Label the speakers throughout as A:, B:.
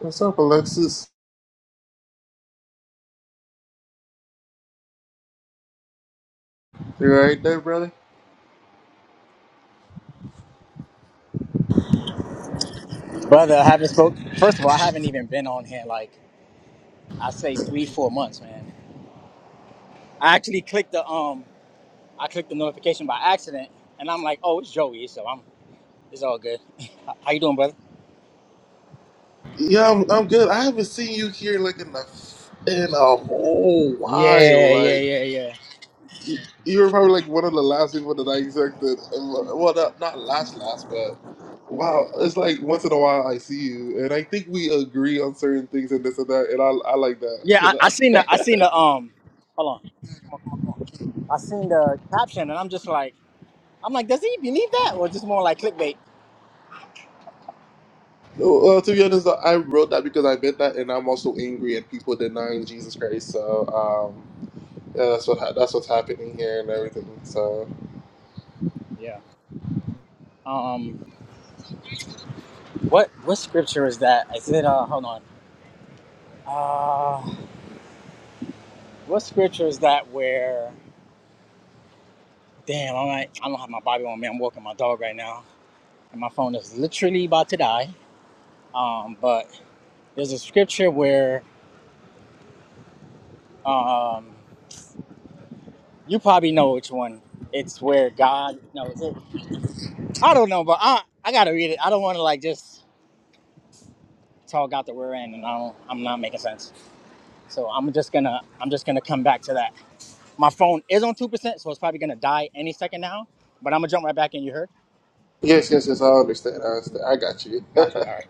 A: What's up, Alexis? You all right there, brother?
B: Brother, I haven't spoke. First of all, I haven't even been on here like I say three, four months, man. I actually clicked the um, I clicked the notification by accident, and I'm like, oh, it's Joey, so I'm it's all good. H- How you doing, brother?
A: Yeah, I'm, I'm good. I haven't seen you here like in a in a whole while.
B: Yeah, yeah,
A: Like
B: yeah, yeah.
A: you, you were probably like one of the last people that I expected. Well, not, not last, last, but wow, it's like once in a while I see you, and I think we agree on certain things and this and that, and I I like that.
B: Yeah,
A: You
B: I, I seen the I seen
A: know.
B: the um, hold on, come on, come on, come on. I seen the caption, and I'm just like, I'm like, does he believe that, or just more like clickbait?
A: well, to be honest, I wrote that because I meant that, and I'm also angry at people denying Jesus Christ. So. um Yeah, that's what ha- that's what's happening here and everything. So
B: Yeah. Um, what what scripture is that? Is it uh, hold on, uh, what scripture is that where? Damn, I'm like, I don't have my Bible on me. I'm walking my dog right now, and my phone is literally about to die. Um, but there's a scripture where um, you probably know which one. It's where God. No, is it? I don't know, but I I gotta read it. I don't want to like just talk out the rear end, and I don't. I'm not making sense. So I'm just gonna I'm just gonna come back to that. My phone is on two percent, so it's probably gonna die any second now. But I'm gonna jump right back in. You heard?
A: yes, yes, yes, I understand. I understand. I got you.
B: Got you. All right.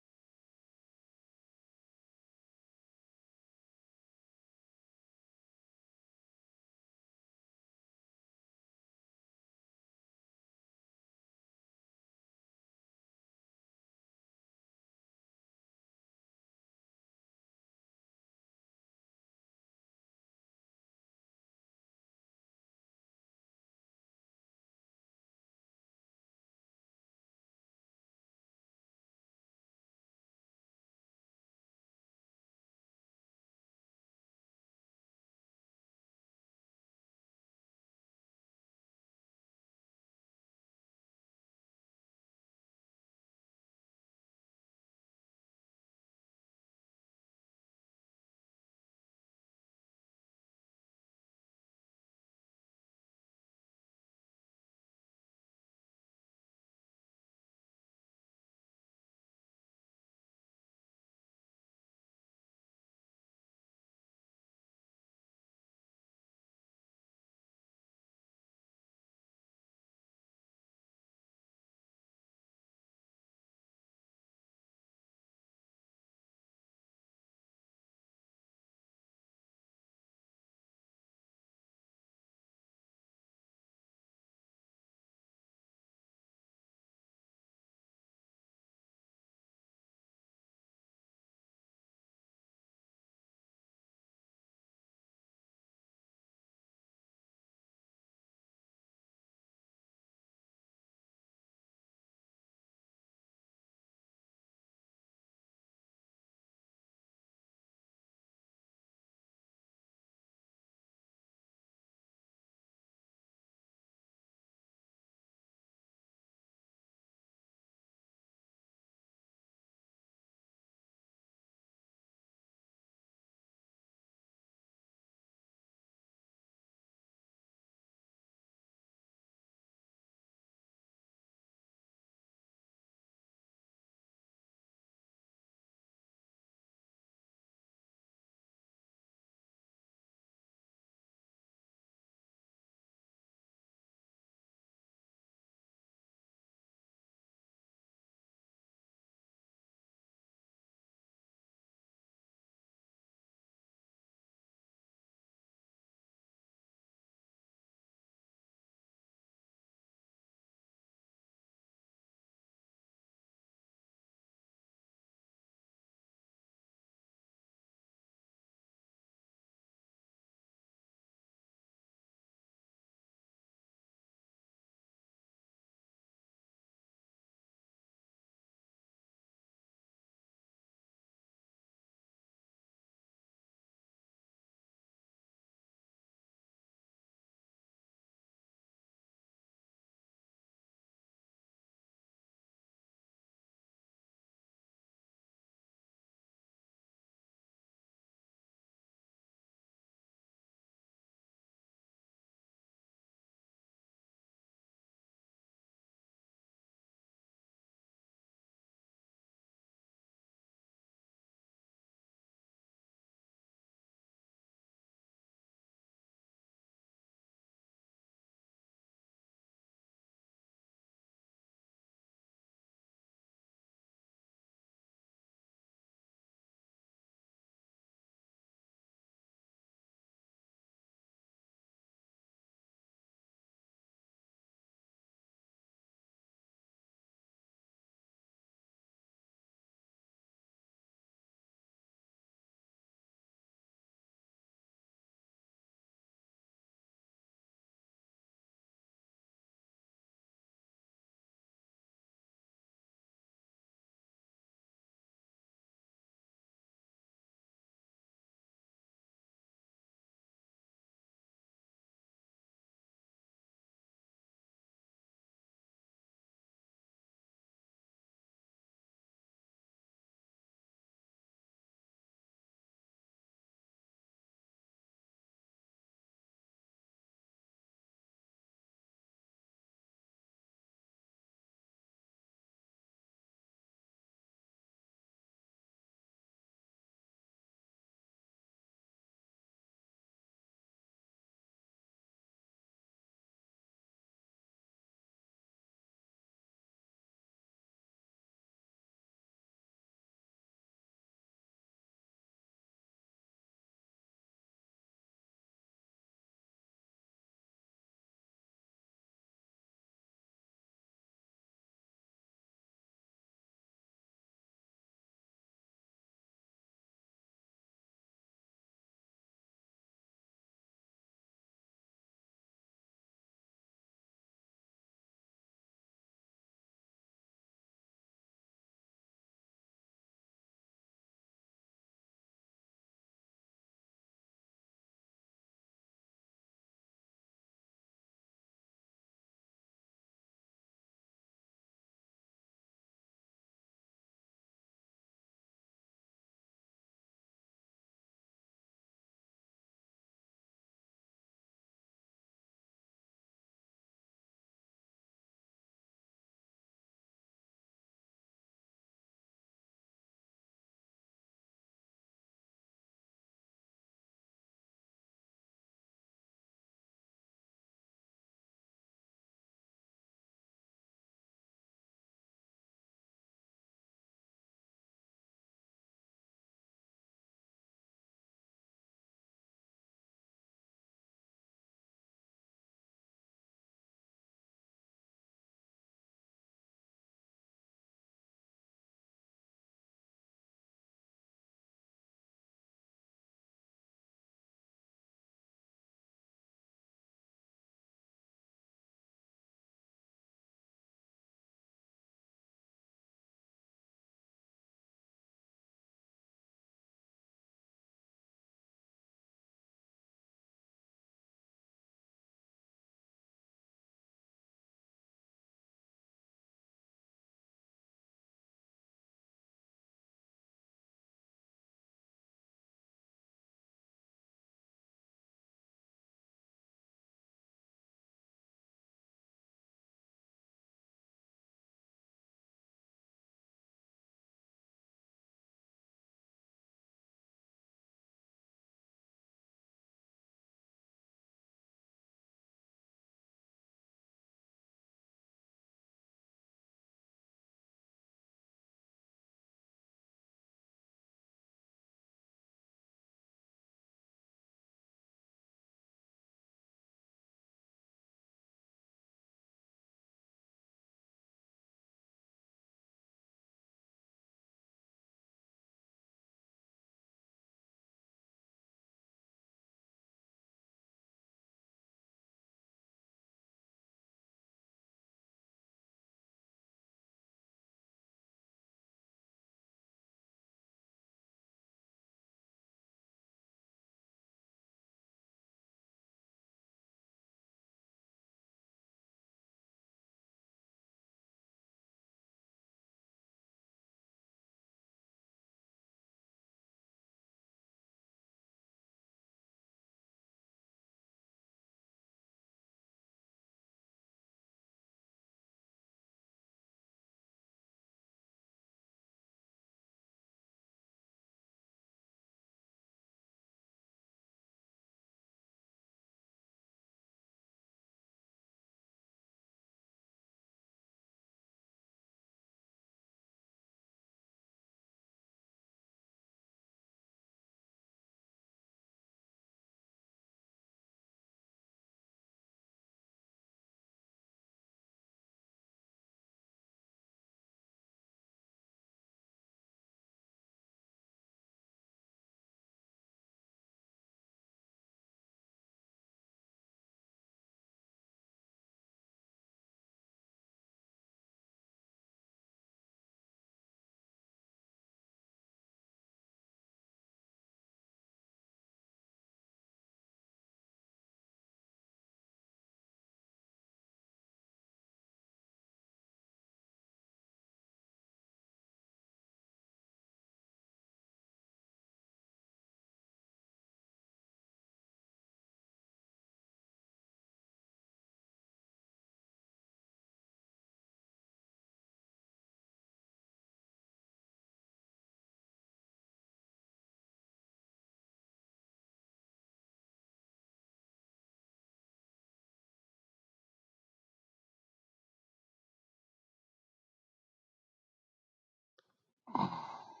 C: Hi,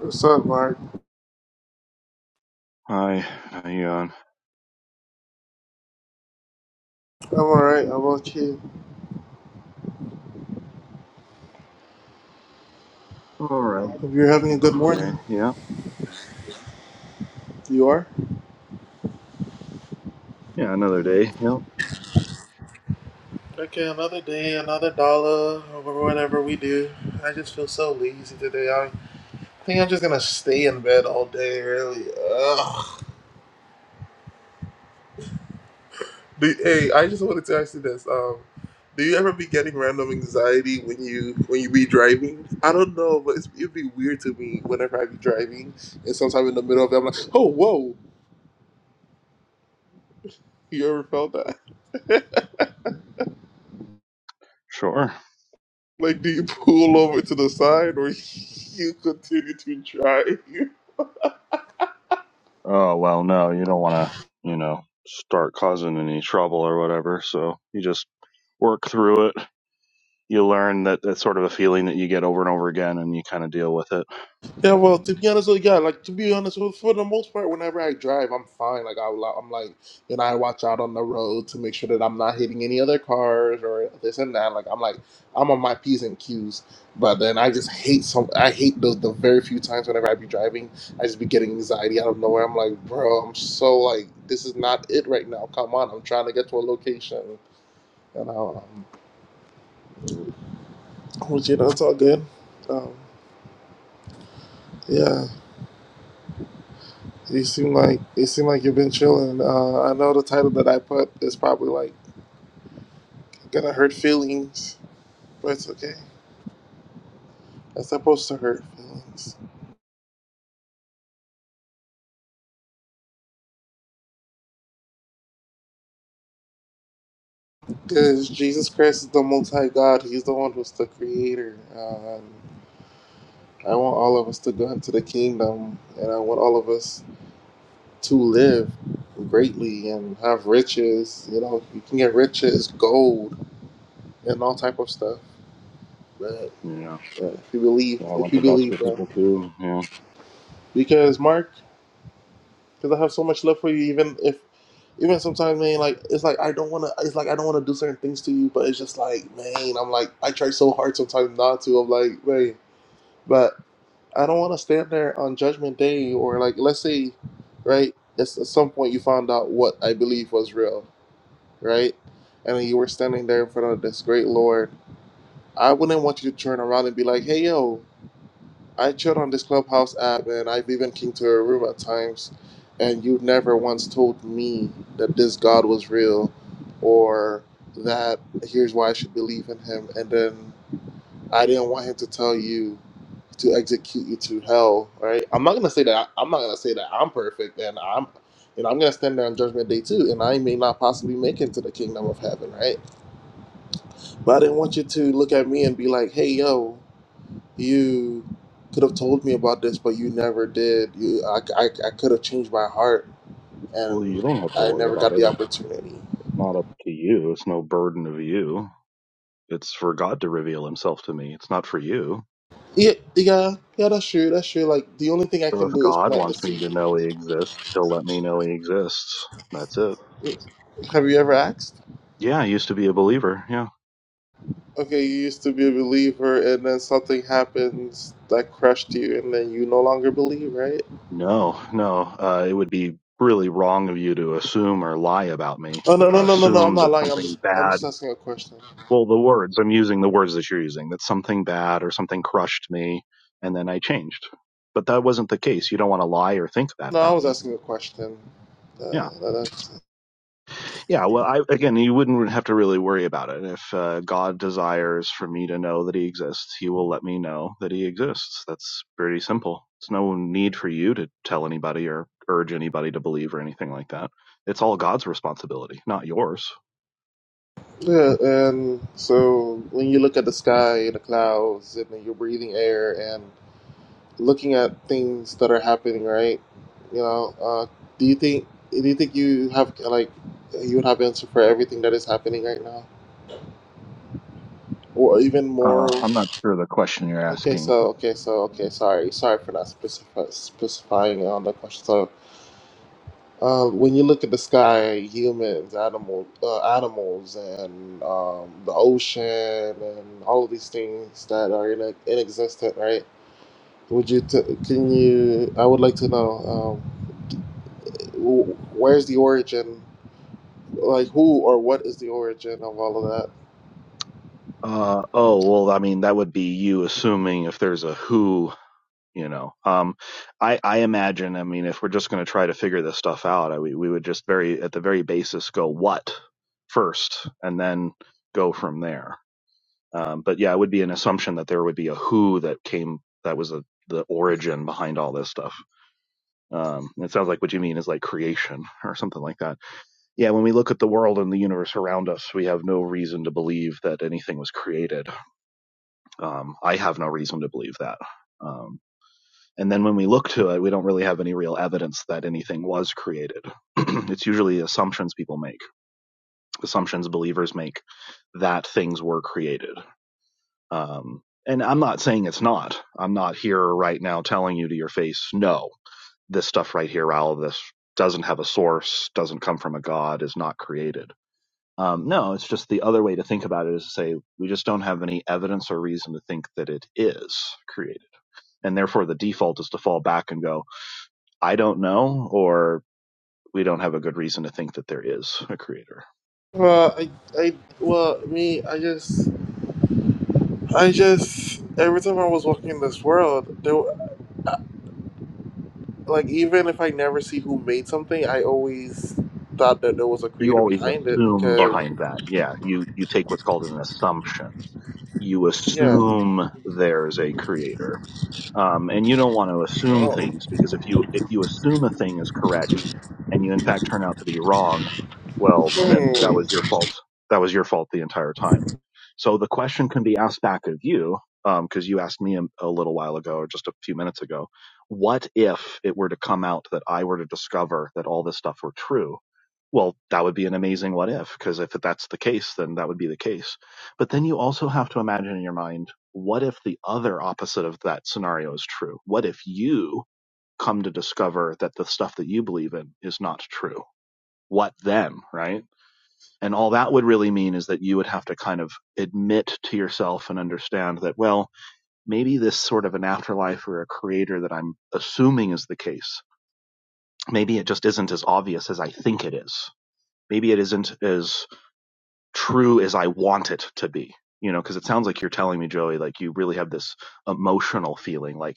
A: What's up, Mark?
C: how you on?
A: I'm all right. I'm okay.
C: All right.
A: Hope you're having a
C: Right.
A: good
C: Day.
A: morning.
C: Yeah.
A: You are.
C: Yeah, another day. Yep.
A: Okay, another day, another dollar, or whatever we do. I just feel so lazy today. I think I'm just gonna stay in bed all day. Really. Ugh. Do, hey, I just wanted to ask you this. Um, do you ever be getting random anxiety when you when you be driving? I don't know, but it's, it'd be weird to me whenever I be driving, and sometime in the middle of it, I'm like, oh, whoa! You ever felt that?
C: Sure.
A: like, do you pull over to the side or you continue to drive?
C: Oh, well, no, you don't want to, you know, start causing any trouble or whatever. So you just work through it. You learn that that's sort of a feeling that you get over and over again and you kind of deal with it.
A: Yeah, well, to be honest, with yeah, like to be honest, with, for the most part, whenever I drive, I'm fine. Like I, like, I'm like, you know, I watch out on the road to make sure that I'm not hitting any other cars or this and that. Like I'm like, I'm on my p's and q's. But then I just hate some. I hate those the very few times whenever I be driving, I just be getting anxiety out of nowhere. I'm like, bro, I'm so like, this is not it right now. Come on, I'm trying to get to a location. You know, um, which you know, it's all good. Um, yeah. You seem like it seem like you've been chilling. Uh, I know the title that I put is probably like gonna hurt feelings, but it's okay. It's supposed to hurt feelings because Jesus Christ is the multi God. He's the one who's the creator. Uh, and I want all of us to go into the kingdom, and I want all of us to live greatly and have riches. You know, you can get riches, gold, and all type of stuff. But
C: You know,
A: uh, if you believe,
C: yeah, I
A: if
C: want
A: you
C: the best for
A: believe, bro,
C: people too. Yeah.
A: because Mark. because I have so much love for you. Even if, even sometimes, man, like it's like I don't want to. It's like I don't want to do certain things to you, but it's just like, man, I'm like I try so hard sometimes not to. I'm like, man, but I don't want to stand there on Judgment Day or like let's say, right? It's at some point you found out what I believe was real, right? And then you were standing there in front of this great Lord. I wouldn't want you to turn around and be like, hey, yo. I chill on this Clubhouse app, and I've even came to her room at times, and you never once told me that this God was real, or that here's why I should believe in Him. And then I didn't want Him to tell you to execute you to hell, right? I'm not gonna say that. I'm not gonna say that I'm perfect, and I'm, you know, I'm gonna stand there on Judgment Day too, and I may not possibly make it to the kingdom of heaven, right? But I didn't want you to look at me and be like, "Hey, yo." You could have told me about this, but you never did. You, I, I, I could have changed my heart,
C: Well, you
A: and
C: don't have to
A: I
C: worry
A: never
C: about
A: got
C: it.
A: the
C: It's
A: opportunity.
C: not up to you. It's no burden of you. It's for God to reveal himself to me. It's not for you.
A: Yeah, yeah, yeah. That's true. That's true. Like the only thing I
C: So
A: can
C: if
A: do is
C: God
A: plant the
C: wants me to
A: seed.
C: know He exists, He'll let me know He exists. That's it.
A: Have you ever asked?
C: Yeah, I used to be a believer. Yeah.
A: Okay, you used to be a believer, and then something happens that crushed you, and then you no longer believe, right?
C: No, no. Uh, it would be really wrong of you to assume or lie about me.
A: Oh no, no,
C: Uh,
A: no, no, no! I'm
C: assume
A: not
C: that
A: lying. I'm
C: something
A: just, I'm
C: bad.
A: just asking a question.
C: Well, the words I'm using, the words that you're using, that something bad or something crushed me, and then I changed. But that wasn't the case. You don't want to lie or think that
A: No, I
C: about
A: was
C: me.
A: asking a question.
C: Yeah.
A: Uh,
C: Yeah, well, I again, you wouldn't have to really worry about it. If uh, God desires for me to know that He exists, He will let me know that He exists. That's pretty simple. It's no need for you to tell anybody or urge anybody to believe or anything like that. It's all God's responsibility, not yours.
A: Yeah, and so when you look at the sky and the clouds, and then you're breathing air and looking at things that are happening, right? You know, uh, do you think do you think you have like you would have answer for everything that is happening right now, or even
C: Uh,
A: moral?
C: I'm not sure the question you're
A: Okay,
C: asking.
A: so okay, so okay, sorry, sorry for not specify, specifying on the question. So Um, when you look at the sky, humans, animal, uh, animals, and um, the ocean, and all of these things that are in, in existence, right? Would you? T- can you? I would like to know um, wh- where's the origin? Like who or what is the origin of all of that?
C: Uh, oh, well, I mean, that would be you assuming if there's a who you know um i i imagine i mean if we're just going to try to figure this stuff out I, we, we would just very at the very basis go what first and then go from there um but yeah it would be an assumption that there would be a who that came that was a, the origin behind all this stuff um it sounds like what you mean is like creation or something like that yeah when we look at the world and the universe around us we have no reason to believe that anything was created um i have no reason to believe that Um, and then when we look to it, we don't really have any real evidence that anything was created. it's usually assumptions people make, assumptions believers make that things were created. Um, and I'm not saying it's not. I'm not here right now telling you to your face, no, this stuff right here, all of this doesn't have a source, doesn't come from a God, is not created. Um, no, it's just the other way to think about it is to say we just don't have any evidence or reason to think that it is created. And therefore, the default is to fall back and go, I don't know, or we don't have a good reason to think that there is a creator.
A: Well, I, I, well, me, I just, I just, every time I was walking in this world, there. like even if I never see who made something, I always thought that there was a
C: You
A: creator
C: always
A: behind it
C: assume
A: because
C: behind that. Yeah, you, you take what's called an assumption. You
A: yeah.
C: assume there's a creator. um, and you don't want to assume
A: Oh.
C: things because if you if you assume a thing is correct and you in fact turn out to be wrong, well then that
A: Hmm.
C: was your fault. That was your fault the entire time. So the question can be asked back of you um, because you asked me a, a little while ago or just a few minutes ago. What if it were to come out that I were to discover that all this stuff were true? Well, that would be an amazing what if because if that's the case, then that would be the case. But then you also have to imagine in your mind what if the other opposite of that scenario is true? What if you come to discover that the stuff that you believe in is not true? What then, right? And all that would really mean is that you would have to kind of admit to yourself and understand that, well, maybe this sort of an afterlife or a creator that I'm assuming is the case, maybe it just isn't as obvious as I think it is. Maybe it isn't as true as I want it to be, you know, because it sounds like you're telling me, Joey, like you really have this emotional feeling like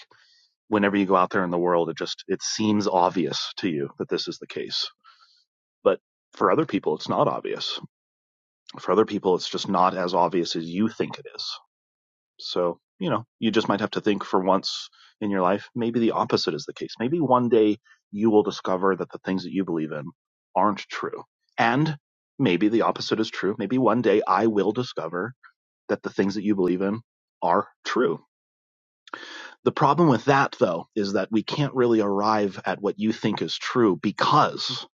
C: whenever you go out there in the world, it just it seems obvious to you that this is the case. But for other people, it's not obvious. For other people, it's just not as obvious as you think it is. So you know, you just might have to think for once in your life, maybe the opposite is the case. Maybe one day you will discover that the things that you believe in aren't true, and maybe the opposite is true. Maybe one day I will discover that the things that you believe in are true The problem with that, though, is that we can't really arrive at what you think is true because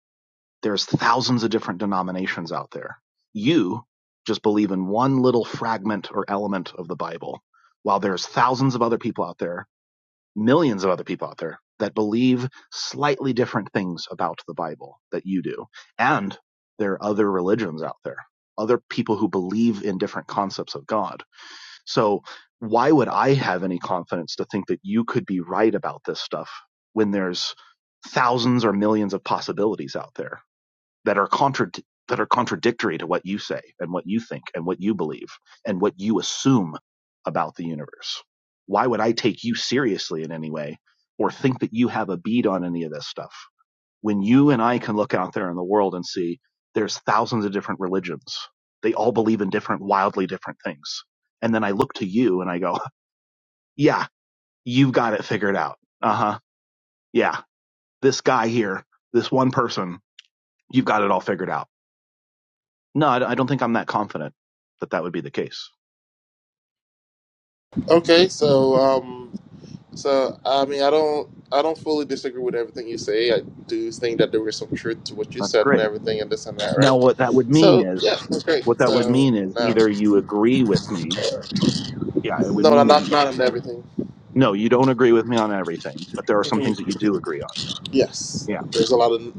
C: there's thousands of different denominations out there. You just believe in one little fragment or element of the Bible, while there's thousands of other people out there, millions of other people out there that believe slightly different things about the Bible that you do. And there are other religions out there, other people who believe in different concepts of God so why would I have any confidence to think that you could be right about this stuff when there's thousands or millions of possibilities out there that are contra- that are contradictory to what you say and what you think and what you believe and what you assume about the universe? Why would I take you seriously in any way or think that you have a bead on any of this stuff? when you and I can look out there in the world and see there's thousands of different religions. They all believe in different, wildly different things. And then I look to you and I go, yeah, you've got it figured out. Uh huh. Yeah. This guy here, this one person, you've got it all figured out. No, I don't think I'm that confident that that would be the case.
A: Okay, so um so I mean I don't I don't fully disagree with everything you say. I do think that there is some truth to what you
C: That's
A: said and
C: great.
A: everything and this and that,
C: Now,
A: right?
C: what that would mean
A: So
C: is,
A: yeah, that's great.
C: what that would
A: So
C: mean is
A: no.
C: either you agree with me. Yeah. It would
A: No,
C: mean
A: not
C: that
A: not
C: you,
A: not in everything.
C: no, you don't agree with me on everything, but there are some
A: Mm-hmm.
C: things that you do agree on.
A: Yes,
C: Yeah,
A: there's a lot of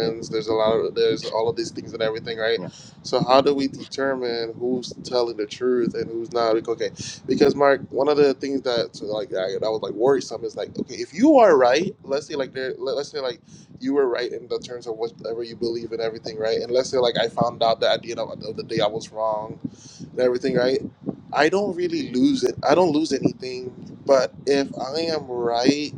C: Yeah.
A: There's a lot of there's all of these things and everything, right?
C: Yeah.
A: So how do we determine who's telling the truth and who's not? Like, okay, because Mark, one of the things that so, like I, that was like worrisome is like, okay, if you are right, let's say like there, let- let's say like you were right in the terms of whatever you believe and everything, right? And let's say like I found out that at the end of of the day I was wrong and everything, right? I don't really lose it. I don't lose anything. But if I am right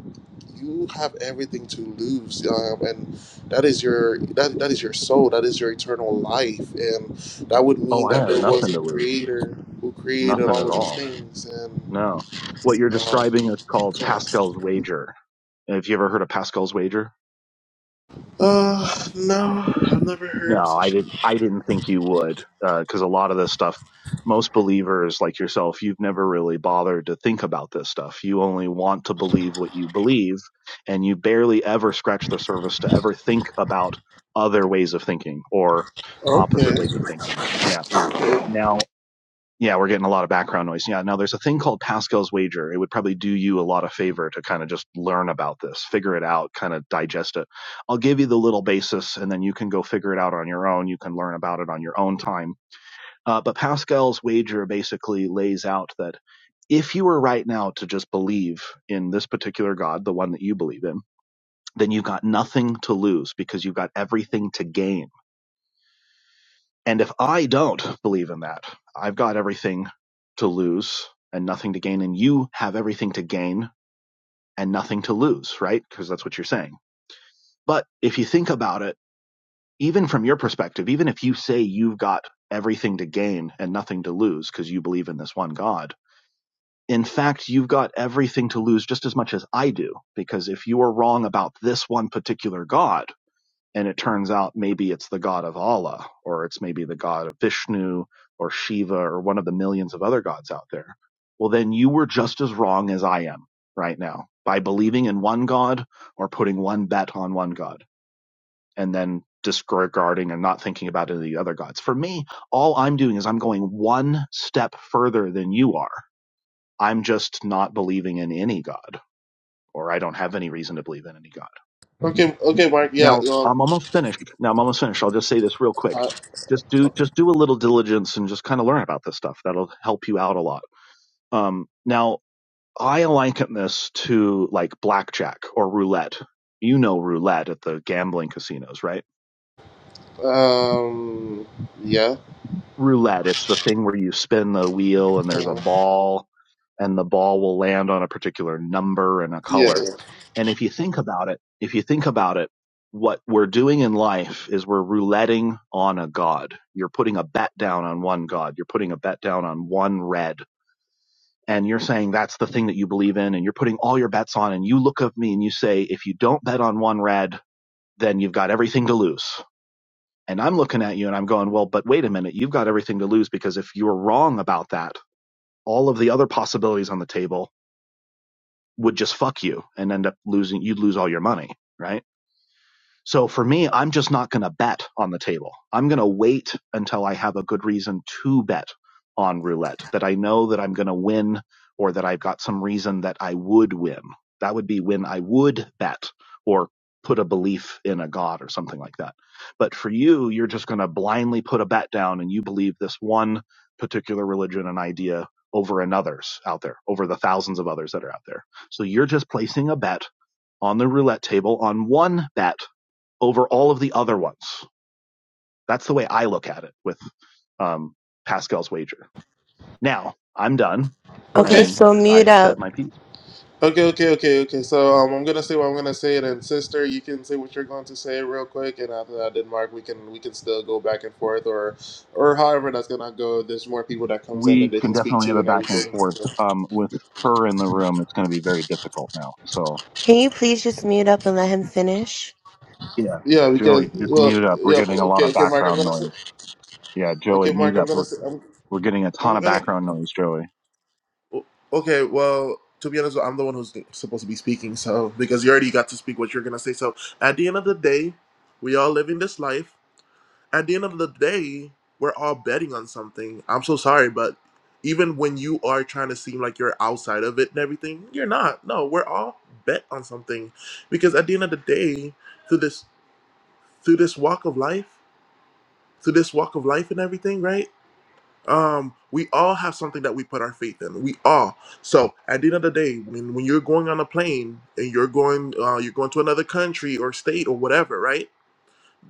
A: you have everything to lose um, and that is your that, that is your soul that is your eternal life and that would
C: Oh,
A: mean
C: I
A: that
C: have
A: there was
C: nothing
A: a
C: to lose.
A: creator who created
C: Nothing at
A: all of these
C: all.
A: things and
C: No. What you're
A: um,
C: describing is called
A: yeah
C: Pascal's wager. Have you ever heard of Pascal's wager?
A: uh no i've never heard of
C: No, I
A: such
C: didn't I didn't think you would because a lot of this stuff most believers like yourself, you've never really bothered to think about this stuff. You only want to believe what you believe and you barely ever scratch the surface to ever think about other ways of thinking or
A: okay
C: opposite ways of thinking. Yeah.
A: okay
C: Now. Yeah, we're getting a lot of background noise. Yeah, now there's a thing called Pascal's wager. It would probably do you a lot of favor to kind of just learn about this, figure it out, kind of digest it. I'll give you the little basis and then you can go figure it out on your own. You can learn about it on your own time. Uh, but Pascal's wager basically lays out that if you were right now to just believe in this particular God, the one that you believe in, then you've got nothing to lose because you've got everything to gain and if I don't believe in that, I've got everything to lose and nothing to gain, and you have everything to gain and nothing to lose, right? Because that's what you're saying. But if you think about it, even from your perspective, even if you say you've got everything to gain and nothing to lose because you believe in this one God, in fact, you've got everything to lose just as much as I do. Because if you are wrong about this one particular God, and it turns out maybe it's the god of Allah or it's maybe the god of Vishnu or Shiva or one of the millions of other gods out there. Well, then you were just as wrong as I am right now by believing in one god or putting one bet on one god and then disregarding and not thinking about any of the other gods. For me, all I'm doing is I'm going one step further than you are. I'm just not believing in any god or I don't have any reason to believe in any god.
A: okay, okay mark yeah
C: Now
A: um,
C: I'm almost finished. Now I'm almost finished. I'll just say this real quick.
A: I,
C: Just do
A: okay.
C: just do a little diligence and just kind of learn about this stuff. That'll help you out a lot. Um, now I liken this to like blackjack or roulette. You know roulette at the gambling casinos, right?
A: um yeah
C: roulette. It's the thing where you spin the wheel and there's a
A: uh,
C: ball and the ball will land on a particular number and a
A: yeah
C: color.
A: yeah
C: And if you think about it, if you think about it, what we're doing in life is we're rouletting on a god. You're putting a bet down on one god. You're putting a bet down on one red. And you're saying that's the thing that you believe in and you're putting all your bets on and you look at me and you say, if you don't bet on one red, then you've got everything to lose. And I'm looking at you and I'm going, well, but wait a minute, you've got everything to lose because if you were wrong about that, all of the other possibilities on the table would just fuck you and end up losing, you'd lose all your money, right? So for me, I'm just not going to bet on the table. I'm going to wait until I have a good reason to bet on roulette that I know that I'm going to win or that I've got some reason that I would win. That would be when I would bet or put a belief in a god or something like that. But for you, you're just going to blindly put a bet down and you believe this one particular religion and idea over another's out there, over the thousands of others that are out there. So you're just placing a bet on the roulette table on one bet over all of the other ones. That's the way I look at it with um, Pascal's wager. Now I'm done,
D: Okay,
A: okay
C: and
D: so mute
C: I said
D: up.
C: my piece.
A: Okay, okay, okay, okay. So um, I'm gonna say what I'm gonna say, and then sister, you can say what you're going to say real quick, and after that, then Mark, we can we can still go back and forth, or or however that's gonna go. There's more people that comes in that
C: We
A: they
C: can
A: can speak
C: definitely have
A: to
C: a
A: and
C: back and
A: everything.
C: forth.
A: So,
C: Um, with her in the room, it's going to be very difficult now. So
D: Can you please just mute up and let him finish?
C: yeah,
A: yeah,
C: Joey,
A: because
C: just
A: well,
C: mute up. We're
A: yeah,
C: getting a lot
A: okay,
C: of
A: okay, Mark, I'm
C: background
A: gonna say,
C: noise. Yeah, Joey,
A: okay,
C: mute
A: Mark, I'm
C: up.
A: gonna
C: We're
A: say, I'm
C: we're getting a ton
A: I'm
C: of
A: gonna
C: background noise, Joey.
A: okay. Well, to be honest, I'm the one who's supposed to be speaking, so because you already got to speak what you're gonna say. So at the end of the day, we all living this life. at the end of the day, we're all betting on something. I'm so sorry, but even when you are trying to seem like you're outside of it and everything, you're not. No, we're all bet on something. Because at the end of the day, through this through this walk of life, through this walk of life and everything, right? Um, we all have something that we put our faith in. We all. So at the end of the day, when when you're going on a plane and you're going uh, you're going to another country or state or whatever, right?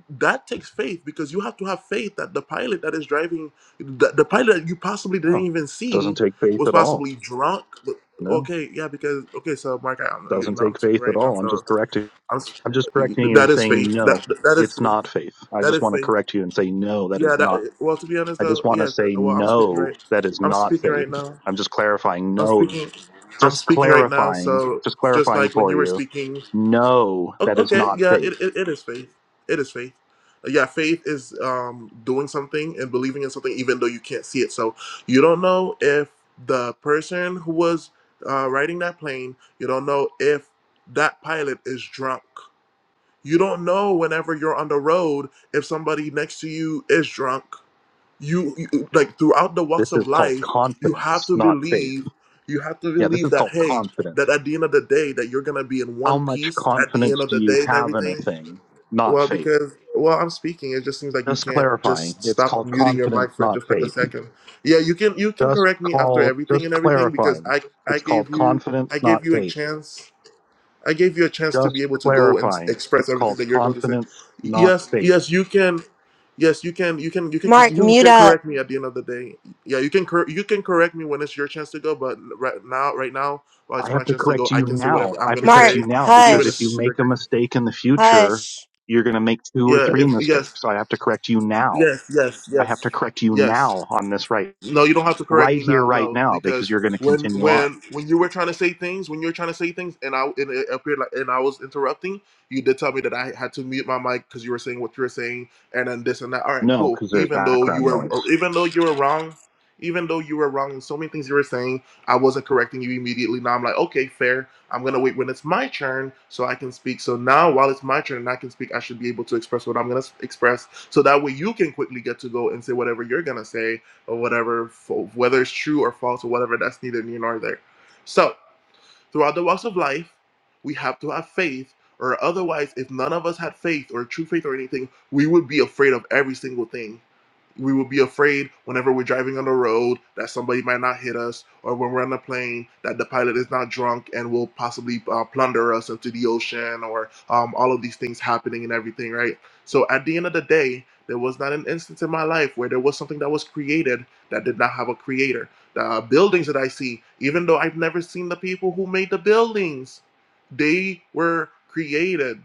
A: that takes faith because you have to have faith that the pilot that is driving the, the pilot that you possibly didn't
C: Oh,
A: even
C: doesn't
A: see
C: take faith
A: was
C: at all.
A: possibly drunk but-
C: No,
A: okay yeah because okay so mark I, am you
C: doesn't
A: know i'm
C: take
A: speaking
C: faith at
A: right now
C: all. I'm
A: so
C: just correcting.
A: i'm
C: I'm just correcting you
A: that
C: and
A: is
C: saying
A: faith that
C: no,
A: that is
C: it's
A: faith
C: not faith. I
A: that
C: just
A: is
C: want to
A: faith
C: correct you and say no, that is
A: yeah
C: not.
A: that well to be honest
C: I just
A: though
C: want to
A: yeah
C: say
A: well i'm speaking
C: no,
A: right
C: that is
A: i'm
C: not
A: speaking
C: faith.
A: right now
C: I'm just clarifying
A: i'm
C: no,
A: speaking i'm
C: just
A: speaking right now
C: clarifying,
A: so
C: just
A: just
C: clarifying
A: like when
C: for
A: you were
C: you.
A: speaking
C: No,
A: O-
C: that is
A: Okay,
C: not
A: yeah,
C: faith.
A: it, it, it is faith. It is faith. Uh, Yeah, faith is um, doing something and believing in something even though you can't see it. So you don't know if the person who was uh, riding that plane, you don't know if that pilot is drunk. You don't know whenever you're on the road if somebody next to you is drunk you, you like throughout the walks
C: This is
A: of
C: called
A: life you have
C: confidence,
A: to
C: not faith.
A: believe you have to
C: Yeah, this
A: believe
C: is
A: that
C: called
A: hey
C: confidence.
A: that at the end of the day that you're gonna be in
C: How
A: one
C: much
A: piece at the end
C: confidence
A: of
C: do
A: the
C: you
A: day and
C: have in a
A: everything
C: thing? Not
A: well
C: faith.
A: because well i'm speaking it just seems like you
C: Just
A: can't
C: clarifying.
A: just
C: It's
A: stop
C: called
A: unmuting your mic
C: confidence,
A: for
C: not
A: just like a
C: faith.
A: second yeah you can you can
C: Just
A: correct me after
C: call,
A: everything
C: just
A: and everything because
C: clarifying.
A: i i
C: It's
A: gave
C: called
A: you
C: confidence,
A: i
C: not
A: gave you a
C: faith.
A: chance i gave you a chance to
C: Just
A: be able to go and s-
C: clarifying.
A: express
C: It's
A: everything
C: called
A: that you're going to say
C: confidence, not
A: yes
C: faith.
A: yes you can Yes, you can. You can. You can.
D: Mark,
A: You
D: mute
A: can
D: up.
A: correct me at the end of the day. Yeah, you can. Cor- you can correct me when it's your chance to go. But right now, right now, while
C: I
A: it's my
C: have to
A: chance to go,
C: correct
A: I
C: you
A: can say
C: now.
A: whatever
C: I
A: I'm
C: have to
A: gonna
C: correct
D: Mark,
C: you
A: say,
C: now because
A: even
C: if
A: if you
C: you
D: hush,
C: make a
A: disagree.
C: mistake in the future,
D: hush.
C: you're going to make two or
A: Yeah.
C: three
A: If
C: mistakes.
A: yes,
C: So I have to correct you now.
A: yes, yes,
C: I
A: yes,
C: have to correct you
A: yes.
C: now on this right,
A: No, you don't have to correct
C: right
A: me
C: here,
A: now.
C: right
A: No,
C: now, because
A: because
C: you're going to
A: when
C: continue on.
A: when when you were trying to say things, when you were trying to say things, and I and it appeared like and I was interrupting, you did tell me that I had to mute my mic because you were saying what you were saying, and then this and that. All right,
C: No,
A: cool.
C: because there's
A: Even though you
C: background
A: were,
C: noise.
A: or even though you were wrong, even though you were wrong in so many things you were saying, I wasn't correcting you immediately. Now I'm like, okay, fair. I'm gonna wait when it's my turn so I can speak. So now, while it's my turn and I can speak, I should be able to express what I'm gonna s- express, so that way you can quickly get to go and say whatever you're gonna say or whatever, for, whether it's true or false or whatever, that's neither near nor there. So, throughout the walks of life, we have to have faith, or otherwise, if none of us had faith or true faith or anything, we would be afraid of every single thing we will be afraid whenever we're driving on the road that somebody might not hit us, or when we're on a plane that the pilot is not drunk and will possibly uh, plunder us into the ocean, or um, all of these things happening and everything, right? So at the end of the day, there was not an instance in my life where there was something that was created that did not have a creator. The buildings that I see, even though I've never seen the people who made the buildings, they were created.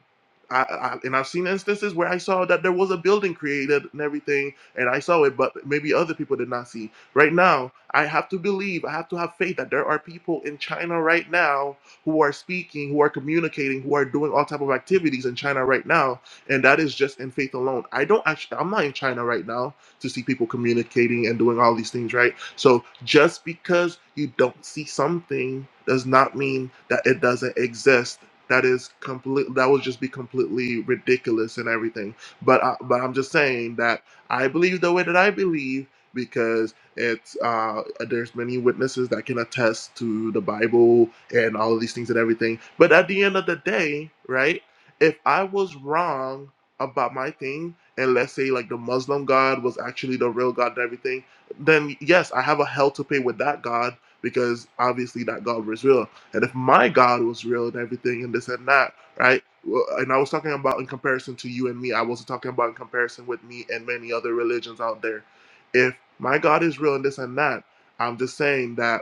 A: I, I, and I've seen instances where I saw that there was a building created and everything, and I saw it, but maybe other people did not see. Right now, I have to believe, I have to have faith that there are people in China right now who are speaking, who are communicating, who are doing all type of activities in China right now, and that is just in faith alone. I don't actually, I'm not in China right now to see people communicating and doing all these things, right? So just because you don't see something does not mean that it doesn't exist. That is complete. That would just be completely ridiculous and everything. But I, but I'm just saying that I believe the way that I believe because it's uh, there's many witnesses that can attest to the Bible and all of these things and everything. But at the end of the day, right? If I was wrong about my thing, and let's say like the Muslim God was actually the real God and everything, then yes, I have a hell to pay with that God because obviously that God was real. And if my God was real and everything and this and that right? Well, And I was talking about in comparison to you and me. I wasn't talking about in comparison with me and many other religions out there. If my God is real and this and that, I'm just saying that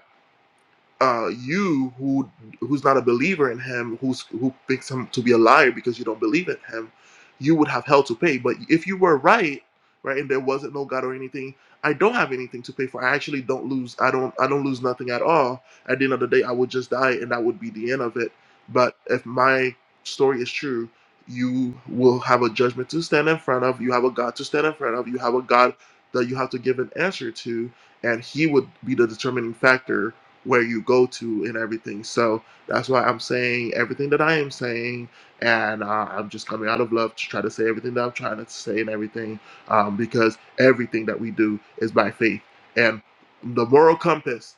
A: uh, you who who's not a believer in him, who's who thinks him to be a liar because you don't believe in him, you would have hell to pay. But if you were right, right, and there wasn't no God or anything, I don't have anything to pay for. I actually don't lose. I don't. I don't lose nothing at all. At the end of the day, I would just die, and that would be the end of it. But if my story is true, you will have a judgment to stand in front of. You have a God to stand in front of. You have a God that you have to give an answer to, and He would be the determining factor where you go to and everything. So that's why I'm saying everything that I am saying, and uh, I'm just coming out of love to try to say everything that I'm trying to say and everything, um, because everything that we do is by faith. And the moral compass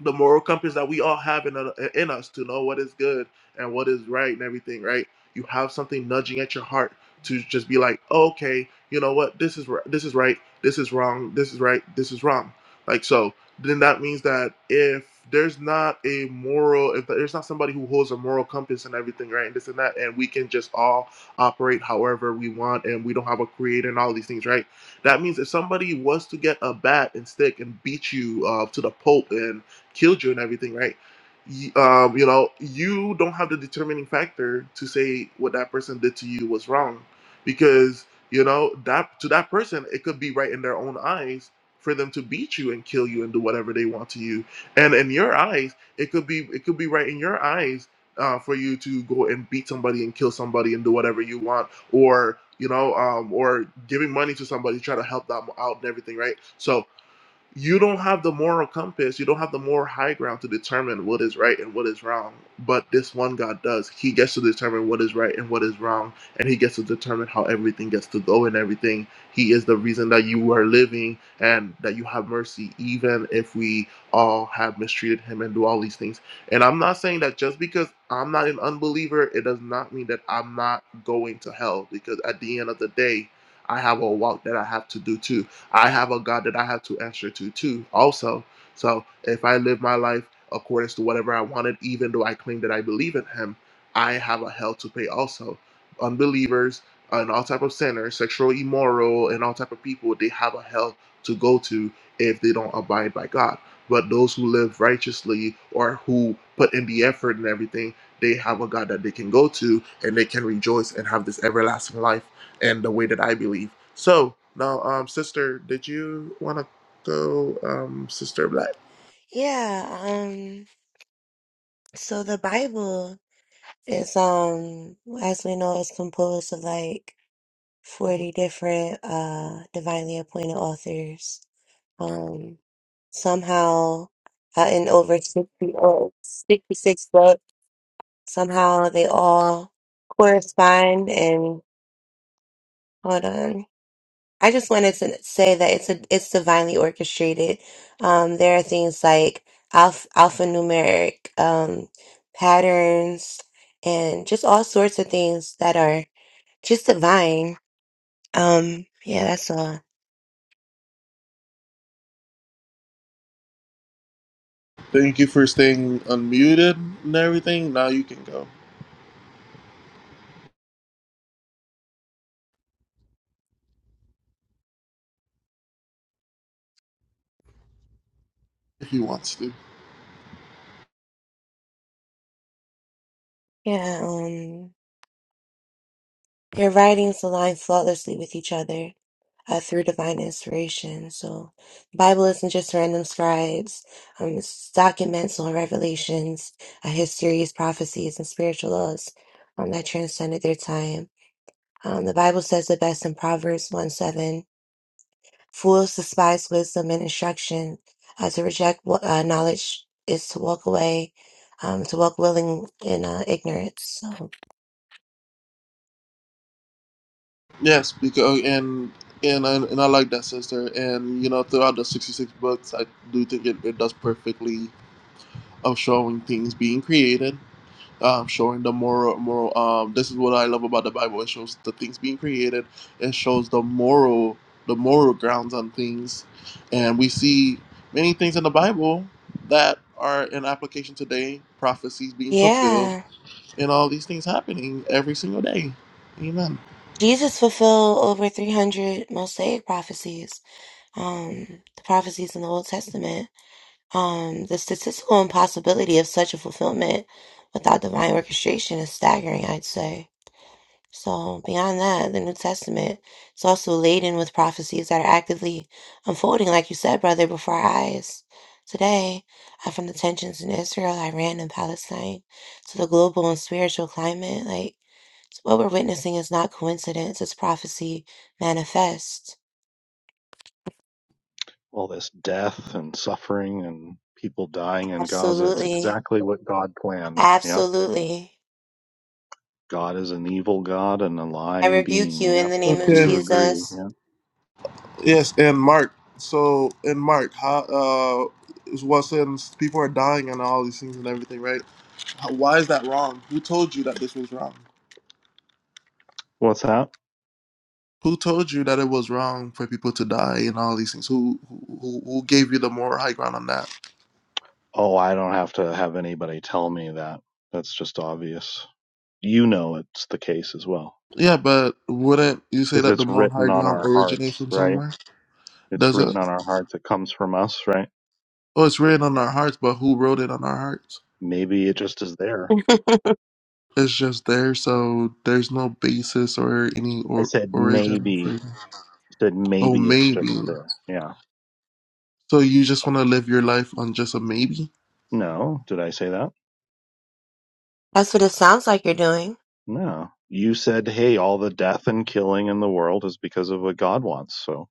A: the moral compass that we all have in, a, in us to know what is good and what is right and everything, right? You have something nudging at your heart to just be like, "Oh, okay, you know what? This is this is right. This is wrong. This is right. This is wrong. Like so, then that means that if there's not a moral, if there's not somebody who holds a moral compass and everything, right, and this and that, and we can just all operate however we want, and we don't have a creator and all these things, right? That means if somebody was to get a bat and stick and beat you uh, to the pope and killed you and everything, right? Y- Um, you know, you don't have the determining factor to say what that person did to you was wrong, because you know that to that person it could be right in their own eyes for them to beat you and kill you and do whatever they want to you, and in your eyes it could be it could be right in your eyes uh, for you to go and beat somebody and kill somebody and do whatever you want, or you know, um, or giving money to somebody to try to help them out and everything, right? So you don't have the moral compass you don't have the moral high ground to determine what is right and what is wrong but this one god does he gets to determine what is right and what is wrong and he gets to determine how everything gets to go and everything he is the reason that you are living and that you have mercy even if we all have mistreated him and do all these things and i'm not saying that just because i'm not an unbeliever it does not mean that i'm not going to hell because at the end of the day i have a walk that i have to do too I have a God that I have to answer to too, also. So if I live my life according to whatever I wanted, even though I claim that I believe in Him, I have a hell to pay also. Unbelievers and all type of sinners, sexual immoral, and all type of people, they have a hell to go to if they don't abide by God. But those who live righteously or who put in the effort and everything, they have a God that they can go to and they can rejoice and have this everlasting life and the way that I believe. So now, um, sister, did you want to go, um, sister Black?
D: Yeah, um, so the Bible is, um, as we know, is composed of like 40 different, uh, divinely appointed authors. Um, somehow, uh, in over 60 or 66 books, somehow they all correspond and, hold on. I just wanted to say that it's a it's divinely orchestrated. Um, there are things like alph alphanumeric um, patterns and just all sorts of things that are just divine. Um, yeah, that's all.
A: Thank you for staying unmuted and everything. Now you can go if you want to.
D: Yeah, um, their writings align flawlessly with each other. uh, through divine inspiration. So the Bible isn't just random scribes. Um, it's documents on revelations, uh, histories, prophecies, and spiritual laws um, that transcended their time. Um, the Bible says the best in Proverbs 1 7. Fools despise wisdom and instruction. Uh, to reject wa- uh, knowledge is to walk away, um, to walk willing in uh, ignorance. So,
A: Yes, because oh, and and I, and I like that sister. And you know, throughout the sixty six books, I do think it, it does perfectly of showing things being created um, showing the moral moral um this is what I love about the Bible. It shows the things being created, it shows the moral the moral grounds on things. And we see many things in the Bible that are in application today, prophecies being fulfilled,
D: yeah.
A: and all these things happening every single day. Amen.
D: Jesus fulfilled over 300 Mosaic prophecies um, the prophecies in the Old Testament, um, the statistical impossibility of such a fulfillment without divine orchestration is staggering, I'd say. So, beyond that, the New Testament is also laden with prophecies that are actively unfolding, like you said, brother, before our eyes. Today, uh, from the tensions in Israel, Iran, and Palestine to the global and spiritual climate, like so what we're witnessing is not coincidence, it's prophecy manifest.
C: All this death and suffering and people dying in Gaza. It's
D: Absolutely.
C: exactly what God planned. Yep.
D: Absolutely.
C: God is an evil God and a
D: I
C: lying
D: rebuke
C: being.
D: you in
C: Yep.
D: the
C: I
D: name of
A: Okay.
C: do agree.
D: Jesus.
C: Yeah.
A: Yes, and Mark. So in Mark, how uh is what since people are dying and all these things and everything, right? How, why is that wrong? Who told you that this was wrong?
C: What's that?
A: Who told you that it was wrong for people to die and all these things? Who who, who gave you the moral high ground on that?
C: Oh, I don't have to have anybody tell me that. That's just obvious. You know it's the case as well.
A: Yeah, but wouldn't you say
C: Because
A: that the
C: it's
A: moral high
C: written on
A: ground
C: our
A: originates
C: hearts,
A: from
C: right?
A: somewhere?
C: It's
A: Does it?
C: written on our hearts. It comes from us, right?
A: Oh, it's written on our hearts, but who wrote it on our hearts?
C: Maybe it just is there.
A: It's just there, so there's no basis or any
C: I
A: or
C: said
A: origin for.
C: maybe.
A: it.
C: I said
A: Oh,
C: maybe it's
A: maybe.
C: just there. Yeah.
A: So you just want to live your life on just a maybe?
C: No. Did I say that?
D: That's what it sounds like you're doing.
C: No. You said, hey, all the death and killing in the world is because of what God wants. So,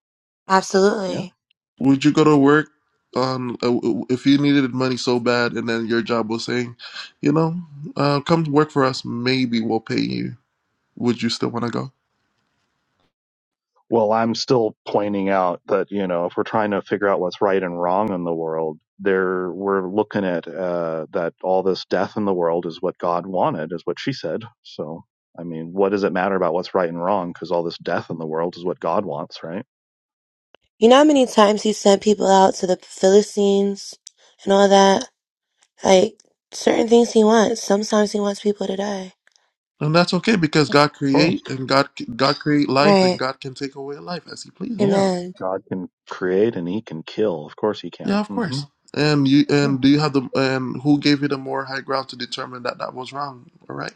C: yeah.
D: Absolutely.
A: Would you go to work on uh, w- if you needed money so bad, and then your job was saying, you know, uh, come work for us. Maybe we'll pay you. Would you still want to go?
C: Well, I'm still pointing out that, you know, if we're trying to figure out what's right and wrong in the world, there we're looking at uh, that all this death in the world is what God wanted, is what she said. So, I mean, what does it matter about what's right and wrong? Because all this death in the world is what God wants, right? Of
D: You know how many times he sent people out to the Philistines and all that? Like, certain things he wants. Sometimes he wants people to die.
A: And that's okay because God
C: course.
A: create and God God create life and
D: Right.
A: God can take away life as He pleases.
C: Yeah.
D: Amen.
C: God can create and he can kill. Of course he can.
A: Yeah, of
C: hmm
A: course. And you
C: Yeah.
A: and do you have the and who gave you the more high ground to determine that that was wrong or right?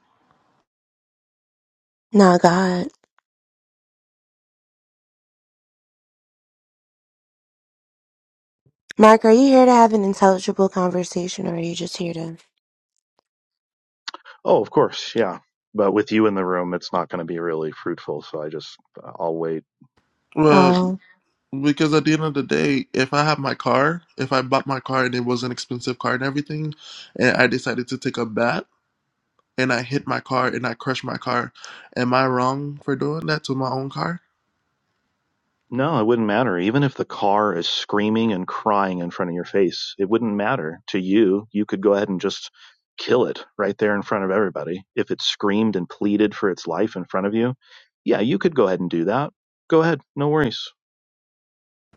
D: Nah, God. Mark, are you here to have an intelligible conversation or are you just here to?
C: Oh, of course. Yeah. But with you in the room, it's not going to be really fruitful. So I just, I'll wait.
A: Well,
D: Oh.
A: because at the end of the day, if I have my car, if I bought my car and it was an expensive car and everything, and I decided to take a bath and I hit my car and I crushed my car, am I wrong for doing that to my own car?
C: No, it wouldn't matter. Even if the car is screaming and crying in front of your face, it wouldn't matter to you. You could go ahead and just kill it right there in front of everybody. If it screamed and pleaded for its life in front of you, yeah, you could go ahead and do that. Go ahead, no worries.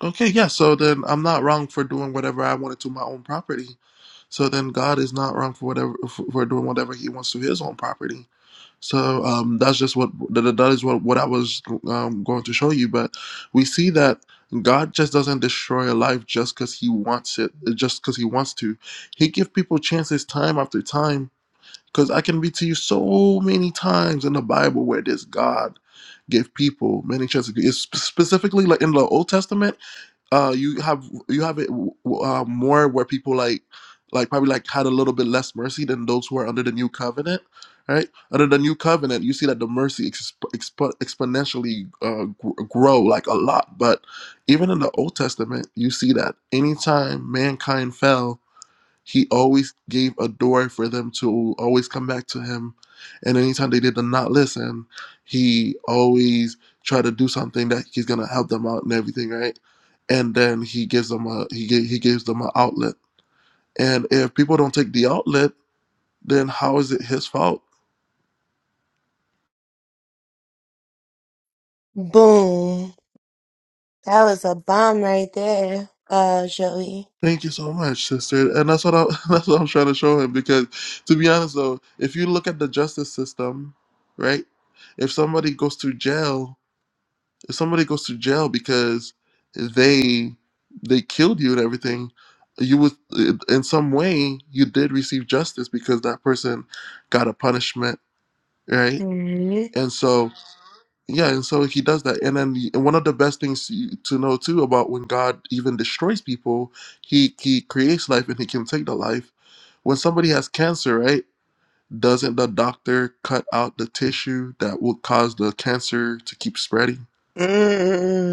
A: Okay, yeah, so then I'm not wrong for doing whatever I wanted to my own property. So then God is not wrong for whatever for doing whatever He wants to His own property. So um, that's just what that is what what I was um, going to show you. But we see that God just doesn't destroy a life just because He wants it, just because He wants to. He give people chances time after time Because I can read to you so many times in the Bible where this God give people many chances. It's sp- specifically like in the Old Testament, uh, you have you have it w- w- uh, more where people like like probably like had a little bit less mercy than those who are under the new covenant, right? Under the new covenant, you see that the mercy exp- exp- exponentially uh, gr- grow like a lot. But even in the Old Testament, you see that anytime mankind fell, he always gave a door for them to always come back to him. And anytime they did not listen, he always tried to do something that he's gonna help them out and everything, right? And then he gives them a he gi- he gives them an outlet. And if people don't take the outlet, then how is it his fault?
D: Boom. That was a bomb right there, uh, Joey.
A: Thank you so much, sister. And that's what I that's what I'm trying to show him because to be honest though, if you look at the justice system, right? If somebody goes to jail, if because they they killed you and everything you would in some way you did this because that person got meant right and so yeah to know too when god even creates people he he creates life and he can take the life when somebody has cancer right doesn't the doctor cut out the tissue that would cause the cancer to keep spreading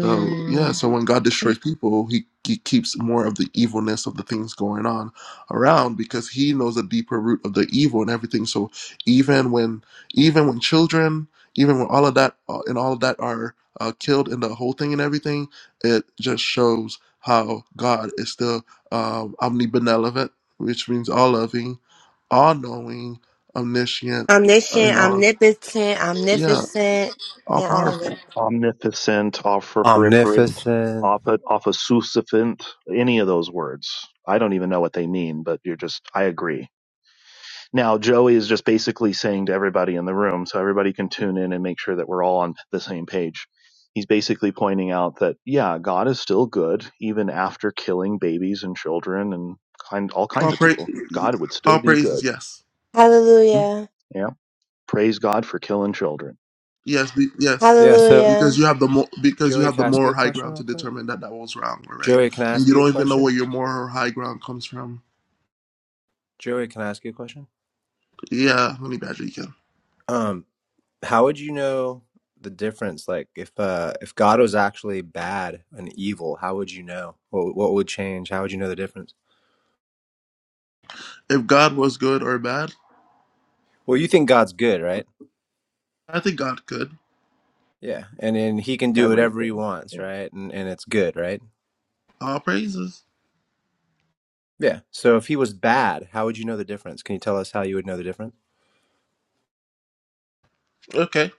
A: So yeah, so when God destroys people, he, he keeps more of the evilness of the things going on around because he knows the deeper root of the evil and everything. So even when even when children, even when all of that uh, and all of that are uh, killed in the whole thing and everything, it just shows how God is still um, omnibenevolent, which means all loving, all knowing, omniscient,
D: Omniscient,
A: and all
D: omnipotent,
A: yeah,
D: omnificent,
A: all
D: and all of them.
A: powerful.
C: Omnipotent, omnipresent,
E: Omnificent.
C: officucifant, any of those words. I don't even know what they mean, but you're just, I agree. Now, Joey is just basically saying to everybody in the room, so everybody can tune in and make sure that we're all on the same page. He's basically pointing out that, yeah, God is still good, even after killing babies and children and kind, all kinds
A: All
C: of
A: praise,
C: people. God would still
A: all
C: be
A: praises,
C: good.
A: yes.
C: Hmm?
D: Hallelujah.
C: Yeah. Praise God for killing children.
A: Yes, be, yes,
E: Yeah, so
A: because
D: Hallelujah.
A: you have the mo- because you
E: Joey,
A: have
E: can
A: the
E: I ask you
A: moral
E: a
A: high
E: question
A: ground
E: real
A: to
E: quick?
A: determine that that was wrong or right,
E: Joey, can I
A: and
E: ask
A: you
E: you a
A: don't even know
E: question?
A: where your moral high ground comes from.
E: Joey, can I ask you a question?
A: Yeah, honey badger, you can.
E: Um, how would you know the difference? Like if uh if God was actually bad and evil, how would you know? What what would change? How would you know the difference?
A: If God was good or bad,
E: Well, you think God's good, right?
A: I think God could.
E: Yeah. And then he can do whatever he
C: Everything.
E: wants,
C: Yeah.
E: right? And and it's good, right?
A: All praises.
E: Yeah. So if he was bad, how would you know the difference? Can you tell us how you would know the difference?
A: Okay.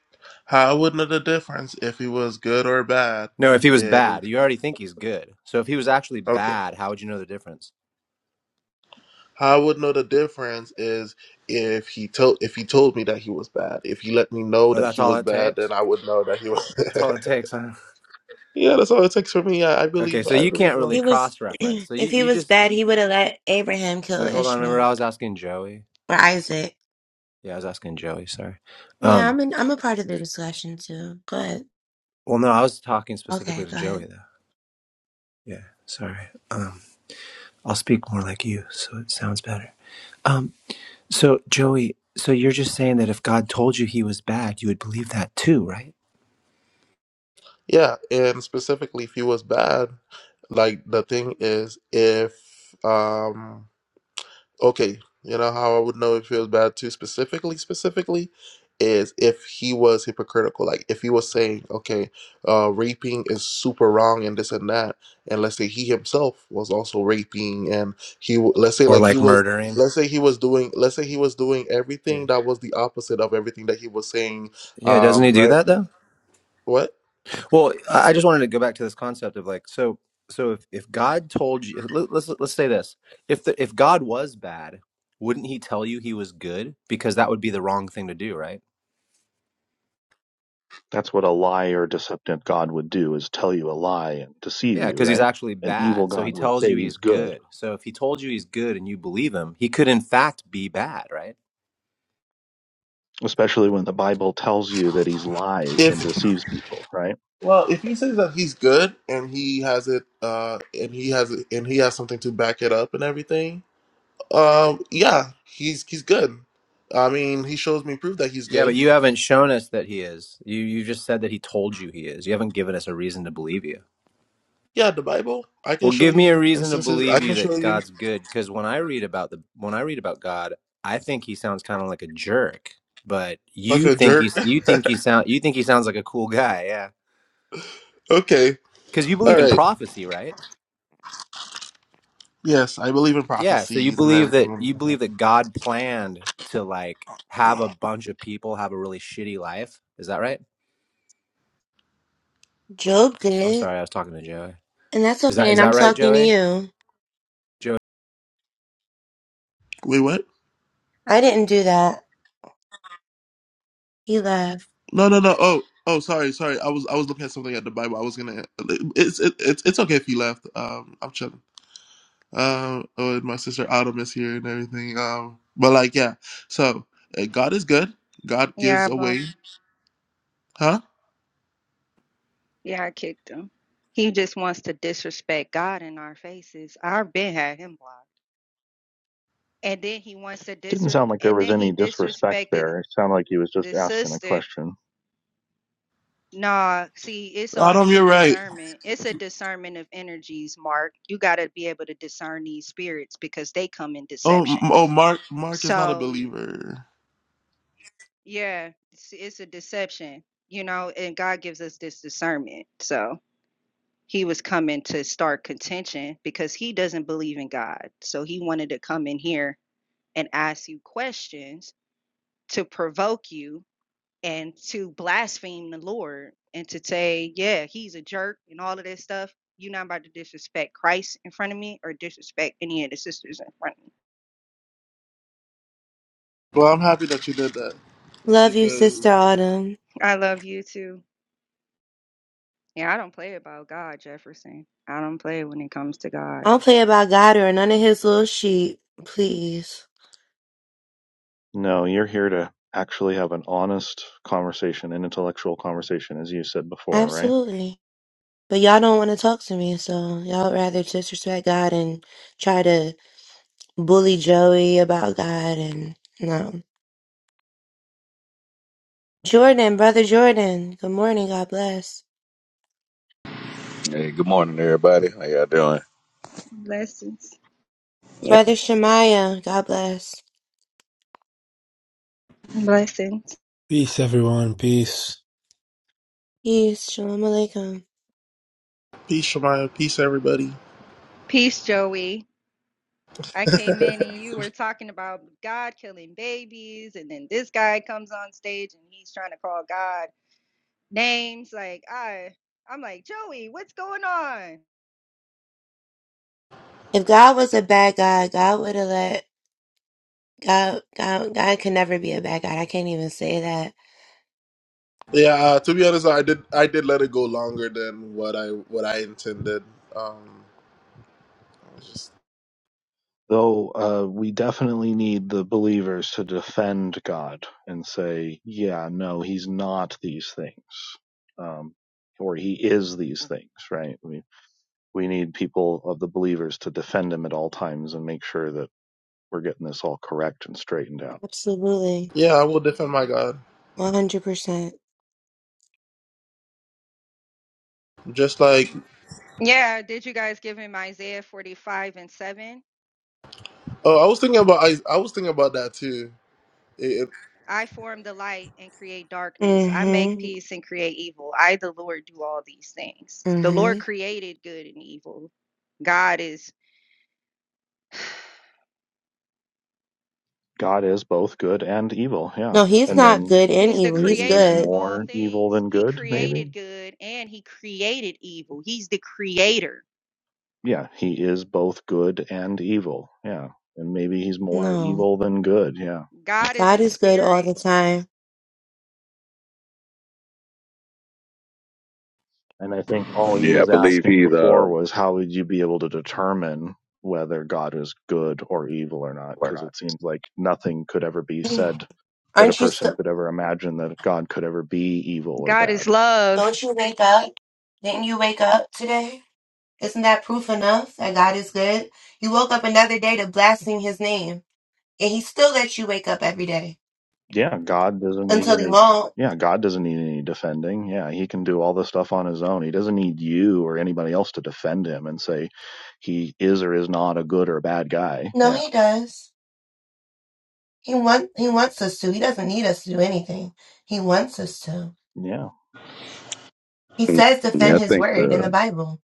A: How I would know the difference if he was good or bad
E: No, if he was
A: is
E: bad, you already think he's good. So if he was actually
A: okay.
E: bad, how would you know the difference?
A: How I would know the difference is if he told if he told me that he was bad. If he let me know
E: Oh,
A: that
E: that's
A: he
E: all
A: was
E: it
A: bad, then
E: takes?
A: I would know that he was.
E: That's all it takes, huh?
A: yeah, that's all it takes for me. I, I
E: Okay,
A: believe.
E: so
A: I
E: you can't
A: believe.
E: really
D: He was
E: cross reference. So
D: if
E: you,
D: he
E: you
D: was bad,
E: just
D: he would have let Abraham kill
E: wait, hold on. Remember
D: Ishmael
E: I was asking Joey?
D: or Isaac.
E: Yeah, I was asking Joey, sorry.
D: Yeah,
E: Um
D: I'm in, I'm a part of the discussion too. Go ahead.
E: well no, I was talking
D: Okay,
E: specifically to
D: go ahead.
E: Joey though. Yeah, sorry. Um I'll speak more like you, so it sounds better. Um so Joey, so you're just saying that if God told you he was bad, you would believe that too, right?
A: Yeah, and specifically if he was bad, like the thing is if um okay, you know how I would know if he was bad too specifically specifically is if he was hypocritical, like if he was saying, okay, uh raping is super wrong and this and that, and let's say he himself was also raping and he w- let's say
E: Or
A: like he
E: like
A: was
E: murdering.
A: let's say he was doing let's say he was doing
E: Yeah.
A: everything that was the opposite of everything that he was saying
E: Yeah, doesn't
A: um
E: he do
A: right
E: that though?
A: what
E: Well, I I just wanted to go back to this concept of like, so, so if, if God told you, let, let's let's say this: if the, if God was bad, wouldn't He tell you He was good? Because that would be the wrong thing to do, right?
C: That's what a liar, deceptive God would do is tell you a lie and deceive
E: Yeah,
C: you,
E: because He's
C: right?
E: actually
C: An evil
E: bad, so He
C: God would
E: tells
C: say
E: you
C: he's
E: He's
C: good,
E: good. So if He told you He's good and you believe Him, He could in fact be bad, right?
C: especially when the Bible tells you that he's lies
A: if
C: and deceives people, right?
A: Well, if he says that he's good and he has it, uh, and he has it, and he has something to back it up and everything, um, yeah, he's he's good. I mean, he shows me proof that he's
E: Yeah, but
A: good.
E: you haven't shown us that He is. You you just said that He told you He is. You haven't given us a reason to believe you.
A: Yeah, the Bible. I
E: Well,
A: can show
E: give me a
A: you
E: reason to
A: instances. I
E: believe you
A: can show
E: that
A: you
E: God's good, because when I read about the when I read about God, I think he sounds kind of like a jerk. But
A: like
E: you
A: a
E: think
A: jerk.
E: he's you think he sound you think he sounds like a cool guy, yeah?
A: okay,
E: Because you believe
A: all
E: in
A: right.
E: prophecy, right?
A: Yes, I believe in
E: Yeah. So you
A: prophecies and
E: believe that
A: everything.
E: you believe that God planned to like have a bunch of people have a really shitty life. Is that right?
D: Job
E: I'm
D: did.
E: sorry, I was talking to Joey.
D: And that's
E: Is that
D: okay,
E: is
D: and I'm
E: that right,
D: talking to
E: Joey?
D: you.
A: Wait, what?
D: I didn't do that. He left.
A: No, no, no. Oh, oh, sorry, sorry. I was I was looking at something at the Bible. I was gonna. It's it, it's it's okay if you left. Um, I'm chilling. Um, with my sister Autumn is here and everything. Um, but like, yeah. So uh, God is good. God
F: Yeah,
A: gives
F: I
A: away,
F: blocked.
A: huh?
F: Yeah, I kicked him. He just wants to disrespect God in our faces. I've been had him blocked, and then he wants to dis.
C: Didn't sound like there
F: And
C: was
F: then he
C: any disrespect
F: disrespected
C: there. It sounded like he was just
F: the
C: asking a
F: sister.
C: question.
F: Nah, see, it's all
A: Autumn,
F: it's a
A: you're right.
F: discernment. It's a discernment of energies, Mark. You got to be able to discern these spirits because they come in
A: Oh,
F: deception.
A: m- oh, Mark, Mark is not a
F: So
A: believer.
F: yeah, it's, it's a deception, you know. And God gives us this discernment. So. he was coming to start contention because he doesn't believe in God. So he wanted to come in here and ask you questions to provoke you and to blaspheme the Lord and to say, yeah, he's a jerk and all of this stuff. You're not about to disrespect Christ in front of me or disrespect any of the sisters in front of me.
A: Well, I'm happy that you did that
D: Love you,
A: because
D: sister Autumn.
F: I love you too. Yeah, I don't play about God, Jefferson. I don't play when it comes to
D: I
F: God.
D: don't play about God or none of his little sheep, please.
C: No, you're here to actually have an honest conversation, an intellectual conversation, as you said before, right?
D: Absolutely. But y'all don't want to talk to me, so y'all rather disrespect God and try to bully Joey about God and no. Jordan, brother Jordan, good morning, God bless.
G: Hey, good morning, everybody. How y'all doing?
F: Blessings.
D: Brother Shemaiah, God bless.
F: Blessings.
H: Peace, everyone. Peace.
D: Peace, shalom alaikum.
F: Peace, Joey. I came in and you were talking about God killing babies, and then this guy comes on stage and he's trying to call God names. Like I, I'm like Joey, what's going on?
D: If God was a bad God, God would have let God, God, God could never be a bad God. I can't even say that.
A: Yeah, uh, to be honest, I did I did let it go longer than what I what I intended. Um, I was just
C: Though uh, we definitely need the believers to defend God and say, yeah, no, he's not these things, um, or he is these things, right? We, we need people of the believers to defend him at all times and make sure that we're getting this all correct and straightened out.
D: Absolutely.
A: yeah, I will defend my God.
D: 100%.
A: Just like,
F: Yeah, did you guys give him Isaiah 45 and 7?
A: oh, I was thinking about I I was thinking about that too. It, it-
F: I form the light and create darkness. I make
D: Mm-hmm.
F: peace and create evil. I, the Lord, do all these things. The
D: Mm-hmm.
F: Lord created good and evil. God is.
C: God is both good and evil, yeah.
D: No, he's
C: And
D: not
C: then
D: good and
F: He's the
D: evil. He's
C: maybe he's
F: creator of
D: good.
F: all
C: more evil
F: things.
C: than
F: He
C: good, maybe?
F: created good and he created evil. He's the creator.
C: Yeah, he is both good and evil, yeah. And maybe he's more
D: No.
C: evil than good, yeah.
F: God is
D: God
F: a
D: is good all the
F: spirit.
D: time.
C: And I think all he
G: Yeah, I
C: was
G: believe
C: asking
G: he's.
C: before
G: Um,
C: was how would you be able to determine whether God is good or evil or not?
D: We're
C: Because
D: not.
C: it seems like nothing could ever be
D: Hey,
C: said that a
D: Aren't you
C: person
D: still?
C: could ever imagine that God could ever be evil or
F: God is
C: bad.
F: love.
D: Don't you wake up? Didn't you wake up today? Isn't that proof enough that God is good? You woke up another day to blaspheme His name, and He still lets you wake up every day
C: Yeah, God doesn't need
D: until He
C: any.
D: won't.
C: Yeah, God doesn't need any defending. Yeah, he can do all this stuff on his own. He doesn't need you or anybody else to defend him and say he is or is not a good or a bad guy.
D: No,
C: Yeah.
D: He does. He want He wants us to. He doesn't need us to do anything. He wants us to.
C: Yeah.
D: He says
G: yeah,
D: defend
G: I
D: His
G: think
D: word in the
G: the.
D: Bible.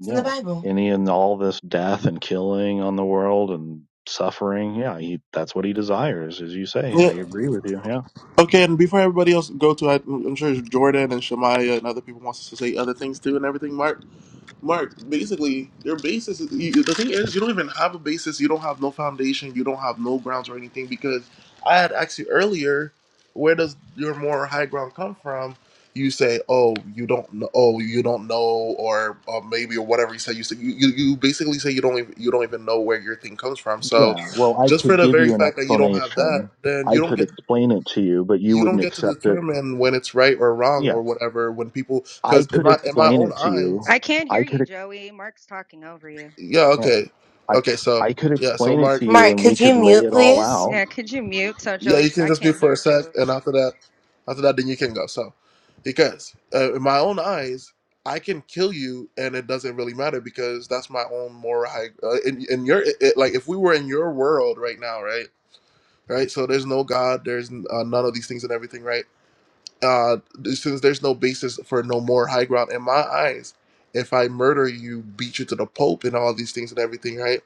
D: It's in the
C: Yeah.
D: Bible.
C: Any and all this death and killing on the world and suffering. Yeah, he, that's what he desires, as you say.
A: yeah,
C: I agree with you. Yeah.
A: Okay, and before everybody else go to, I- I'm sure Jordan and Shamaya and other people wants us to say other things too and everything. Mark, Mark, basically your basis. Is, you, the thing is, you don't even have a basis. You don't have no foundation. You don't have no grounds or anything. Because I had asked you earlier, where does your more high ground come from? You say, oh, you don't know. Oh, you don't know, or, or maybe or whatever you say. You say you, you, you basically say you don't even you don't even know where your thing comes from. So,
C: Yeah. Well, I
A: just for
C: could
A: the
C: give
A: very
C: you an
A: fact that you don't have that,
C: explanation.
A: then
C: I
A: you don't
C: could
A: get
C: explain it to you, but you
A: you don't
C: wouldn't
A: get to
C: accept it.
A: determine when it's right or wrong
C: Yeah.
A: or whatever when people
C: I
A: because in
C: could
A: my in my
C: explain
A: own
C: it to you.
A: eyes
F: I can't hear
C: I
F: you,
C: could, ex-
F: Joey. Mark's talking over you.
A: yeah
C: yeah,
A: okay
C: I,
A: okay so
C: I could
A: yeah so
C: explain it to
A: mark
C: you
D: Mark,
C: and we
D: could you
C: could lay
D: mute,
C: it all
D: please?
C: out
F: Yeah, could you mute so
A: yeah you
F: Joey?
A: can
F: I
A: just be
F: can't
A: for a
F: hear
A: sec
F: Joey.
A: and after that after that then you can go so because uh, in my own eyes i can kill you and it doesn't really matter because that's my own moral high uh, in, in your it, it- like if we were in your world right now right right so there's no god there's uh, none of these things and everything right uh, since there's no basis for no more high ground in my eyes, if I murder you, beat you to the Pope, and all these things and everything, right?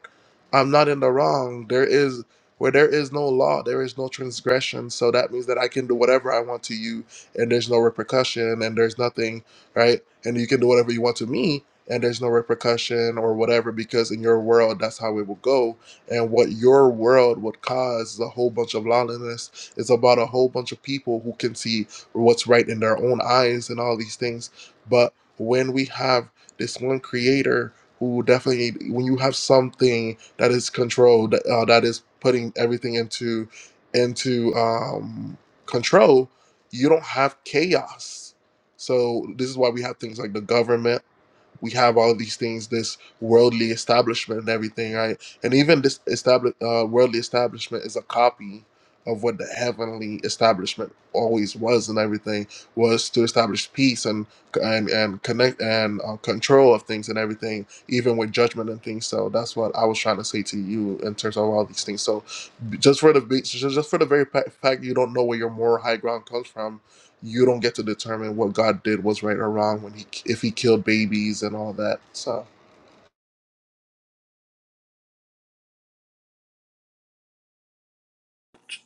A: I'm not in the wrong. There is where there is no law, there is no transgression. So that means that I can do whatever I want to you, and there's no repercussion, and there's nothing, right? And you can do whatever you want to me, and there's no repercussion or whatever, because in your world, that's how it will go. And what your world would cause is a whole bunch of lawlessness. It's about a whole bunch of people who can see what's right in their own eyes and all these things. But when we have this one creator who definitely when you have something that is controlled uh, that is putting everything into into um, control you don't have chaos so this is why we have things like the government we have all these things, this worldly establishment and everything, right? And even this established uh, worldly establishment is a copy of what the heavenly establishment always was, and everything was to establish peace and and and connect and uh, control of things and everything, even with judgment and things. So that's what I was trying to say to you in terms of all these things. So just for the just just for the very pa- fact you don't know where your moral high ground comes from you don't get to determine what God did was right or wrong when he if he killed babies and all that. So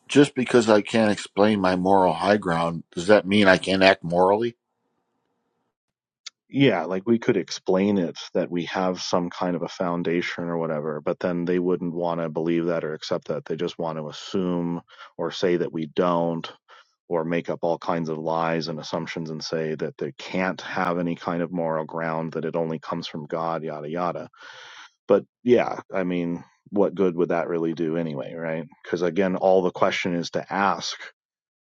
I: Just because I can't explain my moral high ground, does that mean I can't act morally?
C: yeah, like we could explain it that we have some kind of a foundation or whatever, but then they wouldn't want to believe that or accept that. They just want to assume or say that we don't or make up all kinds of lies and assumptions and say that they can't have any kind of moral ground, that it only comes from God, yada, yada. But yeah, I mean, what good would that really do anyway, right? Because again, all the question is to ask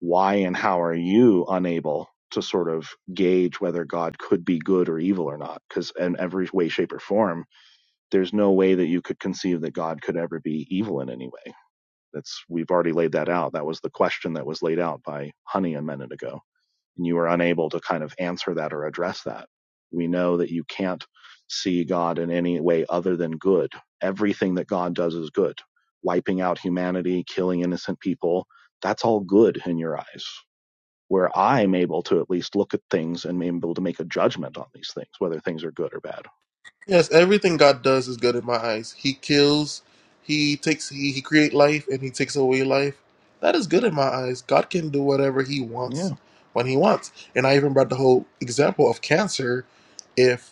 C: why and how are you unable to sort of gauge whether God could be good or evil or not? Because in every way, shape, or form, there's no way that you could conceive that God could ever be evil in any way. That's we've already laid that out. That was the question that was laid out by Honey a minute ago, and you were unable to kind of answer that or address that. We know that you can't see God in any way other than good. Everything that God does is good. Wiping out humanity, killing innocent people, that's all good in your eyes where I'm able to at least look at things and be able to make a judgment on these things, whether things are good or bad.
A: yes, everything God does is good in my eyes. He kills, he takes, he, he create life and he takes away life. That is good in my eyes. God can do whatever he
C: Yeah.
A: wants when he wants. And I even brought the whole example of cancer. if.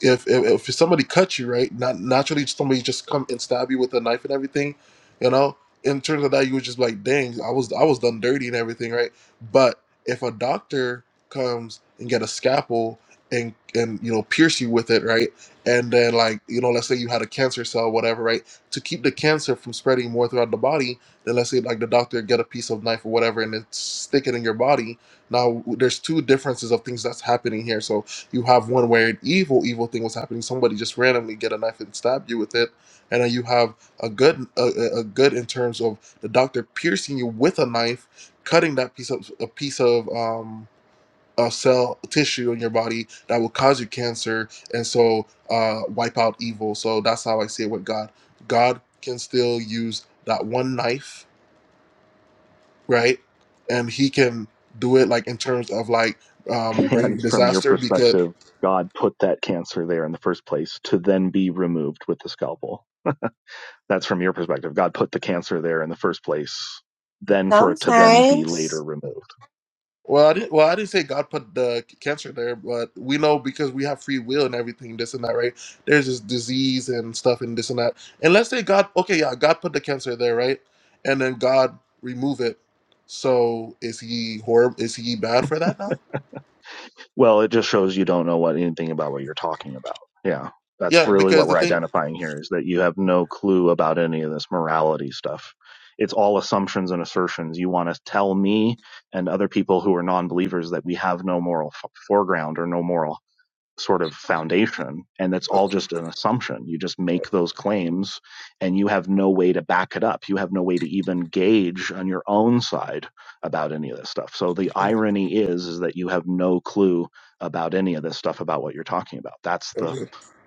A: if, if if somebody cut you right, not naturally somebody just come and stab you with a knife and everything, you know. In terms of that, you were just like, dang, I was I was done dirty and everything, right? But if a doctor comes and get a scalpel and and you know pierce you with it, right? And then like you know, let's say you had a cancer cell, whatever, right? To keep the cancer from spreading more throughout the body, then let's say like the doctor get a piece of knife or whatever and then stick it in your body. Now there's two differences of things that's happening here. So you have one where an evil evil thing was happening somebody just randomly get a knife and stab you with it and then you have a good a, a a good in terms of the doctor piercing you with a knife cutting that piece of a piece of um a cell tissue in your body that will cause you cancer and so uh wipe out evil so that's how i see it with god god can still use that one knife right and he can do it like in terms of like um
C: and
A: bring
C: from your
A: disaster because.
C: perspective, God put that cancer there in the first place to then be removed with the scalpel. That's from your perspective. God put the cancer there in the first place, then for it to then be later
D: Sometimes
C: removed.
A: Well, I didn't. Well, I didn't say God put the cancer there, but we know because we have free will and everything, this and that, right? There's this disease and stuff and this and that. And let's say God, okay, yeah, God put the cancer there, right? And then God remove it. So is he horrible? Is he bad for that now?
C: Well, it just shows you don't know what anything about what you're talking about. Yeah. That's
A: Yeah,
C: really what
A: because the
C: we're
A: thing.
C: identifying here is that you have no clue about any of this morality stuff. It's all assumptions and assertions. You want to tell me and other people who are non believers that we have no moral f- foreground or no moral sort of foundation and that's all just an assumption you just make those claims and you have no way to back it up you have no way to even gauge on your own side about any of this stuff so the irony is is that you have no clue about any of this stuff about what you're talking about that's the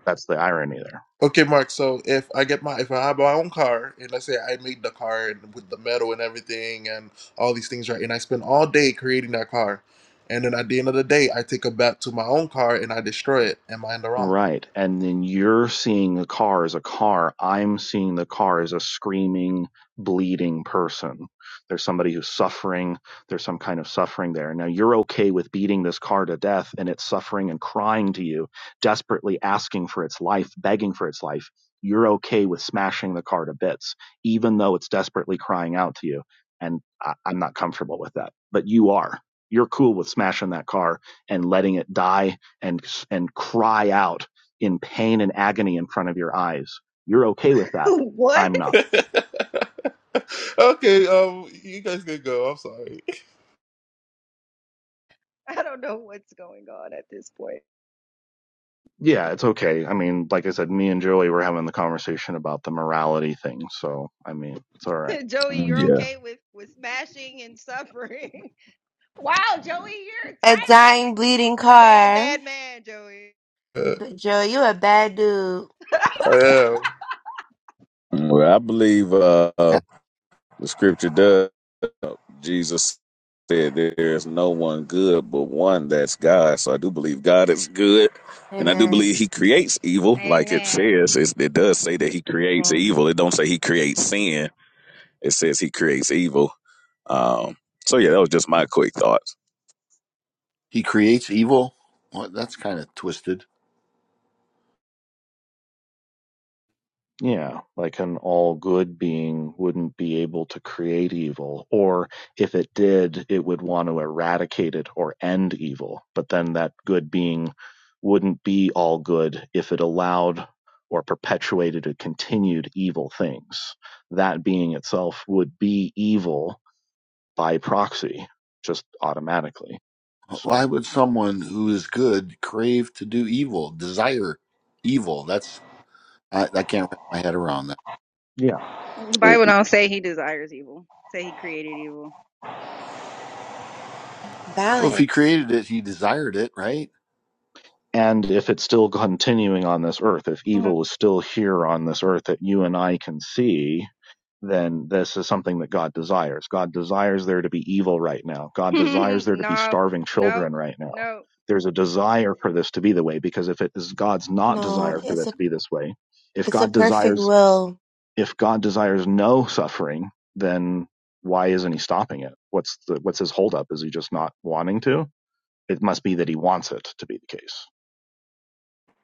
C: that's the irony there
A: Okay, Mark. So if I get my if I have my own car and let's say I made the car and with the metal and everything and all these things right, and I spend all day creating that car, and then at the end of the day I take it back to my own car and I destroy it. Am I in the wrong?
C: Right. And then you're seeing the car as a car. I'm seeing the car as a screaming, bleeding person. There's somebody who's suffering. There's some kind of suffering there. Now you're okay with beating this car to death and it's suffering and crying to you, desperately asking for its life, begging for its life. You're okay with smashing the car to bits, even though it's desperately crying out to you. And I, I'm not comfortable with that, but you are. You're cool with smashing that car and letting it die and and cry out in pain and agony in front of your eyes. You're okay with that.
F: what?
C: I'm not.
A: okay, um, you guys can go. I'm sorry.
F: I don't know what's going on at this point.
C: Yeah, it's okay. I mean, like I said, me and Joey were having the conversation about the morality thing, so I mean, it's all right.
F: Joey, you're
G: Yeah,
F: okay with with smashing and suffering. wow, Joey, you're a
D: a dying,
F: tyrant.
D: bleeding
F: You're a bad,
D: car.
F: bad man, Joey.
D: But Joe, you a bad dude.
A: I am.
G: well, I believe uh,
I: Yeah.
G: uh, the scripture does. Jesus said, "There is no one good but one that's God." So I do believe God is good, and I do
D: Amen.
G: believe He creates evil, like it
F: Amen.
G: says. It's, it does say that He creates
D: No.
G: evil. It don't say He creates sin. It says He creates evil. Um, so yeah, that was just my quick thoughts.
I: He creates evil? Well, that's kind of twisted.
C: Yeah, like an all good being wouldn't be able to create evil, or if it did, it would want to eradicate it or end evil. But then that good being wouldn't be all good if it allowed or perpetuated or continued evil things. That being itself would be evil by proxy, just automatically.
I: Why
C: So,
I: would someone who is good crave to do evil, desire evil? That's I, I can't wrap my head around that.
C: yeah.
F: The
G: I'm
F: Bible don't say he desires evil. Say he created evil.
I: Well, if he
D: Balance.
I: created it, he desired it, right?
C: And if it's still continuing on this earth, if evil is still here on this earth that you and I can see, then this is something that God desires. God desires there to be evil right now. God desires there to be
F: no,
C: starving children
F: no,
C: right now.
F: no.
C: There's a desire for this to be the way because if it is God's not
D: No,
C: desire for
D: it's
C: that
D: a
C: to be this way, if
D: it's a
C: God
D: perfect
C: desires
D: will.
C: if God desires no suffering, then why isn't he stopping it? What's the what's his holdup? Is he just not wanting to? It must be that he wants it to be the case.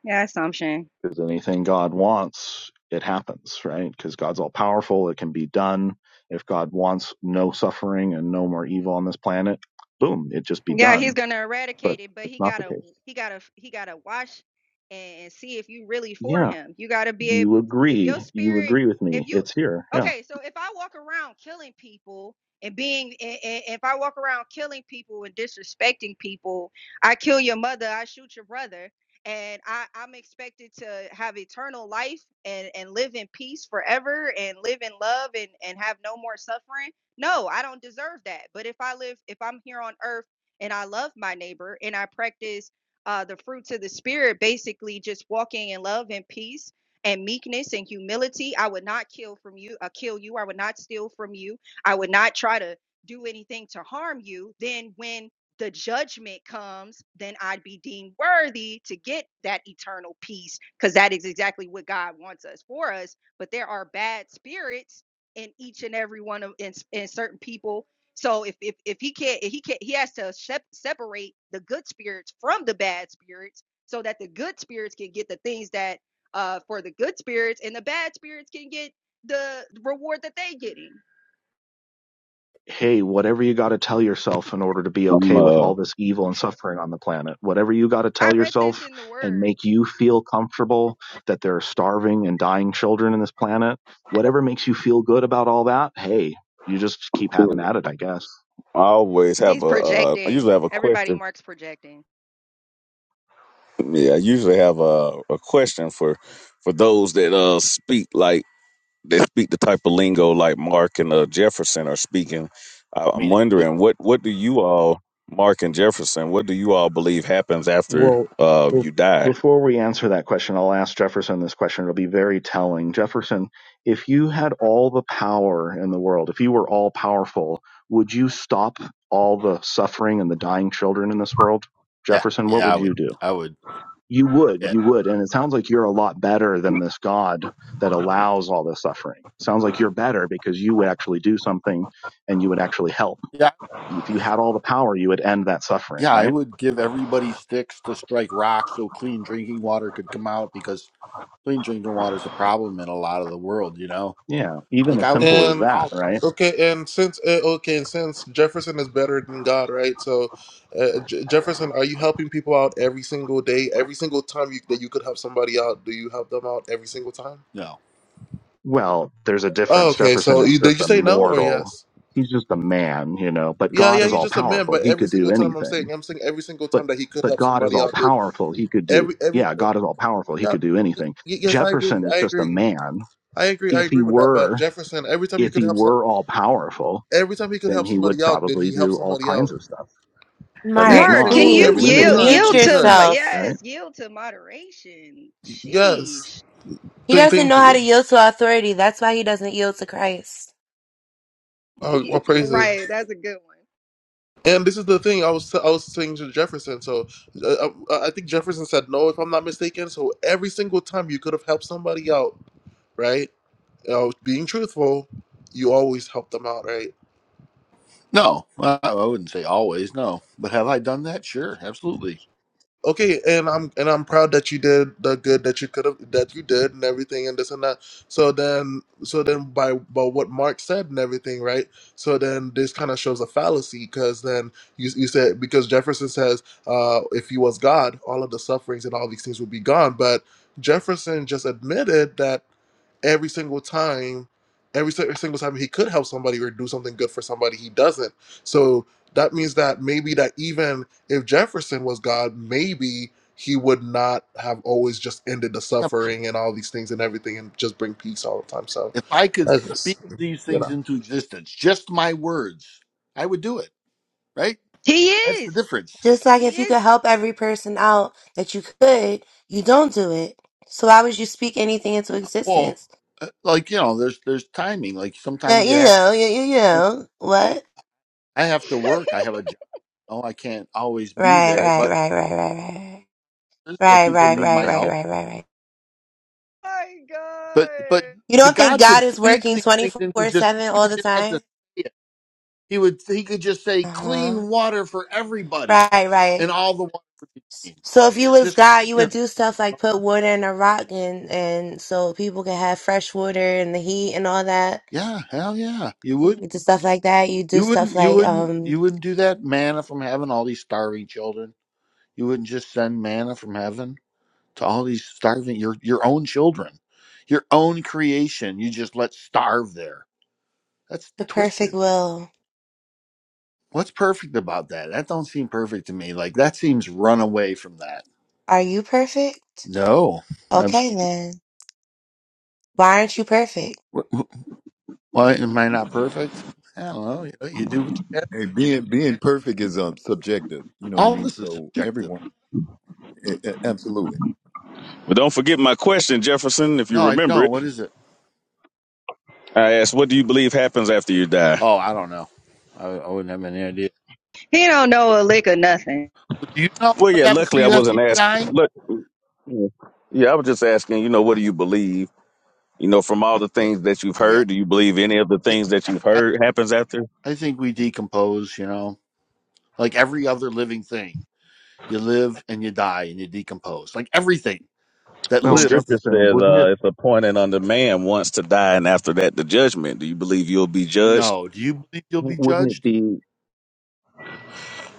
F: Yeah, assumption.
C: because anything God wants, it happens, right? Because God's all powerful, it can be done. If God wants no suffering and no more evil on this planet, boom, it would just be
F: Yeah, he's
C: done.
F: gonna
C: But
F: eradicate it, but
C: it's
F: he
C: not the
F: gotta
C: case.
F: he gotta he gotta watch and see if you really for
C: Yeah,
F: him. You gotta be
C: you
F: able t- if your
C: agree. You
F: spirit
C: agree with
F: if
C: me.
F: you
C: It's here. Yeah.
F: okay, so if I walk around killing people and being and, and if I walk around killing people and disrespecting people, I kill your mother, I shoot your brother, and I, I'm expected to have eternal life and, and live in peace forever and live in love and, and have no more suffering. No, I don't deserve that. But if I live if I'm here on earth and I love my neighbor and I practice uh, the fruits of the spirit, basically just walking in love and peace and meekness and humility. I would not kill from you, uh, kill you. I would not steal from you. I would not try to do anything to harm you. Then when the judgment comes, then I'd be deemed worthy to get that eternal peace because that is exactly what God wants us for us. But there are bad spirits in each and every one of in, in certain people so if if if he can't if he can't he has to shep separate the good spirits from the bad spirits so that the good spirits can get the things that uh for the good spirits and the bad spirits can get the reward that they getting.
C: hey, whatever you got to tell yourself in order to be okay with all
G: uh,
C: this evil and suffering on the planet, whatever you got to
F: I
C: tell
F: read this
C: yourself
F: in the
C: and
F: word.
C: make you feel comfortable that there are starving and dying children in this planet, whatever makes you feel good about all that, hey, you just keep having at it, I guess.
G: I always have
F: He's
G: a. Uh, I
F: projecting.
G: usually have a
F: Everybody
G: question.
F: Mark's projecting.
G: Yeah, I usually have a, a question for for those that uh speak like that speak the type of lingo like Mark and uh, Jefferson are speaking. I,
I: I
G: I'm
I: mean,
G: wondering what what do you all, Mark and Jefferson, what do you all believe happens after
C: Well,
G: uh
C: be-
G: you die?
C: before we answer that question, I'll ask Jefferson this question. It'll be very telling. Jefferson, if you had all the power in the world, if you were all powerful, would you stop all the suffering and the dying children in this world?
I: yeah,
C: Jefferson, what
I: yeah,
C: would
I: I
C: you
I: would,
C: do?
I: I would,
C: You would,
I: yeah,
C: you would. And it sounds like you're a lot better than this God that allows all this suffering. Sounds like you're better because you would actually do something and you would actually help.
I: yeah,
C: If you had all the power, you would end that suffering,
I: yeah, I
C: right?
I: would give everybody sticks to strike rocks so clean drinking water could come out because clean drinking water is a problem in a lot of the world, you know
C: Yeah, even
I: Like
C: as
I: I would
C: simple as
I: fix
A: And
I: all
C: that,
I: it.
C: right?
A: okay, and since uh, okay, and since Jefferson is better than God, right? So, uh, J- Jefferson, are you helping people out every single day, every single time you, that you could help somebody out? Do you help them out every single time?
I: No,
C: Well, there's a
A: Oh,
C: difference.
A: okay.
C: Jefferson
A: So,
C: is
A: you, did
C: just
A: you
C: a
A: say no or
C: mortal.
A: yes?
C: He's just a man, you know, but
A: Yeah,
C: God
A: yeah.
C: is
A: He's
C: all
A: just a man,
C: powerful.
A: but
C: He
A: every
C: could do
A: single time I'm
C: anything.
A: saying, I'm saying every single time
C: But
A: that he could
C: but
A: help
C: God is
A: somebody
C: all
A: out. That
C: powerful. He could do
A: every every
C: yeah, God is all powerful. He
A: yeah,
C: could do
A: y-
C: anything.
A: y- yes, I agree,
C: Jefferson is
A: I
C: just a
A: agree,
C: man.
A: I agree, I
C: If he
A: agree with that. But
C: were
A: Jefferson, every time he
C: if
A: could
C: he
A: help some,
C: were all powerful,
A: every time he could
C: then
A: help
C: he would
A: somebody out, did
C: probably
A: he help
C: do all
A: somebody out?
C: kinds of stuff. But he's
D: Mark,
A: Every
F: Mark,
C: not,
F: can
A: single
C: so he's
F: you
A: every
D: please
A: single
F: yield
C: limited,
A: time
D: mute
F: yield
A: you
F: to m-
A: could.
D: yourself.
C: right?
F: yes, yield to moderation.
A: Yes.
F: Sheesh.
D: He
A: Thank
D: doesn't
A: thank
D: know how to
A: you.
D: yield to authority. That's why he doesn't yield to Christ.
A: Oh, well, praises.
F: Right, that's a good one.
A: And this is the thing I was I was saying to Jefferson. So uh, I, I think Jefferson said no, if I'm not mistaken. So every single time you could have helped somebody out, right? You know, being truthful, you always help them out, right?
I: no, I I wouldn't say always. No, but have I done that? Sure, absolutely.
A: okay and i'm and i'm proud that you did the good that you could have that you did and everything and this and that so then so then by by what mark said and everything right so then this kind of shows a fallacy because then you, you said because jefferson says uh if he was god all of the sufferings and all these things would be gone but jefferson just admitted that every single time every si- single time he could help somebody or do something good for somebody he doesn't so that means that maybe that even if Jefferson was God, maybe he would not have always just ended the
I: Yeah,
A: suffering and all these things and everything and just bring peace all the time. So
I: if I could
A: I
I: speak
A: just,
I: these
A: you
I: things
A: know,
I: into existence, just my words, I would do it. Right?
F: He
I: That's the
F: is.
I: difference.
D: Just like
F: He
D: if you could
F: is.
D: help every person out that you could, you don't do it. So why would you speak anything into
I: Well,
D: existence?
I: uh, like you know, there's there's timing. Like
D: Uh,
I: sometimes you
D: you
I: have to.
D: know, you, you, you
I: oh,
D: know what?
I: I have to work. I have a job. Oh, I can't always be
D: Right,
I: there,
D: right,
I: but
D: right, right, right,
I: this is where
D: right, right,
I: people
D: right, right,
I: need
D: right, right,
I: my help.
D: right, right. right.
F: My
I: But but
F: God.
D: You
I: the
D: don't think
I: God could
D: God is
I: speak
D: working
I: these things into
D: 24/7
I: existence. He
D: all
I: would
D: the
I: just have to
D: time?
I: say it. He would he could just say
D: Uh-huh.
I: clean water for everybody,
D: Right, right.
I: and all the water would be clean.
D: So if you was
I: Just
D: God, you
I: you know,
D: would do stuff like put water in a rock and and so people can have fresh water and the heat and all that.
I: yeah, hell yeah. You would
D: You do stuff like that. You do
I: you
D: stuff
I: wouldn't you
D: like
I: wouldn't
D: um
I: you wouldn't do that manna from heaven, all these starving children. You wouldn't just send manna from heaven to all these starving your your own children, your own creation. You just let starve there. That's
D: the perfect
I: twisted.
D: will.
I: What's perfect about that? That don't seem perfect to me. Like that seems run away from that.
D: Are you perfect?
I: No, absolutely.
D: Okay then. Why aren't you perfect?
I: Well, am I not perfect? I don't know. You, you do what you can.
J: Hey, being being perfect is um subjective. You know what I
I: All
J: mean.
I: this is
J: So
I: subjective.
J: everyone, a- a- absolutely.
G: But don't forget my question, Jefferson, if you
I: No, I
G: remember
I: don't.
G: it.
I: What is it?
G: I asked, what do you believe happens after you die?
I: Oh, I don't know. I, I wouldn't have any idea.
F: He don't know a lick of nothing.
I: Well, Do you know
G: Well,
I: what
G: yeah,
I: happens to
G: luckily I
I: you after
G: wasn't
I: you
G: asked.
I: die?
G: Look, yeah, I was just asking. You know, what do you believe? You know, from all the
I: Yeah,
G: things that you've
I: yeah,
G: heard, do you believe any of the
I: yeah.
G: things that you've
I: I,
G: heard happens after?
I: I think we decompose. You know, like every other living thing, you live and you die and you decompose. Like everything that
G: The
C: Well,
G: scripture
I: lives.
C: Jefferson,
G: says
C: wouldn't it
G: uh, it's appointed unto man once to die, and after that, the judgment. Do you believe you'll be judged?
I: No, do you believe you'll be
C: wouldn't it
I: judged?
C: be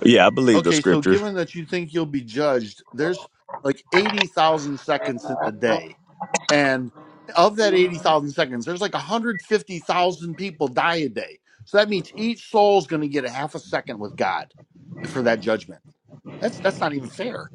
G: Yeah, I believe the
I: Okay, so
G: scripture.
I: given that you think you'll be judged, there's like eighty thousand seconds in the day. And of that 80,000 seconds, there's like 150,000 people die a day. So that means each soul is going to get a half a second with God for that judgment. That's that's not even fair.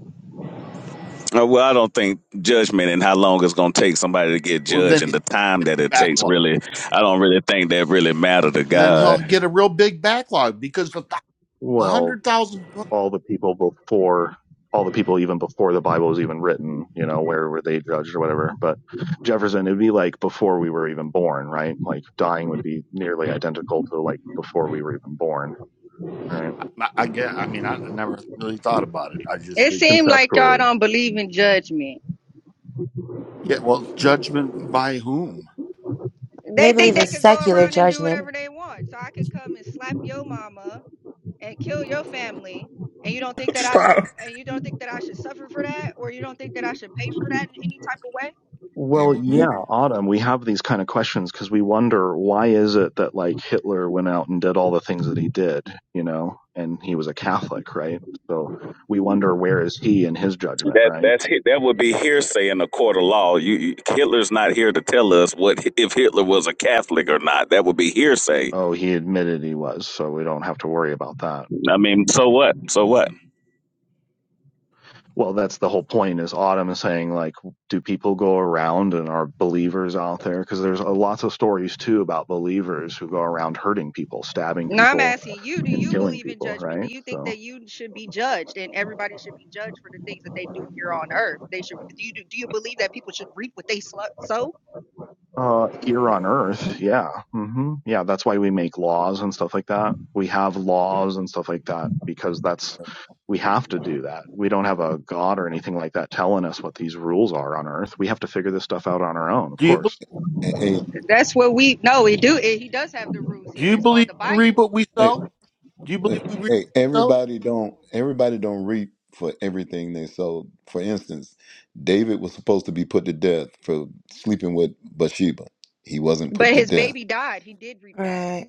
G: Uh, well, I don't think judgment and how long it's going to take somebody to get
I: Well, then
G: judged and
I: he's
G: the
I: got a
G: time
I: big
G: that it takes
I: backlog.
G: really, I don't really think that really matter to
I: Then he'll
G: God.
I: get a real big backlog because of the
C: well,
I: 100,000
C: all the people before all the people even before the Bible was even written, you know, where were they judged or whatever. But Jefferson, it'd be like before we were even born, right? Like dying would be nearly identical to like before we were even born, right?
I: I, I get I mean I never really thought about it. I just
F: It
I: think
F: seemed like y'all
C: Conceptually.
F: don't believe in judgment.
I: yeah, well, judgment by whom?
D: They
F: They
D: believe
F: think
D: in
F: they could go
D: secular
F: around and do
D: judgment.
F: whatever they want. So I could come and slap your mama and kill your family, and you don't think that I should
A: Stop.
F: and you don't think that I should suffer for that, or you don't think that I should pay for that in any type of way?
J: Hey,
C: Well,
J: but
C: yeah,
J: maybe,
C: Autumn, we have these kind of questions because we wonder why is it that like Hitler went out and did all the things that he did, you know, and he was a Catholic, right? So we wonder where is he in his judgment,
G: That
C: right?
G: that's he- that would be hearsay in a court of law. You, you Hitler's not here to tell us what if Hitler was a Catholic or not. That would be hearsay
C: Oh, he admitted he was, so we don't have to worry about that.
G: I mean, so what? So what?
C: Well, that's the whole point is Autumn is saying, like, do people go around and are believers out there? Because there's uh, lots of stories too about believers who go around hurting people, stabbing
F: No, I'm
C: people,
F: asking you, do
C: and
F: you
C: killing
F: believe in
C: people,
F: judgment? Do
C: right?
F: you think
C: So.
F: that you should be judged and everybody should be judged for the things that they do here on earth? They should do you do you believe that people should reap what they slu- sow?
C: Uh, here on Earth, yeah, hmm yeah. That's why we make laws and stuff like that. We have laws and stuff like that because that's we have to do that. We don't have a god or anything like that telling us what these rules are on Earth. We have to figure this stuff out on our own. Of
I: Do you believe,
C: course,
J: hey,
F: That's what we no. He do. He does have the rules
I: do
F: here.
I: you
F: It's called
I: believe
F: the
I: we reap
F: Bible.
I: what we
J: hey,
I: sow? Do you
J: hey,
I: believe we reap
J: hey,
I: what we sow?
J: everybody don't everybody don't reap for everything they sow. For instance, David was supposed to be put to death for sleeping with Bathsheba. He wasn't
F: But
J: put to
F: his
J: death.
F: baby died. He did reap that.
D: Right.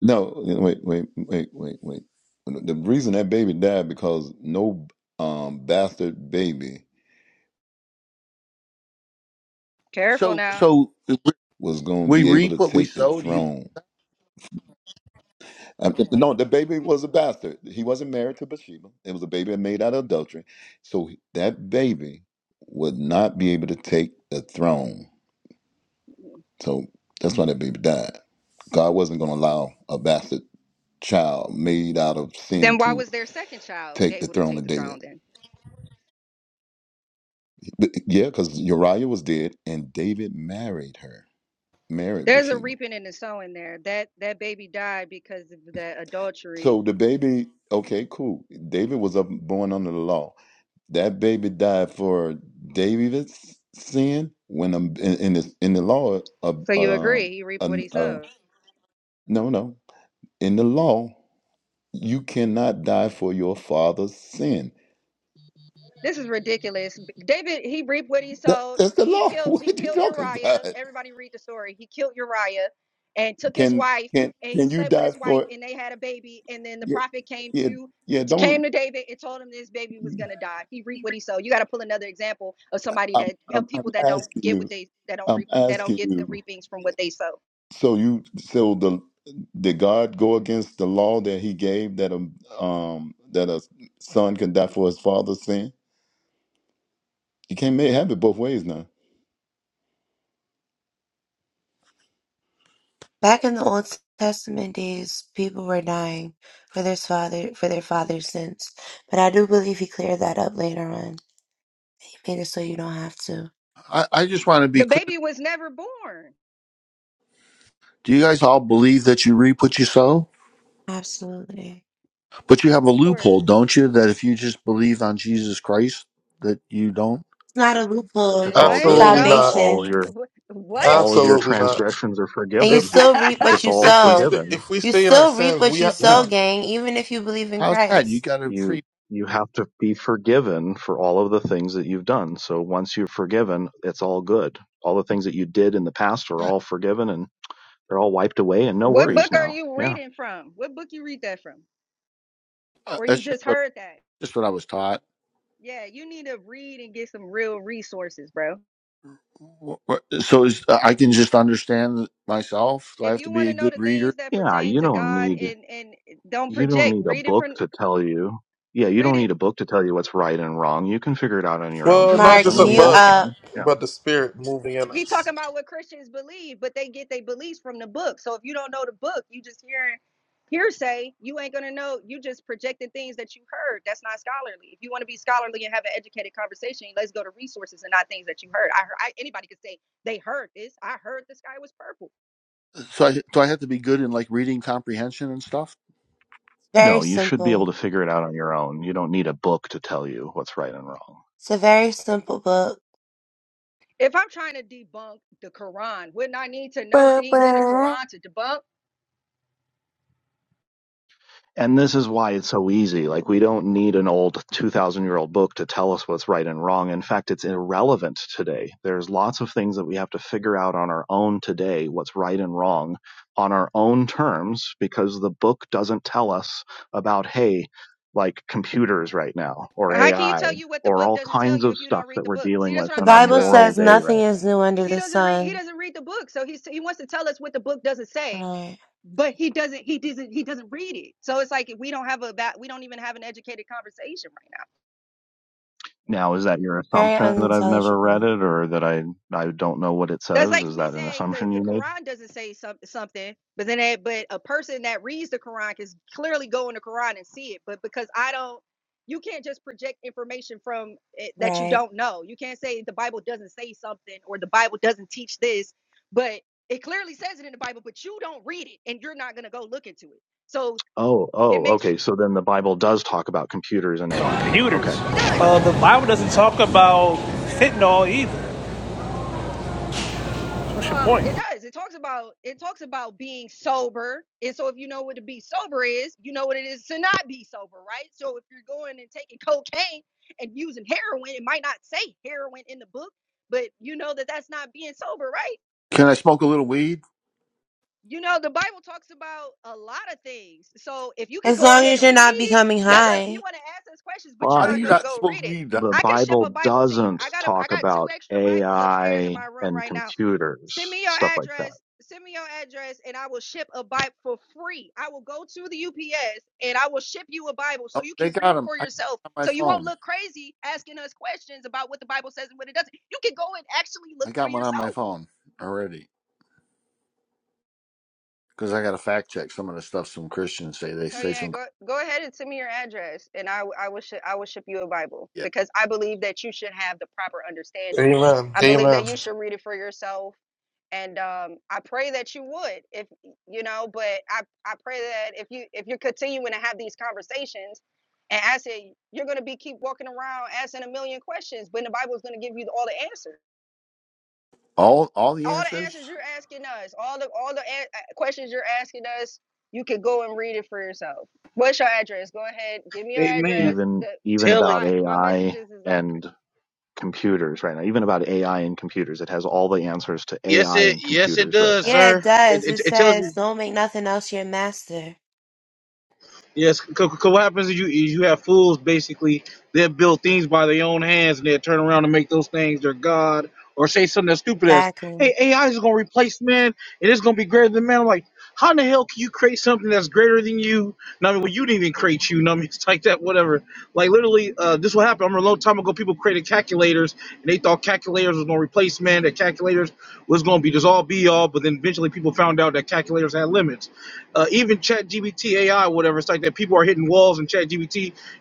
J: No, wait, wait, wait, wait, wait. The reason that baby died because no um bastard baby
F: Careful
I: So
F: now.
I: so
J: was going to
I: We
J: be able to
I: reap what we
J: take the
I: sow. Do you?
J: throne. Um, no, the baby was a bastard. He wasn't married to Bathsheba. It was a baby made out of adultery. So that baby would not be able to take the throne. So that's why that baby died. God wasn't going to allow a bastard child made out of
F: Then
J: sin
F: why
J: to
F: was their second child
J: take the
F: able to
J: throne
F: take
J: of
F: the throne?
J: David.
F: Then
J: But, yeah, because Uriah was dead and David married her, married
F: there's a
J: Bathsheba.
F: reaping and a sowing there. That that baby died because of the adultery.
J: So the baby, okay, cool. David was up, born under the law That baby died for David's sin when um, in, in the in the law of
F: So you
J: uh, um
F: agree? He reaped
J: uh,
F: what he
J: uh,
F: sowed.
J: no no in the law you cannot die for your father's sin.
F: This is ridiculous. David, he reaped what he
J: That,
F: sowed.
J: that's the
F: He
J: law.
F: killed
J: What are
F: he
J: you
F: killed
J: talking
F: Uriah.
J: about?
F: Everybody read the story. He killed Uriah and took his
J: Can
F: wife
J: can
F: and he
J: can you
F: slept with
J: die
F: his wife
J: for?
F: and they had a baby. And then the
J: Yeah
F: prophet came
J: yeah
F: to
J: yeah.
F: came
J: Don't.
F: to David and told him this baby was gonna die. He reaped what he sowed. You gotta pull another example of somebody
J: I'm
F: that of
J: I'm, I'm
F: people that don't
J: asking
F: get
J: you.
F: what they that don't
J: I'm
F: reap that don't
J: asking
F: get the
J: you.
F: reapings from what they sow.
J: So you so the did God go against the law that He gave that a um that a son can die for his father's sin? You can't make, have it both ways now.
D: Back in the Old Testament days, people were dying for their father for their father's sins, but I do believe he cleared that up later on. He made it so you don't have to.
I: I, I just want to be
F: The
I: clear.
F: baby was never born.
I: Do you guys all believe that you reap what you sow?
D: Absolutely,
I: But you have a
F: Of course.
I: loophole, don't you? That if you just believe on Jesus Christ, that you don't.
D: it's not a loophole.
C: it's all
F: What?
C: good.
A: absolutely not,
F: No?
D: Salvation,
C: All your all of
F: What?
C: your
A: absolutely not.
C: transgressions are
D: and you
A: If
C: forgiven.
A: we
D: still reap what
C: It's
D: you
C: all
A: if we
D: sow.
A: st-
C: forgiven.
A: if we
D: You
A: stay in our
D: still reap
A: sins,
D: what
A: we
D: you
A: ha-
C: Yeah.
D: sow,
A: we
D: gang. Even if you believe in
I: How's that? You
D: Christ.
I: got a
C: you
I: free.
C: you have to be forgiven for all of the things that you've done so once you're forgiven it's all good all the things that you did in the past are
I: Yeah,
C: all forgiven and they're all wiped away and no
F: What
C: worries
F: book are
C: now
F: you
C: yeah
F: reading from? What book you read that from?
I: uh,
F: Or you
I: that's just
F: just
I: what
F: heard that?
I: just what I was taught.
F: Yeah, you need to read and get some real resources, bro.
I: Wh- wh- So is, uh, I can just understand myself. Do I
F: If
I: have to
F: you want
I: be
F: to
I: a
F: know
I: good
F: the things
I: reader?
F: that
C: yeah
F: pertain
C: you
F: to
C: don't
F: God
C: need
F: and and don't
C: you don't
F: project,
C: need a
F: read it
C: book
F: from
C: to tell you yeah you
F: read
C: don't
F: it
C: need a book to tell you what's right and wrong you can figure it out on your own
A: well not
D: Mark,
A: just
C: jefferson
A: a
C: we
D: mute
C: all
A: bug,
D: up.
C: can yeah
A: but the spirit moving in
F: He
A: us.
F: talking about what Christians believe, but they get their beliefs from the book. So if you don't know the book, you just hearing hearsay, you ain't gonna know. You just projecting things that you heard. That's not scholarly. If you want to be scholarly and have an educated conversation, let's go to resources and not things that you heard. I, heard, I anybody could say they heard this. I heard the sky was purple.
I: So I, do I have to be good in like reading comprehension and stuff?
D: Very
C: no you should be able
D: simple.
C: to figure it out on your own you don't need a book to tell you what's right and wrong
D: It's a very simple book.
F: If I'm trying to debunk the Quran, wouldn't I need to know
H: Blah,
F: things in the
H: blah.
F: Quran to debunk?
C: And this is why it's so easy. Like we don't need an old 2000 year old book to tell us what's right and wrong. In fact, it's irrelevant today. There's lots of things that we have to figure out on our own today, what's right and wrong on our own terms, because the book doesn't tell us about, hey, like computers right now or
F: How can you
C: AI
F: tell you what the
C: or
F: book
C: all
F: doesn't tell
C: kinds
F: you
C: of
F: if you don't
C: stuff
F: read
C: that
F: the
C: we're
F: book? See,
C: dealing
F: that's
C: with
F: what
D: The
F: I'm
C: on our
F: talking
D: Bible
F: about.
C: moral
D: says
C: day
D: nothing
C: right
D: is new under
F: He
D: the
F: doesn't read. He
D: sun.
F: doesn't read the book, so he he wants to tell us what the book doesn't
D: Right.
F: say, but he doesn't. He doesn't. He doesn't read it. So it's like we don't have a ba- we don't even have an educated conversation right now.
C: now. Is that your
D: Very
C: assumption that I've never read
D: unintelligible.
C: it or that I, I don't know what it
F: That's
C: says?
F: like
C: Is
F: me
C: that an
F: saying the,
C: assumption
F: the
C: you made?
F: Quran doesn't say some, something, but then that, but a person that reads the Quran can clearly go in the Quran and see it. But because I don't, you can't just project information from it that you
D: Right.
F: don't know. You can't say the Bible doesn't say something or the Bible doesn't teach this, but it clearly says it in the Bible, but you don't read it and you're not going to go look into it. So
C: Oh,
F: it
C: oh,
F: makes,
C: okay. So then the Bible does talk about computers and AI.
K: computers.
C: Okay,
F: it
C: I
F: does.
K: Uh,
C: gotcha.
K: the Bible doesn't talk about fentanyl either. What's your
F: Uh,
K: point?
F: it does. It talks about it talks about being sober, and so if you know what to be sober is, you know what it is to not be sober, right? So if you're going and taking cocaine and using heroin, it might not say heroin in the book, but you know that that's not being sober, right?
I: Can I smoke a little weed?
F: You know, the Bible talks about a lot of things. So if you could
D: As
F: go
D: long
F: ahead
D: as you're
F: and read
D: not
F: it,
D: becoming
F: that's what you
D: high.
F: want to ask us questions, but you're
I: How do
C: But
F: not
I: you
F: going to
I: not
F: go
I: smoke
F: read it.
I: weed?
C: the
F: I can ship a
C: Bible
F: Bible to you.
C: doesn't
F: I got a, I
C: talk
F: got two
C: about
F: extra Bibles upstairs in
C: AI
F: my room
C: and
F: right now.
C: computers,
F: Send me your
C: stuff like that.
F: address. Send me your address, and I will ship a Bible for free. I will go to the UPS and I will ship you a Bible so
I: Oh,
F: you can
I: they got
F: read
I: them.
F: for
I: I
F: yourself.
I: got 'em on my
F: So you won't
I: phone.
F: look crazy asking us questions about what the Bible says and what it doesn't. You can go and actually look
I: I
F: for
I: got one on
F: yourself.
I: my phone already because I got to fact check some of the stuff some Christians say. They
F: Oh
I: say
F: yeah,
I: some
F: go go ahead and send me your address, and I w- I will sh- I will ship you a Bible
I: yeah.
F: because I believe that you should have the proper understanding.
A: Amen.
F: I believe that
A: Amen.
F: you should read it for yourself, and um, I pray that you would, if you know. But I I pray that if you if you're continuing to have these conversations, and I say you're gonna be keep walking around asking a million questions, but the Bible is gonna give you all the answers
I: All all the
F: all the
I: answers.
F: answers you're asking us, all the all the a- questions you're asking us, you can go and read it for yourself. What's your address? Go ahead, give me your
L: Amen.
F: address.
C: Even
F: The
C: even
L: Tell him.
C: about
F: my my
C: AI
F: messages is open.
C: and computers right now. Even about AI and computers. It has all the answers to
L: Yes,
C: AI
L: it.
C: and
L: Yes, it
C: computers right
L: does,
C: now.
D: Yeah, it
L: sir. It,
D: does.
L: it,
D: It
L: it tells you.
D: says, don't make nothing else your master.
L: Yes, because what happens is you is you have fools basically that build things by their own hands and they turn around and make those things their god or say something as stupid as,
D: Exactly.
L: "Hey, AI is gonna replace man and it's gonna be greater than man." I'm like, how in the hell can you create something that's greater than you? And I mean, well, you didn't even create you. And I mean, it's like that, whatever. Like literally, uh, this what happened. I remember a long time ago, people created calculators and they thought calculators was gonna replace man. That calculators was gonna be just all be all, but then eventually people found out that calculators had limits. Uh, even ChatGPT AI, whatever, it's like that. People are hitting walls in ChatGPT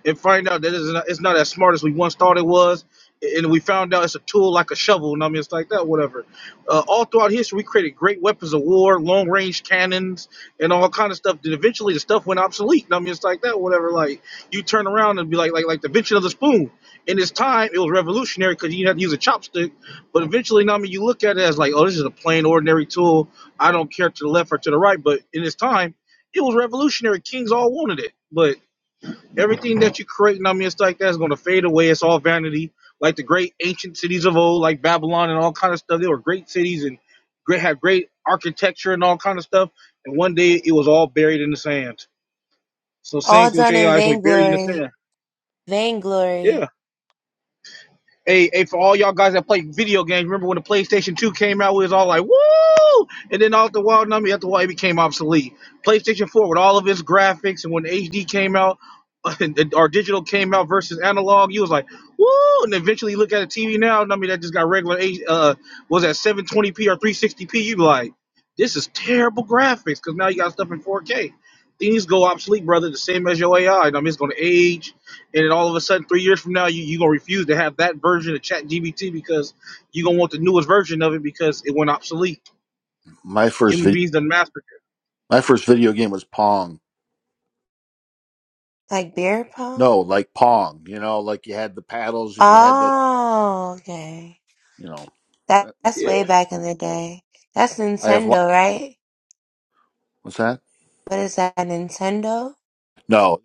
L: and find out that it's not, it's not as smart as we once thought it was. And we found out it's a tool like a shovel, and I mean, it's like that, whatever. Uh, all throughout history, we created great weapons of war, long range cannons, and all kind of stuff. Then eventually, the stuff went obsolete, and I mean, it's like that, whatever. Like you turn around and be like, like, like the invention of the spoon. In its time, it was revolutionary because you had to use a chopstick. But eventually, I mean, you look at it as like, oh, this is a plain, ordinary tool I don't care to the left or to the right, but in its time, it was revolutionary. Kings all wanted it. But everything that you create, and I mean, it's like that's going to fade away. It's all vanity. Like the great ancient cities of old, like Babylon and all kind of stuff. They were great cities and great had great architecture and all kind of stuff. And one day it was all buried in the sand. So same
D: All
L: thing with
D: done
L: your
D: in
L: AI is going to be buried in the
D: vainglory.
L: sand. Yeah.
D: Vainglory.
L: Hey, hey, for all y'all guys that play video games, remember when the PlayStation 2 came out, we was all like, woo! And then all the wild number after a while it became obsolete. PlayStation 4 with all of its graphics and when HD came out, or digital came out versus analog, you was like, woo! And eventually you look at a TV now, I mean that just got regular uh was that 720p or 360p, you be like, this is terrible graphics, because now you got stuff in 4K. Things go obsolete, brother, the same as your AI. I I mean it's gonna age and then all of a sudden three years from now you, you gonna refuse to have that version of ChatGPT because you gonna want the newest version of it because it went obsolete
I: My first
L: human
I: video.
L: beings done mastered
I: My first video game was Pong.
D: Like beer pong?
I: No, like Pong. You know, like you had the paddles and you had the
D: Oh, okay.
I: you know.
D: That,
I: That,
D: that's
I: I'm,
L: it
D: way back
I: I'm,
D: in the day. That's
I: I have lots.
D: Nintendo, right?
I: What's that?
D: What is that, Nintendo?
I: No,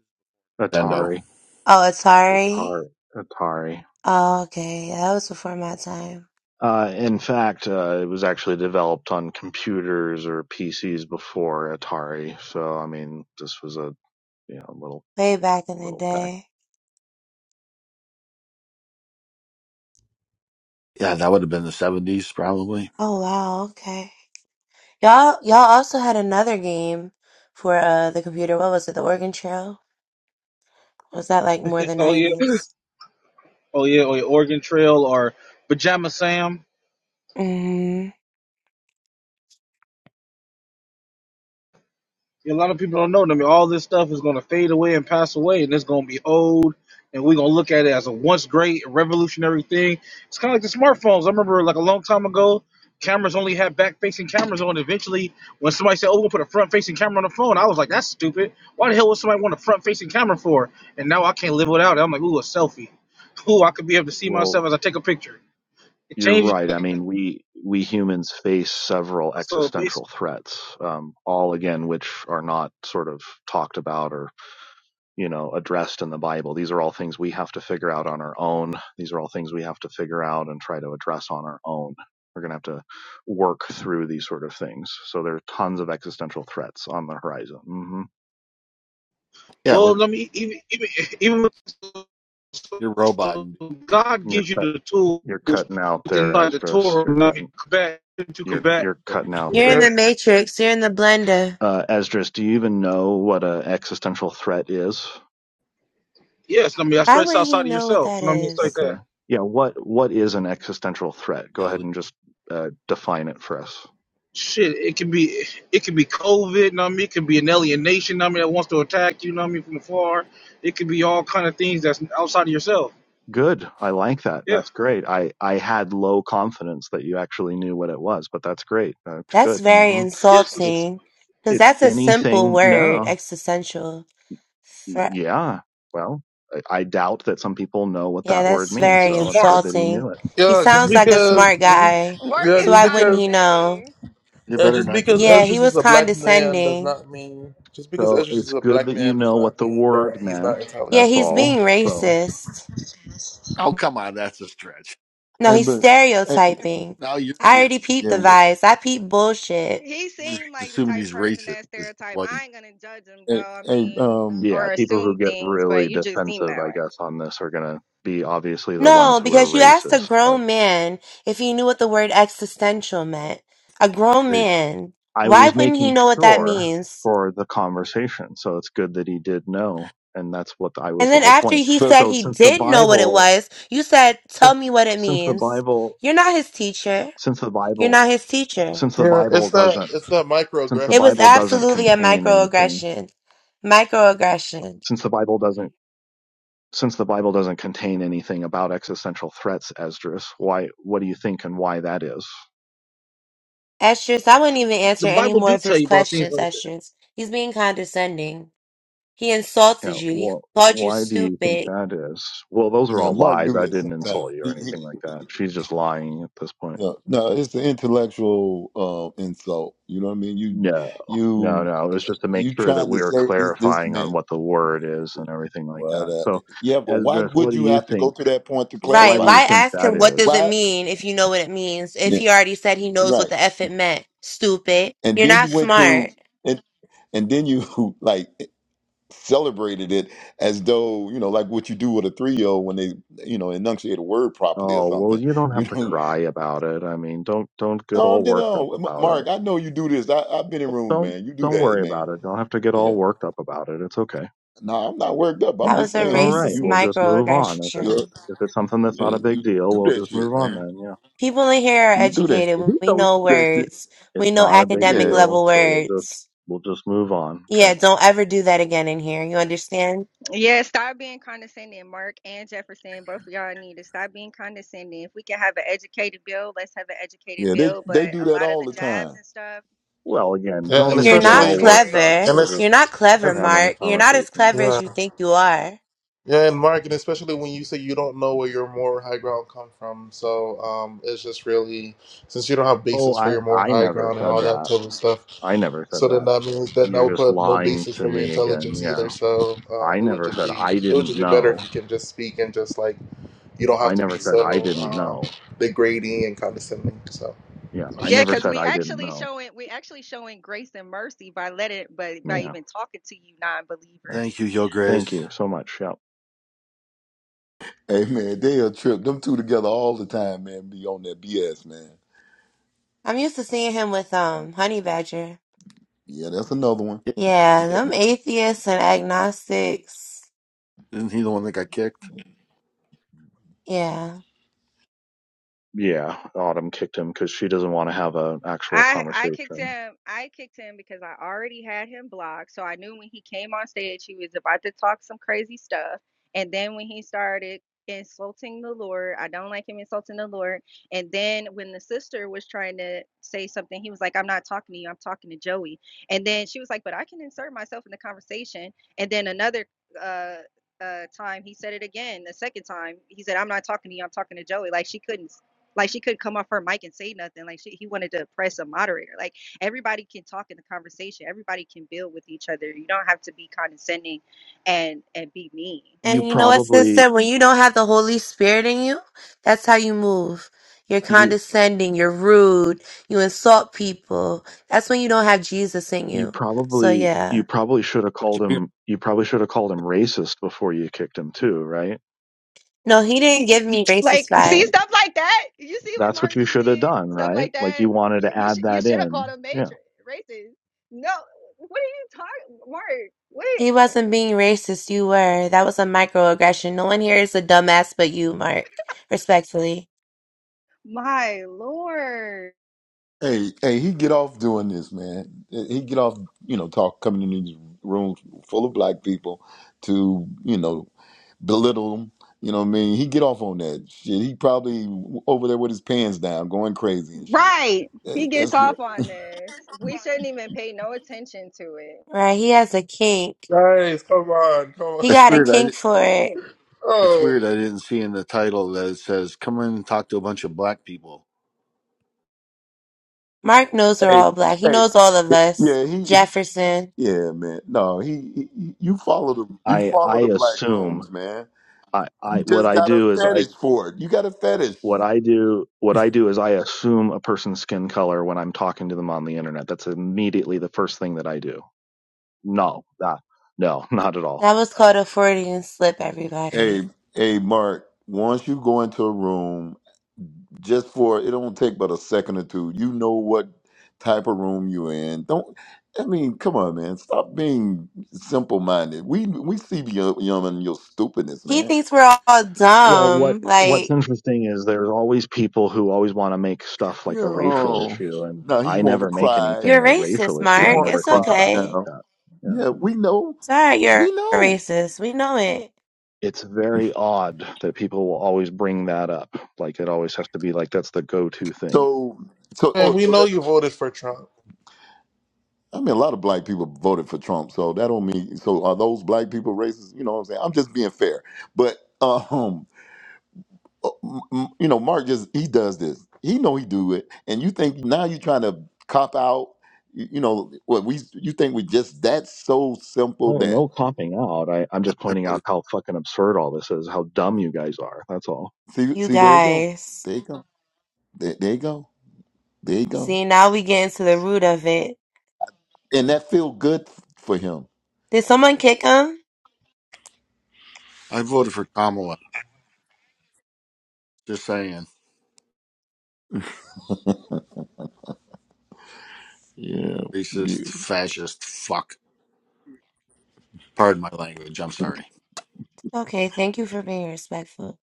I: Nintendo.
C: Atari.
D: Oh, Atari.
C: Atari. Atari.
D: Oh, okay. Yeah, that was before my time.
C: Uh, in fact, uh, it was actually developed on computers or PCs before Atari. So, I mean, this was a you know little
D: Way back in the
C: little thing.
D: day.
I: Yeah, that would have been the seventies probably.
D: Oh, wow. Okay. Y'all, y'all also had another game for uh the computer. What was it? The Oregon Trail? Was that like more
L: yeah
D: the
L: oh yeah
D: 90s?
L: oh yeah or yeah oregon trail or pajama sam
D: Mm-hmm.
L: A lot of people don't know. I mean, all this stuff is going to fade away and pass away, and it's going to be old. And we're going to look at it as a once great revolutionary thing. It's kind of like the smartphones. I remember like a long time ago, cameras only had back facing cameras on. Eventually, when somebody said, "Oh, we'll put a front facing camera on the phone," I was like, "That's stupid. Why the hell would somebody want a front facing camera for?" And now I can't live without it. I'm like, "Ooh, a selfie. Ooh, I could be able to see
C: Well,
L: myself as I take a picture." It
C: you're
L: changed.
C: right. I mean, we we humans face several
L: So basically.
C: existential threats, um, all again, which are not sort of talked about or you know addressed in the bible these are all things we have to figure out on our own these are all things we have to figure out and try to address on our own we're going to have to work through these sort of things so there are tons of existential threats on the horizon hmm
I: Yeah, we're
L: Well, I mean, even even even with, so,
I: you're robot.
L: so
I: And,
L: God
C: you're
L: gives you
C: cut,
L: the tools
C: you're cutting out
L: inside
C: there
L: the
C: esdras
L: Torah.
C: you're
L: I mean,
C: cutting
L: combat to
I: you
C: you're
L: combat.
C: you're cutting out
D: You're in
A: Yeah,
C: there
D: the Matrix. You're in the blender.
C: uh esdras do you even know what an existential threat is
L: Yes, I mean, I
D: How
L: stress
D: would he
L: outside of
D: know what
L: yourself.
D: that
L: You know what I mean, it's like
D: is?
C: okay
L: that.
C: yeah what what is an existential threat go ahead and just uh, define it for us
L: Shit, it can be it can be COVID. You know what I mean, it can be an alienation. You know what I mean, that wants to attack you. You know what I mean, from afar. It could be all kind of things that's outside of yourself.
C: Good. I like that.
L: Yeah.
C: That's great. I, I had low confidence that you actually knew what it was, but that's great. That's
D: That's
C: good.
D: very
C: hmm
L: Yes.
C: It's
D: insulting because
C: it's
D: that's a simple
C: anything.
D: word,
C: No.
D: existential. Thre-
C: Yeah. Well, I, I doubt that some people know what
D: Yeah,
C: that word
D: that's
C: means.
D: very
L: Well,
C: So it's
L: Mark,
C: good that he
D: insulting.
C: knew it.
D: He
A: yeah just
D: sounds like a
A: because.
D: smart guy,
F: Work
A: Yeah,
D: so
F: is
A: just
D: why wouldn't
A: because.
D: he know?
F: condescending.
I: you're
A: Yeah,
I: better than
A: just
I: I could
A: because
D: Yeah,
I: do.
D: he
A: Esdras is
D: was
A: a black man does
D: condescending.
A: not mean just because
C: So
A: Esdras is
C: it's
A: a
C: good
A: black
C: that you
A: man does
C: know what
A: not
C: the
A: mean
C: word
A: that he's not
C: meant.
D: Yeah,
A: intelligent.
C: That's
D: he's being
C: all. So
D: racist.
I: Oh come on, that's a stretch.
D: No,
J: Hey,
D: he's
J: but hey,
D: stereotyping.
I: Now you're
D: I
I: being.
D: already peeped
J: yeah,
D: the vibes. I peeped bullshit.
F: He
I: Just
F: seemed like the
I: assuming
F: type
I: he's
F: person
I: racist
F: that
I: because he's
F: stereotype. I
I: white.
F: ain't gonna judge him
J: hey,
F: though. I
J: hey,
F: mean,
J: um,
C: yeah,
F: or
C: people
F: assume
C: who get
F: things, but
C: really
F: you just seem
C: defensive,
F: that
C: I
F: way.
C: guess, on this are gonna be obviously the ones
D: No,
C: who are
D: because you asked a
C: racist.
D: grown man if he knew what the word existential meant. A grown
I: Hey,
D: man.
C: I
D: Why
C: was
D: wouldn't he
C: making
D: know what that
C: sure
D: means?
C: for the conversation. So it's good that he did know. And that's what I was
D: And
C: the
D: then
C: whole
D: after
C: point.
D: he
J: but
D: said
C: So
D: he
C: since the
D: did know what it
C: Bible,
D: was, you said, tell
C: since,
D: me what it
C: since the
D: means.
C: Bible,
D: You're not his teacher.
C: since the
D: You're
C: Bible,
D: not his teacher.
C: since the
A: Yeah,
C: Bible
A: it's that
C: doesn't,
A: it's that
C: since the
D: It was
C: Bible
A: microaggression. and
C: doesn't
A: stuff.
D: absolutely a
C: contain anything,
D: microaggression. Microaggression.
C: since the Bible doesn't, since the Bible doesn't contain anything about existential threats, Esdras, why, what do you think and why that is?
D: Estrus, I wouldn't even
L: the
D: answer any
L: Bible
D: more
L: do
D: of
L: tell
D: his
L: you about things
D: questions,
L: like
D: Estrus. He's being condescending. He
C: You
D: insulted
C: know,
D: you. He
C: well,
D: called you
C: why do you think
D: stupid.
C: that is? Well, those are
J: yeah,
C: all
J: Mark
C: lies.
J: do
C: I
J: that
C: didn't insult
J: sometimes.
C: you or
J: He,
C: anything
J: he,
C: like that. She's just lying at this point.
J: yeah, no, it's an intellectual uh, insult. You know what I mean? You,
C: No, no,
J: you,
C: no. It was just to make
J: you
C: sure that
J: trying to
C: we were
J: say this this
C: clarifying on
J: meant
C: what the word is and everything like
J: what?
C: that.
J: Uh,
C: So,
J: yeah, but why
C: Esdras, what
J: would
C: do
J: you
C: you
J: have to go
C: think?
J: to that point to
C: Why
D: Right.
C: do
J: clarify
C: you
D: Why
J: that?
C: think
D: ask
C: that
D: him what
C: is?
D: does it
J: Why?
D: mean if you know what it means? If
J: Yeah,
D: he already said he knows
J: right.
D: what the F it meant. Stupid.
J: and
D: You're
J: then you
D: not
J: went to
D: smart.
J: and and then you like celebrated it as though you know like what you do with a three-year-old when they you know enunciate a word properly or
C: Oh, well,
J: something
C: you don't
J: you
C: have to
J: know
C: cry about it. I mean, don't don't get all
J: no, you
C: worked up
J: know M-
C: about it.
J: mark i know you do this I, i've been in rooms
C: Don't
J: man you do
C: don't
J: that
C: worry
J: man
C: about it. Don't have to get
J: yeah
C: all worked up about it. It's okay.
J: no i'm not worked up i'm
D: That
C: Yeah,
J: just
D: was a
C: it's all
J: saying you
C: right.
D: racist
J: you
C: We'll
J: you,
C: just move on. If it's
J: you're-
D: microaggression.
C: if it's something that's
J: yeah,
C: not a
J: you,
C: big deal,
J: do
C: we'll
J: that
C: just move
J: shit
C: on
J: man
C: then. Yeah.
D: People in here are
J: you do that shit
D: educated.
J: he
D: We
J: know he
D: know
J: do that shit
D: words.
C: It's
D: We know
C: not a big
D: academic
J: yeah
C: deal,
D: level
C: so we'll just
D: words.
C: we'll just move on. Okay.
D: Yeah, don't ever do that again in here. You understand?
F: Yeah, stop being condescending, Mark and Jefferson. Both of y'all need to stop being condescending. If we can have an educated bill, let's have an educated
J: yeah they
F: bill. But
J: they do
F: a
J: that
F: lot of
J: all
F: the
J: the
F: jabs
J: time
F: and stuff
C: Well, again,
A: yeah,
C: don't
A: and
F: It's
C: need
D: You're
C: to get
D: not
C: all
A: especially
C: worked
F: unnecessary.
C: up.
D: clever.
A: and
C: We're
D: You're
A: it's
C: just
D: not clever,
A: and,
C: having a
D: Mark. You're not as
C: conversation.
D: clever
A: yeah
D: as you think you are.
A: yeah and Mark and especially when you say you don't know where your moral high ground come from, so um, it's just really since you don't have
C: Oh,
A: basis for
C: I,
A: your moral
C: I
A: high
C: never
A: ground and
C: said
A: all that
C: that.
A: type of stuff.
C: I never said
A: So then
C: that.
A: that means that that
C: You're
A: would
C: just
A: put no
C: lying
A: basis
C: to
A: for your
C: me again.
A: intelligence
C: Yeah.
A: either. So um,
C: I
A: it would
C: never
A: just
C: said
A: be
C: I
A: it would
C: didn't
A: just be better if
C: know.
A: you can just speak and just like You don't have
C: I
A: to be
C: never said I
A: so
C: didn't
A: um,
C: know.
A: degrading and condescending. So,
C: Yeah. I
F: Yeah,
C: never
F: because
C: said
F: we
C: I didn't
F: actually
C: know.
F: showing we actually showing grace and mercy by letting by by
C: Yeah.
F: even talking to you non
C: Yeah.
F: believers.
I: Thank you, Your
C: Thank
I: Grace.
C: you so much. Yep.
J: hey man they a trip them two together all the time man be on that bs man
D: I'm used to seeing him with um Honey Badger.
J: Yeah, that's another one.
I: yeah,
D: Yeah,
I: yeah.
D: them atheists and agnostics.
I: Isn't he the one that got kicked?
D: Yeah.
C: Yeah. Autumn kicked him because she doesn't want to have an actual
F: I I kicked
C: conversation.
F: him. I kicked him because I already had him blocked. So I knew when he came on stage, he was about to talk some crazy stuff. And then when he started insulting the Lord, I don't like him insulting the Lord. And then when the sister was trying to say something, he was like, "I'm not talking to you. I'm talking to Joey." And then she was like, "But I can insert myself in the conversation." And then another uh, uh, time, he said it again. The second time, he said, "I'm not talking to you. I'm talking to Joey." Like she couldn't like she couldn't come off her mic and say nothing. Like she, he wanted to press a moderator. Like everybody can talk in the conversation. Everybody can build with each other. You don't have to be condescending and and be mean.
C: You
D: And you know what,
C: probably,
D: sister? When you don't have the Holy Spirit in you, that's how you move. You're
C: you,
D: condescending, you're rude, you insult people. That's when you don't have Jesus in
C: you
D: you. So
C: probably
D: yeah.
C: you probably should have
I: That
C: called
I: should be-
C: him you probably should have called him racist before you kicked him too, right?
D: No, he didn't give me racist
F: Like you
D: vibes.
F: see stuff like that. You see what
C: That's what
F: Mark
C: you
F: just
C: should have
F: did.
C: done,
F: Stuff
C: right?
F: like
C: Like
F: that.
C: you wanted
F: You
C: to
F: you,
C: add
F: sh- you
C: that
F: should have called
C: in.
F: him
C: Yeah.
F: matrix racist. No, what are you talking, Mark?
D: He
F: Wait,
D: wasn't being racist. You were. That was a microaggression. No one here is a dumbass but you, Mark. Respectfully.
F: my lord.
J: Hey, hey, he get off doing this, man. He get off, you know, talk coming in these rooms full of black people to, you know, belittle them. You know what I mean? He get off on that shit. He probably over there with his pants down, going crazy and shit.
F: Right. He
J: That- That's
F: gets off on this. We shouldn't even pay no attention to it.
D: Right? He has a kink.
A: guys, come on, come on.
D: He
I: It's
D: got a
I: weird. I
D: kink
I: di-
D: for it.
I: it's
A: Oh,
I: weird. I didn't see in the title that it says "Come in and talk to a bunch of black people."
D: Mark knows we're
J: hey,
D: all black. He
J: hey,
D: knows all of us.
J: yeah, he,
D: Jefferson.
J: yeah, man. No, he, he, you follow the, you
C: I
J: follow
C: I
J: the black
C: assume
J: rooms, man.
C: I I
J: You
C: what
J: just
C: I
J: got a
C: do is I
J: fetish for it. You got a fetish.
C: what I do what I do is I assume a person's skin color when I'm talking to them on the internet. That's immediately the first thing that I do. No, not no, not at all.
D: That was called a Freudian slip, everybody.
J: Hey, hey, Mark. Once you go into a room just for it don't take but a second or two. You know what type of room you in. Don't I mean, come on, man. Stop being simple minded. We we see beyond beyond your stupidness,
D: He
J: man.
D: thinks we're all
C: Well, what
D: dumb.
C: what's
D: Like,
C: interesting is there's always people who always want to make stuff like a racial
J: Yo.
C: issue, and
J: Now he
C: I
J: wanna
C: never make
J: cry.
D: you're
C: anything a racial
D: racist,
J: He
C: issue. I
D: Mark.
J: wanna
C: never
D: It's
C: think
J: cry
C: about it
D: okay.
C: like
J: now.
C: that. Yeah.
J: Yeah, we know.
D: Sorry, you're
J: We
D: a
J: know.
D: racist. We know it.
C: It's very odd that people will always bring that up. Like it always has to be like that's the go-to thing.
J: So so
A: and
J: oh
A: we
J: so
A: know
J: that
A: you voted for Trump.
J: I mean a lot of black people voted for Trump, so that don't mean so are those black people racist? You know what I'm saying? I'm just being fair. But um you know, Mark just he does this. He know he do it, and you think now you're trying to cop out. You, you know what we? You think we just that so simple
C: Oh,
J: that
C: no copping out. I, I'm just
I: I
C: pointing out
I: voted.
C: how fucking absurd all this is, how dumb you guys are. That's all.
J: see
D: You
J: see there you go,
D: guys.
J: there you go, there, there you go, there you go,
D: See, now we get into the root of it.
J: and that feel good for him.
D: Did someone kick him?
I: I voted for Kamala. Just saying,
J: Yeah,
I: racist,
J: yeah.
I: fascist, fuck. Pardon my language. I'm sorry.
D: Okay, thank you for being respectful.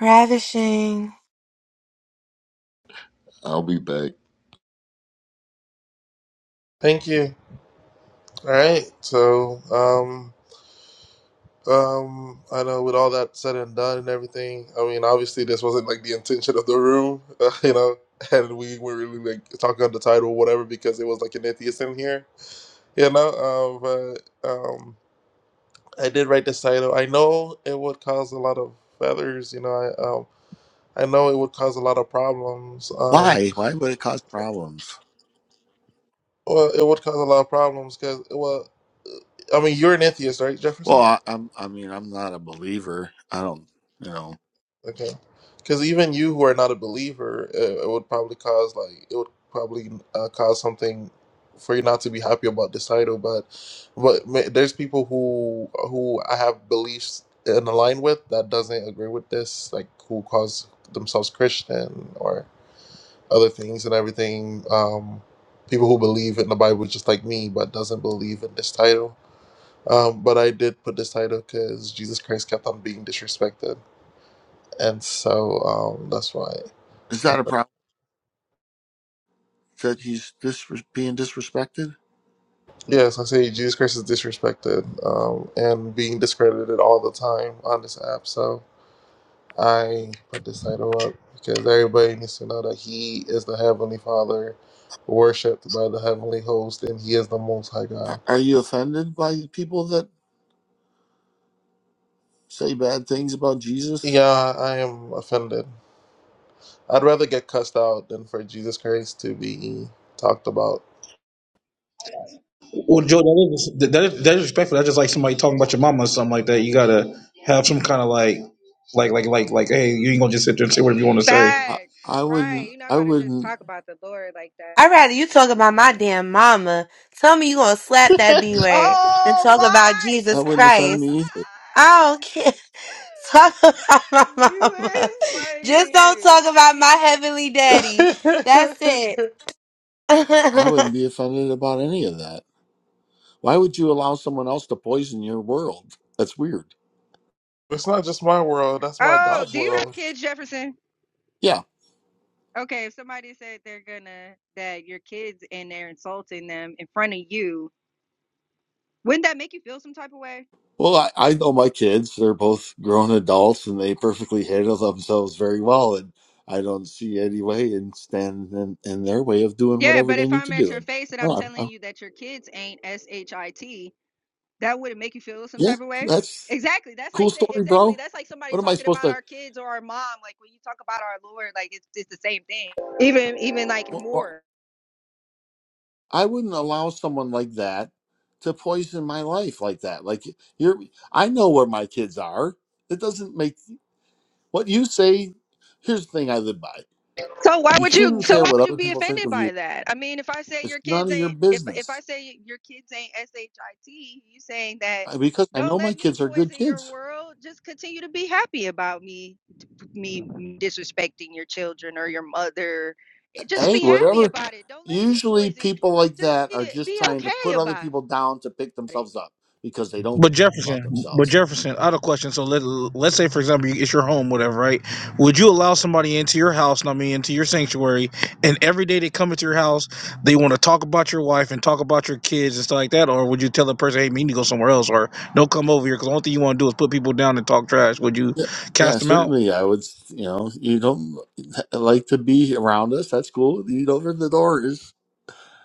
D: Ravishing.
J: I'll be back.
A: Thank you. All right. So, um, um, I know with all that said and done and everything, I mean, obviously this wasn't like the intention of the room, uh, you know, and we were really like talking on the title, or whatever, because it was like an atheist in here, you know. Um, but um, I did write this title. I know it would cause a lot of feathers, you know. I um. I know it would cause a lot of problems. Um,
I: Why? Why would it cause problems?
A: well, it would cause a lot of problems because, well, I mean, you're an atheist, right,
I: Well,
A: Jefferson?
I: I, I'm. I mean, I'm not a believer. I don't. You know,
A: Okay. Because even you who are not a believer, it, it would probably cause like it would probably uh, cause something for you not to be happy about this title. But but ma- there's people who who I have beliefs in align with that doesn't agree with this, like who calls themselves Christian other things and everything. Um, people who believe in the Bible just like me, but doesn't believe in this title. Um, but I did put this title because Jesus Christ kept on being disrespected, and so um, that's why.
I: is
A: I
I: that a
A: put-
I: problem that he's dis- being disrespected?
A: Yes, I say Jesus Christ is disrespected um, and being discredited all the time on this app. So I put this title up because everybody needs to know that He is the Heavenly Father, worshipped by the Heavenly Host, and He is the Most High
I: Are
A: God.
I: are you offended by people that say bad things about Jesus?
A: Yeah, I am offended. I'd rather get cussed out than for Jesus Christ to be talked about.
L: Well, Joe, that is that is, that is respectful. That's just like somebody talking about your mama or something like that. You gotta have some kind of like, like, like, like, like. Hey, you ain't gonna just sit there and say whatever you want to say.
I: I,
F: Facts.
I: I
F: Right.
I: wouldn't.
F: You're not
I: I
F: about to just
I: wouldn't.
F: talk about the Lord like that.
D: I'd rather you talk about my damn mama. Tell me you gonna slap that B word and
F: Oh
D: talk about
F: my
I: That
D: Jesus
F: God.
I: wouldn't offend
D: Christ.
I: me either.
D: I don't care. Talk about my
F: You
D: mama.
F: is
D: Just don't
F: funny.
D: talk about my heavenly daddy.
A: it's
D: That's it.
I: I wouldn't be offended about any of that. Why would you allow someone else to poison your world? That's weird.
A: not just my world, that's my
F: Oh,
A: God's
F: do you have
A: world.
F: kids, Jefferson?
I: Yeah.
F: Okay, if somebody said they're gonna that your kids and they're insulting them in front of you, wouldn't that make you feel some type of way?
I: Well, I, I know my kids. They're both grown adults, and they perfectly handle themselves very well. And I don't see any way in stand in, in their way of doing
F: Yeah,
I: whatever
F: but
I: they
F: if
I: need to
F: I'm at
I: do.
F: your
I: And
F: face and I'm
I: oh, I-
F: telling
I: I-
F: you that your kids ain't S H I T That wouldn't make you feel some
I: yeah,
F: type of way?
I: that's
F: Exactly. That's like
I: cool
F: say
I: story,
F: exactly.
I: bro.
F: That's like somebody
I: What am I
F: talking
I: supposed
F: about our kids or our mom. Like when you talk about our Lord, like it's it's the same thing. Even even like
I: to?
F: more.
I: I wouldn't allow someone like that to poison my life like that. Like you're I know where my kids are. It doesn't make what you say here's the thing I live by.
F: So why
I: You
F: would you?
I: shouldn't
F: So
I: care
F: why
I: what
F: would you
I: other
F: be
I: people think
F: offended
I: of
F: by
I: you.
F: that? I mean, if I say
I: It's
F: your
I: none
F: kids
I: of your
F: ain't, if if I
I: business.
F: say your kids ain't shit, you saying that?
I: I- Because I
F: Don't
I: know my
F: let me
I: kids are good
F: poison your
I: kids.
F: world. Just continue to be happy about me, me disrespecting your children or your mother. Eh, Just
I: Hey,
F: be happy
I: whatever.
F: about it. Don't let me
I: Usually
F: poison.
I: people like
F: Just
I: that
F: be
I: are just
F: be
I: trying to
F: okay
I: put other
F: about
I: people down to pick
F: it.
I: themselves up because they don't
L: But
I: about
L: Jefferson, but
I: themselves.
L: Jefferson, I had a question. So let let's say, for example, you- it's your home, whatever, right? Would you allow somebody into your house? I mean, into your sanctuary, and every day they come into your house, they want to talk about your wife and talk about your kids and stuff like that, or would you tell the person, "Hey, me need to go somewhere else," or "Don't come over here," because the only thing you want to do is put people down and talk trash? Would you
I: Yeah, yeah,
L: cast them out?
I: certainly. I would, you know, you don't like to be around us. That's cool. You don't open the doors.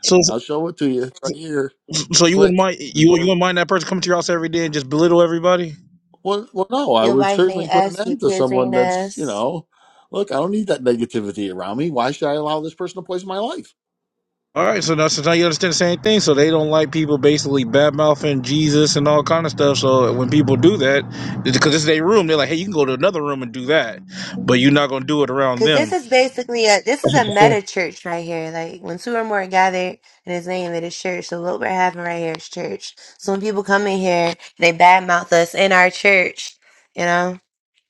L: So,
I: I'll show it to you It's right here.
L: so you wouldn't
I: Click
L: mind
I: the
L: you you
I: door.
L: wouldn't mind that person coming to your house every day and just belittle everybody?
I: Well, well, no, I
D: Your
I: would
D: wife
I: certainly
D: ain't
I: put an
D: asked, your
I: end to
D: kids
I: someone
D: ain't
I: that's, you
D: asked.
I: know, look, I don't need that negativity around me. Why should I allow this person to poison my life?
L: All right, so now since now you understand the same thing, so they don't like people basically bad mouthing Jesus and all kind of stuff. So when people do that, because this is their room, they're like, "Hey, you can go to another room and do that, but you're not gonna do it around
D: Cause
L: them."
D: this is basically a this is
L: That's
D: a
L: what they
D: meta
L: say.
D: church right here. Like when two or more are gathered in his name, it is church. So what we're having right here is church. So when people come in here, they badmouth us in our church. You know,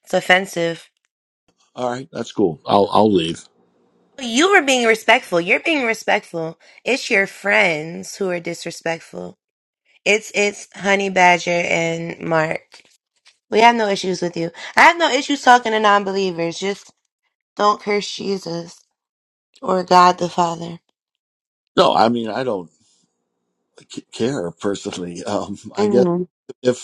D: it's offensive.
I: All right, that's cool. I'll I'll leave.
D: You were being respectful. You're being respectful. It's your friends who are disrespectful. It's it's Honey Badger and Mark. We have no issues with you. I have no issues talking to non-believers. Just don't curse Jesus or God the Father.
I: No, I mean I don't c- care personally. Um, I guess
D: Mm-hmm.
I: if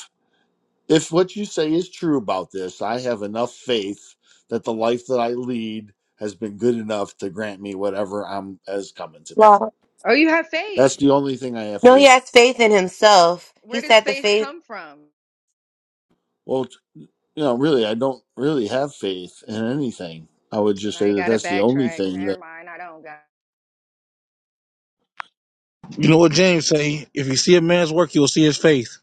I: If what you say is true about this, I have enough faith that the life that I lead has been good enough to grant me whatever I'm as coming to me.
F: Or you have
I: That's
F: faith.
I: the only thing I have
D: No, he
I: faith.
D: has faith in himself. He
F: Where does
D: said the
F: faith
D: faith.
F: come from?
I: Well, t- you know, really, I don't really have faith in anything. I would
F: Well,
I: just
F: now
I: say
F: you
I: that
F: gotta
I: that's the only
F: backtrack.
I: thing
F: Never
I: that.
F: mind. I don't got.
L: You know what James say? If you see a man's work, you'll see his faith.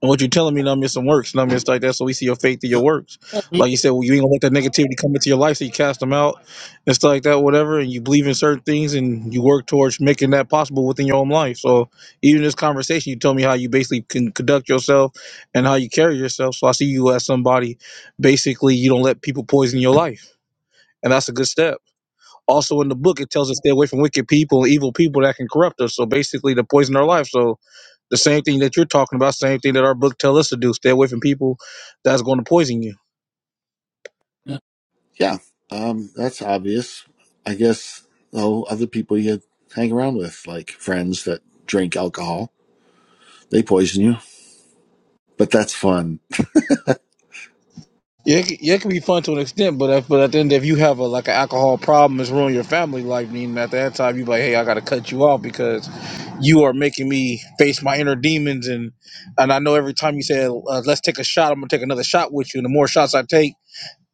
L: And what you're telling me, numbness and works, numbness like that. So we see your faith through your
I: that
L: works.
I: that me-
L: Like you said, well, you ain't gonna let that negativity come into your life, so you cast them out and stuff like that, whatever. And you believe in certain things, and you work towards making that possible within your own life. So even this conversation, you told me how you basically can conduct yourself and how you carry yourself. So I see you as somebody, basically, you don't let people poison your life, and that's a good step. Also, in the book, it tells us stay away from wicked people and evil people that can corrupt us. So basically, to poison our life. So the same thing that you're talking about, same thing that our book tells us to do: stay away from people that's going to poison you.
I: yeah, Yeah, um, that's obvious. I guess though other people you hang around with, like friends that drink alcohol, they poison you. But that's fun.
L: Yeah, it, c- yeah, it can be fun to an extent, but if, but at the end, if you have a like an alcohol problem, it's ruining your family life. Meaning at that time, you be like, hey, I got to cut you off because you are making me face my inner demons, and and I know every time you say, uh, let's take a shot, I'm gonna take another shot with you, and the more shots I take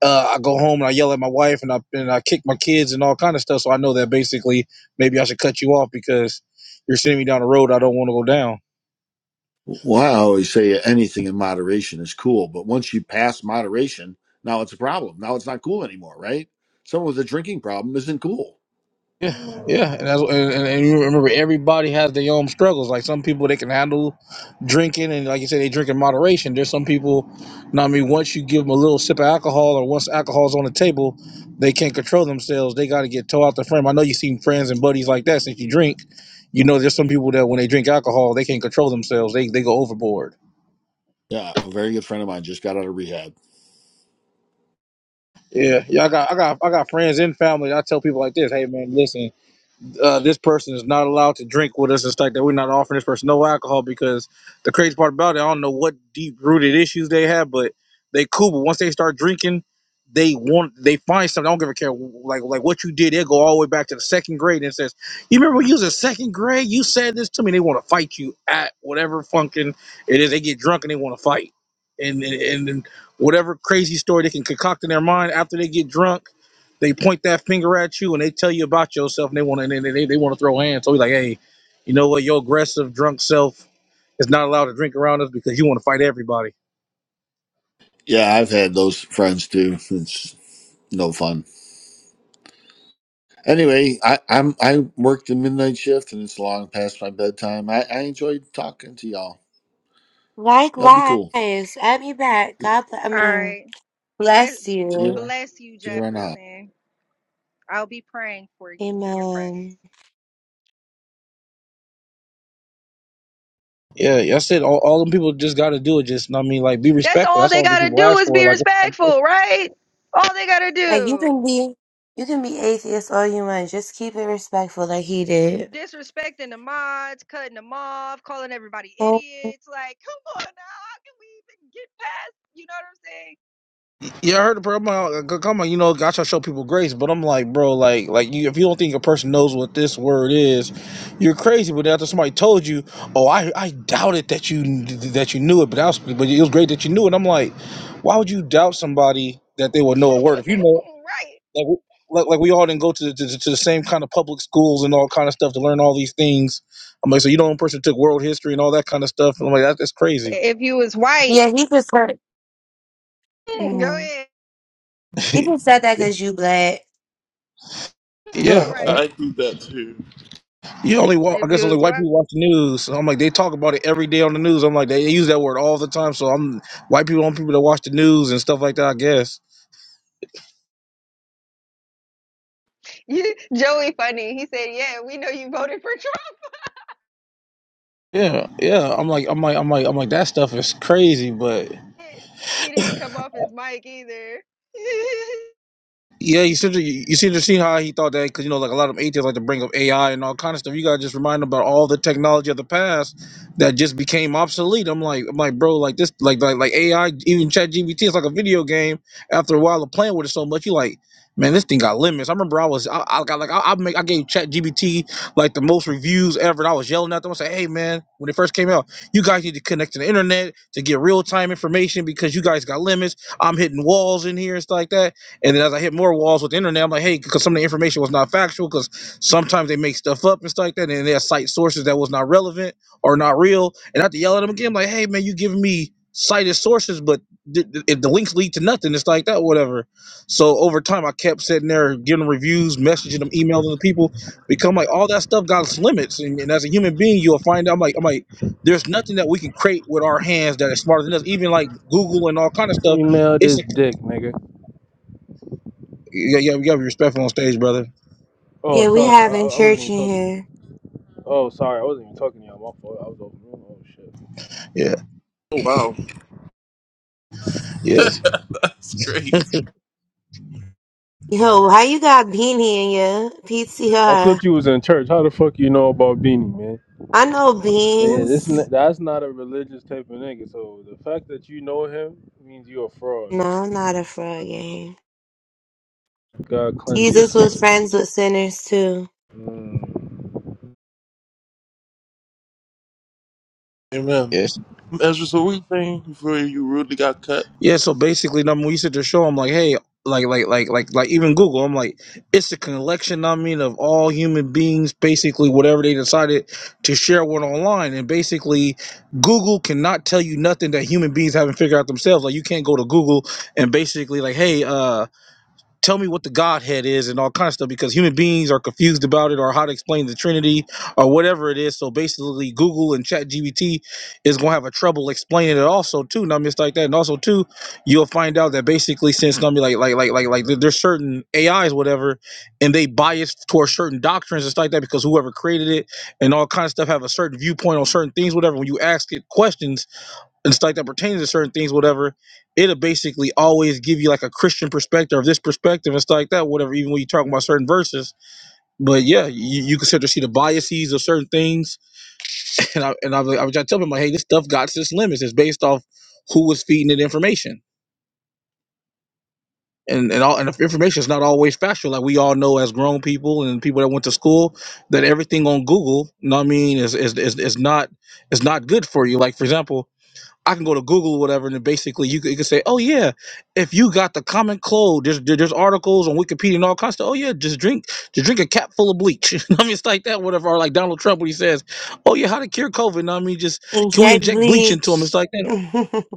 L: uh, I go home and I yell at my wife and I and I kick my kids and all kind of stuff. So I know that basically maybe I should cut you off because you're sending me down a road I don't want to go down.
I: Well, I always say anything in moderation is cool, but once you pass moderation, now it's a problem. Now it's not cool anymore, right? Someone with a drinking problem isn't cool.
L: Yeah, yeah, and, that's, and and and you remember everybody has their own struggles. Like some people they can handle drinking, and like you said, they drink in moderation. There's some people, now I mean, once you give them a little sip of alcohol, or once alcohol's on the table, they can't control themselves. They got to get towed out the frame. I know you've seen friends and buddies like that since you drink. You know, there's some people that when they drink alcohol, they can't control themselves. They they go overboard
I: Yeah, a very good friend of mine just got out of rehab.
L: Yeah, yeah. I got, I got, I got friends and family. I tell people like this, hey man, listen, uh, this person is not allowed to drink with us It's like that we're not offering this person no alcohol because the crazy part about it, I don't know what deep rooted issues they have, but they cool. But once they start drinking, they want they find something. I don't give a care like like what you did. They go all the way back to the second grade and says, "You remember when you was in second grade? You said this to me." And They want to fight you at whatever function it is. They get drunk and they want to fight, and and, and whatever crazy story they can concoct in their mind after they get drunk they point that finger at you and they tell you about yourself and they want to they, they, they want to throw hands. So he's like, hey, you know what? Your aggressive drunk self is not allowed to drink around us because you want to fight everybody.
I: Yeah, I've had those friends too. It's no fun. Anyway, I, I'm I worked the midnight shift and it's long past my bedtime. I, I enjoyed talking to y'all. Y'all be
D: Likewise,
I: cool.
D: add me back. God, bl- I
F: All
D: mean,
F: right. Bless
D: bless
I: See you.
D: you.
I: around-
F: Bless you,
I: See you around the house.
F: Jefferson. I'll be praying for you and your friends.
D: Amen.
L: Yeah, I said All, all them people just got to do it. Just I mean, like, be
F: That's
L: respectful.
F: all
L: That's the
F: they
L: only thing
F: gotta
L: people
F: do
L: ask
F: is
L: for.
F: be
L: Like,
F: respectful, right? All they gotta
D: Like you
F: do.
D: can be, you can be atheist all you want. Just keep it respectful, like he did.
F: Disrespecting the mods, cutting them off, calling everybody
D: Oh,
F: idiots. Like, come on now, how can we even get past? You know
L: yeah, I heard the problem. uh, Come on, you know, I try to show people grace, but I'm like, bro, like, like you, if you don't think a person knows what this word is, you're crazy. But after somebody told you, oh, I, I doubted that you that you knew it, but that was, but it was great that you knew it. I'm like. Why would you doubt somebody that they would know a
F: what
L: word
F: I'm
L: if you know
F: saying? right.
L: like w- like, like we all didn't go to, the, to the- to the same kind of public schools and all kind of stuff to learn all these things. I'm like, so you know, one person took world history and all that kind of stuff, and I'm like, that, that's crazy.
F: If you was white,
D: Yeah, he just said.
F: go
D: Mhm.
F: ahead.
D: He just said that because you black.
A: Yeah,
L: yeah,
F: right.
L: o-
A: I do that too.
L: you only wa- I
F: If
L: guess
F: you
L: only
F: was
L: white
F: white.
L: people watch the news. So I'm like, they talk about it every day on the news. I'm like, they use that word all the time. So I'm white people on people that watch the news and stuff like that. I guess.
F: Joey funny. He said, Yeah, we know you voted for Trump.
L: Yeah, yeah. I'm like, I'm like, I'm like, I'm like, that stuff is crazy, but
F: He didn't come off his mic either.
L: Yeah, you seem to you seem to see how he thought that because you know, like a lot of atheists like to bring up AI and all kind of stuff. You gotta just remind them about all the technology of the past that just became obsolete. I'm like, I'm like, bro, like this, like like like AI, even Chat GBT, it's like a video game. After a while of playing with it so much, you like, man, this thing got limits. I remember I was, I, I got like, I, I make, I gave Chat GBT like the most reviews ever, and I was yelling at them. I said, hey man, when it first came out, you guys need to connect to the internet to get real time information because you guys got limits. I'm hitting walls in here and stuff like that. And then as I hit more walls with the internet, I'm like, hey, because some of the information was not factual, because sometimes they make stuff up and stuff like that, and they cite sources that was not relevant or not real. And I have to yell at them again, like, hey, man, you giving me cited sources, but th- th- if the links lead to nothing, it's like that, whatever. So over time, I kept sitting there giving reviews, messaging them, emailing the people, become like all that stuff got its limits. And, and as a human being, you'll find out, I'm like, I'm like, there's nothing that we can create with our hands that is smarter than us. Even like Google and all kind of stuff,
M: Email
L: it's
M: this
L: a
M: dick, nigga.
L: yeah, yeah, you gotta be respectful on stage, brother.
M: Oh,
D: Yeah, we
M: sorry. I,
D: having
M: I wasn't
D: church
M: even
D: in
M: talking.
D: here.
M: Oh, sorry. I wasn't even talking to y'all. My fault. I was over. Oh, shit.
L: Yeah,
A: Oh, wow.
L: yes,
A: that's great.
D: Yo, how you got beanie in your
M: I
D: PTR?
M: thought you was in church. How the fuck you know about Beanie, man?
D: I know
M: Yeah, this
D: beans.
M: n- that's not a religious type of nigga. So the fact that you know him means you're a fraud.
D: No, I'm not a fraud game.
M: God cleanse your
D: Jesus was
M: soul.
D: friends with sinners too.
M: Mm.
A: Amen.
L: yes,
A: Ezra, so what do you think before you rudely got cut?
L: yeah. So basically, number we used to show them like, hey, like, like, like, like, like, even Google. I'm like, it's a collection. I mean, of all human beings, basically, whatever they decided to share one online, and basically, Google cannot tell you nothing that human beings haven't figured out themselves. Like, you can't go to Google and basically like, hey, uh. tell me what the Godhead is and all kind of stuff because human beings are confused about it or how to explain the Trinity or whatever it is. So basically, Google and ChatGPT is gonna have a trouble explaining it also too. Now, I mean, it's like that, and also too, you'll find out that basically since I mean, like like like like like there- there's certain AIs whatever, and they bias towards certain doctrines and stuff like that because whoever created it and all kind of stuff have a certain viewpoint on certain things whatever. When you ask it questions and stuff like that pertains to certain things, whatever, it'll basically always give you like a Christian perspective or this perspective and stuff like that, whatever, even when you're talking about certain verses. But yeah, you, you can start to see the biases of certain things. And I and I, was- I was trying to tell them like, hey, this stuff got its limits. It's based off who was feeding it information. And, and all and if information is not always factual, like we all know as grown people and people that went to school, that everything on Google, you know what I mean, is is, is, is not is not good for you. Like for example, I can go to Google or whatever, and then basically you could, you could say, oh yeah, if you got the common cold, there's there- there's articles on Wikipedia and all kinds of. Oh yeah, just drink just drink a cap full of bleach. You know what I mean, it's like that. Whatever, or like Donald Trump when he says, oh yeah, how to cure COVID? You know what I mean, just can we inject bleach
D: Exactly.
L: into him? It's like that.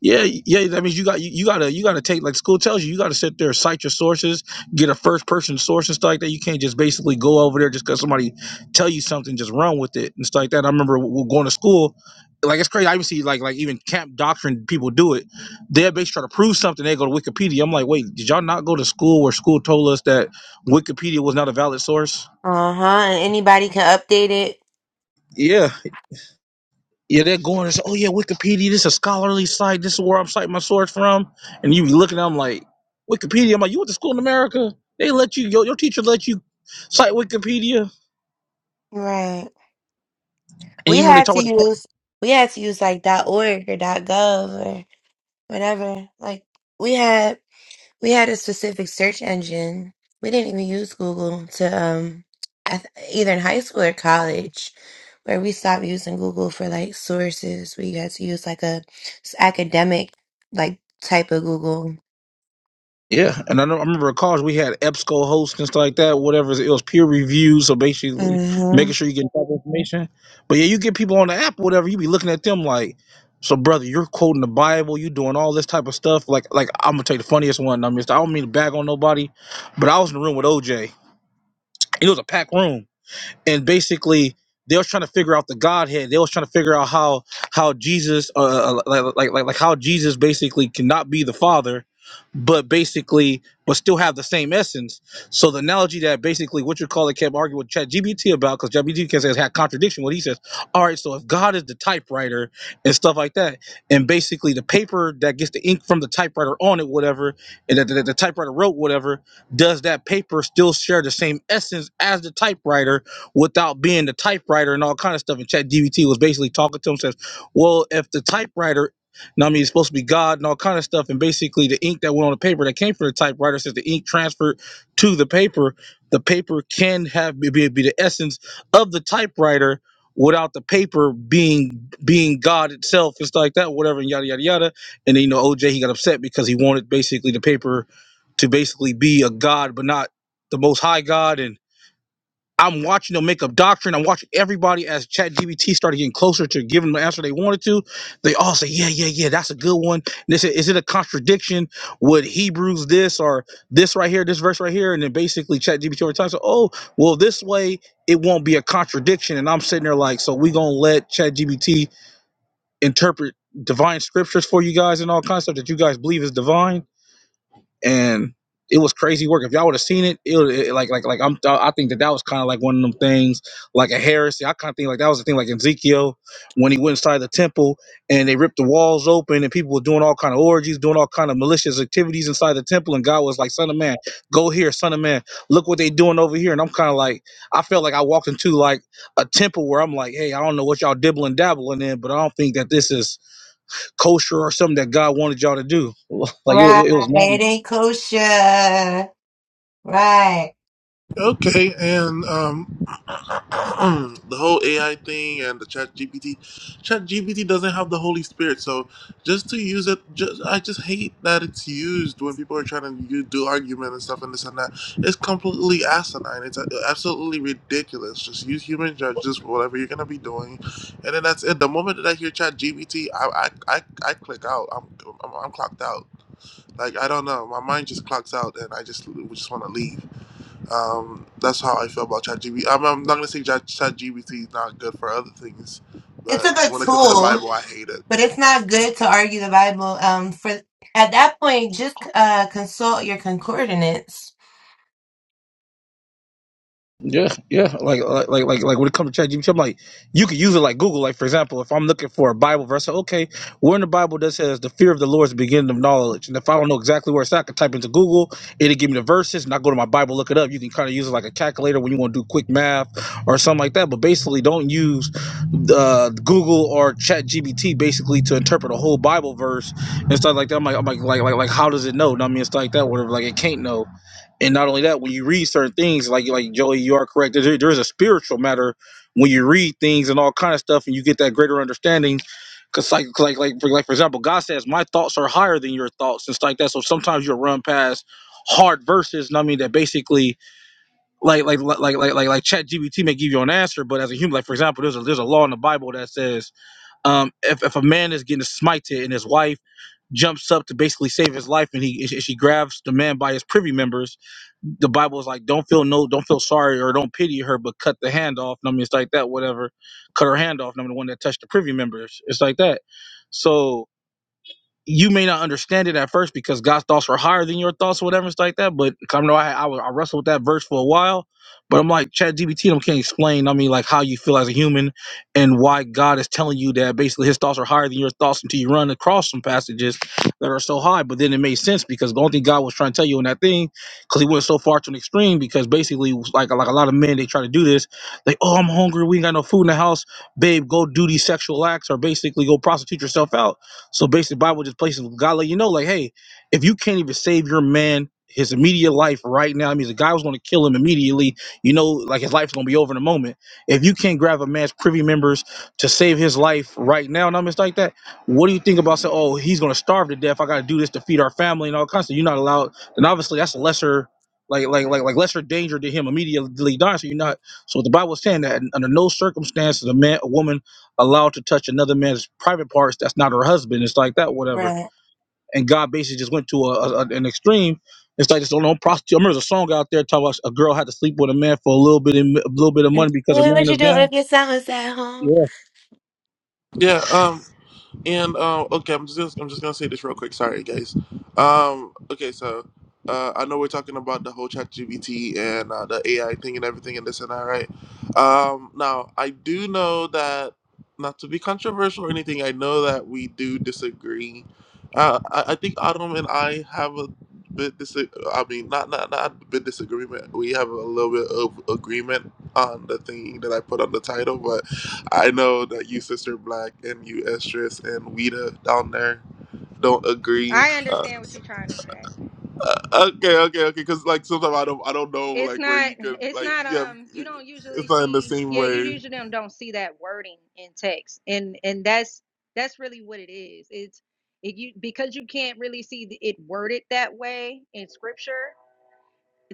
L: Yeah, yeah. That means you got you, you gotta you gotta take like school tells you you gotta sit there, cite your sources, get a first person source and stuff like that. You can't just basically go over there just because somebody tell you something, just run with it and stuff like that. I remember w- going to school, like it's crazy. I even see like like even camp doctrine people do it. They're basically trying to prove something. They go to Wikipedia. I'm like, wait, did y'all not go to school where school told us that Wikipedia was not a valid source?
D: Uh-huh. And anybody can update it.
L: Yeah. Yeah, they're going and say, "Oh yeah, Wikipedia. This is a scholarly site. This is where I'm citing my source from." And you be looking at them like Wikipedia. I'm like, you went to school in America? They let you. Your, your teacher let you cite Wikipedia.
D: Right.
L: And
D: We
L: even when they
D: had
L: talk
D: to
L: about the
D: use we had to use like .org or .gov or whatever. Like we had we had a specific search engine. We didn't even use Google to um I th- either in high school or college where we stopped using Google for like sources. We had to use like a s- academic like type of Google.
L: yeah, and I know I remember in college we had EBSCO hosts and stuff like that. Whatever it was, peer review. So basically, making sure you get proper information. But yeah, you get people on the app, or whatever. You be looking at them like. So, brother, you're quoting the Bible. You doing all this type of stuff. Like, like I'm gonna take the funniest one. I mean, I don't mean to bag on nobody, but I was in the room with OJ, it was a packed room and basically they was trying to figure out the godhead they was trying to figure out how how jesus uh uh, like like like, like how jesus basically cannot be the father but basically but still have the same essence. So the analogy that basically what you call it kept arguing with ChatGPT about because ChatGPT can says had contradiction what he says. All right, so if God is the typewriter and stuff like that, and basically the paper that gets the ink from the typewriter on it, whatever, and that the, the typewriter wrote whatever, does that paper still share the same essence as the typewriter without being the typewriter and all kind of stuff? And ChatGPT was basically talking to him says, well, if the typewriter know what I mean, it's supposed to be God and all kind of stuff. And basically, the ink that went on the paper that came from the typewriter says the ink transferred to the paper. The paper can have be, be be the essence of the typewriter without the paper being being God itself. It's like that, whatever, and yada yada yada. And then you know, OJ he got upset because he wanted basically the paper to basically be a God, but not the Most High God and I'm watching them make up doctrine. I'm watching everybody as ChatGPT started getting closer to giving them the answer they wanted to. They all say, "Yeah, yeah, yeah, that's a good one." And They is, is it a contradiction? Would Hebrews this or this right here, this verse right here, and then basically ChatGPT over time said, "Oh, well, this way it won't be a contradiction." And I'm sitting there like, "So we gonna let ChatGPT interpret divine scriptures for you guys and all kinds of stuff that you guys believe is divine?" and it was crazy work. If y'all would have seen it, it, would- it like like like I'm I think that that was kind of like one of them things, like a heresy. I kind of think like that was the thing like Ezekiel when he went inside the temple and they ripped the walls open and people were doing all kind of orgies, doing all kind of malicious activities inside the temple, and God was like, "Son of man, go here, son of man, look what they doing over here." And I'm kind of like, I felt like I walked into like a temple where I'm like, "Hey, I don't know what y'all dibbling dabbling in, but I don't think that this is kosher or something that God wanted y'all to do." like it,
D: Right,
L: it, it was mad.
D: it ain't kosher. Right.
A: Okay, and um, the whole AI thing and the Chat GPT, Chat GPT doesn't have the Holy Spirit, so just to use it, just I just hate that it's used when people are trying to u- do argument and stuff and this and that. It's completely asinine. It's a- absolutely ridiculous. Just use human judges for whatever you're gonna be doing, and then that's it. The moment that I hear Chat GPT, I I I, I click out. I'm, I'm I'm clocked out. Like I don't know, my mind just clocks out, and I just just want to leave. Um, that's how I feel about ChatGPT. I'm, I'm not gonna say Chat ChatGPT is not good for other things,
D: It's
A: but
D: a good
A: when it comes to the
D: tool,
A: Bible, I hate it.
D: but it's not good to argue the Bible. Um, for at that point, just uh consult your concordance.
L: Yeah, yeah. Like, like, like, like, like when it comes to ChatGPT, I'm like, you could use it like Google. Like, for example, if I'm looking for a Bible verse, okay, where in the Bible that says the fear of the Lord is the beginning of knowledge, and if I don't know exactly where it's at, I can type into Google. It'll give me the verses, and I go to my Bible, look it up. You can kind of use it like a calculator when you want to do quick math or something like that. But basically, don't use uh, Google or ChatGPT basically to interpret a whole Bible verse and stuff like that. I'm like, I'm like, like, like, like, how does it know? I mean, it's like that. Whatever. Like, it can't know and not only that, when you read certain things, like like Joey, you are correct. There, there is a spiritual matter when you read things and all kind of stuff, and you get that greater understanding. Cause like like like for, like for example, God says, "My thoughts are higher than your thoughts," and stuff like that. So sometimes you'll run past hard verses. And I mean that basically, like like like like like like, like Chat GBT may give you an answer, but as a human, like for example, there's a there's a law in the Bible that says, um, if if a man is getting smited and his wife jumps up to basically save his life, and he she grabs the man by his privy members the Bible is like, don't feel no, don't feel sorry or don't pity her, but cut the hand off. And I mean, it's like that, whatever. Cut her hand off. And I'm the one that touched the privy members. It's like that. So you may not understand it at first because God's thoughts are higher than your thoughts, or whatever, and stuff like that. But I know I, I, was- I wrestled with that verse for a while. But I'm like, Chat GBT, I can't explain, I mean, like how you feel as a human and why God is telling you that basically his thoughts are higher than your thoughts until you run across some passages that are so high. But then it made sense because the only thing God was trying to tell you in that thing, because he went so far to an extreme, because basically, like, like a lot of men, they try to do this. Like, oh, I'm hungry. We ain't got no food in the house. Babe, go do these sexual acts or basically go prostitute yourself out so basically, the Bible just places God let you know, like, hey, if you can't even save your man his immediate life right now, I mean, the guy was going to kill him immediately. You know, like his life's going to be over in a moment. If you can't grab a man's privy members to save his life right now, and I'm just like that. What do you think about saying, oh, he's going to starve to death? I got to do this to feed our family and all kinds of. stuff. You're not allowed. And obviously, that's a lesser. Like, like, like, like lesser danger to him immediately dying. So you're not. So what the Bible is saying that under no circumstances a man, a woman allowed to touch another man's private parts that's not her husband. It's like that, whatever.
D: Right.
L: And God basically just went to a, a, an extreme. It's like this old old prostitute. I remember there's a song out there talking about a girl had to sleep with a man for a little bit in, a little bit of money because her
D: What would
L: man
D: you
L: is
D: do if
L: gone.
D: your son was at home?
L: Yeah.
A: Yeah. Um. And uh, okay, I'm just I'm just gonna say this real quick. Sorry, guys. Um, okay, so uh, I know we're talking about the whole ChatGPT and uh, the AI thing and everything and this and that, right? Um, now I do know that not to be controversial or anything, I know that we do disagree. Uh, I, I think Adam and I have a bit dis. I mean, not not not a bit disagreement. We have a little bit of agreement on the thing that I put on the title, but. I know that you, Sister Black, and you, Estrus, and Weta down there don't agree.
F: I
A: Uh,
F: understand what you're trying to say.
A: uh, okay, okay, okay. Because like sometimes I don't, I don't know
F: It's
A: like where
F: not
A: you could
F: it's
A: like
F: not
A: yeah,
F: um you don't usually
A: it's not in the
F: see
A: same
F: yeah, you
A: way.
F: usually don't, don't see that wording in text. And and that's that's really what it is. It's it you because you can't really see the- it worded that way in scripture.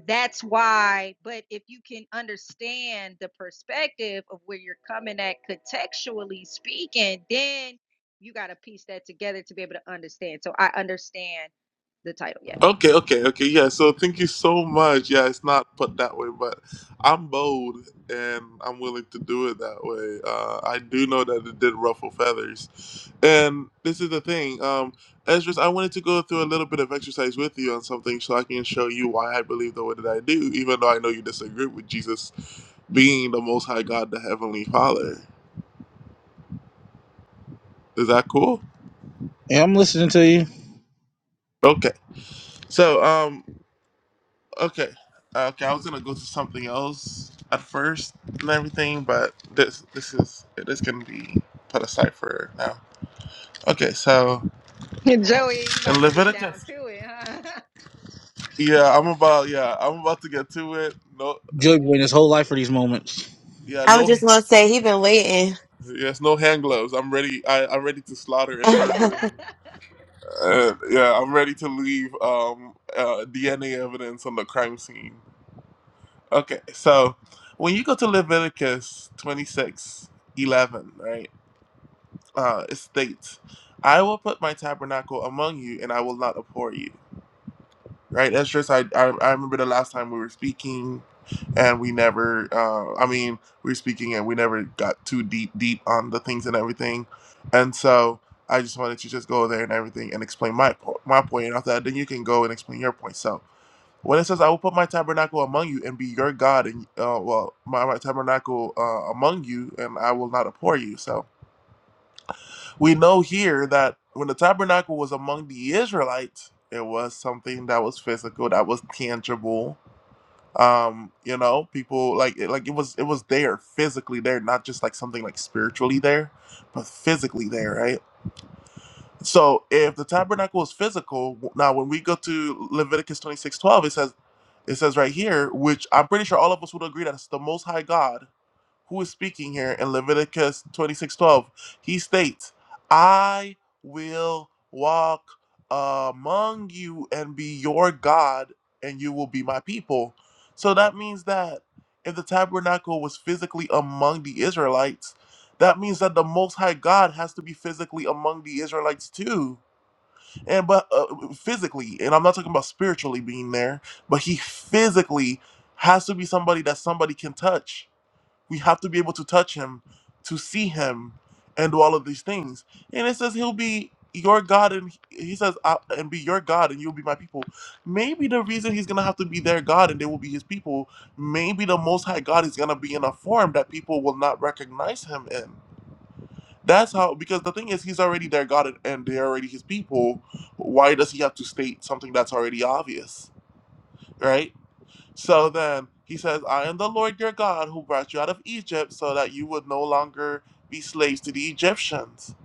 F: that's why but if you can understand the perspective of where you're coming at contextually speaking then you got to piece that together to be able to understand so i understand the title yes
A: Okay, okay, okay. Yeah, so thank you so much. Yeah, it's not put that way, but I'm bold and I'm willing to do it that way. Uh, I do know that it did ruffle feathers. And this is the thing. Um, Esdras, I wanted to go through a little bit of exercise with you on something so I can show you why I believe the way that I do, even though I know you disagree with Jesus being the Most High God, the Heavenly Father. Is that cool?
L: And I'm listening to you.
A: Okay. So, um, Okay. Uh, Okay, I was gonna go to something else at first and everything, but this this is it is gonna be put aside for now. Okay, so
F: joey you about
A: in
F: to get down
A: Leviticus,
F: to it huh
A: yeah, I'm about yeah, I'm about to get to it. No, uh,
L: Joey waiting his whole life for these moments.
A: yeah,
D: I was
A: no,
D: just gonna say he been waiting.
A: yes, no hand gloves. I'm ready. I, I'm ready to slaughter and murder. Uh, yeah, I'm ready to leave um, uh, DNA evidence on the crime scene. Okay, so when you go to Leviticus 26:11, right? uh, states, "I will put my tabernacle among you, and I will not abhor you." Right? That's just I. I, I remember the last time we were speaking, and we never. Uh, I mean, we were speaking, and we never got too deep, deep on the things and everything. And so I just wanted to just go there and everything and explain my po- my point, and after that, then you can go and explain your point. So. When it says, "I will put my tabernacle among you and be your God," and uh, well, my, my tabernacle uh, among you, and I will not abhor you. So, we know here that when the tabernacle was among the Israelites, it was something that was physical, that was tangible. Um, you know, people like it, like it was it was there physically there, not just like something like spiritually there, but physically there, right? So if the tabernacle is physical, w- now when we go to Leviticus twenty six twelve, it says it says right here, which I'm pretty sure all of us would agree that it's the most high God who is speaking here in Leviticus 26:12. He states, "I will walk uh, among you and be your God, and you will be my people." So that means that if the tabernacle was physically among the Israelites, that means that the Most High God has to be physically among the Israelites too, and but uh, physically, and I'm not talking about spiritually being there, but He physically has to be somebody that somebody can touch we have to be able to touch him, to see him, and do all of these things. And it says he'll be your God, and he says, "I- and be your God, and you'll be my people. Maybe the reason he's gonna have to be their God and they will be his people, maybe the Most High God is gonna be in a form that people will not recognize him in. That's how, because the thing is, he's already their God and and they're already his people. Why does he have to state something that's already obvious, right? So then he says, I am the Lord your God who brought you out of Egypt so that you would no longer be slaves to the Egyptians.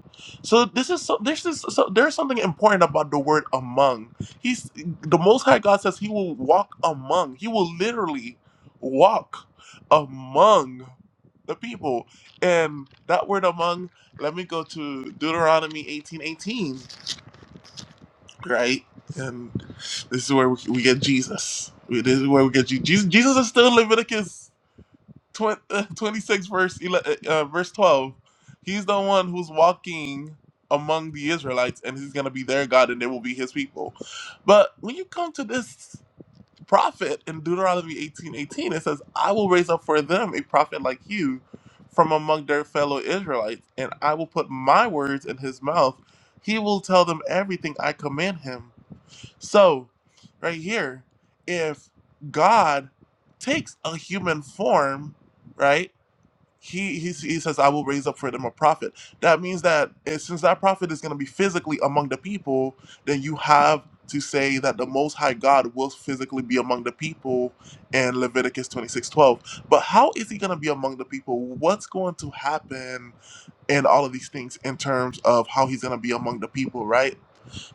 A: So this is so this is so there's something important about the word among. He's the most high God says he will walk among. He will literally walk among the people. And that word among, let me go to Deuteronomy 18:18 right? And this is where we, we get Jesus. This is where we get Je- Jesus. Jesus is still in Leviticus 20, uh, 26, verse, 11, uh, uh, verse 12. He's the one who's walking among the Israelites, and he's going to be their God, and they will be his people. But when you come to this prophet in Deuteronomy eighteen eighteen, it says, I will raise up for them a prophet like you from among their fellow Israelites, and I will put my words in his mouth. He will tell them everything I command him so, right here, if God takes a human form, right? He, he, he says, I will raise up for them a prophet. That means that eh, since that prophet is going to be physically among the people, then you have to say that the Most High God will physically be among the people in Leviticus 26 12. But how is he going to be among the people? What's going to happen in all of these things in terms of how he's going to be among the people, right?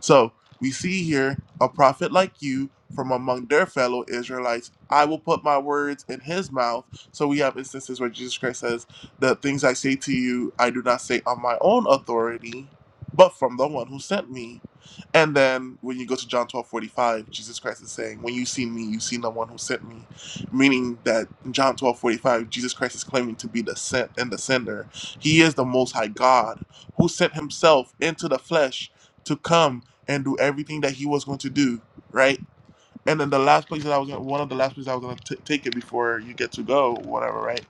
A: So we see here a prophet like you from among their fellow Israelites. I will put my words in his mouth. So we have instances where Jesus Christ says, The things I say to you, I do not say on my own authority, but from the one who sent me. And then when you go to John twelve forty five, Jesus Christ is saying, When you see me, you see the one who sent me. Meaning that in John twelve forty five, Jesus Christ is claiming to be the sent and the sender. He is the Most High God who sent himself into the flesh to come and do everything that he was going to do, right? And then the last place that I was gonna, one of the last places I was going to take it before you get to go, whatever, right?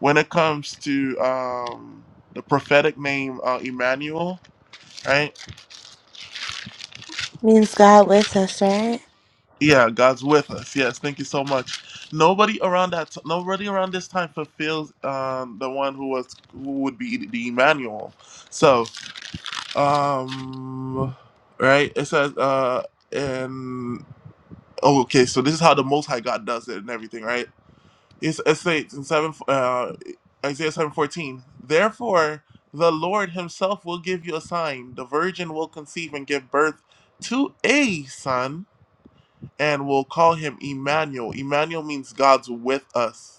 A: When it comes to um, the prophetic name uh, Emmanuel, right?
D: Means God with us, right?
A: Yeah, God's with us. Yes, thank you so much. Nobody around that, t- nobody around this time fulfills um, the one who was who would be the Emmanuel. So, um, right? It says uh, and oh, okay. So this is how the Most High God does it and everything, right? It's, it states in seven uh, Isaiah seven fourteen. Therefore, the Lord Himself will give you a sign: the virgin will conceive and give birth to a son, and will call him Emmanuel. Emmanuel means God's with us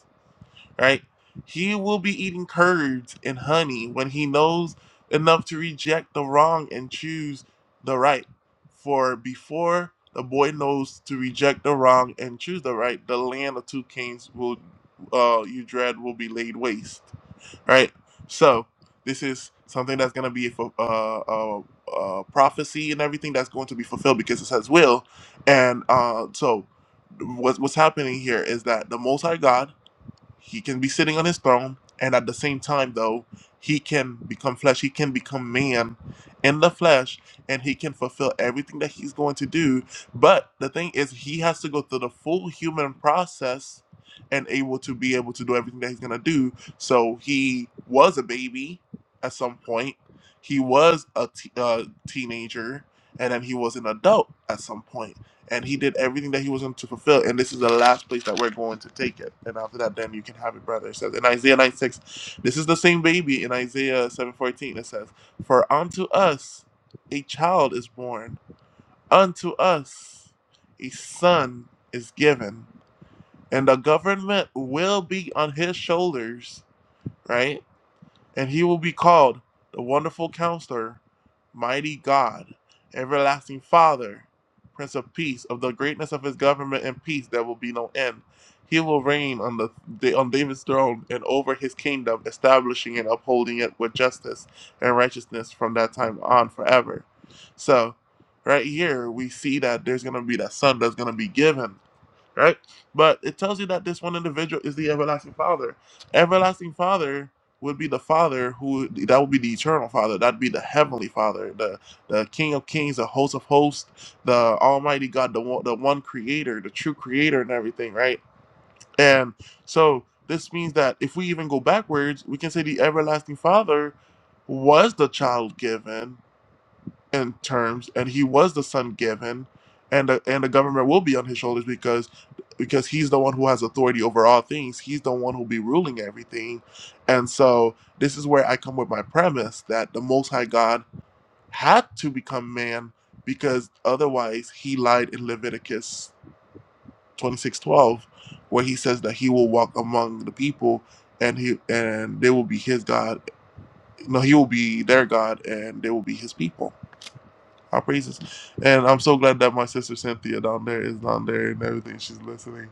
A: right? He will be eating curds and honey when he knows enough to reject the wrong and choose the right. For before the boy knows to reject the wrong and choose the right, the land of two kings will uh, you dread will be laid waste, right? So this is something that's going to be a uh, uh, uh, prophecy and everything that's going to be fulfilled because it says will, and uh, so what's what's happening here is that the Most High God he can be sitting on his throne, and at the same time, though, he can become flesh. He can become man in the flesh, and he can fulfill everything that he's going to do. But the thing is, he has to go through the full human process and able to be able to do everything that he's going to do. So he was a baby at some point, he was a t- uh, teenager, and then he was an adult at some point and he did everything that he was going to fulfill. And this is the last place that we're going to take it. And after that, then you can have it, brother. It says in Isaiah 9 6, this is the same baby in Isaiah seven fourteen. It says, For unto us a child is born, unto us a son is given, and the government will be on his shoulders, right? and he will be called the Wonderful Counselor, Mighty God, Everlasting Father, Prince of Peace. Of the greatness of his government and peace, there will be no end. He will reign on the on David's throne and over his kingdom, establishing and upholding it with justice and righteousness from that time on forever. So, right here we see that there's going to be that son that's going to be given right? But it tells you that this one individual is the everlasting Father. Everlasting Father would be the Father who that would be the eternal Father. That'd be the heavenly Father, the the King of Kings, the Host of Hosts, the Almighty God, the one, the one Creator, the true Creator, and everything, right? And so this means that if we even go backwards, we can say the everlasting Father was the child given in terms, and he was the son given, and the, and the government will be on his shoulders because because he's the one who has authority over all things. He's the one who'll be ruling everything, and so this is where I come with my premise that the Most High God had to become man because otherwise he lied in Leviticus twenty six twelve, where he says that he will walk among the people. And he and they will be his God. No, he will be their God, and they will be his people our praises. And I'm so glad that my sister Cynthia down there is down there and everything. She's listening.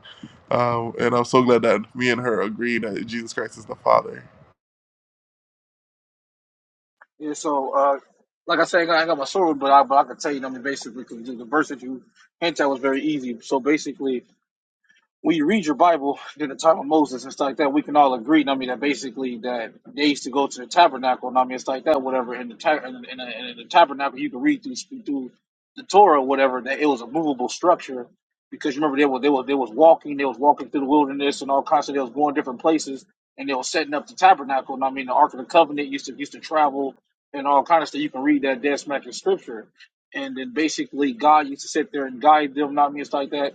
A: Um, and I'm so glad that me and her agree that Jesus Christ is the Father.
L: Yeah, so uh, like I said, I ain't got my sword, but I but I can tell you, I mean, basically, 'cause the the verse that you hinted at was very easy. So basically, when you read your Bible during the time of Moses and stuff like that, we can all agree. I mean, that basically that they used to go to the tabernacle. And I mean, it's like that, whatever. In the ta- in, in, in, in the tabernacle, you can read through through the Torah, whatever. That it was a movable structure because you remember they were they were they was walking, they was walking through the wilderness and all kinds of. They was going different places and they was setting up the tabernacle. And I mean, the Ark of the Covenant used to used to travel and all kinds of stuff. You can read that dead smack in scripture. And then basically, God used to sit there and guide them. Not I mean, it's like that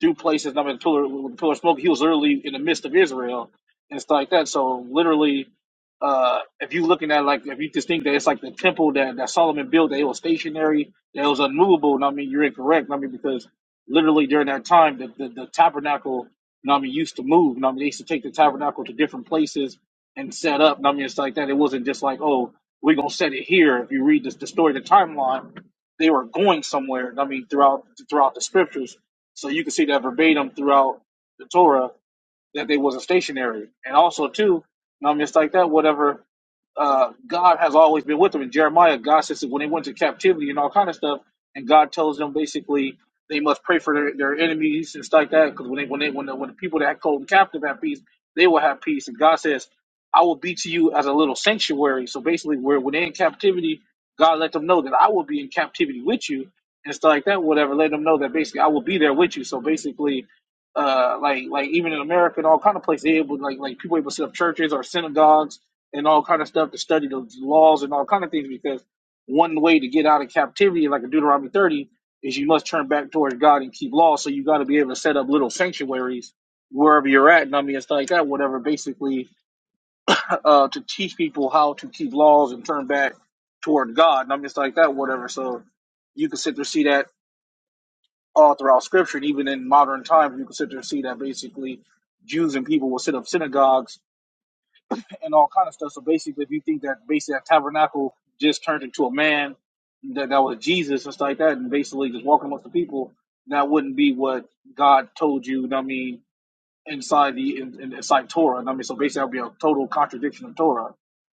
L: do places. I mean, Pillar, Pillar of Smoke, he was literally in the midst of Israel and stuff like that. So literally, uh, if you looking at like if you just think that it's like the temple that, that Solomon built, that it was stationary, that it was unmovable, and I mean you're incorrect. I mean because literally during that time the, the, the tabernacle, you I mean, used to move. You I mean they used to take the tabernacle to different places and set up. You I mean it's like that. It wasn't just like, oh, we're gonna set it here. If you read this the story, the timeline, they were going somewhere, you I mean, throughout throughout the scriptures. So you can see that verbatim throughout the Torah that they wasn't stationary. And also too, you I mean it's like that, whatever uh, God has always been with them. In Jeremiah, God says that when they went to captivity and all kind of stuff, and God tells them basically they must pray for their, their enemies and stuff like that. Because when they when they when the, when the people that hold them captive have peace, they will have peace. And God says, "I will be to you as a little sanctuary." So basically, where when they're in captivity, God let them know that I will be in captivity with you and stuff like that. Whatever, let them know that basically I will be there with you. So basically. Uh, like, like even in America and all kind of places, they able like, like people able to set up churches or synagogues and all kind of stuff to study the laws and all kind of things because one way to get out of captivity, like in Deuteronomy 30, is you must turn back towards God and keep law. So you got to be able to set up little sanctuaries wherever you're at, and I mean it's like that, whatever. Basically, uh, to teach people how to keep laws and turn back toward God, and I mean it's like that, whatever. So you can sit there and see that all throughout Scripture, and even in modern times, you can sit there and see that basically Jews and people will set up synagogues and all kind of stuff. So basically, if you think that basically that tabernacle just turned into a man that, that was Jesus and stuff like that, and basically just walking amongst the people, that wouldn't be what God told you. You know what I mean, inside the in, in, inside Torah. You know what I mean, so basically, that would be a total contradiction of Torah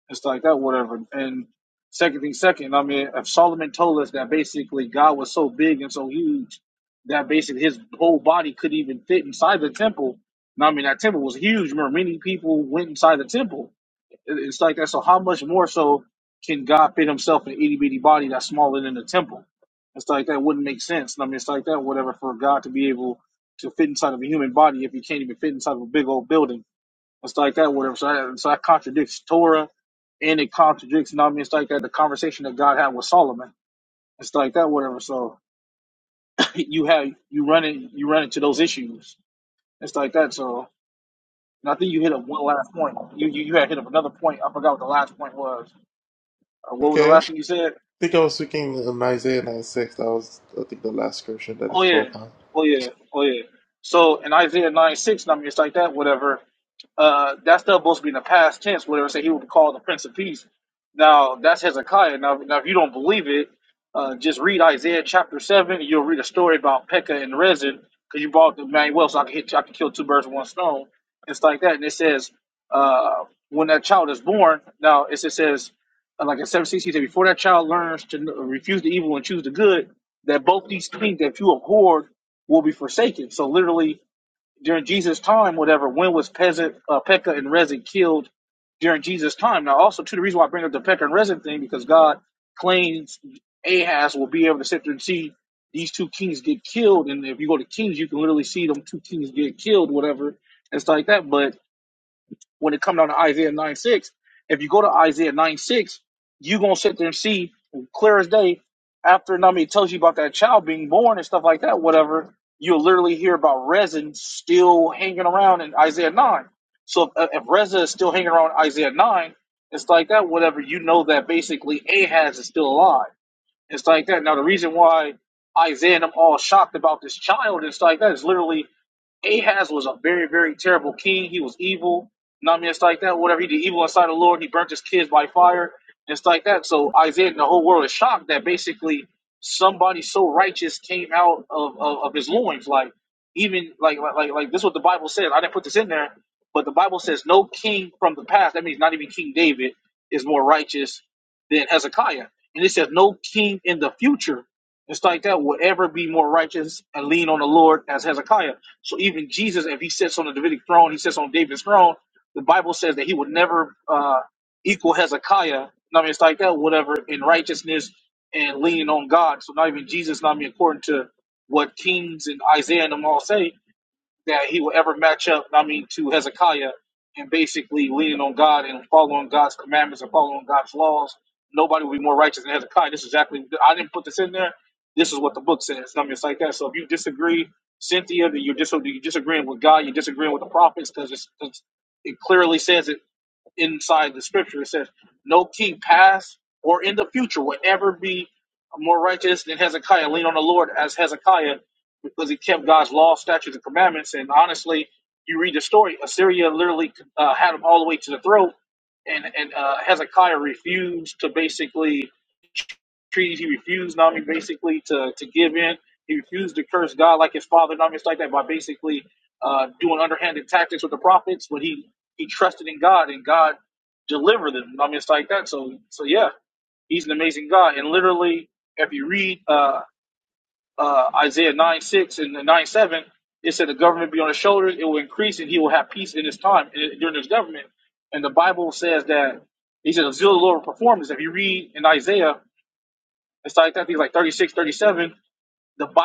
L: and stuff like that, whatever. And second thing, second, I mean, if Solomon told us that basically God was so big and so huge that basically his whole body couldn't even fit inside the temple. know I mean, that temple was huge. Remember, many people went inside the temple it- It's like that. So how much more so can God fit himself in an itty bitty body that's smaller than the temple? It's like that wouldn't make sense. I mean, it's like that, whatever, for God to be able to fit inside of a human body if He can't even fit inside of a big old building. It's like that, whatever. So that, so that contradicts Torah and it contradicts, you know what I mean? It's like that, the conversation that God had with Solomon. It's like that, whatever. So you have, you run it, you run into those issues. It's like that. So, and I think you hit up one last point. You, you, you had hit up another point. I forgot what the last point was. Uh, what was the
A: Okay.
L: last thing you said?
A: I think I was speaking in Isaiah 96. That was, I think, the last scripture that I
L: Oh yeah,
A: spoke on.
L: oh yeah, oh yeah. So in Isaiah nine six, I mean it's like that, whatever. Uh, that's still supposed to be in the past tense, whatever. Say he will be called the Prince of Peace. Now that's Hezekiah. Now, now if you don't believe it, uh, just read Isaiah chapter seven. And You'll read a story about Pekah and Rezin because you brought the man well, so I can hit, I can kill two birds with one stone. It's like that, and it says uh, when that child is born. Now it's, it says uh, like in seven sixty, before that child learns to n- refuse the evil and choose the good, that both these if you abhorred will be forsaken. So literally during Jesus' time, whatever when was Pezet, uh, Pekah and Rezin killed during Jesus' time? Now also too the reason why I bring up the Pekah and Rezin thing because God claims Ahaz will be able to sit there and see these two kings get killed, and if you go to Kings, you can literally see them two kings get killed, whatever and stuff like that. But when it comes down to Isaiah 9 6, if you go to Isaiah 9 6, you're going to sit there and see clear as day after Nami tells you about that child being born and stuff like that, whatever, you'll literally hear about resin still hanging around in Isaiah 9. So if, if Reza is still hanging around Isaiah 9, it's like that, whatever, you know that basically Ahaz is still alive. It's like that. Now, the reason why Isaiah and them all shocked about this child it's like that is literally Ahaz was a very, very terrible king. He was evil. You know what I mean? It's like that. Whatever he did evil inside the Lord, he burnt his kids by fire. And It's like that. So Isaiah and the whole world is shocked that basically somebody so righteous came out of, of, of his loins. Like even like like like like this is what the Bible says. I didn't put this in there, but the Bible says no king from the past, that means not even King David, is more righteous than Hezekiah. And it says no king in the future. It's like that will ever be more righteous and lean on the Lord as Hezekiah. So even Jesus, if he sits on the Davidic throne, he sits on David's throne. The Bible says that he would never uh, equal Hezekiah. I mean, it's like that, whatever, in righteousness and leaning on God. So not even Jesus, not I mean, according to what Kings and Isaiah and them all say, that he will ever match up, I mean, to Hezekiah and basically leaning on God and following God's commandments and following God's laws. Nobody will be more righteous than Hezekiah. This is exactly, I didn't put this in there. This is what the book says. I mean, it's like that. So if you disagree, Cynthia, then you're, dis- you're disagreeing with God, you're disagreeing with the prophets because it clearly says it inside the scripture. It says, No king past or in the future will ever be more righteous than Hezekiah. Lean on the Lord as Hezekiah because he kept God's law, statutes, and commandments. And honestly, you read the story, Assyria literally uh, had him all the way to the throat. And, and uh, Hezekiah refused to basically treat, he refused, Nami, basically to, to give in. He refused to curse God like his father, Nami, it's like that, by basically uh, doing underhanded tactics with the prophets when he, he trusted in God. And God deliver them. I mean, it's like that. So, so yeah, he's an amazing God. And literally, if you read uh, uh, Isaiah nine and nine seven, it said the government be on his shoulders; it will increase, and he will have peace in his time and during his government. And the Bible says that he said the zeal of the Lord will perform this. If you read in Isaiah, it's like that. He's like 36, 37, The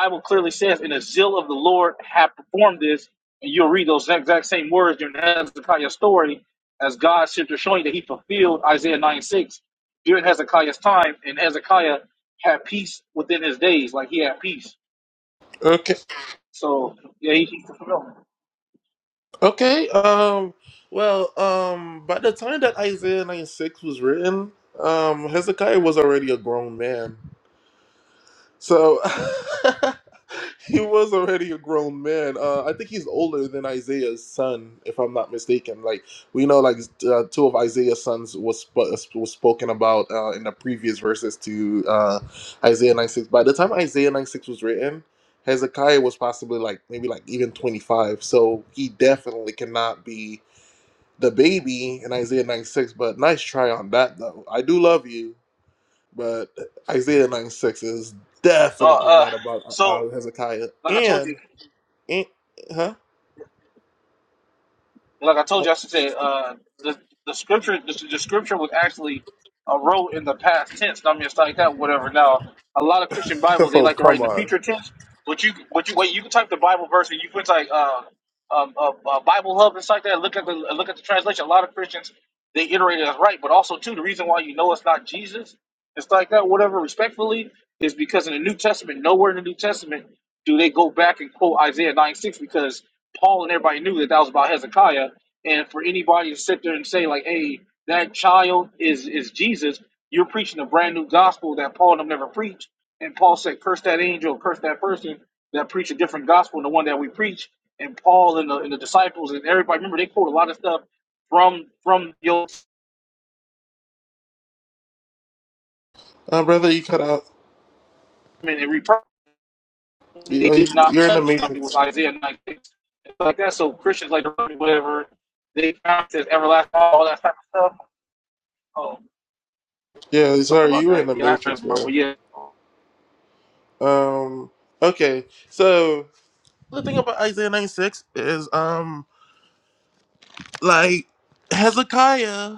L: Lord had performed this, and you'll read those exact same words during Hezekiah's story as God sent to showing that he fulfilled Isaiah 9 6 during Hezekiah's time, and Hezekiah had peace within his days, like he had peace.
A: Okay.
L: So, yeah, he, he fulfilled.
A: Okay. Um. Well, um, by the time that Isaiah 96 was written, um, Hezekiah was already a grown man. So He was already a grown man. Uh, I think he's older than Isaiah's son, if I'm not mistaken. Like we know, like uh, two of Isaiah's sons was sp- was spoken about uh, in the previous verses to uh, Isaiah 96. By the time Isaiah 96 was written, Hezekiah was possibly like maybe like even 25. So he definitely cannot be the baby in Isaiah 96. But nice try on that though. I do love you, but Isaiah 96 is
L: Uh,
A: definitely
L: uh,
A: not about uh,
L: so,
A: Hezekiah
L: like I told you.
A: and Eh, huh?
L: like I told
A: Oh,
L: you, I should say uh, the the scripture the, the scripture was actually uh, wrote in the past tense. I mean, it's like that, whatever. Now, a lot of Christian Bibles they
A: microphone,
L: like to write in
A: come
L: the
A: on.
L: future tense. But you, but you wait. You can type the Bible verse and you put like uh, um, uh, uh, Bible Hub and stuff like that. Look at the look at the translation. A lot of Christians they iterate it as right, but also too the reason why you know it's not Jesus, it's like that, whatever. Respectfully, is because in the New Testament, nowhere in the New Testament do they go back and quote Isaiah nine six because Paul and everybody knew that that was about Hezekiah and for anybody to sit there and say like, "Hey, that child is is Jesus," you're preaching a brand new gospel that Paul and them never preached. And Paul said, "Curse that angel, curse that person that preach a different gospel than the one that we preach." And Paul and the, and the disciples and everybody remember they quote a lot of stuff from from the Old
A: Uh, brother, you cut out.
L: Testament and repurposed.
A: You,
L: They
A: oh,
L: did
A: you-
L: not
A: are in the
L: touch. I mean, it was
A: Matrix.
L: Isaiah 96 like that. So Christians like whatever they count as everlasting, all that type of stuff. Oh,
A: Yeah,
L: sorry
A: sorry,
L: about
A: you were in
L: that.
A: the
L: Yeah, I
A: Matrix,
L: heard but
A: bro.
L: yeah, like
A: Um, okay. So, the thing about Isaiah 96 is, um, like, Hezekiah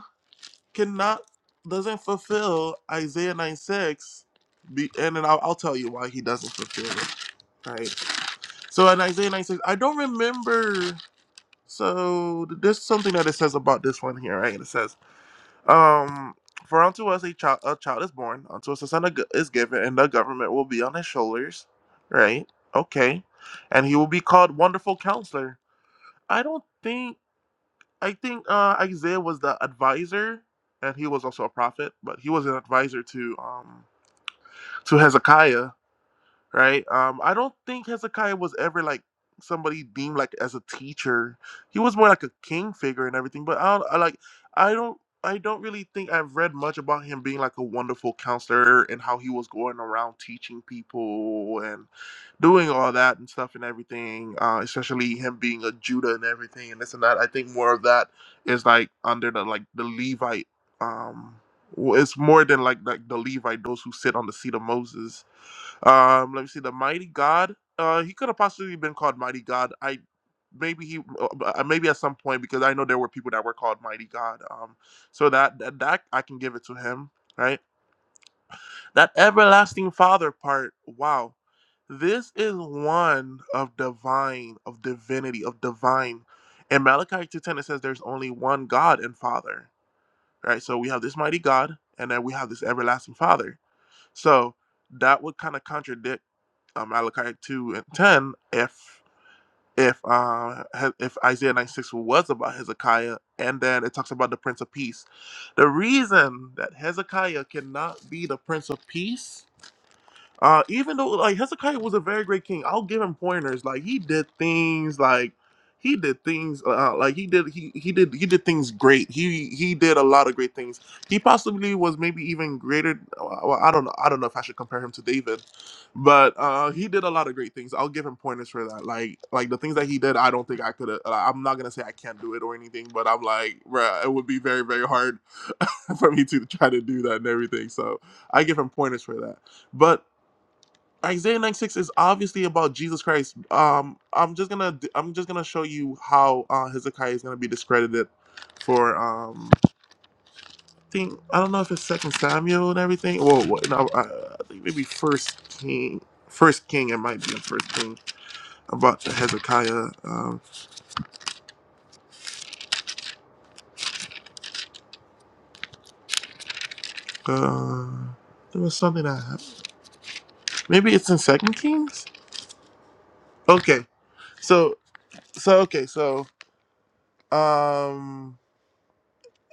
A: cannot, doesn't fulfill Isaiah 96. Be, and then I'll, I'll tell you why he doesn't fulfill it. Right. So, in Isaiah 96, I don't remember. So, there's something that it says about this one here, right? it says, Um, for unto us a child, a child is born, unto us a son is given, and the government will be on his shoulders, right? Okay, and he will be called Wonderful Counselor. I don't think I think uh, Isaiah was the advisor, and he was also a prophet, but he was an advisor to um to Hezekiah right? Um, I don't think Hezekiah was ever like somebody deemed like as a teacher. He was more like a king figure and everything. But I, don't, I like, I don't, I don't really think I've read much about him being like a wonderful counselor and how he was going around teaching people and doing all that and stuff and everything. Uh, especially him being a Judah and everything and this and that. I think more of that is like under the like the Levite. Um, w- it's more than like like the Levite, those who sit on the seat of Moses um, let me see. The Mighty God. Uh, he could have possibly been called Mighty God. I maybe he uh, uh, maybe at some point because I know there were people that were called Mighty God. Um, so that that, that I can give it to him. Right. That everlasting Father part. Wow. This is one of divine, of divinity, of divine. In Malachi 2.10, it says there's only one God and Father. Right. So we have this mighty God, and then we have this everlasting Father. So that would kind of contradict uh, Malachi two and ten if if uh if Isaiah ninety six was about Hezekiah, and then it talks about the Prince of Peace. The reason that Hezekiah cannot be the Prince of Peace uh, even though like Hezekiah was a very great king, I'll give him pointers. Like he did things like he did things uh, like he did he he did he did things great. He he did a lot of great things. He possibly was maybe even greater. uh, Well, I don't know. I don't know if I should compare him to David, but uh, he did a lot of great things. I'll give him pointers for that. Like like the things that he did, I don't think I could. Uh, I'm not gonna say I can't do it or anything, but I'm like, bruh, it would be very very hard for me to try to do that and everything. So I give him pointers for that. But Isaiah 96 is obviously about Jesus Christ. Um, I'm just gonna I'm just gonna show you how uh, Hezekiah is gonna be discredited for um thing. I don't know if it's Second Samuel and everything. Well, what, no, uh, I think maybe First King. First King, it might be in First King about the Hezekiah. Um, uh, there was something that happened. Maybe it's in Second Kings. Okay, so so okay, so um.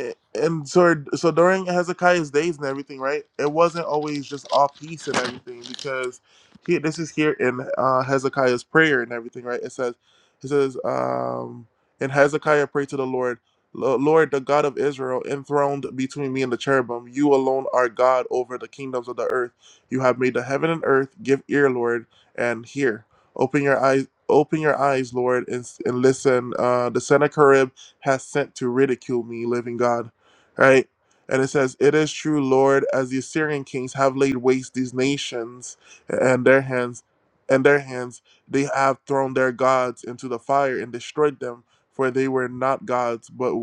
A: a- and so so during Hezekiah's days and everything, right? It wasn't always just all peace and everything because he, this is here in uh, Hezekiah's prayer and everything, right? It says it says um, and Hezekiah prayed to the Lord, "Lo- Lord, the God of Israel, enthroned between me and the cherubim, you alone are God over the kingdoms of the earth. You have made the heaven and earth. Give ear, Lord, and hear. Open your eyes." Open your eyes, Lord, and, and listen. Uh, the Sennacherib has sent to ridicule me, living God. Right? And it says, It is true, Lord, as the Assyrian kings have laid waste these nations and their hands and their hands, they have thrown their gods into the fire and destroyed them, for they were not gods, but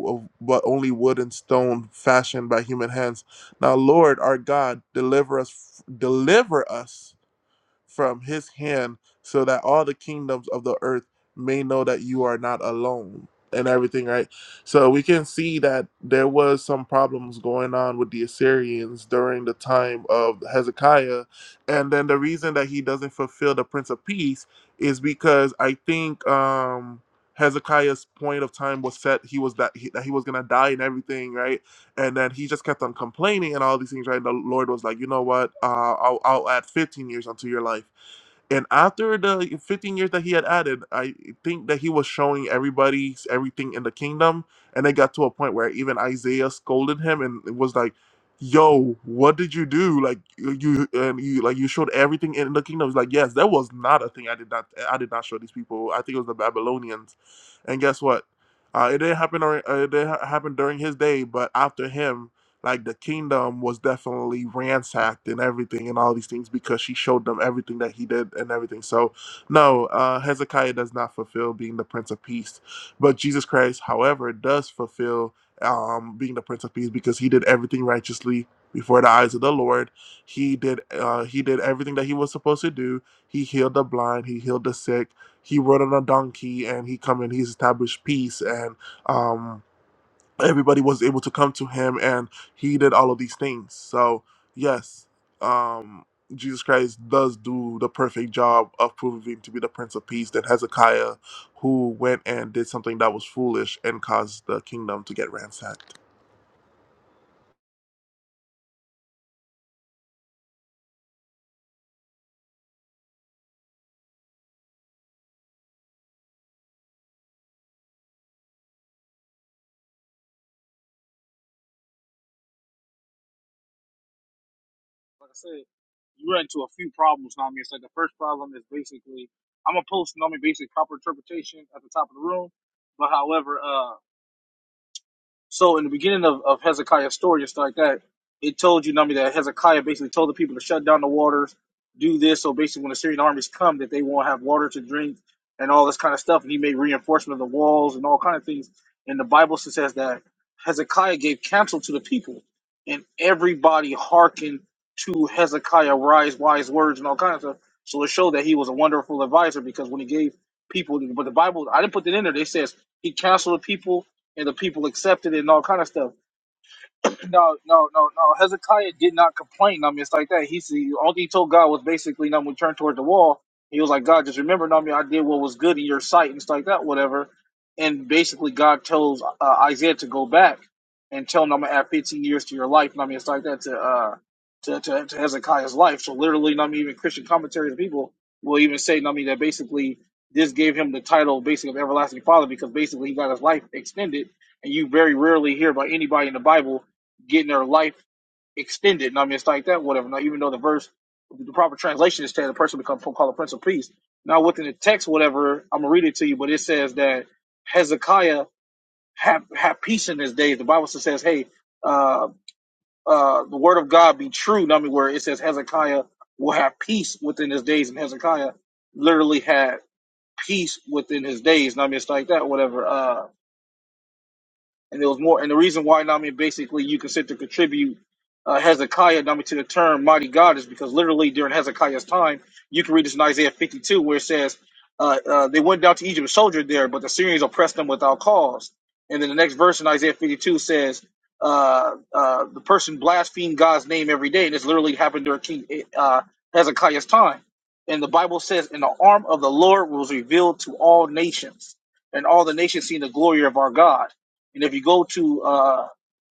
A: but only wood and stone fashioned by human hands. Now, Lord, our God, deliver us, deliver us from his hand so that all the kingdoms of the earth may know that you are not alone and everything right so we can see that there was some problems going on with the assyrians during the time of hezekiah and then the reason that he doesn't fulfill the prince of peace is because i think um hezekiah's point of time was set he was that he, that he was gonna die and everything right and then he just kept on complaining and all these things, right? And the Lord was like, you know what? Uh, I'll, I'll add 15 years onto your life. And after the 15 years that he had added, I think that he was showing everybody everything in the kingdom. And it got to a point where even Isaiah scolded him and it was like, "Yo, what did you do? Like you and you like you showed everything in the kingdom." It's like, "Yes, that was not a thing. I did not I did not show these people. I think it was the Babylonians." And guess what? Uh, it didn't happen. Or, uh, it didn't ha- happen during his day, but after him, like the kingdom was definitely ransacked and everything and all these things because she showed them everything that he did and everything. So, no, uh, Hezekiah does not fulfill being the Prince of Peace, but Jesus Christ, however, does fulfill um, being the Prince of Peace because he did everything righteously before the eyes of the Lord. He did. Uh, he did everything that he was supposed to do. He healed the blind. He healed the sick he rode on a donkey and he come and he established peace and um, everybody was able to come to him and he did all of these things so yes um, jesus christ does do the perfect job of proving to be the prince of peace than hezekiah who went and did something that was foolish and caused the kingdom to get ransacked
L: I said. you run into a few problems, know what I mean? It's like the first problem is basically I'm gonna post you know what I mean, basic proper interpretation at the top of the room. But however, uh so in the beginning of, of Hezekiah's story and stuff like that, it told you, Nami, that Hezekiah basically told the people to shut down the waters, do this, so basically when the Syrian armies come that they won't have water to drink and all this kind of stuff, and he made reinforcement of the walls and all kind of things. And the Bible says that Hezekiah gave counsel to the people, and everybody hearkened to Hezekiah wise, wise words and all kinds of stuff. So it showed that he was a wonderful advisor because when he gave people, but the Bible, I didn't put that in there. They says he counseled the people and the people accepted it and all kind of stuff no, no, no, no. Hezekiah did not complain. I mean, it's like that. He said all he told God was basically, "Now we turn toward the wall." He was like, "God, just remember, no, I mean, I did what was good in your sight and stuff like that, whatever." And basically, God tells uh, Isaiah to go back and tell him, "I'm gonna add 15 years to your life." And I mean, it's like that to uh to to, to Hezekiah's life. So literally, no, I mean, even Christian commentaries and people will even say, no, I mean, that basically this gave him the title, basically, of everlasting father because basically he got his life extended and you very rarely hear about anybody in the Bible getting their life extended and I mean it's like that, whatever. Now even though the verse the proper translation is saying the person becomes called a prince of peace. Now within the text, whatever, I'm gonna read it to you, but it says that Hezekiah had had peace in his days. The Bible says, Hey, uh uh the word of God be true, Now, I mean where it says Hezekiah will have peace within his days and Hezekiah literally had peace within his days. Now, I mean it's like that, whatever. Uh and there was more. And the reason why, I mean, basically, you can sit to contribute uh, Hezekiah, I mean, to the term "mighty God" is because literally during Hezekiah's time, you can read this in Isaiah 52, where it says uh, uh, they went down to Egypt, and soldiered there, but the Syrians oppressed them without cause. And then the next verse in Isaiah 52 says uh, uh, the person blasphemed God's name every day, and this literally happened during King uh, Hezekiah's time. And the Bible says, "And the arm of the Lord was revealed to all nations, and all the nations seen the glory of our God." And if you go to uh,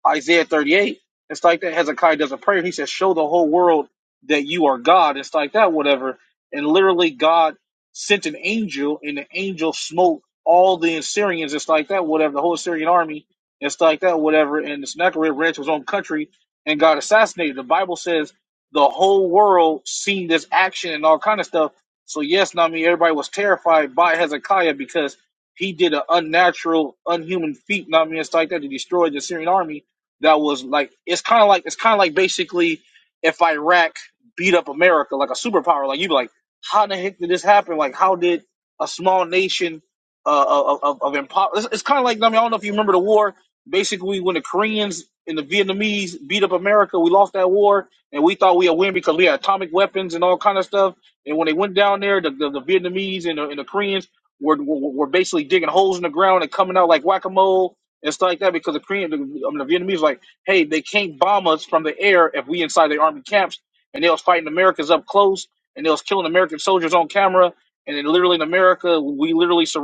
L: Isaiah 38. It's like that Hezekiah does a prayer. He says, Show the whole world that you are God. It's like that, whatever. And literally, God sent an angel, and the angel smote all the Assyrians. It's like that, whatever. The whole Assyrian army. It's like that, whatever. And Sennacherib ran to his own country and got assassinated. The Bible says the whole world seen this action and all kind of stuff. So, yes, I mean, everybody was terrified by Hezekiah because he did an unnatural, unhuman feat, not I mean, it's like that, to destroy the Assyrian army that was like it's kind of like it's kind of like basically if Iraq beat up America like a superpower, like you'd be like, how the heck did this happen? Like, how did a small nation uh, of of, of empower? It's, it's kind of like I mean, I don't know if you remember the war. Basically, when the Koreans and the Vietnamese beat up America, we lost that war, and we thought we had win because we had atomic weapons and all kind of stuff. And when they went down there, the, the, the Vietnamese and the, and the Koreans were, were were basically digging holes in the ground and coming out like whack a mole and stuff like that because the Korean, the, I mean, the Vietnamese, like, hey, they can't bomb us from the air if we inside their army camps, and they was fighting Americans up close, and they was killing American soldiers on camera, and then literally in America, we literally survived.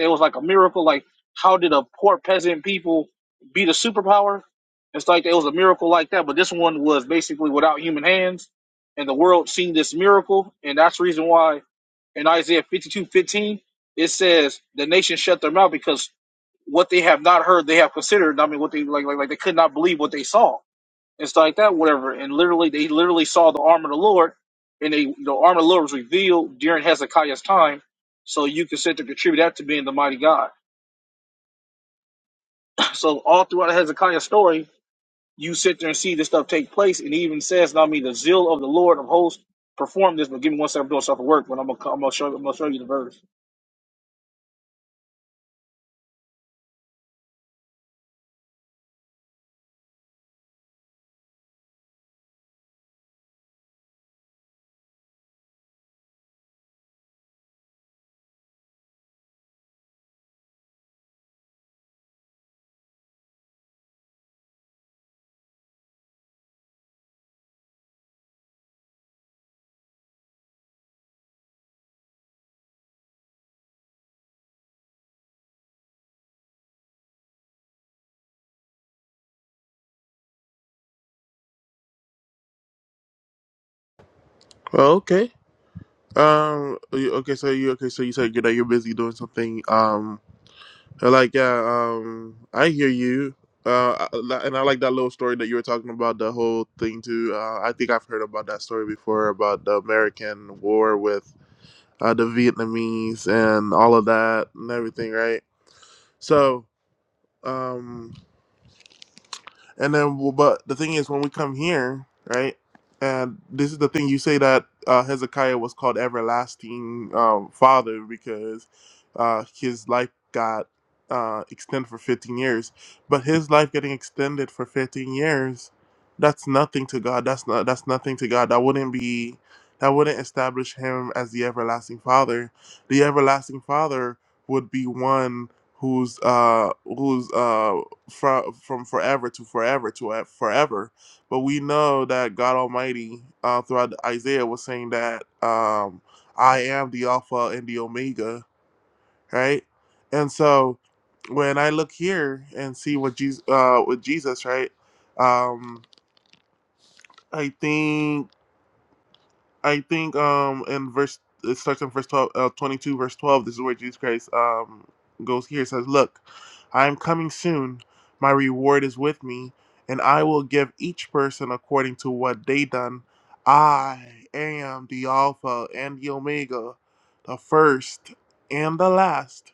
L: It was like a miracle. Like, how did a poor people beat our and stuff? And the world seen this miracle, and I and I. It says the nation shut their mouth because what they have not heard, they have. I mean, what they like, like, like they could not believe what they saw and stuff like that, whatever. And literally, they literally saw the arm of the Lord, and they, the arm of the Lord was revealed during Hezekiah's time. So you can sit to contribute that to being the mighty God. So all throughout Hezekiah's story, you sit there and see this stuff take place, and he even says, "Now, I mean, the zeal of the Lord of hosts performed this." But give me one second, I'm doing stuff at work, but I'm gonna, I'm gonna show, I'm gonna show you the verse.
A: well, okay um you- okay so you okay so you said you know you're busy doing something um I like yeah, um, I hear you. Uh, I- and I like that little story that you were talking about, the whole thing too. Uh, I think I've heard about that story before about the American war with uh, the Vietnamese and all of that and everything, right? So, um, and then, well, but the thing is, when we come here, right? And this is the thing you say that uh, Hezekiah was called everlasting um, father because uh, his life got uh, extended for 15 years. But his life getting extended for 15 years, that's nothing to God. That's not. That's nothing to God. That wouldn't be. That wouldn't establish him as the everlasting father. The everlasting father would be one who's uh who's uh from from forever to forever to e- forever. But we know that God Almighty, uh, throughout Isaiah, was saying that um, I am the Alpha and the Omega, right? And so when I look here and see what Jesus, uh, with Jesus, right? Um, I think. I think um in verse it starts in verse 12, uh, 22, verse 12. This is where Jesus Christ um goes here. It says, "Look, I am coming soon. My reward is with me, and I will give each person according to what they done. I am the Alpha and the Omega, the first and the last,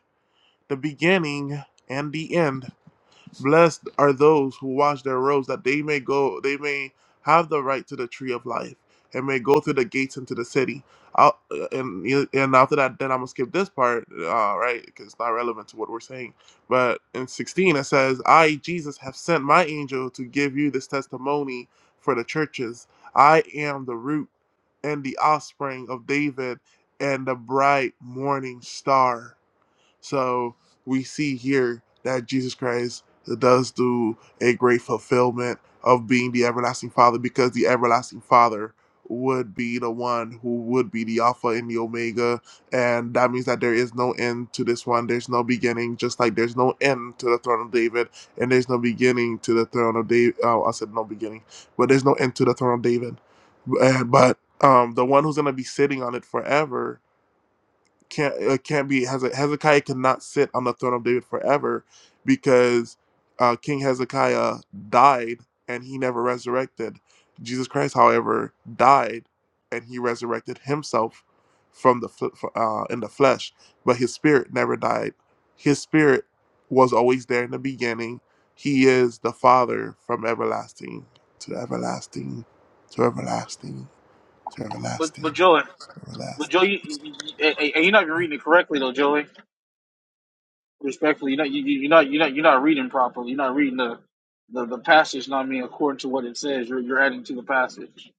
A: the beginning and the end. Blessed are those who wash their robes, that they may go, they may have the right to the tree of life, and may go through the gates into the city. I'll, uh, and and after that, then I'm gonna skip this part, uh, right? Because it's not relevant to what we're saying. But in 16, it says, "I Jesus have sent my angel to give you this testimony for the churches. I am the root and the offspring of David, and the bright morning star." So we see here that Jesus Christ does do a great fulfillment of being the everlasting Father because the everlasting Father would be the one who would be the Alpha and the Omega. And that means that there is no end to this one. There's no beginning, just like there's no end to the throne of David, and there's no beginning to the throne of David. Oh, I said no beginning, but there's no end to the throne of David. Uh, But um, the one who's going to be sitting on it forever can't it can't be Heze- Hezekiah cannot sit on the throne of David forever because uh, King Hezekiah died and he never resurrected. Jesus Christ, however, died and he resurrected himself from the fl- f- uh, in the flesh, but his spirit never died. His spirit was always there in the beginning. He is the Father from everlasting to everlasting to everlasting to
L: But,
A: everlasting
L: but Joey,
A: to
L: but
A: everlasting.
L: Joey, you, you, you, and you're not even reading it correctly though, Joey. respectfully, you're not you, you- you're not you're not you're not reading properly. You're not reading the the, the passage. Not I mean according to what it says. You're you're adding to the passage.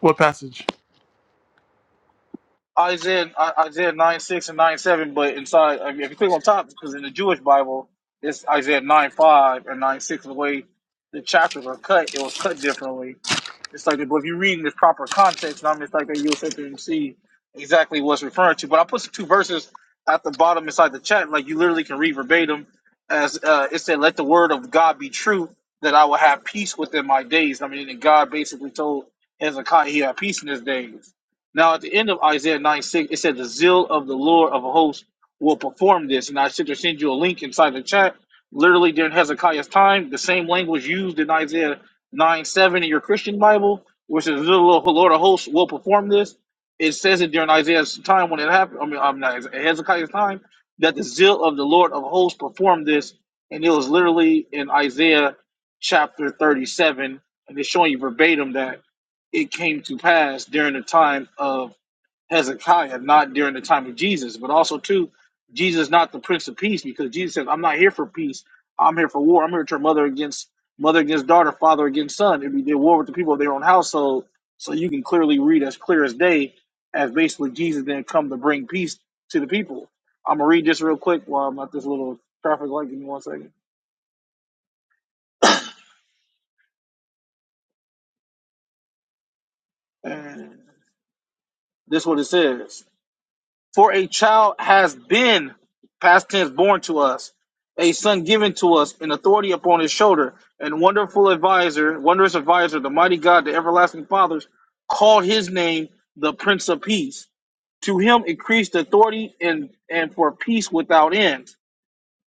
A: What passage?
L: Isaiah I- Isaiah nine six and nine seven. But inside, I mean, if you click on top, because in the Jewish Bible, it's Isaiah nine five and nine six. The way the chapters are cut, it was cut differently. It's like, but if you read in the proper context, and I'm just like that, you'll sit there and see exactly what's referring to. But I put some two verses at the bottom inside the chat, like you literally can read verbatim. As uh, it said, "Let the word of God be true, that I will have peace within my days." I mean, and God basically told Hezekiah he had peace in his days. Now, at the end of Isaiah 9 6, it said, The zeal of the Lord of hosts will perform this. And I should just send you a link inside the chat. Literally during Hezekiah's time, the same language used in Isaiah nine seven in your Christian Bible, which is the Lord of hosts will perform this. It says it during Isaiah's time when it happened. I mean, I'm not Hezekiah's time that the zeal of the Lord of hosts performed this, and it was literally in Isaiah chapter 37, and it's showing you verbatim that it came to pass during the time of Hezekiah, not during the time of Jesus, but also too, Jesus not the Prince of Peace, because Jesus says, "I'm not here for peace. I'm here for war. I'm here to turn mother against mother against daughter, father against son. It'd be their war with the people of their own household." So you can clearly read as clear as day as basically Jesus didn't come to bring peace to the people. I'm gonna read this real quick while I'm at this little traffic light. Give me one second. And this is what it says. For a child has been, past tense, born to us, a son given to us, and authority upon his shoulder, and wonderful advisor, wondrous advisor, the mighty God, the everlasting fathers, called his name the Prince of Peace. To him increased authority and, and for peace without end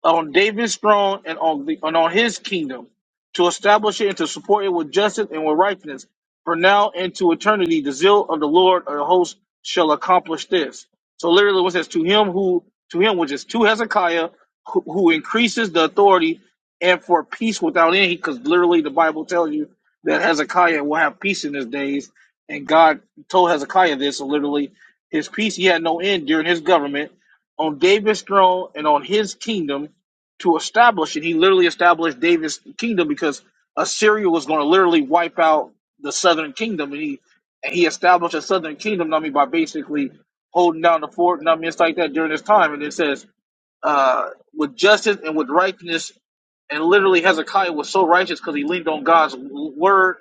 L: on David's throne and on the and on his kingdom, to establish it and to support it with justice and with righteousness, for now and to eternity. The zeal of the Lord of the hosts shall accomplish this. So literally, it says to him who to him which is to Hezekiah, who, who increases the authority and for peace without end, because literally the Bible tells you that Hezekiah will have peace in his days, and God told Hezekiah this. So literally, his peace he had no end during his government on David's throne and on his kingdom to establish it. He literally established David's kingdom because Assyria was going to literally wipe out the southern kingdom, and he and he established a southern kingdom. I mean, by basically holding down the fort. And I mean, it's like that during this time. And it says, uh, with justice and with righteousness, and literally Hezekiah was so righteous because he leaned on God's word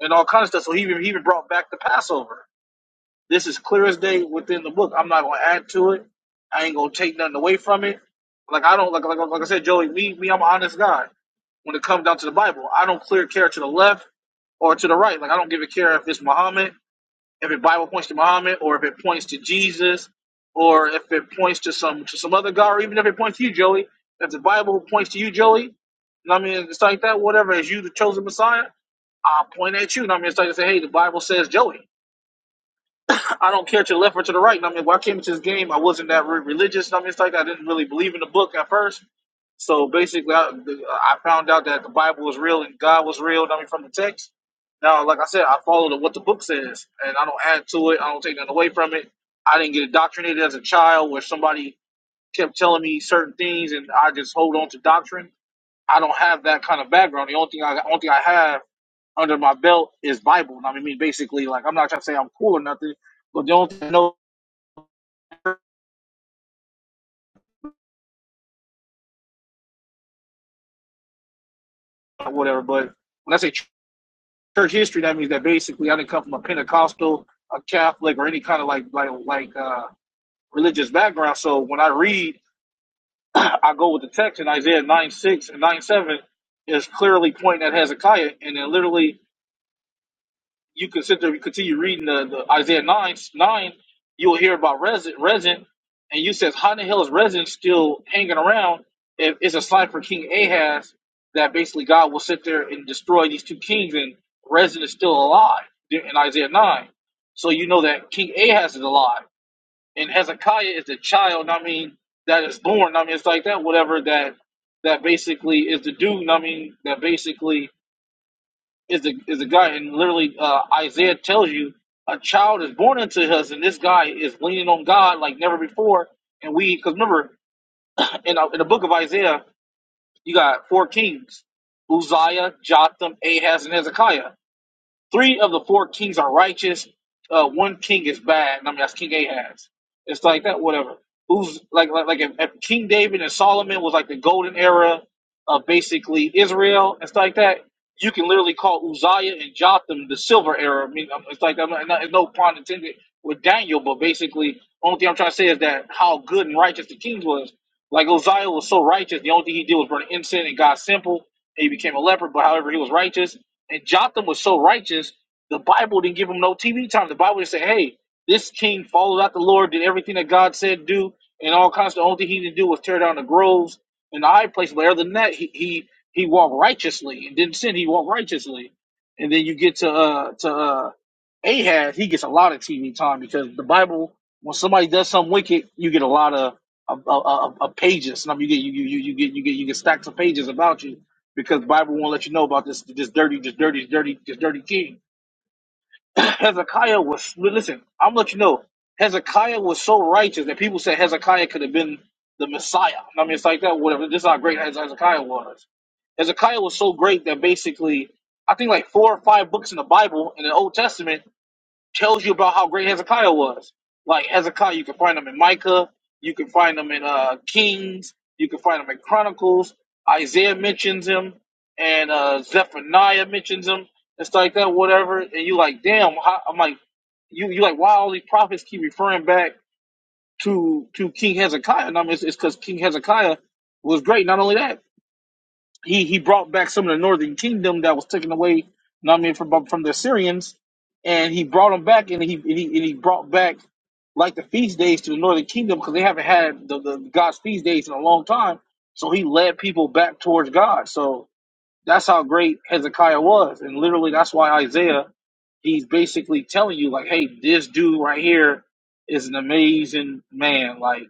L: and all kinds of stuff. So he even, he even brought back the Passover. This is clear as day within the book. I'm not gonna add to it. I ain't gonna take nothing away from it. Like I don't like like, like like I said, Joey. Me me, I'm an honest guy. When it comes down to the Bible, I don't clear care to the left or to the right. Like I don't give a care if it's Muhammad, if the Bible points to Muhammad, or if it points to Jesus, or if it points to some to some other God, or even if it points to you, Joey. If the Bible points to you, Joey, and I mean, it's like that. Whatever, as you the chosen Messiah, I'll point at you. And I mean, it's like to say, hey, the Bible says Joey. I don't care to the left or to the right. I mean, when I came into this game, I wasn't that re- religious. I mean, it's like I didn't really believe in the book at first. So basically, I, I found out that the Bible was real and God was real. I mean, from the text. Now, like I said, I follow what the book says, and I don't add to it. I don't take nothing away from it. I didn't get indoctrinated as a child where somebody kept telling me certain things, and I just hold on to doctrine. I don't have that kind of background. The only thing I, only thing I have under my belt is Bible. I mean, basically, like I'm not trying to say I'm cool or nothing, but the only thing I know whatever. But when I say church history, that means that basically I didn't come from a Pentecostal, a Catholic, or any kind of like like like uh, religious background. So when I read, I go with the text in Isaiah nine six and nine seven is clearly pointing at Hezekiah, and then literally you consider you continue reading the, the Isaiah nine nine, you'll hear about resin resin, and you says how in the hell is resin still hanging around? If it's a sign for King Ahaz that basically God will sit there and destroy these two kings, and resin is still alive there in Isaiah nine, so you know that King Ahaz is alive, and Hezekiah is the child. I mean that is born. I mean it's like that whatever that that basically is the dude. I mean that basically is a is a guy, and literally uh, Isaiah tells you a child is born into us, and this guy is leaning on God like never before. And we, because remember, in uh in the book of Isaiah, you got four kings: Uzziah, Jotham, Ahaz, and Hezekiah three of the four kings are righteous. Uh, one king is bad. and I mean, that's King Ahaz. It's like that, whatever. Who's like, like, like if, if King David and Solomon was like the golden era of basically Israel and stuff like that, you can literally call Uzziah and Jotham the silver era. I mean, I'm- it's like, I'm not, it's no pun intended with Daniel, but basically, only thing I'm trying to say is that how good and righteous the king was. Like Uzziah was so righteous, the only thing he did was burn incense and God's simple, and he became a leper. But however, he was righteous and Jotham was so righteous, the Bible didn't give him no TV time. The Bible just said, hey, this king followed out the Lord, did everything that God said do, and all kinds of the only thing he didn't do was tear down the groves and the high places. But other than that, he he, he walked righteously and didn't sin, he walked righteously. And then you get to uh to uh Ahab, he gets a lot of TV time because the Bible, when somebody does something wicked, you get a lot of of, of, of pages. I mean, you get you, you you get you get you get stacks of pages about you because the Bible won't let you know about this this dirty this dirty dirty this dirty king. Hezekiah was listen. I'm gonna let you know. Hezekiah was so righteous that people said Hezekiah could have been the Messiah. I mean, it's like that. Whatever. This is how great Hezekiah was. Hezekiah was so great that basically, I think like four or five books in the Bible in the Old Testament tells you about how great Hezekiah was. Like Hezekiah, you can find him in Micah, you can find him in uh, Kings, you can find him in Chronicles. Isaiah mentions him, and uh, Zephaniah mentions him and stuff like that. Whatever, and you like, damn. How, I'm like, you you like, why all these prophets keep referring back to to King Hezekiah? And I mean, it's because King Hezekiah was great. Not only that, he he brought back some of the northern way. And, I mean, and like, so, yeah, he's big. hey, this dude right here is an amazing man. Like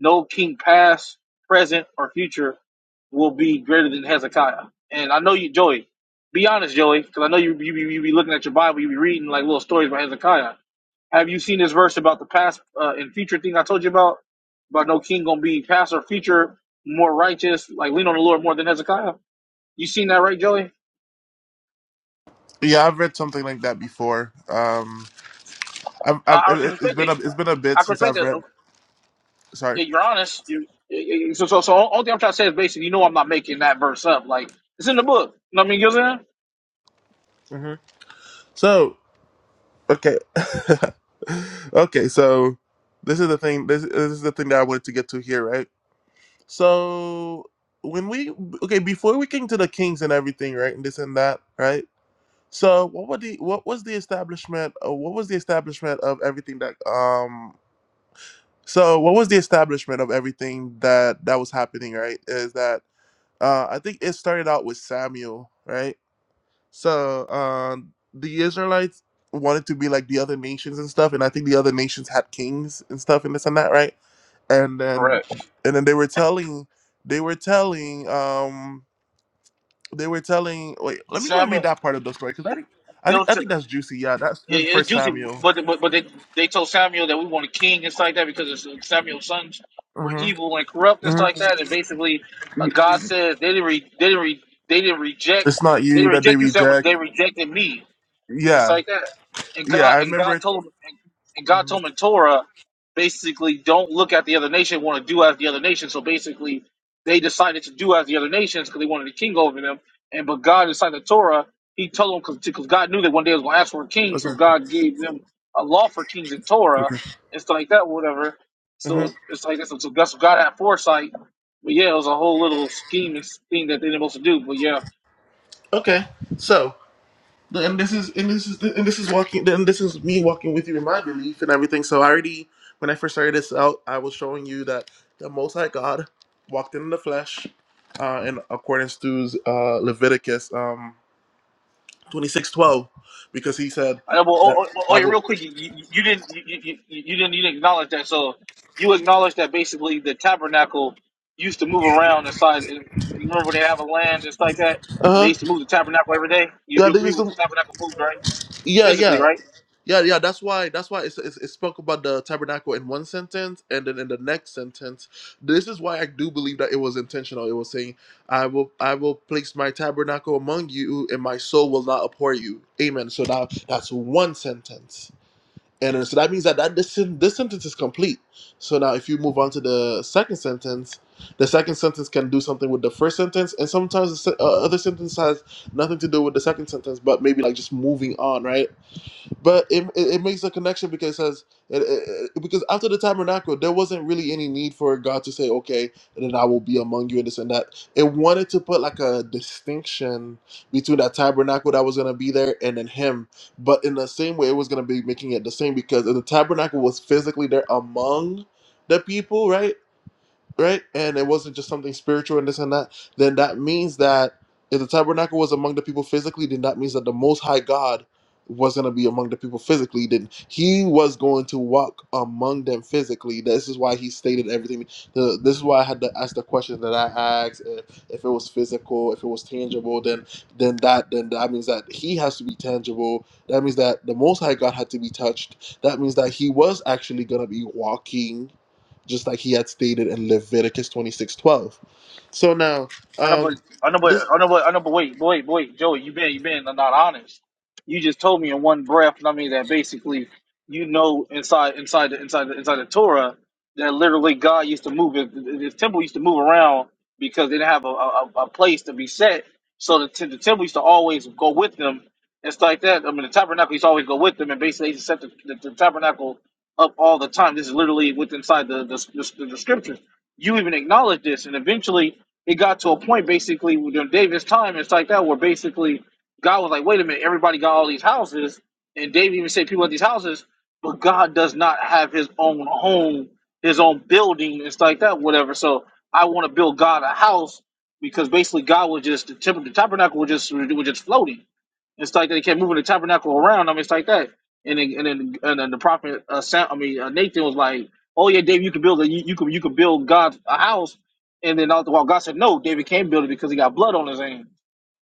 L: no king past, present, or future will be greater than Hezekiah. And I know you, Joey. Be honest, Joey, because I know you you, be- you be looking at your Bible, you be reading like little stories about Hezekiah. Have you seen this verse about the past uh, and future thing I told you about? About no king gonna be past or future more righteous, like lean on the Lord more than Hezekiah. You seen that, right, Joey?
A: Yeah, I've read something like that before. Um, I've,
L: I
A: I've
L: I
A: it,
L: can
A: it- it's
L: respect that.
A: been a it's been a bit
L: I can
A: since
L: respect
A: I've
L: that.
A: read. Sorry.
L: Yeah, you're honest. You you- so so so. All, all thing I'm trying to say is basically, you know, I'm not making that verse up. Like it's in the book. You know what I mean, you know what I'm saying?
A: hmm So okay, okay. So this is the thing. This this is the thing that I wanted to get to here, right? So when we okay before we came to the kings and everything, right, and this and that, right. So what were the what was the establishment? Uh, what was the establishment of everything that um So, what was the establishment of everything that that was happening? Right, is that uh, I think it started out with Samuel, right? So um, the Israelites wanted to be like the other nations and stuff, and I think the other nations had kings and stuff and this and that, right? And then
L: Correct.
A: and then they were telling they were telling um they were telling wait let me go and read
L: Samuel.
A: that part of the story because I think I
L: they
A: think
L: were
A: I
L: t-
A: think that's juicy. Yeah, that's
L: yeah,
A: in
L: yeah, it's
A: First
L: juicy,
A: Samuel.
L: but but, but they, they told Samuel that we want a king and stuff like that because it's Samuel's sons were
A: hmm
L: evil and corrupt and stuff
A: hmm
L: like that. And basically, uh, God says they didn't re, they didn't re, they didn't reject
A: It's not
L: they
A: you
L: didn't
A: that they
L: reject you, Samuel.
A: reject.
L: They rejected me. It's
A: Yeah,
L: like that. And
A: Yeah,
L: God
A: I
L: and
A: remember
L: God
A: it.
L: told and God
A: hmm
L: told him in Torah, basically, don't look at the other nation, want to do as the other nation. So basically, they decided to do as the other nations because they wanted a king over them. And but God inside the Torah, He told them because God knew that one day it was going to ask for a king, so
A: Okay.
L: God gave them a law for kings in Torah
A: Okay.
L: and stuff like that, whatever.
A: hmm
L: So it's like that's so that's God had foresight. But yeah, it was a whole little scheme thing that they didn't supposed to do. But yeah,
A: Okay. So, and this is and this is and this is walking. Then this is me walking with you in my belief and everything. So I already, when I first started this out, I was showing you that the Most High God walked in the flesh, uh, in accordance to uh, Leviticus um twenty six twelve, because he said
L: I
A: that I will.
L: know. acknowledge that. So you acknowledge that basically the tabernacle used to move around inside. You remember when they have a land just like that, and they
A: Uh huh.
L: used to move the tabernacle every day. You,
A: Yeah,
L: you
A: this
L: agree
A: is
L: with the
A: the.
L: tabernacle moved, right?
A: Yeah,
L: Physically,
A: yeah.
L: right?
A: Yeah, yeah, that's why that's why it's, it's, it spoke about the tabernacle in one sentence, and then in the next sentence, this is why I do believe that it was intentional. It was saying, "I will I will place my tabernacle among you, and my soul will not abhor you." Amen. So now that's one sentence, and then- so that means that that this sen- this sentence is complete. So now if you move on to the second sentence, the second sentence can do something with the first sentence, and sometimes the se- uh, other sentence has nothing to do with the second sentence, but maybe like just moving on, right? But it, it, it makes a connection because it says it, it, it- because after the tabernacle, there wasn't really any need for God to say, "Okay, and then I will be among you," and this and that. It wanted to put like a distinction between that tabernacle that was going to be there and then Him. But in the same way, it was going to be making it the same because if the tabernacle was physically there among the people, right? right? And it wasn't just something spiritual and this and that, then that means that if the tabernacle was among the people physically, then that means that the Most High God was going to be among the people physically. Then He was going to walk among them physically. This is why He stated everything. The, this is why I had to ask the question that I asked. If, if it was physical, if it was tangible, then then that then that means that He has to be tangible. That means that the Most High God had to be touched. That means that He was actually going to be walking just like he had stated in Leviticus twenty six twelve. So now,
L: I know, but
A: um,
L: I know, but
A: this
L: I know, but I know, but wait, but wait, but wait, Joey, you been you been not honest. You just told me in one breath. and I mean that basically, you know, inside inside the inside the, inside the Torah that literally God used to move his, his temple used to move around because they didn't have a, a, a place to be set. So the, t- the temple used to always go with them. It's like that. I mean, the tabernacle used to always go with them, and basically they just set the, the, the tabernacle up all the time. This is literally within inside the the, the, the scriptures. You even acknowledge this, and eventually it got to a point basically during David's time it's like that, where basically God was like, wait a minute, everybody got all these houses, and David even said people at these houses, but God does not have his own home, his own building it's like that, whatever. So I want to build God a house because basically God was just the temple, the tabernacle was just was just floating. It's like they kept moving the tabernacle around. I mean, it's like that. And then, and then, and then the prophet, uh, Sam, I mean, uh, Nathan was like, "Oh yeah, David, you can build a, you, you can you can build God a house." And then all the while, God said, "No, David can't build it because he got blood on his hand."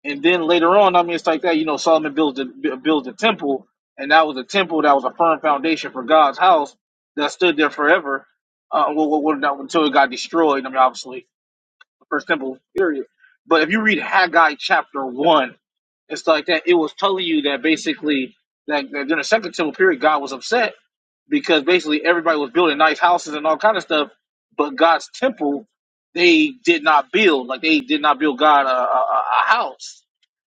L: And then later on, I mean, it's like that. You know, Solomon builds the bu- builds the temple, and that was a temple that was a firm foundation for God's house that stood there forever. Uh, well, well, well, not until it got destroyed. I mean, obviously, the first temple, period. But if you read Haggai chapter one and stuff like that. It was telling you that basically that, that during the Second Temple period, God was upset because basically everybody was building nice houses and all kind of stuff, but God's temple they did not build. Like they did not build God a, a, a a house,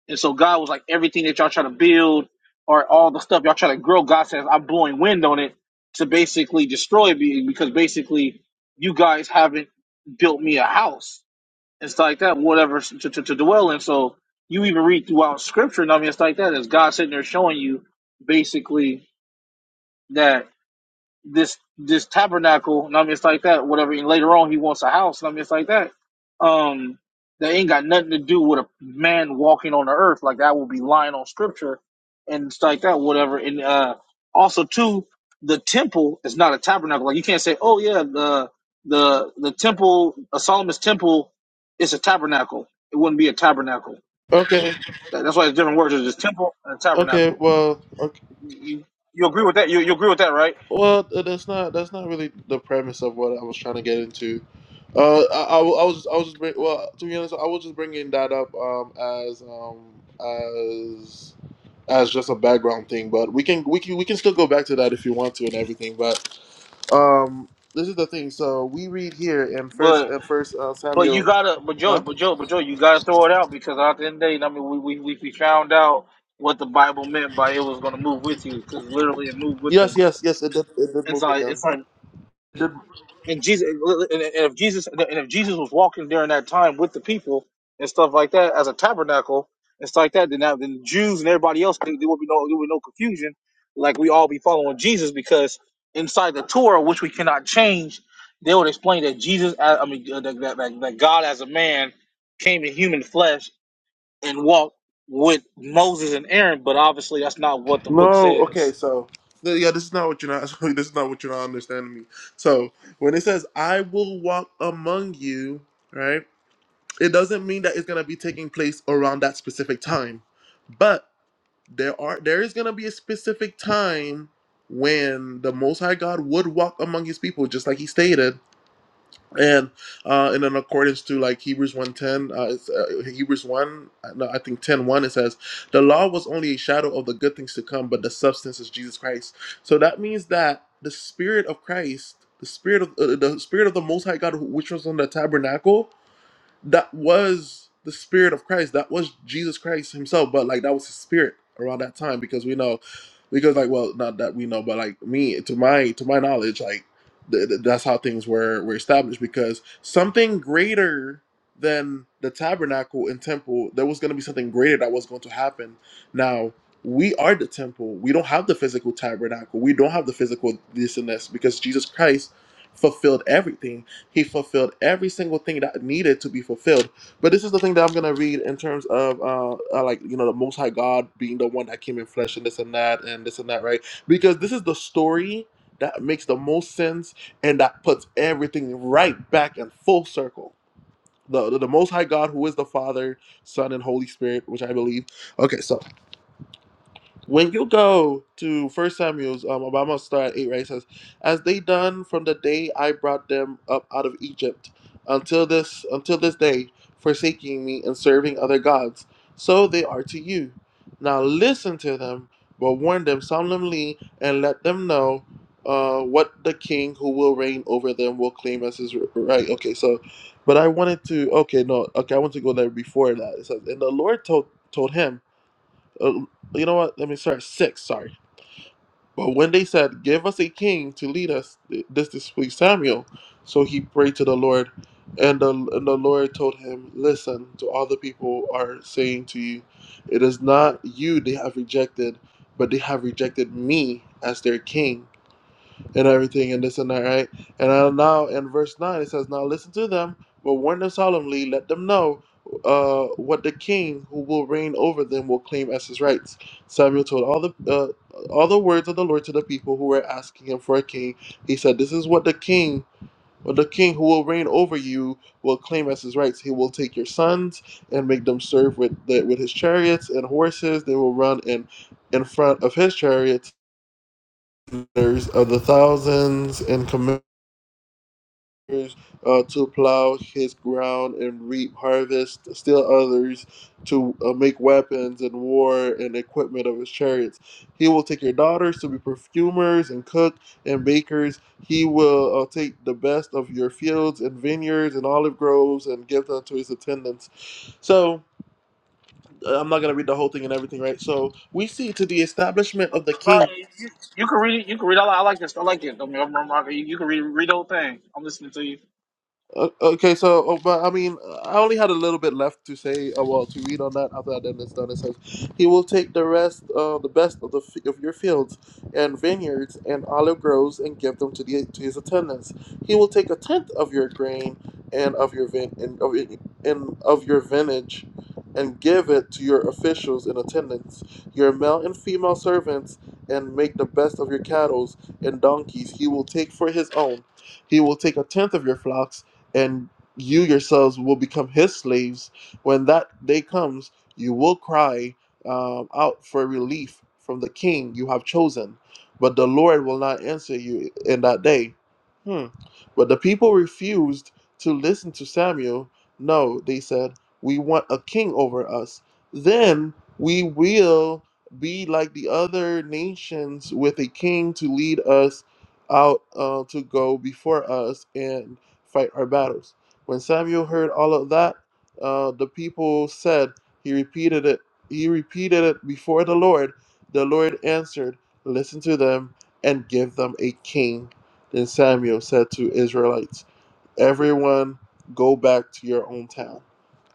L: and so God was like everything that y'all try to build or all the stuff y'all try to grow. God says I'm blowing wind on it to basically destroy me because basically you guys haven't built me a house and stuff like that, whatever to, to, to dwell in. So you even read throughout scripture and I mean it's like that, is God sitting there showing you basically that this this tabernacle, and I mean it's like that, whatever. And later on, he wants a house, and I mean it's like that. Um, that ain't got nothing to do with a man walking on the earth. Like that Will be lying on scripture, and it's like that, whatever. And uh, also too, the temple is not a tabernacle. Like you can't say, oh yeah, the the the temple, a Solomon's temple, is a tabernacle. It wouldn't be a tabernacle.
A: okay,
L: That- That's why it's different words. There's just temple and a
A: okay,
L: tabernacle.
A: well, okay,
L: You you agree with that? You you agree with that, right?
A: well, that's not that's not really the premise of what I was trying to get into. Uh, I, I, wa- I was I was just bring, well to be honest, I was just bringing that up um as um as as just a background thing, but we can we can we can still go back to that if you want to and everything, but um. This is the thing. So we read here in first, in first uh,
L: But you
A: Samuel,
L: gotta, but Joe,
A: huh?
L: but Joe, but Joe, you gotta throw it out because at the end of the day, I mean, we we we, we found out what the Bible meant by it was gonna move with you because literally it moved with them.
A: Yes, yes, yes. It did. It did
L: And
A: move
L: so
A: with
L: it's
A: them.
L: like,
A: It did,
L: and Jesus, and and if Jesus, and if Jesus was walking during that time with the people and stuff like that as a tabernacle and stuff like that, then that, then the Jews and everybody else there there would be no there would be no confusion, like we all be following Jesus because inside the Torah, which we cannot change, they would explain that Jesus, I I mean, uh, that, that, that that God as a man. and walk with Moses and Aaron, but obviously that's not what the book
A: no, okay.
L: says.
A: So no, yeah, this is not what you're not. Sorry, This is not what you're not understanding me. So when it says "I will walk among you," right? It doesn't mean that it's gonna be taking place around that specific time, but there are there is gonna be a specific time when the Most High God would walk among His people, just like He stated, and uh, and in accordance to like hebrews one ten, uh, it's, uh, hebrews 1 uh, no, i think ten one, it says the law was only a shadow of the good things to come but the substance is jesus christ so that means that the spirit of christ the spirit of uh, the spirit of the most high god who- which was on the tabernacle that was the spirit of Christ. That was Jesus Christ himself, but like that was his spirit around that time because we know because like well not that we know but like me to my to my knowledge like th- th- that's how things were were established because something greater than the tabernacle and temple there was going to be something greater that was going to happen now we are the temple we don't have the physical tabernacle we don't have the physical this and this because jesus christ fulfilled everything he fulfilled every single thing that needed to be fulfilled. But this is the thing that I'm gonna read in terms of uh, uh like you know the Most High God being the one that came in flesh and this and that and this and that, right? Because this is the story that makes the most sense and that puts everything right back in full circle. The, the, the Most High God, who is the Father, Son, and Holy Spirit, which I believe. Okay, so when you go to First Samuel's, um, I'm gonna start at eight. Right, it says, "As they done from the day I brought them up out of Egypt, until this until this day, forsaking me and serving other gods, so they are to you. Now listen to them, but warn them solemnly, and let them know uh, what the king who will reign over them will claim as his right." Okay, so, but I wanted to. Okay, no, okay, I want to go there before that. It says, "And the Lord told told him." uh, you know what? Let me start six. Sorry. But when they said, "Give us a king to lead us," th- this displeased Samuel, so he prayed to the Lord, and the and the Lord told him, "Listen to all the people are saying to you, it is not you they have rejected, but they have rejected me as their king and everything and this and that, right? And now now in verse 9, it says, Now listen to them, but warn them solemnly, let them know uh, what the king who will reign over them will claim as his rights. Samuel told all the uh, all the words of the Lord to the people who were asking him for a king. He said, This is what the king what the king who will reign over you will claim as his rights. He will take your sons and make them serve with the, with his chariots and horses. They will run in in front of his chariots of the thousands and commanders uh, to plow his ground and reap harvest, still others to uh, make weapons and war and equipment of his chariots. He will take your daughters to be perfumers and cook and bakers. He will uh, take the best of your fields and vineyards and olive groves and give them to his attendants. So, uh, I'm not going to read the whole thing and everything, right? So, we see to the establishment of the
L: Well,
A: king.
L: you, you can read it. You can read. I like, I like this. I like it. I mean, I'm, I'm, you, you can read read the whole thing. I'm listening to you.
A: O- Okay, so oh, but I mean, I only had a little bit left to say. Uh, well, to read on that after that, then it's done. It says, "He will take the rest, uh, the best of the f- of your fields and vineyards and olive groves, and give them to the to his attendants. He will take a tenth of your grain and of your vin and of it- and of your vintage, and give it to your officials and attendants, your male and female servants, and make the best of your cattle and donkeys. He will take for his own. He will take a tenth of your flocks." and you yourselves will become his slaves. When that day comes, you will cry um, out for relief from the king you have chosen, but the Lord will not answer you in that day. Hmm. But the people refused to listen to Samuel. No, they said, We want a king over us. Then we will be like the other nations with a king to lead us out uh, to go before us and fight our battles. When Samuel heard all of that, uh, the people said, He repeated it. He repeated it before the Lord. The Lord answered, Listen to them and give them a king. Then Samuel said to Israelites, Everyone go back to your own town.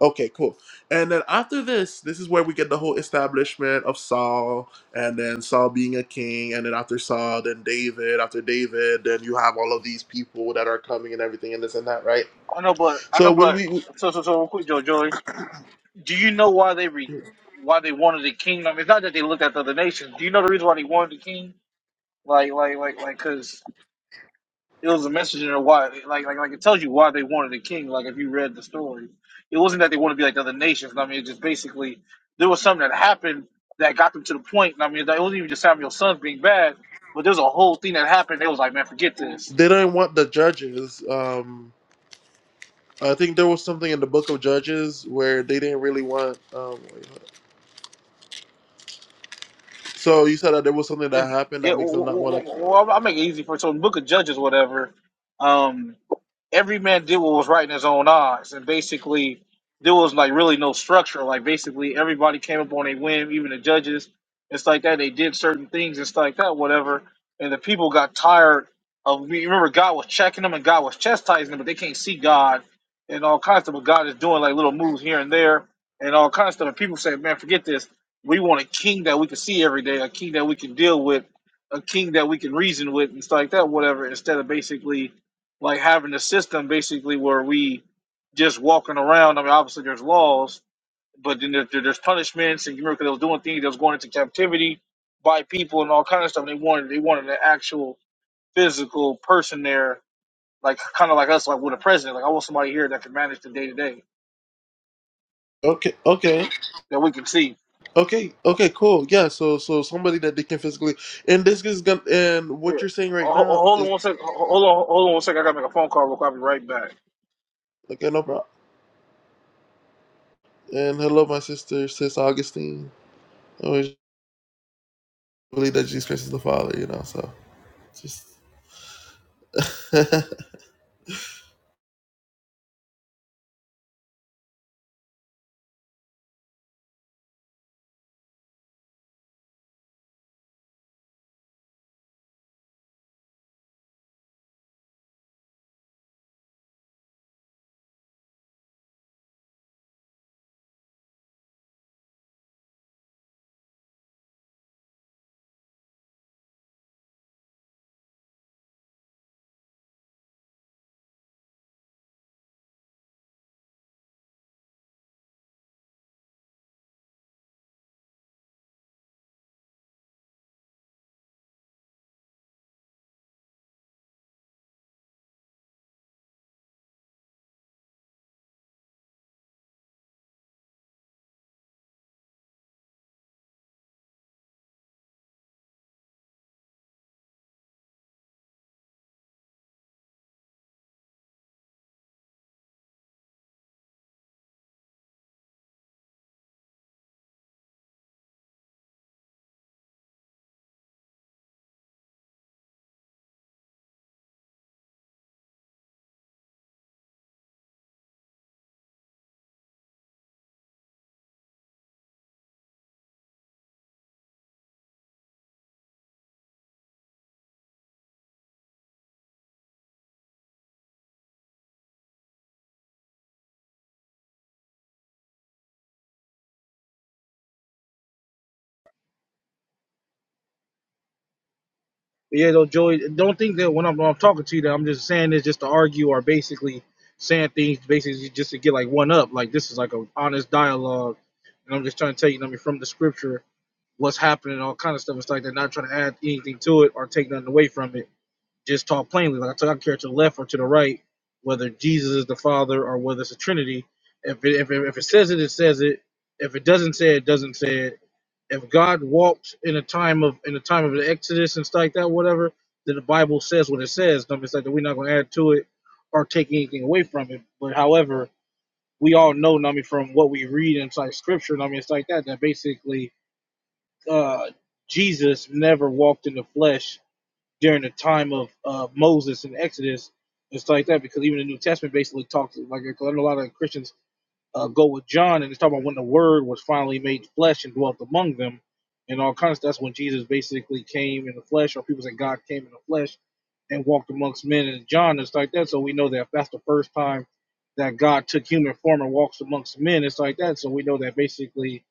A: Okay, cool. And then after this, this is where we get the whole establishment of Saul, and then Saul being a king, and then after Saul, then David. After David, then you have all of these people that are coming and everything, and this and that, right?
L: I know, but,
A: So when
L: but
A: we
L: so so so real quick, Joe Joey. Do you know why they re, why they wanted the kingdom? It's not that they looked at the other nations. Do you know the reason why they wanted the king? Like like like like because It was a message in there why, like, like, like it tells you why they wanted a king. Like if you read the story, it wasn't that they wanted to be like the other nations. I mean, it just basically there was something that happened that got them to the point. I mean, it wasn't even just Samuel's sons being bad, but there was a whole thing that happened. They was like, man, forget this.
A: they didn't want the judges. Um, I think there was something in the book of Judges where they didn't really want. Um, so you said that there was something that happened
L: yeah,
A: that makes
L: well,
A: them
L: well,
A: not want
L: well,
A: to.
L: well, I'll I'll make it easy for you. So in the Book of Judges, whatever. um, every man did what was right in his own eyes, and basically there was like really no structure. Like basically everybody came up on a whim, even the judges. It's like that. They did certain things. It's like that, whatever. And the people got tired of. you Remember, God was checking them and God was chastising them, but they can't see God and all kinds of stuff. But God is doing like little moves here and there and all kinds of stuff. And people say, "Man, forget this. We want a king that we can see every day, a king that we can deal with, a king that we can reason with, and stuff like that, whatever." Instead of basically like having a system basically where we just walking around. I mean, obviously there's laws, but then there, there- there's punishments and you remember, they was doing things They was going into captivity by people and all kind of stuff. And they wanted they wanted an actual physical person there, like kind of like us, like with a president. Like I want somebody here that can manage the day to day
A: Okay, okay.
L: that we can see.
A: Okay, okay, cool. Yeah, so so somebody that they can physically and this is gonna and
L: Yeah.
A: what you're saying
L: Ho-
A: right
L: ho-
A: now
L: Hold on
A: is
L: one sec. ho- Hold on. Hold on one sec. I gotta make a phone call. Real quick. I'll be right back.
A: okay, no problem. And hello my sister, sis Augustine. I always believe that Jesus Christ is the Father, you know, so just
L: Yeah, though, Joey, don't think that when I'm, when I'm talking to you, that I'm just saying this just to argue or basically saying things basically just to get like one up. Like this is like a honest dialogue, and I'm just trying to tell you, I mean, from the scripture, what's happening, all kind of stuff. It's like they're not trying to add anything to it or take nothing away from it. Just talk plainly. Like I told you, I don't care to the left or to the right, whether Jesus is the Father or whether it's a Trinity. If it, if it, if it says it, it says it. If it doesn't say it, doesn't say it if God walked in a time of in a time of the Exodus and stuff like that, whatever, then the Bible says what it says. I mean, it's like that we're not gonna add to it or take anything away from it. But however, we all know, I mean, from what we read inside Scripture, I mean, it's like that that basically uh, Jesus never walked in the flesh during the time of uh, Moses and Exodus and stuff like that, because even the New Testament basically talks like I know a lot of Christians uh, go with John, and it's talking about when the Word was finally made flesh and dwelt among them, and all kinds. Of, stuff. that's when Jesus basically came in the flesh, or people say God came in the flesh and walked amongst men. And John it's like that, so we know that that's the first time that God took human form and walks amongst men. It's like that, so we know that basically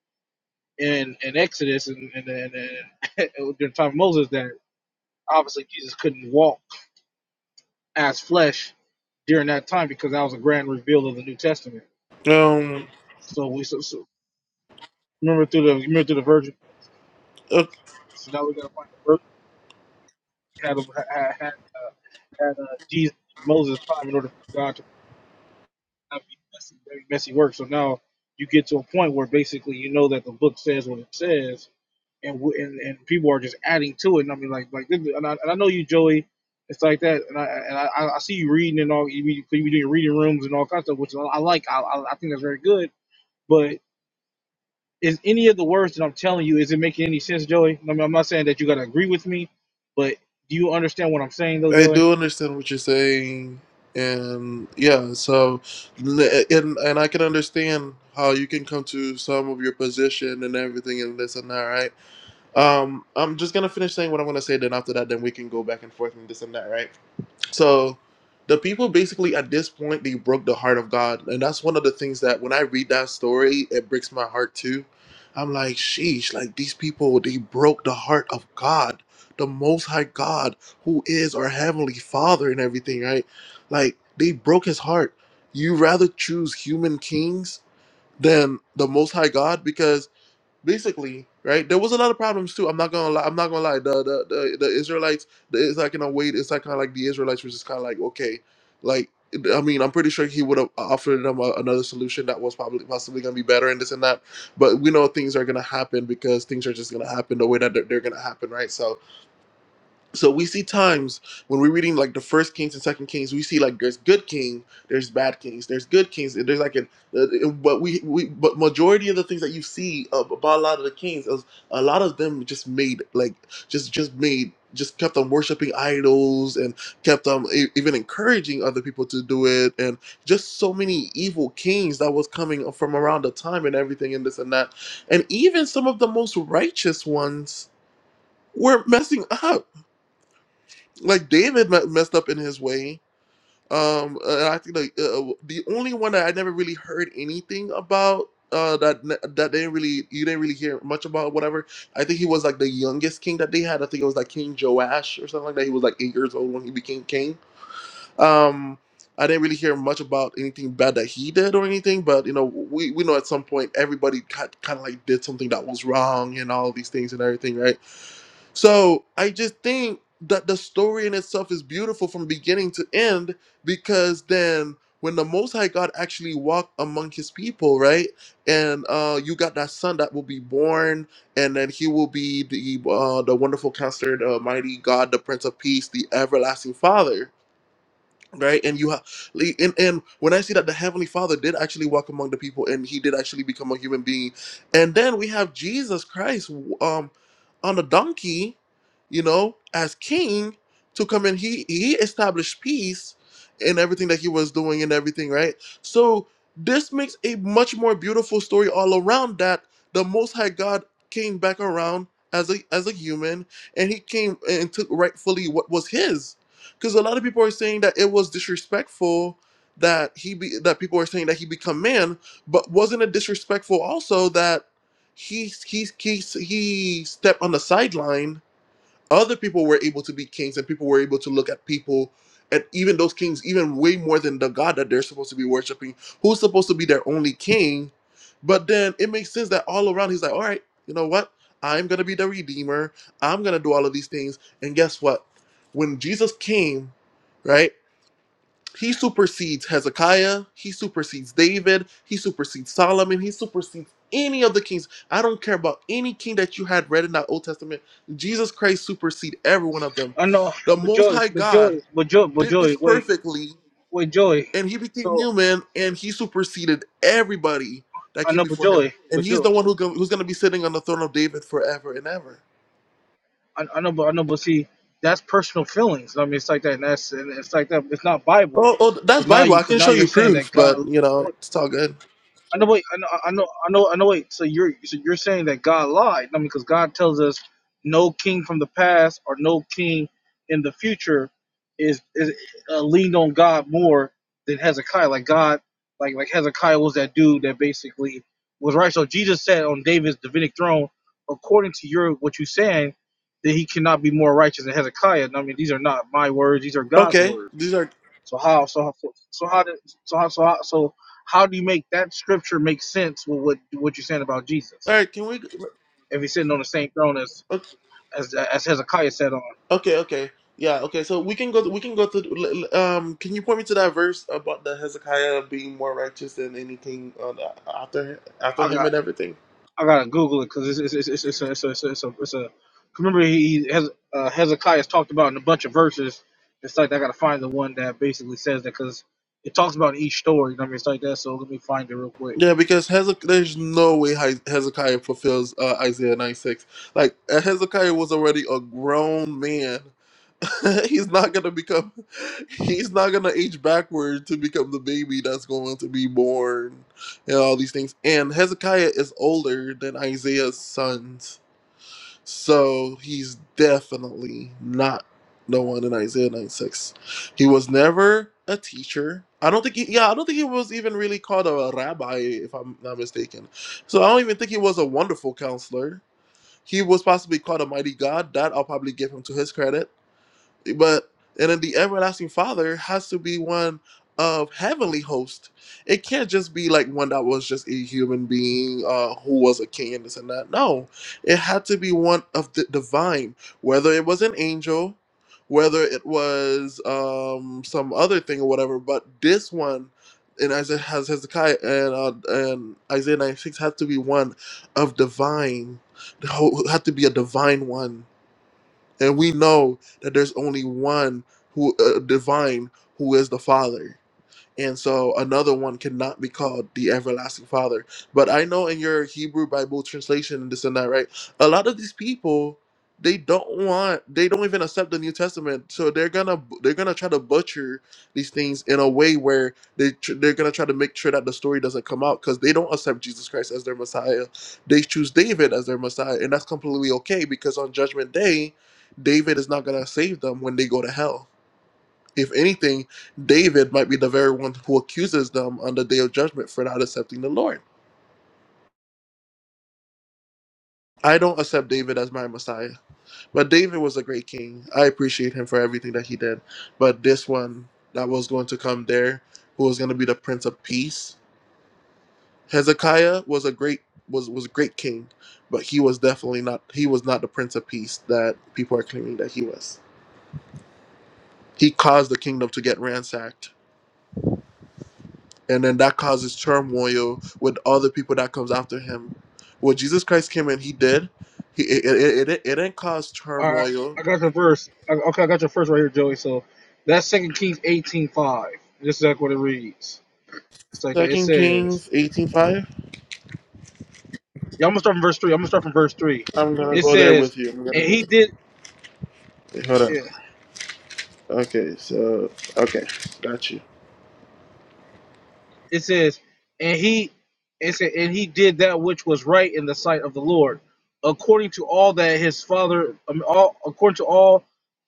L: in in Exodus and and, and, and during the time of Moses that obviously Jesus couldn't walk as flesh during that time because that was a grand reveal of the New Testament.
A: Um
L: So we so, so remember through the remember through the virgin.
A: okay,
L: So now we gotta find the verse that had had had, uh, had uh, Jesus and Moses time in order for God to not be messy, very messy work. So now you get to a point where basically you know that the book says what it says, and w- and, and people are just adding to it. And I mean, like like this, and, I, and I know you, Joey. It's like that, and I and I, I I see you reading and all. You be, you be doing reading rooms and all kinds of stuff, which I I like. I I I think that's very good, but. Is any of the words that I'm telling you, is it making any sense, Joey? I mean, I'm not saying that you gotta agree with me, but do you understand what I'm saying though,
A: I
L: Joey?
A: do understand what you're saying and yeah, so and and I can understand how you can come to some of your position and everything and this and that, right? Um I'm just gonna finish saying what I'm gonna say, then after that then we can go back and forth and this and that, right? So the people basically at this point they broke the heart of God. And that's one of the things that when I read that story, it breaks my heart too. I'm like, sheesh, like these people, they broke the heart of God, the most high God, who is our heavenly father and everything, right? Like they broke his heart. You rather choose human kings than the most high God because basically, right? There was a lot of problems too. I'm not gonna lie. I'm not gonna lie. The the the, the Israelites. The, it's like in a way. It's like kind of like the Israelites, were just kind of like okay, like I mean, I'm pretty sure he would have offered them a, another solution that was probably possibly gonna be better and this and that. But we know things are gonna happen because things are just gonna happen the way that they're, they're gonna happen, right? So so we see times when we're reading like the first Kings and second Kings, we see like there's good king, there's bad kings, there's good kings, and there's like an uh, uh, but we we but majority of the things that you see uh, about a lot of the kings is a lot of them just made like just just made just kept on worshiping idols and kept on e- even encouraging other people to do it and just so many evil kings that was coming from around the time and everything and this and that and even some of the most righteous ones were messing up like David me- messed up in his way. Um, uh, I think like uh, uh, the only one that I never really heard anything about uh, that ne- that didn't really you didn't really hear much about whatever. I think he was like the youngest king that they had. I think it was like King Joash or something like that. He was like eight years old when he became king. Um, I didn't really hear much about anything bad that he did or anything, but you know we, we know at some point everybody kind of like did something that was wrong and all these things and everything, right? So I just think that the story in itself is beautiful from beginning to end because then when the Most High God actually walked among His people, right, and uh, you got that son that will be born, and then he will be the uh, the wonderful counselor, the mighty God, the Prince of Peace, the everlasting Father right and you have and, and when i see that the heavenly father did actually walk among the people and he did actually become a human being and then we have jesus christ um on a donkey you know as king to come in he he established peace in everything that he was doing and everything right so this makes a much more beautiful story all around that the most high god came back around as a as a human and he came and took rightfully what was his because a lot of people are saying that it was disrespectful that he be that people are saying that he become man, but wasn't it disrespectful also that he he he he stepped on the sideline other people were able to be kings and people were able to look at people and even those kings even way more than the god that they're supposed to be worshiping who's supposed to be their only king but then it makes sense that all around he's like all right you know what i'm gonna be the redeemer i'm gonna do all of these things and guess what when jesus came right he supersedes Hezekiah. He supersedes David. He supersedes Solomon. He supersedes any of the kings. I don't care about any king that you had read in that Old Testament. Jesus Christ supersedes every one of them.
L: I know,
A: The
L: but
A: Most
L: Joey,
A: High
L: but
A: God
L: Joey, but Joey, but
A: did
L: Joey,
A: this
L: wait,
A: perfectly,
L: wait, Joey.
A: and he became
L: So
A: human, and he superseded everybody that
L: I
A: came
L: know, but
A: before him.
L: Joey,
A: And
L: but
A: he's
L: Joey,
A: the one who go, who's going to be sitting on the throne of David forever and ever.
L: I, I know, but I know, but see, that's personal feelings. I mean, it's like that, and that's and it's like that. It's not Bible,
A: Oh, oh,
L: because
A: that's
L: now
A: Bible.
L: you,
A: I
L: because
A: can
L: now
A: show
L: you're
A: you
L: saying
A: proof,
L: that God.
A: but you know it's all good.
L: I know. Wait. I know. I know. I know. I know. Wait. So you're so you're saying that God lied? I mean, because God tells us no king from the past or no king in the future is is uh, leaned on God more than Hezekiah. Like God, like like Hezekiah was that dude that basically was right. So Jesus said on David's Davidic throne, according to your what you're saying, that he cannot be more righteous than Hezekiah. And I mean, these are not my words; these are God's
A: Okay, these
L: words.
A: are
L: So how? So how? So so how did? So how? So how? So how do you make that scripture make sense with what what you're saying about
A: all
L: Jesus?
A: right. Can we?
L: If he's sitting on the same throne as as, as Hezekiah sat on,
A: Okay, okay. Yeah, okay. So we can go we can go through l- l- um can you point me to that verse about the Hezekiah being more righteous than anything on, after after
L: I
A: him
L: got
A: and everything?
L: I gotta Google it because it's it's it's it's a it's a, it's a, it's a, it's a 'cause remember he has uh, Hezekiah's talked about in a bunch of verses. It's like I gotta find the one that basically says that because it talks about each story. You know what I mean? It's like that. So let me find it real quick.
A: Yeah, because Hezek- there's no way Hi- Hezekiah fulfills uh, Isaiah 96. Like uh, Hezekiah was already a grown man. he's not going to become he's not going to age backward to become the baby that's going to be born and all these things. And Hezekiah is older than Isaiah's sons. So he's definitely not the one in Isaiah 96. He was never a teacher. I don't think he, yeah, I don't think he was even really called a rabbi, if I'm not mistaken. So I don't even think he was a wonderful counselor. He was possibly called a mighty God. That I'll probably give him to his credit but and then the everlasting father has to be one of heavenly host it can't just be like one that was just a human being uh who was a king and this and that no it had to be one of the divine whether it was an angel whether it was um some other thing or whatever but this one in Isaiah has Hezekiah and uh, and Isaiah 96 had to be one of divine, the whole- had to be a divine one and we know that there's only one who uh, divine who is the father and so another one cannot be called the everlasting father but i know in your hebrew bible translation and this and that right a lot of these people they don't want they don't even accept the new testament so they're gonna they're gonna try to butcher these things in a way where they tr- they're gonna try to make sure that the story doesn't come out because they don't accept jesus christ as their messiah they choose david as their messiah and that's completely okay because on judgment day david is not gonna save them when they go to hell if anything, David might be the very one who accuses them on the day of judgment for not accepting the Lord. I don't accept David as my Messiah, but David was a great king. I appreciate him for everything that he did. But this one that was going to come there, who was going to be the Prince of Peace, Hezekiah was a great was was a great king, but he was definitely not he was not the Prince of Peace that people are claiming that he was. He caused the kingdom to get ransacked and then that causes turmoil with all the people that comes after him. What Jesus Christ came and he did, he it it, it, it it didn't cause
L: All right,
A: turmoil.
L: I got your verse. I- Okay, I got your first right here, Joey. So that's Second Kings eighteen five. This is like what it reads. It's like that. It
A: Second
L: says.
A: Kings eighteen five.
L: Yeah, I'm gonna start from verse three. I'm gonna start from verse three.
A: I'm gonna
L: It
A: go there
L: says,
A: with you. I'm gonna
L: and
A: go.
L: he did.
A: Wait, hold on.
L: Yeah.
A: Okay, so okay, got you.
L: It says, and he it said, and he did that which was right in the sight of the Lord, according to all that his father, um, all according to all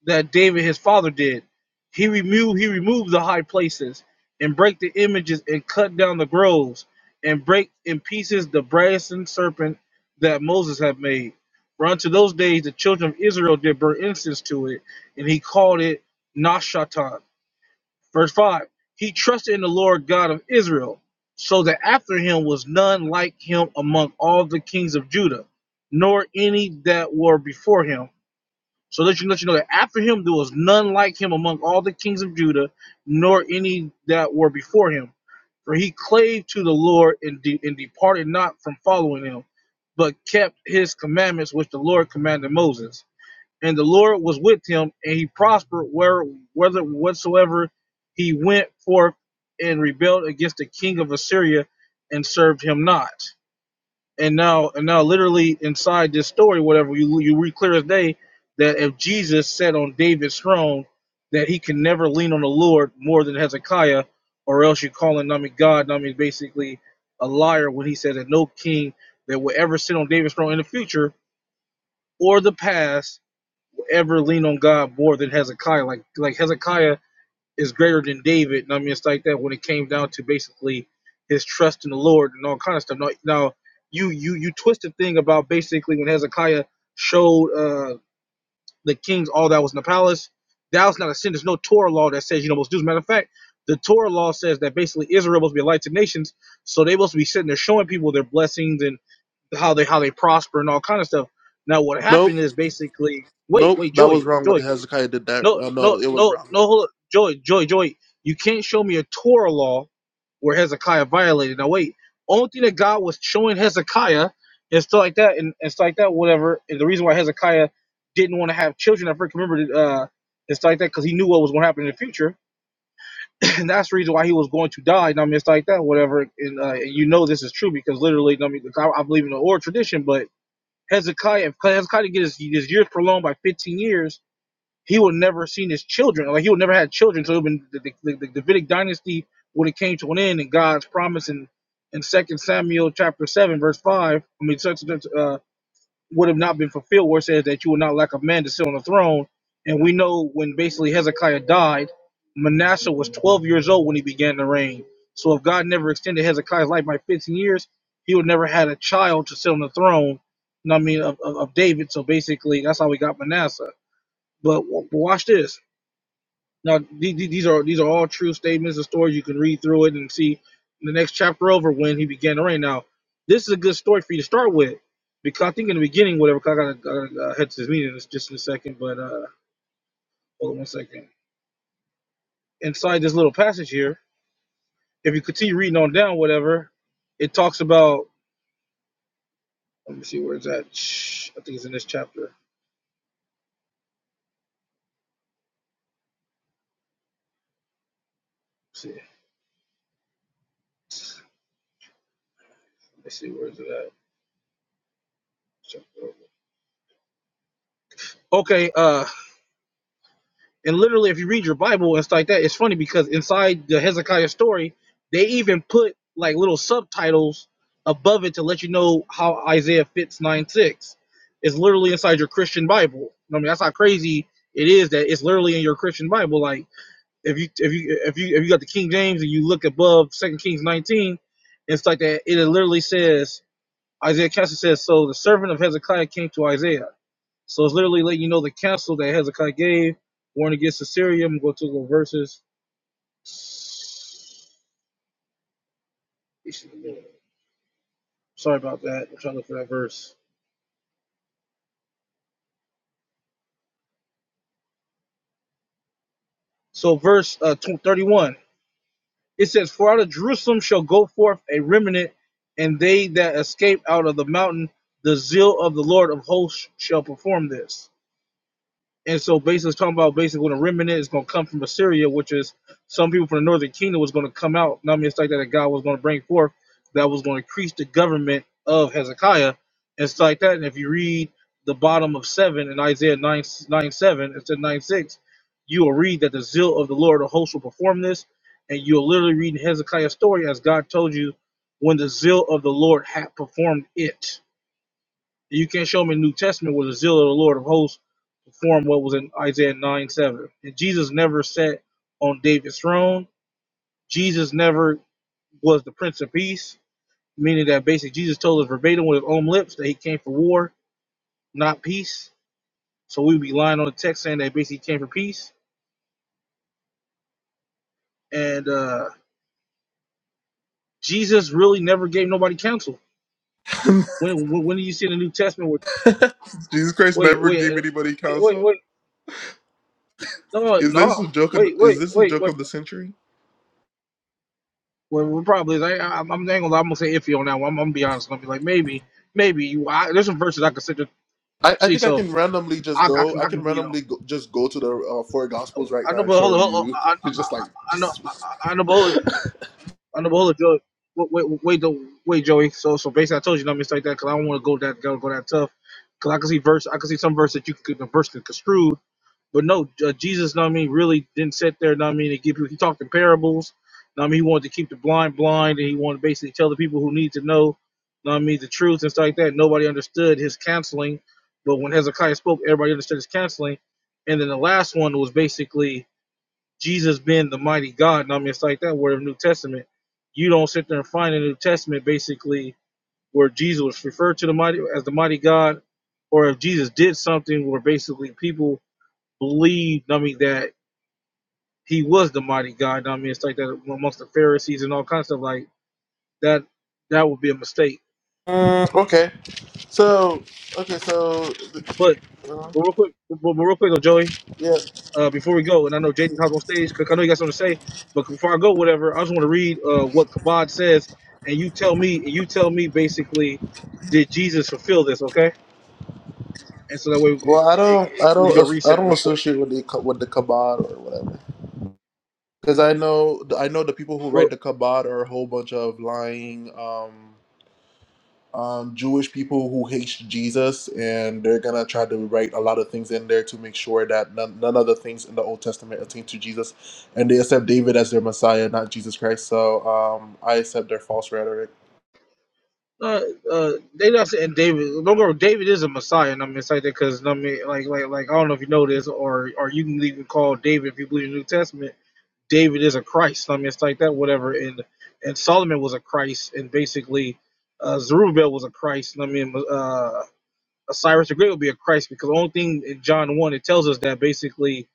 L: that David his father did. He removed he removed the high places and break the images and cut down the groves and break in pieces the brazen serpent that Moses had made. For unto those days the children of Israel did burn incense to it, and he called it Nashatan Verse 5 He trusted in the Lord God of Israel, so that after him was none like him among all the kings of Judah, nor any that were before him. So let you let you know that after him there was none like him among all the kings of Judah, nor any that were before him. For he clave to the Lord and, de- and departed not from following him, but kept his commandments which the Lord commanded Moses and the Lord was with him, and he prospered where whether whatsoever he went forth and rebelled against the king of Assyria and served him not. And now and now literally inside this story, whatever you you read clear as day that if Jesus sat on David's throne, that he can never lean on the Lord more than Hezekiah, or else you're calling Nami God, Nami basically a liar when he says that no king that will ever sit on David's throne in the future or the past ever lean on God more than Hezekiah. Like like Hezekiah is greater than David, and I mean it's like that when it came down to basically his trust in the Lord and all kind of stuff. Now, now you you you twist the thing about basically when Hezekiah showed uh, the kings all that was in the palace. That was not a sin. There's no Torah law that says you know most do. As a matter of fact, the Torah law says that basically Israel must be a light to nations, so they must be sitting there showing people their blessings and how they how they prosper and all kind of stuff. Now what
A: Nope,
L: happened is basically wait
A: nope,
L: wait
A: that was
L: Joey
A: wrong. What
L: Joey
A: Hezekiah did that?
L: no,
A: Oh
L: no,
A: no, it was
L: no,
A: wrong.
L: no. Hold up. Joy, Joy, Joy. You can't show me a Torah law where Hezekiah violated. Now wait, only thing that God was showing Hezekiah and stuff like that, and, and stuff like that, whatever. And the reason why Hezekiah didn't want to have children, I freaking remember, uh, and stuff like that, because he knew what was going to happen in the future, and that's the reason why he was going to die. And I mean, it's like that, whatever. And, uh, and you know this is true because literally, I mean, I, I believe in the oral tradition, but Hezekiah, if Hezekiah didn't get his, his years prolonged by 15 years he would never have seen his children. Like he would never had children. So it would've been the, the, the Davidic dynasty would have came to an end, and God's promise in in Second Samuel chapter seven verse five. I mean, such, uh, would have not been fulfilled, where it says that you will not lack a man to sit on the throne. And we know when basically Hezekiah died, Manasseh was 12 years old when he began to reign. So if God never extended Hezekiah's life by 15 years, he would never had a child to sit on the throne. You know what I mean of, of, of David. So basically, that's how we got Manasseh. But w- watch this. Now, the- the- these are these are all true statements and stories. You can read through it and see in the next chapter over when he began to reign. Now, this is a good story for you to start with because I think in the beginning, whatever, 'cause I gotta, I gotta uh, head to this meeting in just in a second, but uh, hold on one second. Inside this little passage here, if you continue reading on down, whatever, it talks about. Let me see where it's at. Shh, I think it's in this chapter. Let's see, let's see where is it at. Chapter over. Okay, uh, And literally, if you read your Bible and stuff like that, it's funny because inside the Hezekiah story, they even put like little subtitles above it to let you know how Isaiah fits nine six. It's literally inside your Christian Bible. I mean, that's how crazy it is that it's literally in your Christian Bible. Like if you if you if you if you got the King James and you look above Second Kings nineteen, it's like that. It literally says Isaiah Cassie says, "So the servant of Hezekiah came to Isaiah." So it's literally letting you know the counsel that Hezekiah gave, warning against Assyria. I'm going to go to the verses. Sorry about that. I'm trying to look for that verse. So verse uh, tw- 31, it says, For out of Jerusalem shall go forth a remnant, and they that escape out of the mountain, the zeal of the Lord of hosts shall perform this. And so basically it's talking about basically when a remnant is gonna come from Assyria, which is some people from the northern kingdom was gonna come out, not I mean it's like that, that God was gonna bring forth that was gonna increase the government of Hezekiah and stuff like that. And if you read the bottom of seven in Isaiah nine nine seven instead nine six, you will read that the zeal of the Lord of hosts will perform this, and you'll literally read Hezekiah's story as God told you when the zeal of the Lord had performed it and you can't show me in the New Testament where the zeal of the Lord of hosts performed what was in Isaiah 9 7. And Jesus never sat on David's throne. Jesus never was the Prince of Peace, meaning that basically Jesus told us verbatim with his own lips that he came for war, not peace. So we'd be lying on the text saying that basically he came for peace. And uh, Jesus really never gave nobody counsel. When, when when do you see in the New Testament where
A: Jesus Christ
L: wait
A: never
L: wait
A: gave
L: uh,
A: anybody
L: wait wait
A: counsel.
L: wait no
A: Is this a
L: no
A: joke? Of,
L: wait
A: is
L: wait
A: this a
L: wait
A: joke
L: wait
A: of the century?
L: Well, we're probably like I, I'm, I'm, gonna, I'm gonna say iffy on that one. I'm, I'm gonna be honest. I'm gonna be like maybe, maybe you. I, there's some verses I consider
A: I, I
L: see,
A: think I
L: so
A: can randomly just
L: I, I
A: go.
L: can,
A: I
L: I
A: can
L: can, you know,
A: randomly go, just go to the uh, four gospels right
L: I know,
A: now and
L: but hold
A: show
L: on, hold on
A: you.
L: I,
A: It's just like
L: I know,
A: just
L: I, I know, but hold on, I know, but hold on, Joey. Wait, wait, wait, though, wait, Joey. So, so basically, I told you not mistake that because I don't want to go that go, go that tough. Because I can see verse, I can see some verse that you could the verse could construe. But no, uh, Jesus, know what I mean, really didn't sit there, know what I mean, and give you, he talked in parables. Know what I mean, he wanted to keep the blind blind, and he wanted to basically tell the people who need to know, know what I mean, the truth and stuff like that. Nobody understood his counseling, but when Hezekiah spoke, everybody understood his counseling. And then the last one was basically Jesus being the mighty God. Know what I mean, it's like that word of the New Testament. You don't sit there and find a New Testament basically where Jesus was referred to the mighty as the mighty God, or if Jesus did something where basically people believed, I mean, that he was the mighty God. I mean, it's like that amongst the Pharisees and all kinds of stuff like that. That would be a mistake.
A: Mm, okay. So okay. So
L: But,
A: uh,
L: but real quick, but, but real quick, though, Joey,
A: yeah.
L: uh, before we go, and I know Jaden hopped on stage because I know you got something to say. But before I go, whatever, I just want to read uh, what Kabod says, and you tell me, and you tell me basically, did Jesus fulfill this? Okay, and so that way
A: Well, I
L: we,
A: don't. I
L: we can
A: don't.
L: do a
A: as- I
L: reset
A: don't
L: real quick.
A: associate with the Ka- with the Kabbalah or whatever. Because I know. I know the people who
L: Well.
A: write the Kabbalah are a whole bunch of lying. Um. um, Jewish people who hate Jesus, and they're gonna try to write a lot of things in there to make sure that none, none of the things in the Old Testament attain to Jesus, and they accept David as their Messiah, not Jesus Christ. So um, I accept their false rhetoric.
L: Uh, uh, they not saying David. Don't go. David is a Messiah, and I'm excited because I mean, like, like, like, I don't know if you know this, or, or you can even call David if you believe in the New Testament. David is a Christ. I mean, it's like that, whatever. And and Solomon was a Christ, and basically, uh, Zerubbabel was a Christ. I mean, uh, Cyrus the Great would be a Christ because the only thing in John 1 it tells us that basically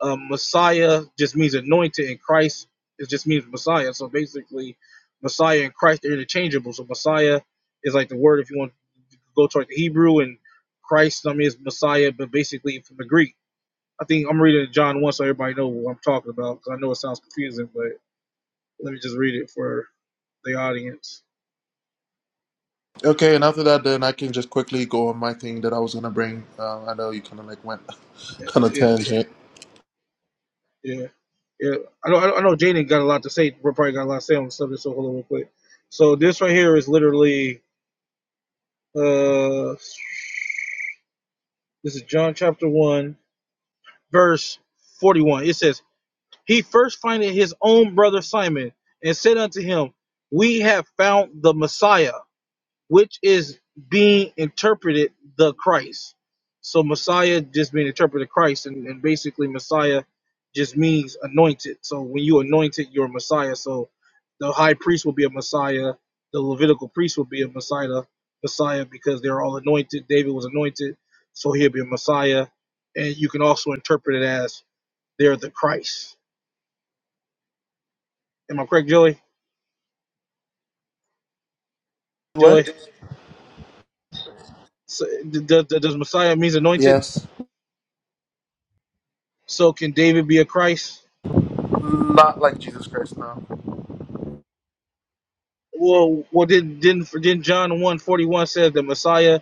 L: um, Messiah just means anointed and Christ it just means Messiah. So basically Messiah and Christ are interchangeable. So Messiah is like the word if you want to go to like the Hebrew and Christ I mean is Messiah, but basically from the Greek. I think I'm reading John 1 so everybody know what I'm talking about because I know it sounds confusing, but let me just read it for the audience.
A: Okay, and after that, then I can just quickly go on my thing that I was gonna bring. Um, I know you kind of like went on a
L: Yeah.
A: tangent.
L: Yeah, yeah. I know. I know I know Jaden got a lot to say. We're probably got a lot to say on the subject. So hold on real quick. So this right here is literally. Uh, this is John chapter one, verse forty-one. It says, "He first findeth his own brother Simon, and said unto him, We have found the Messiah." which is being interpreted the Christ. So Messiah just being interpreted Christ, and, and basically Messiah just means anointed. So when you anointed, you're a Messiah. So the high priest will be a Messiah. The Levitical priest will be a Messiah. Messiah because they're all anointed. David was anointed, so he'll be a Messiah. And you can also interpret it as they're the Christ. Am I correct, Joey? Joey,
A: What?
L: so, d- d- d- does Messiah means anointed?
A: Yes.
L: So can David be a Christ?
A: Not like Jesus Christ, no.
L: Well, well, did didn't didn't John one forty one says the Messiah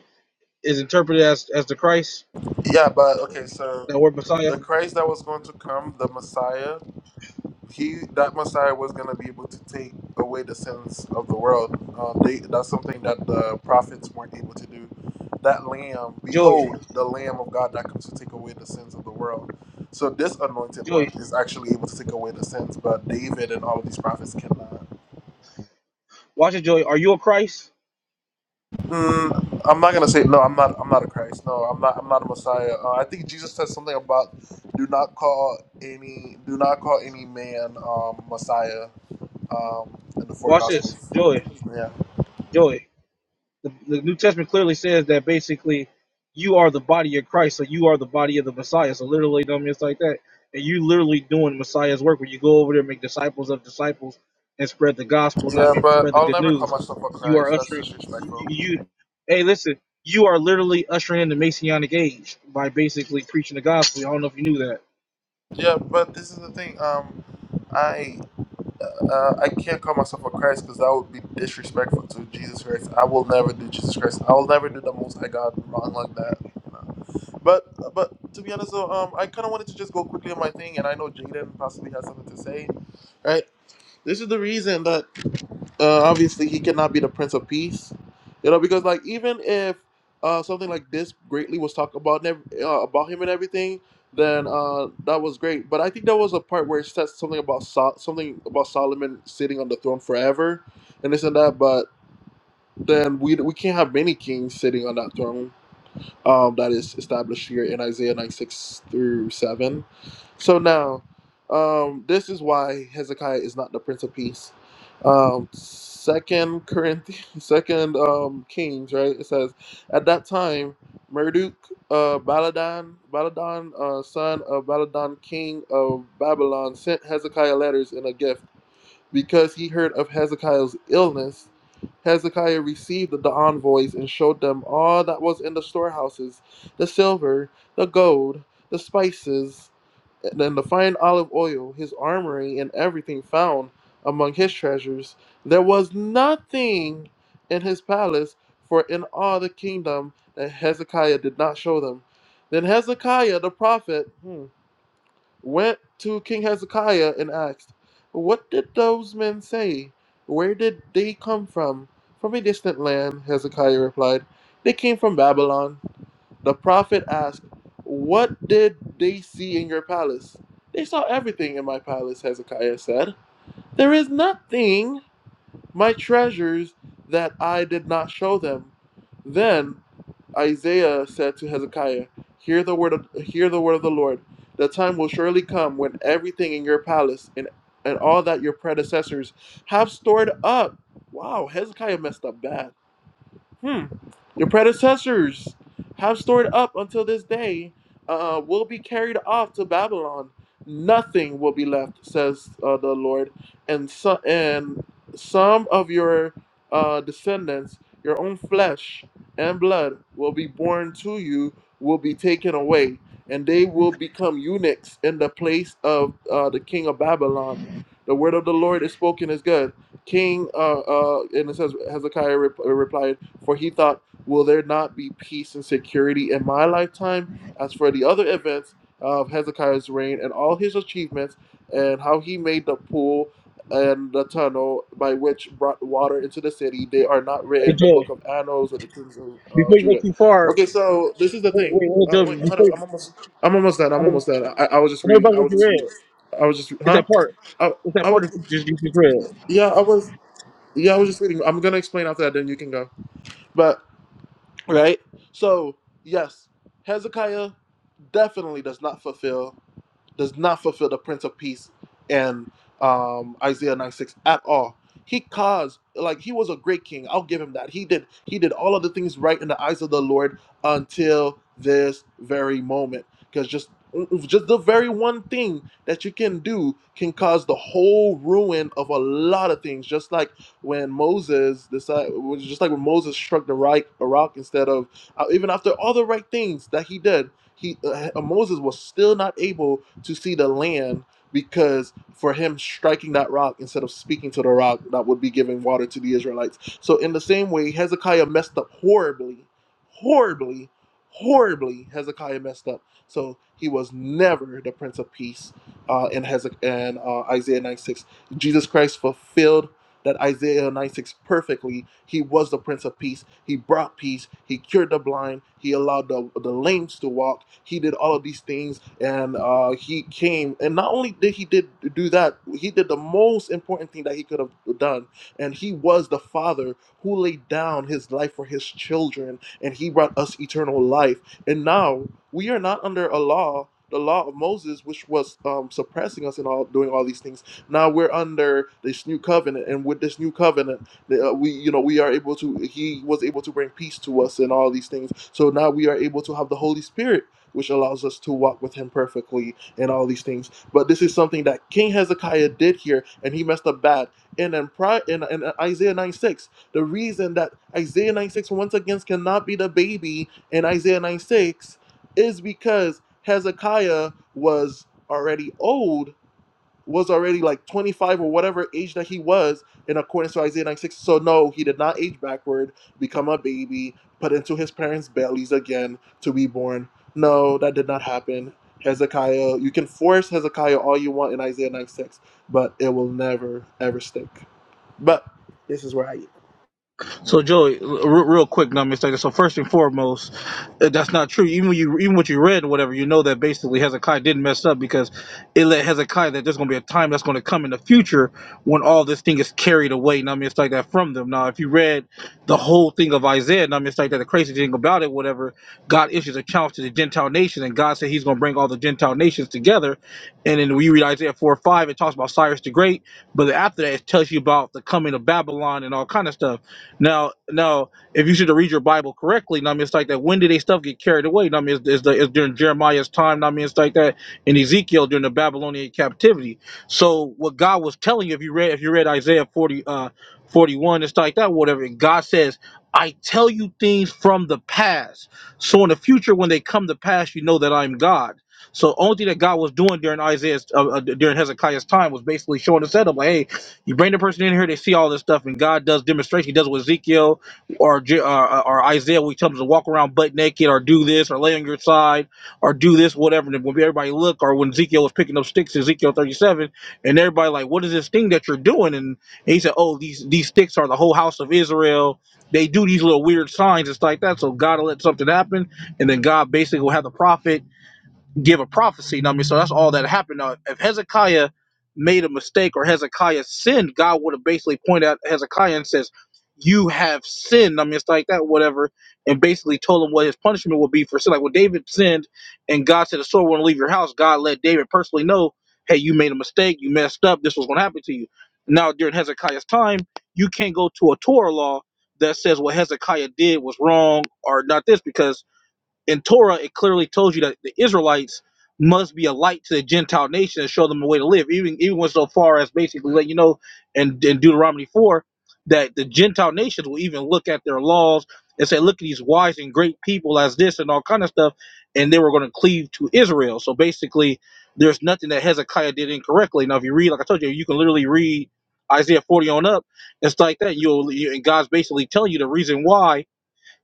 L: is interpreted as as the Christ?
A: Yeah, but okay, so
L: That word Messiah.
A: the Christ that was going to come, the Messiah. he that Messiah was going to be able to take away the sins of the world. Um, they, that's something that the prophets weren't able to do. That Lamb,
L: Joey,
A: behold, the Lamb of God that comes to take away the sins of the world. So this anointed one
L: Joey,
A: is actually able to take away the sins, but David and all of these prophets cannot.
L: watch it, Joey. Are you a Christ?
A: Mm, I'm not gonna say no. I'm not. I'm not a Christ. No, I'm not. I'm not a Messiah. Uh, I think Jesus said something about do not call any do not call any man um, Messiah. um, in the four
L: Watch this,
A: gospels.
L: Joey,
A: Yeah.
L: Joey. The, the New Testament clearly says that basically you are the body of Christ, so you are the body of the Messiah. So literally, dumb it's like that, and you literally doing Messiah's work when you go over there, and make disciples of disciples, and spread the gospel. And I
A: Yeah,
L: mean,
A: but
L: spread the
A: I'll
L: good
A: never call
L: news.
A: myself a
L: You are
A: Christ. That's
L: ushering. You, you,
A: disrespectful.
L: you- hey, listen. You are literally ushering in the Messianic age by basically preaching the gospel. I don't know if you knew that.
A: Yeah, but this is the thing. Um, I uh, I can't call myself a Christ because that would be disrespectful to Jesus Christ. I will never do Jesus Christ. I will never do the Most High God wrong like that. You know? But but to be honest, though, um, I kind of wanted to just go quickly on my thing, and I know Jaden possibly has something to say, right? This is the reason that uh, obviously he cannot be the prince of peace you know because like even if uh, something like this greatly was talked about and ev- uh, about him and everything then uh, that was great but i think there was a part where it said something about Sol- something about solomon sitting on the throne forever and this and that but then we we can't have many kings sitting on that throne um, that is established here in Isaiah 96 through 7. So now, um, this is why Hezekiah is not the Prince of Peace. Um, second Corinthians, second um, Kings, right? It says, at that time, Merduk, uh, Baladan, Baladan, uh, son of Baladan, king of Babylon, sent Hezekiah letters and a gift. Because he heard of Hezekiah's illness, Hezekiah received the envoys and showed them all that was in the storehouses the silver, the gold, the spices, and the fine olive oil, his armory, and everything found among his treasures. There was nothing in his palace, for in all the kingdom that Hezekiah did not show them. Then Hezekiah the prophet, hmm, went to King Hezekiah and asked, What did those men say? Where did they come from? From a distant land, Hezekiah replied. They came from Babylon. The prophet asked, What did they see in your palace? They saw everything in my palace, Hezekiah said. There is nothing, my treasures that I did not show them. Then Isaiah said to Hezekiah, "Hear the word of hear the word of the Lord. The time will surely come when everything in your palace and and all that your predecessors have stored up." Wow, Hezekiah messed up bad. Hmm. Your predecessors have stored up until this day uh, will be carried off to Babylon. Nothing will be left, says uh, the Lord. And, so, and some of your uh, descendants, your own flesh and blood, will be born to you, will be taken away, and they will become eunuchs in the place of uh, the king of Babylon. The word of the Lord is spoken is good. King, uh, uh, and it says Hezekiah rep- replied. For he thought, Will there not be peace and security in my lifetime? As for the other events of Hezekiah's reign and all his achievements, and how he made the pool and the tunnel by which brought water into the city, they are not written
L: Hey
A: in the
L: Joe,
A: book of annals of the kings of uh,
L: before you go
A: Judah.
L: too far,
A: Okay, so this is the
L: wait,
A: thing.
L: wait, wait,
A: Uh,
L: Joe,
A: wait, hold up.
L: before you,
A: I'm almost. I'm almost done.
L: I
A: I'm almost done. I, I was just
L: know about
A: reading. I
L: what
A: was
L: you
A: just reading.
L: read.
A: I was just.
L: It's
A: Huh?
L: that part.
A: I,
L: It's that
A: I
L: part
A: was.
L: that you just, you just read.
A: Yeah, I was. Yeah, I was just reading. I'm gonna explain after that. Then you can go. But Right? So, yes, Hezekiah definitely does not fulfill does not fulfill the Prince of Peace in um, Isaiah 9 6 at all. He caused, like, he was a great king. I'll give him that. He did, he did all of the things right in the eyes of the Lord until this very moment. Because just, mm, mm, just the very one thing that you can do can cause the whole ruin of a lot of things. Just like when Moses decided, just like when Moses struck the right a rock instead of, uh, even after all the right things that he did he uh, uh, Moses was still not able to see the land because for him striking that rock instead of speaking to the rock that would be giving water to the Israelites. So in the same way, Hezekiah messed up horribly, horribly, horribly. Hezekiah messed up. So he was never the Prince of Peace uh, in Hezek and uh, Isaiah nine six, Jesus Christ fulfilled that Isaiah 96 perfectly. He was the Prince of Peace. He brought peace. He cured the blind. He allowed the, the lame to walk. He did all of these things, and uh, he came. And not only did he did do that, he did the most important thing that he could have done. And he was the Father who laid down his life for his children, and he brought us eternal life. And now we are not under a law. The law of Moses, which was um, suppressing us and all doing all these things now we're under this new covenant, and with this new covenant, the- uh, we you know we are able to. He was able to bring peace to us and all these things. So now we are able to have the Holy Spirit, which allows us to walk with Him perfectly and all these things. But this is something that King Hezekiah did here, and he messed up bad. And in pri in, in Isaiah 9 6, the reason that Isaiah 9 6 once again cannot be the baby in Isaiah 9 6 is because Hezekiah was already old was already like 25 or whatever age that he was in accordance to Isaiah 96. So no, he did not age backward, become a baby, put into his parents' bellies again to be born. No, that did not happen. Hezekiah, you can force Hezekiah all you want in Isaiah 96, but it will never ever stick. But this is where I am.
L: So Joey, r- real quick, not mistaken. So first and foremost, uh, that's not true. Even when you even what you read, or whatever, you know that basically Hezekiah didn't mess up because it let Hezekiah that there's going to be a time that's going to come in the future when all this thing is carried away. Not mistake that from them. Now, if you read the whole thing of Isaiah, not mistake that the crazy thing about it, whatever, God issues a challenge to the Gentile nations, and God said He's going to bring all the Gentile nations together. And then we read Isaiah four or five, it talks about Cyrus the Great, but after that, it tells you about the coming of Babylon and all kind of stuff. Now, now, if you should read your Bible correctly, now I mean, it's like that. When did they stuff get carried away? Now, I mean, it's, it's, the, it's during Jeremiah's time. Now, I mean, it's like that in Ezekiel during the Babylonian captivity. So, what God was telling you, if you read, if you read Isaiah 40, uh, 41, it's like that, whatever. God says, I tell you things from the past. So, in the future, when they come to pass, you know that I'm God. So, only thing that God was doing during Isaiah's, uh, uh, during Hezekiah's time was basically showing the setup, like, hey, you bring the person in here, they see all this stuff, and God does demonstration. He does it with Ezekiel or Je- uh, uh, or Isaiah. We tell them to walk around butt naked, or do this, or lay on your side, or do this, whatever. And when everybody look, or when Ezekiel was picking up sticks, Ezekiel thirty-seven, and everybody like, what is this thing that you're doing? And, and he said, oh, these these sticks are the whole house of Israel. They do these little weird signs and stuff like that. So God will let something happen, and then God basically will have the prophet give a prophecy. You know what I mean, so that's all that happened. Now, if Hezekiah made a mistake or Hezekiah sinned, God would have basically pointed out Hezekiah and says, "You have sinned." I mean, it's like that, whatever, and basically told him what his punishment would be for sin. Like when David sinned, and God said, "The sword won't leave your house." God let David personally know, "Hey, you made a mistake. You messed up. This was going to happen to you." Now, during Hezekiah's time, you can't go to a Torah law that says what Hezekiah did was wrong or not this because in Torah, it clearly tells you that the Israelites must be a light to the Gentile nation and show them a way to live. Even even went so far as basically let you know in, in Deuteronomy four that the Gentile nations will even look at their laws and say, "Look at these wise and great people as this and all kind of stuff," and they were going to cleave to Israel. So basically, there's nothing that Hezekiah did incorrectly. Now, if you read, like I told you, you can literally read Isaiah 40 on up and stuff like that. You'll you, and God's basically telling you the reason why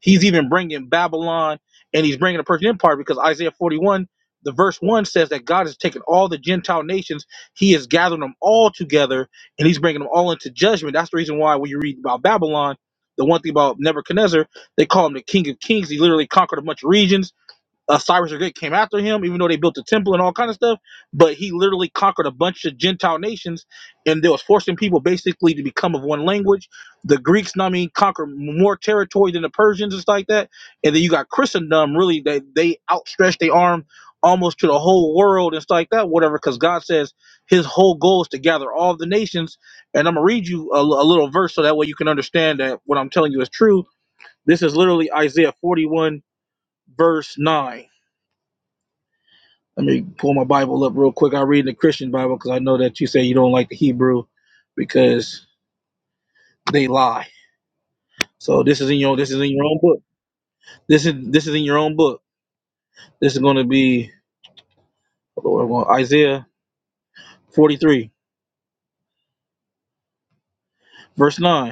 L: He's even bringing Babylon and he's bringing the Persian Empire because Isaiah 41, the verse 1 says that God has taken all the Gentile nations, he has gathered them all together and he's bringing them all into judgment. That's the reason why when you read about Babylon, the one thing about Nebuchadnezzar, they call him the King of Kings. He literally conquered a bunch of regions uh, Cyrus the Great came after him, even though they built the temple and all kind of stuff. But he literally conquered a bunch of Gentile nations, and they was forcing people basically to become of one language. The Greeks, I mean, conquered more territory than the Persians and stuff like that. And then you got Christendom, really, they they outstretched their arm almost to the whole world and stuff like that, whatever. Because God says His whole goal is to gather all the nations. And I'm gonna read you a, a little verse so that way you can understand that what I'm telling you is true. This is literally Isaiah 41 verse 9 let me pull my Bible up real quick. I read in the Christian Bible because I know that you say you don't like the Hebrew because they lie. So this is in your this is in your own book. This is this is in your own book. This is going to be well, Isaiah 43 verse 9.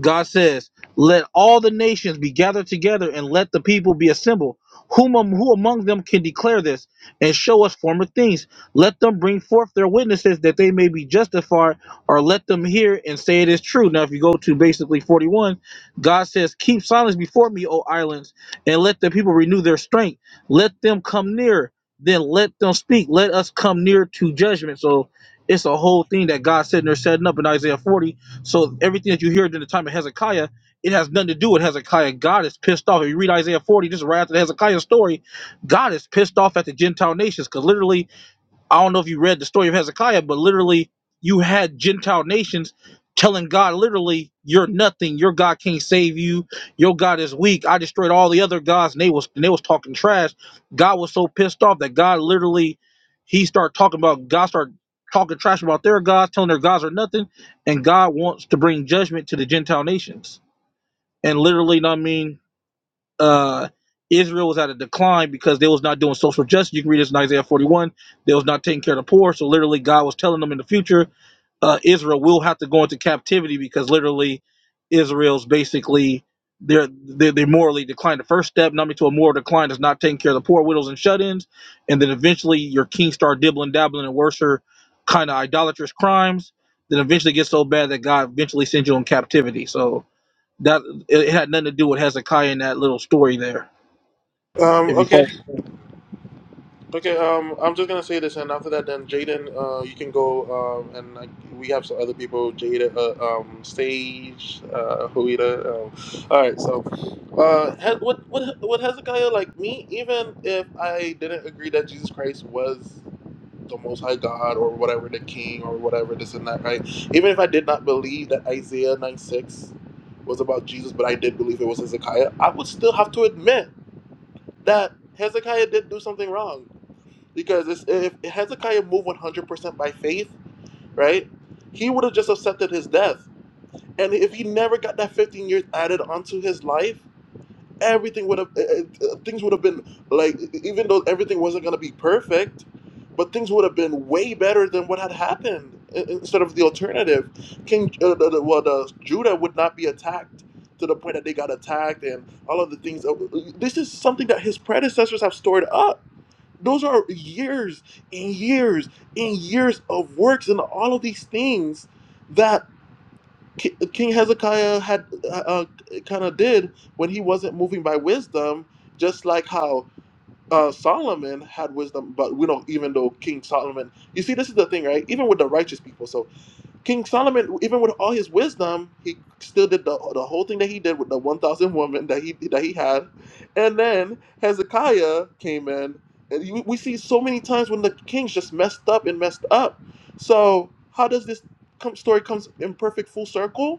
L: God says, Let all the nations be gathered together and let the people be assembled. Whom, am- who among them can declare this and show us former things? Let them bring forth their witnesses that they may be justified, or let them hear and say it is true. Now, if you go to basically 41, God says, Keep silence before me, O islands, and let the people renew their strength. Let them come near, then let them speak. Let us come near to judgment. So it's a whole thing that God's sitting there setting up in Isaiah 40 so everything that you hear during the time of Hezekiah, it has nothing to do with Hezekiah. God is pissed off. If you read Isaiah 40, just right after the Hezekiah story, God is pissed off at the Gentile nations. Because literally, I don't know if you read the story of Hezekiah, but literally, you had Gentile nations telling God, literally, you're nothing. Your God can't save you. Your God is weak. I destroyed all the other gods, and they was and they was talking trash. God was so pissed off that God literally he start talking about God start talking trash about their gods, telling their gods are nothing, and God wants to bring judgment to the Gentile nations. And literally, you know what I mean, uh, Israel was at a decline because they was not doing social justice. You can read this in Isaiah 41. They was not taking care of the poor. So literally, God was telling them in the future uh, Israel will have to go into captivity because literally Israel's basically they're, they're they morally declined. The first step, not to a moral decline, is not taking care of the poor, widows, and shut-ins, and then eventually your king start dibbling, dabbling, and worser kind of idolatrous crimes. Then eventually gets so bad that God eventually sends you in captivity. So that it, it had nothing to do with Hezekiah in that little story there.
A: Um,
L: If you
A: okay.
L: follow.
A: Okay, um, I'm just gonna say this, and after that, then Jaden, uh, you can go, um, and like, we have some other people, Jada, uh, um, Sage, uh, Huida. Um, all right, so, uh, has, what, what, what Hezekiah like me? Even if I didn't agree that Jesus Christ was the Most High God or whatever, the King or whatever, this and that, right? Even if I did not believe that Isaiah 9 6 was about Jesus, but I did believe it was Hezekiah, I would still have to admit that Hezekiah did do something wrong because it's, if Hezekiah moved 100% by faith, right, he would have just accepted his death. And if he never got that 15 years added onto his life, everything would have, uh, uh, things would have been like, e, e, even though everything wasn't going to be perfect, but things would have been way better than what had happened i- instead of the alternative. King, uh, the, the- well, the, Judah would not be attacked to the point that they got attacked and all of the things. Uh, This is something that his predecessors have stored up those are years and years and years of works and all of these things that Ki- King Hezekiah had uh, uh, kind of did when he wasn't moving by wisdom, just like how uh, Solomon had wisdom, but we don't even though King Solomon. You see, this is the thing, right? Even with the righteous people, So, King Solomon, even with all his wisdom, he still did the, the whole thing that he did with the 1,000 women that he that he had. And then Hezekiah came in, and you, we see so many times when the kings just messed up and messed up. So how does this come, story comes in perfect full circle?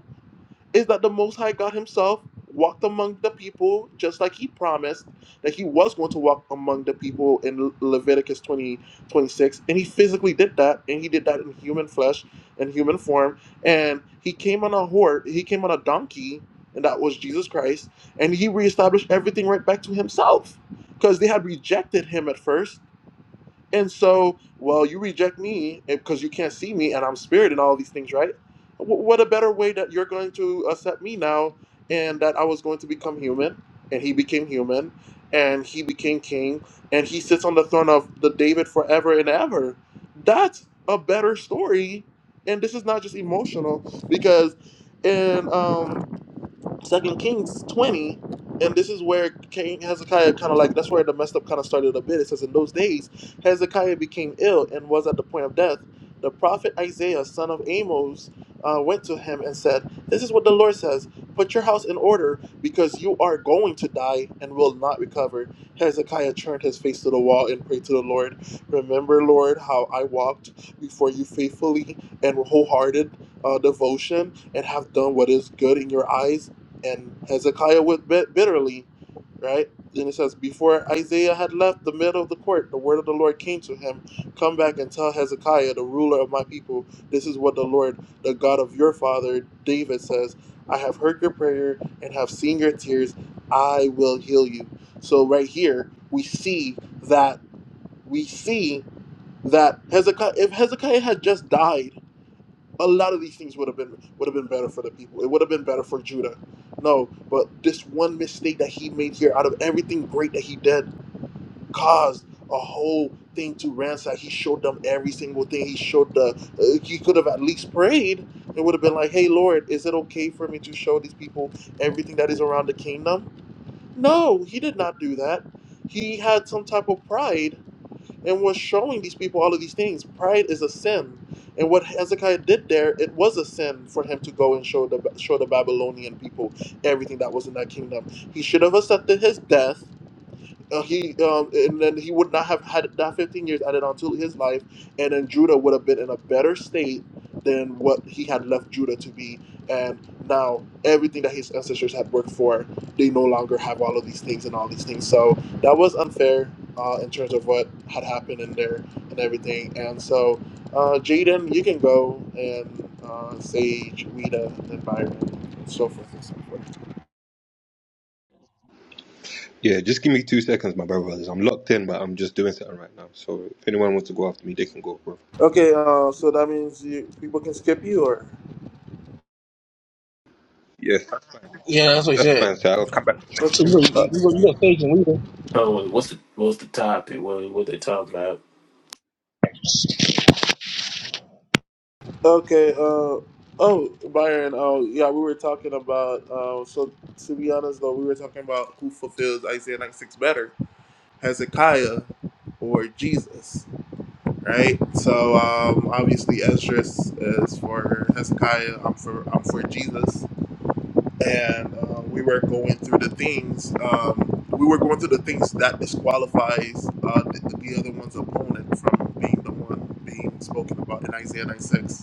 A: is that the Most High God Himself walked among the people just like He promised that He was going to walk among the people in Leviticus 20 26, And He physically did that, and He did that in human flesh and human form. And He came on a horse, He came on a donkey, and that was Jesus Christ. And He reestablished everything right back to Himself because they had rejected Him at first and so, well, you reject me because you can't see me and I'm spirit and all these things, right? Wh- What a better way that you're going to accept me now and that I was going to become human and he became human and he became king and he sits on the throne of the David forever and ever. That's a better story. And this is not just emotional because in um Second Kings 20, and this is where King Hezekiah kind of like that's where the messed up kind of started a bit. It says in those days Hezekiah became ill and was at the point of death. The prophet Isaiah, son of Amos, uh, went to him and said, "This is what the Lord says: Put your house in order, because you are going to die and will not recover." Hezekiah turned his face to the wall and prayed to the Lord, "Remember, Lord, how I walked before you faithfully and wholehearted uh, devotion, and have done what is good in your eyes." And Hezekiah wept bit- bitterly, right? Then it says, Before Isaiah had left the middle of the court, the word of the Lord came to him Come back and tell Hezekiah, the ruler of my people, this is what the Lord, the God of your father, David says I have heard your prayer and have seen your tears. I will heal you. So, right here, we see that, we see that Hezekiah, if Hezekiah had just died, a lot of these things would have been would have been better for the people. It would have been better for Judah. No, but this one mistake that he made here, out of everything great that he did, caused a whole thing to ransack. He showed them every single thing. He showed the. Uh, he could have at least prayed. It would have been like, "Hey Lord, is it okay for me to show these people everything that is around the kingdom?" No, he did not do that. He had some type of pride and was showing these people all of these things. Pride is a sin, and what Hezekiah did there, it was a sin for him to go and show the show the Babylonian people everything that was in that kingdom. He should have accepted his death uh, he um, and then he would not have had that 15 years added onto his life, and then Judah would have been in a better state than what he had left Judah to be. And now everything that his ancestors had worked for, they no longer have all of these things and all these things. So that was unfair uh, in terms of what had happened in there and everything. And so, uh, Jaden, you can go and uh, Sage, Rita, and Byron, and so forth and so forth.
N: Yeah, just give me two seconds, my brother brothers. I'm locked in, but I'm just doing something right now. So if anyone wants to go after me, they can go, bro.
A: Okay, uh, so that means you, people can skip you or.
N: Yes, that's fine,
L: Yeah, that's what he
N: That's
L: said.
N: fine, sir. I'll come back to the next
A: Okay,
L: So
N: one.
L: you
A: uh,
L: you, you, you got stage and leader.
O: Oh, what's the what's the topic? What what they talking about?
A: okay, uh, oh, Byron. Oh, yeah. We were talking about. Uh, so to be honest, though, we were talking about who fulfills Isaiah 96 better, Hezekiah or Jesus, right? So um, obviously, Ezra is is for Hezekiah. I'm for I'm for Jesus, and uh, we were going through the things. Um, we were going through the things that disqualifies uh, the, the other one's opponent from being the one being spoken about in Isaiah 96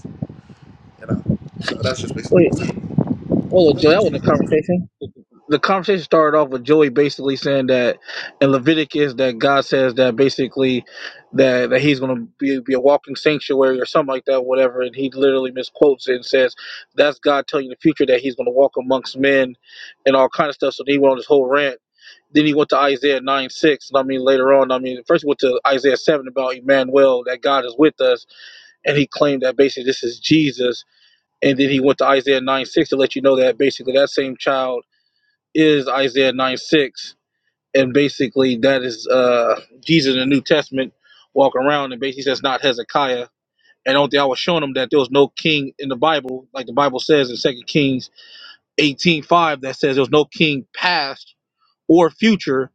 A: You know, so that's just basically
L: Wait,
A: what's happening.
L: hold on, Joe. That wasn't a conversation. the conversation started off with Joey basically saying that in Leviticus that God says that basically that, that he's going to be, be a walking sanctuary or something like that, whatever. And he literally misquotes it and says that's God telling you in the future that he's going to walk amongst men and all kind of stuff. So then he went on this whole rant. Then he went to Isaiah 9 6. And I mean, later on, I mean, first he went to Isaiah 7 about Emmanuel, that God is with us. And he claimed that basically this is Jesus. And then he went to Isaiah 9 6 to let you know that basically that same child is Isaiah 9 6. And basically, that is uh, Jesus in the New Testament walking around and basically says, not Hezekiah. And only thing I was showing them that there was no king in the Bible, like the Bible says in Second Kings eighteen five, that says there was no king past or future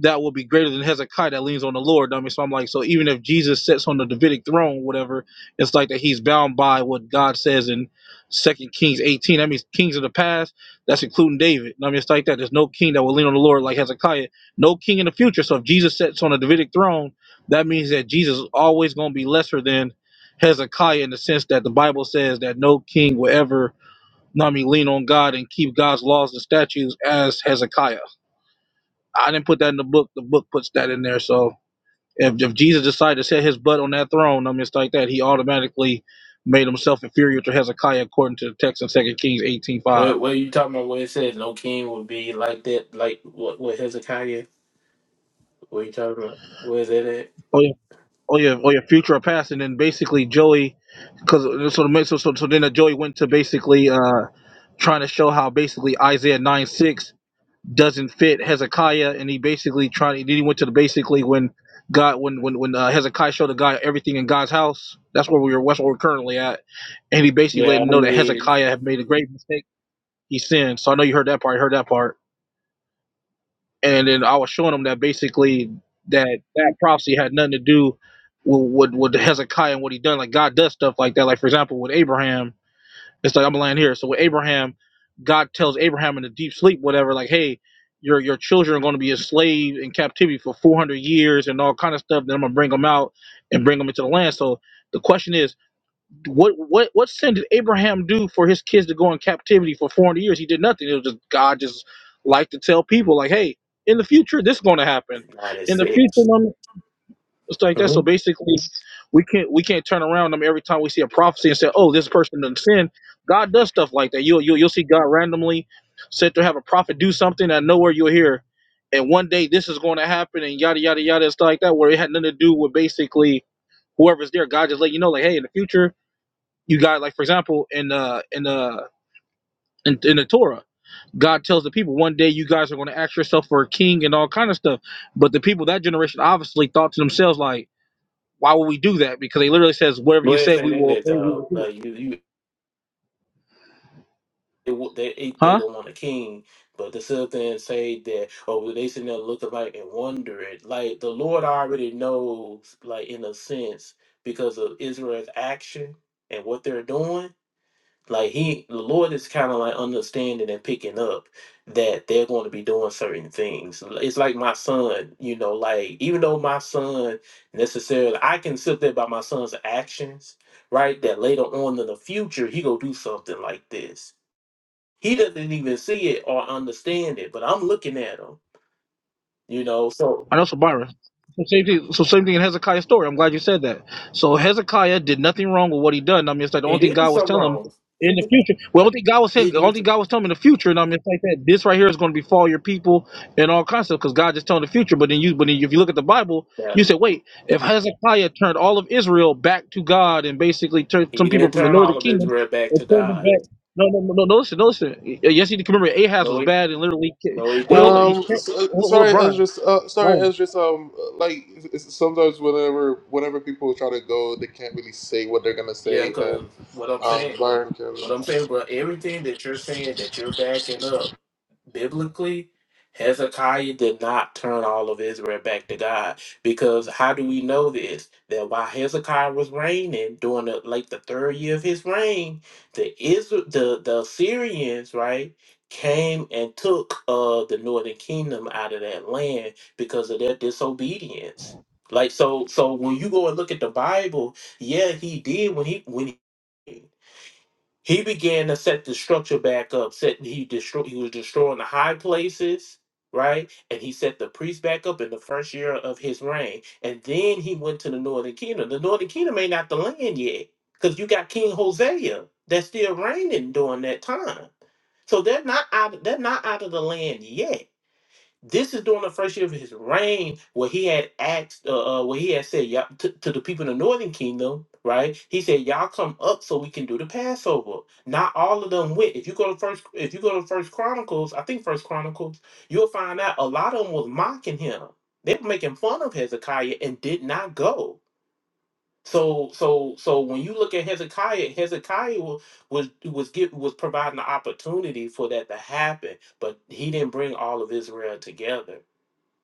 L: that will be greater than Hezekiah that leans on the Lord. I mean, so I'm like, so even if Jesus sits on the Davidic throne, whatever, it's like that he's bound by what God says in Second Kings 18. That means kings of the past, that's including David. I mean, it's like that. There's no king that will lean on the Lord like Hezekiah. No king in the future. So if Jesus sits on the Davidic throne, that means that Jesus is always going to be lesser than Hezekiah in the sense that the Bible says that no king will ever, I mean, lean on God and keep God's laws and statutes as Hezekiah. I didn't put that in the book. The book puts that in there. So if, if Jesus decided to set his butt on that throne, I mean, it's like that. He automatically made himself inferior to Hezekiah, according to the text in Second Kings eighteen five.
O: What what are you talking about? Where it says no king would be like that, like what what Hezekiah? What you talking about? Where is that at?
L: Oh yeah, oh yeah, oh yeah. Future or past, and then basically Joey, because so, the- so so so then the Joey went to basically uh trying to show how basically Isaiah nine six doesn't fit Hezekiah, and he basically tried. Then he went to the basically when. God, when when when uh, Hezekiah showed the guy everything in God's house, that's where we were. That's where we're currently at and he basically let
O: Yeah,
L: him
O: I
L: know that
O: mean,
L: Hezekiah had made a great mistake. He sinned. So I know you heard that part. You Heard that part. And then I was showing him that basically that that prophecy had nothing to do with, with with Hezekiah and what he done. Like God does stuff like that. Like for example, with Abraham, it's like I'm laying here. So with Abraham, God tells Abraham in the deep sleep, whatever, like, hey, your your children are going to be enslaved in captivity for 400 years and all kind of stuff. Then I'm gonna bring them out and bring them into the land. So the question is what what what sin did Abraham do for his kids to go in captivity for 400 years? He did nothing. It was just God just liked to tell people like, hey, in the future this is going to happen.
O: ninety
L: In the future,
O: six.
L: um, it's like that. So
O: Mm-hmm.
L: basically, we can't we can't turn around. I mean, every time we see a prophecy and say, oh, this person didn't sin. God does stuff like that. You'll you'll, you'll see God randomly set to have a prophet do something and nowhere you'll hear. And one day this is going to happen and yada yada yada and stuff like that, where it had nothing to do with basically whoever's there. God just let you know, like, hey, in the future you got like for example in uh in uh in, in the Torah, God tells the people one day you guys are going to ask yourself for a king and all kind of stuff. But the people that generation obviously thought to themselves like, why would we do that? Because they literally says whatever you
O: Where it
L: say
O: say
L: we
O: that
L: will obey.
O: at though? Like you you they wa- they
L: Huh?
O: they gonna want a king, but the sit up there and say that oh well, they sitting there looking like and wondering like the Lord already knows like in a sense because of Israel's action and what they're doing Like he, the Lord is kind of like understanding and picking up that they're going to be doing certain things. It's like my son, you know, like even though my son necessarily, I can sit there by my son's actions, right? That later on in the future, he gonna do something like this. He doesn't even see it or understand it, but I'm looking at him, you know. So
L: I know Sabara. So same thing. So same thing in Hezekiah's story. I'm glad you said that. So Hezekiah did nothing wrong with what he done. I mean, it's like the
O: he
L: only thing
O: did do
L: God was
O: something
L: telling him
O: wrong. He
L: in the
O: did,
L: future. Well, the only thing God was
O: he
L: saying,
O: did
L: the
O: do
L: only thing
O: something
L: God was telling him in the future. And I mean, it's like that. This right here is going to befall your people and all kinds of stuff because God just telling the future. But then you, but then if you look at the Bible,
O: bad.
L: you say, wait, if Hezekiah turned all of Israel back to God and basically turned
O: He
L: some people
O: didn't
L: from the
O: turn all
L: northern
O: of
L: kingdom
O: Israel back
L: and
O: to
L: turned them
O: God.
L: back. No, no, no, no, no, listen, no, listen. Yes, you can remember Ahaz
O: No,
L: was
O: he,
L: bad and literally.
O: no, he
L: Wait, hold on.
O: didn't
L: He,
A: Um,
L: can
A: so,
L: hold, hold on,
A: sorry,
L: Brian.
A: Ezra. Uh, sorry,
L: Brian.
A: Ezra. so, Um, like it's, it's sometimes whenever whenever people try to go, they can't really say what they're gonna
O: Yeah,
A: say, and
O: because what I'm
A: um,
O: saying,
A: Byron can.
O: but I'm
A: Uh,
O: saying, but everything that you're saying that you're backing up biblically, Hezekiah did not turn all of Israel back to God. Because how do we know this? That while Hezekiah was reigning during the, like the third year of his reign, the Israel, the the Assyrians, right, came and took uh the northern kingdom out of that land because of their disobedience. Like so, so when you go and look at the Bible, yeah, he did when he when he. He began to set the structure back up. Setting he destroy he was destroying the high places, right? And he set the priests back up in the first year of his reign. And then he went to the northern kingdom. The northern kingdom ain't not the land yet, because you got King Hosea that's still reigning during that time. So they're not out. They're not out of the land yet this is during the first year of his reign, where he had asked, uh, uh, where he had said y'all, to, to the people in the northern kingdom, right? He said, "Y'all come up so we can do the Passover." Not all of them went. If you go to first, if you go to First Chronicles, I think First Chronicles, you'll find out a lot of them was mocking him. They were making fun of Hezekiah and did not go. So, so, so when you look at Hezekiah, Hezekiah wa- was was give, was providing the opportunity for that to happen, but he didn't bring all of Israel together.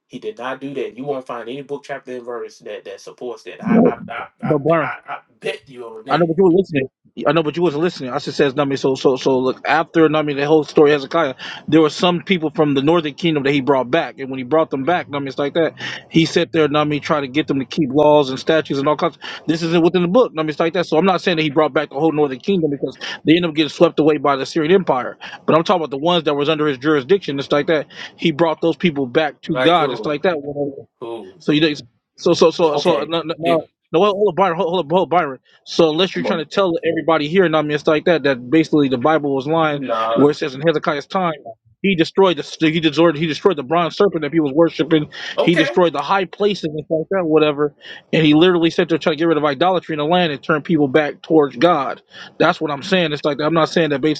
O: He did not do that. You won't find any book, chapter, and verse that that supports that. I I I I,
L: But Byron,
O: I, I bet you on
L: I know,
O: that.
L: but you were listening. I know, but you wasn't listening. I just says, I mean, so, so, so, look, after, I mean, the whole story of Hezekiah, there were some people from the northern kingdom that he brought back. And when he brought them back, I mean, it's like that. He sat there, I mean, trying to get them to keep laws and statutes and all kinds. This isn't within the book. I mean, it's like that. So I'm not saying that he brought back the whole northern kingdom because they ended up getting swept away by the Syrian empire. But I'm talking about the ones that was under his jurisdiction. It's like that. He brought those people back to
O: Like
L: God. It's
O: who?
L: like that.
O: Who?
L: So you don't- so so so so
O: Okay.
L: now now
O: It.
L: now, hold hold up, Byron, hold, hold up, hold up, Byron. So unless you're
O: Come
L: trying
O: on.
L: to tell everybody here, and I mean stuff like that, that basically the Bible was lying,
O: Nah.
L: where it says in Hezekiah's time he destroyed the he destroyed he destroyed the bronze serpent that he was worshiping, he
O: Okay.
L: destroyed the high places and stuff like that, whatever, and he literally said to try to get rid of idolatry in the land and turn people back towards God. That's what I'm saying. It's like I'm not saying that basically.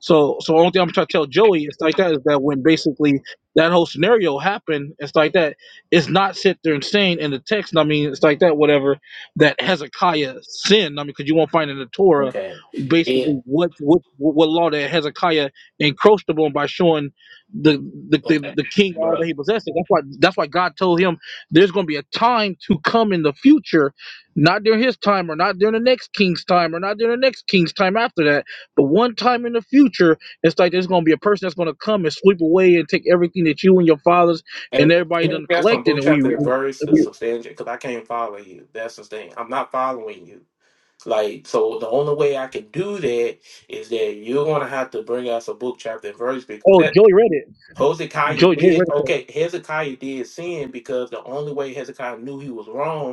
L: So, so only thing I'm trying to tell Joey and stuff like that is that when basically that whole scenario happened and stuff like that, it's not sit there and saying in the text. I mean, it's like that whatever that Hezekiah sinned. I mean, because you won't find in the Torah
O: Okay. It.
L: basically what what what law that Hezekiah encroached upon by showing the the, the,
O: Okay,
L: the king all that
O: brother.
L: he possessed. That's why that's why God told him there's going to be a time to come in the future, not during his time or not during the next king's time or not during the next king's time after that but one time in the future, it's like there's gonna be a person that's gonna come and sweep away and take everything that you and your fathers and
O: Hey,
L: everybody
O: you
L: done
O: got some
L: collected,
O: book,
L: and we,
O: chapter, and verse to
L: we
O: substantiate because I can't follow you. That's the thing. I'm not following you. Like, so the only way I can do that is that you're gonna have to bring us a book, chapter, and verse
L: oh
O: because Hezekiah did okay. Hezekiah did sin because the only way Hezekiah knew he was wrong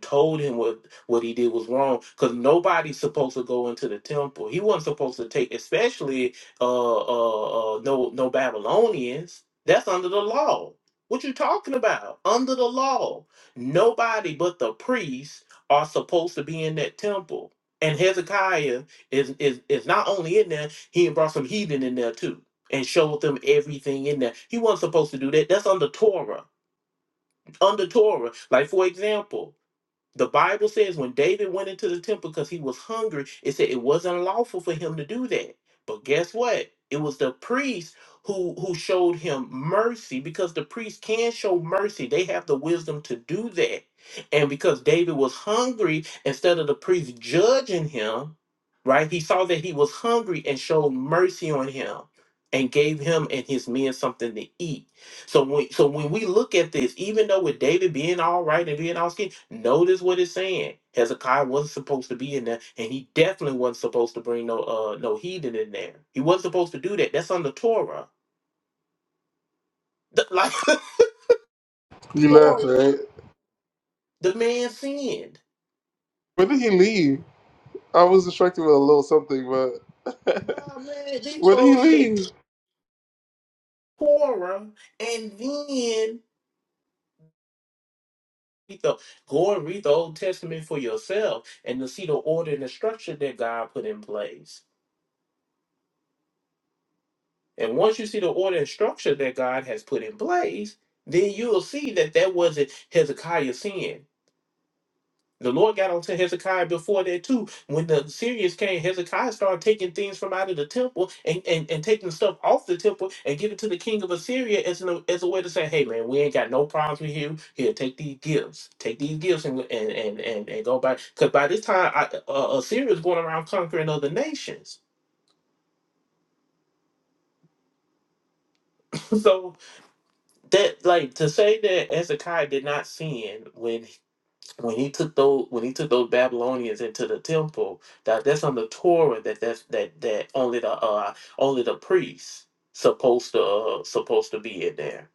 O: told him what what he did was wrong because nobody's supposed to go into the temple he wasn't supposed to take especially uh uh, uh no no babylonians that's under the law what you talking about under the law nobody but the priests are supposed to be in that temple and hezekiah is is, is not only in there he brought some heathen in there too and showed them everything in there. He wasn't supposed to do that. That's under Torah. Under Torah. Like, for example, the Bible says when David went into the temple because he was hungry, it said it wasn't lawful for him to do that. But guess what? It was the priest who who showed him mercy because the priest can show mercy. They have the wisdom to do that. And because David was hungry, instead of the priest judging him, right? He saw that he was hungry and showed mercy on him and gave him and his men something to eat. So when so when we look at this, even though with David being all right and being all skin, notice what it's saying. Hezekiah wasn't supposed to be in there, and he definitely wasn't supposed to bring no uh no heathen in there. He wasn't supposed to do that. That's under Torah. The, like
A: he left,
O: Torah,
A: right?
O: the man sinned.
A: When did he leave? I was distracted with a little something, but
O: Nah, man, these
A: when did he
O: folks they
A: leave?
O: Torah, and then read the- go and read the Old Testament for yourself, and to see the order and the structure that God put in place. And once you see the order and structure that God has put in place, then you'll see that that wasn't Hezekiah's sin. The Lord got onto Hezekiah before that too. When the Syrians came, Hezekiah started taking things from out of the temple and, and, and taking stuff off the temple and giving to the king of Assyria as, an, as a way to say, hey man, we ain't got no problems with you. Here, take these gifts. Take these gifts and and, and, and, and go back. Because by this time, I, uh, Assyria is going around conquering other nations. so that like to say that Hezekiah did not sin when when he took those when he took those Babylonians into the temple that that's on the Torah that that's that that only the uh only the priests supposed to uh, supposed to be in there.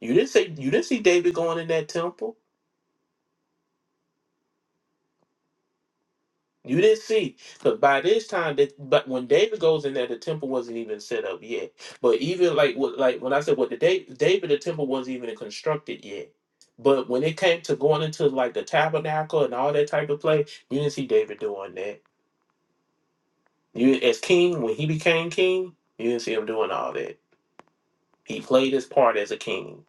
O: You didn't say you didn't see David going in that temple. You didn't see, because by this time that, but when David goes in there, the temple wasn't even set up yet. But even like what, like when I said what the da- David, the temple wasn't even constructed yet. But when it came to going into like the tabernacle and all that type of play, you didn't see David doing that. You as king when he became king, you didn't see him doing all that. He played his part as a king,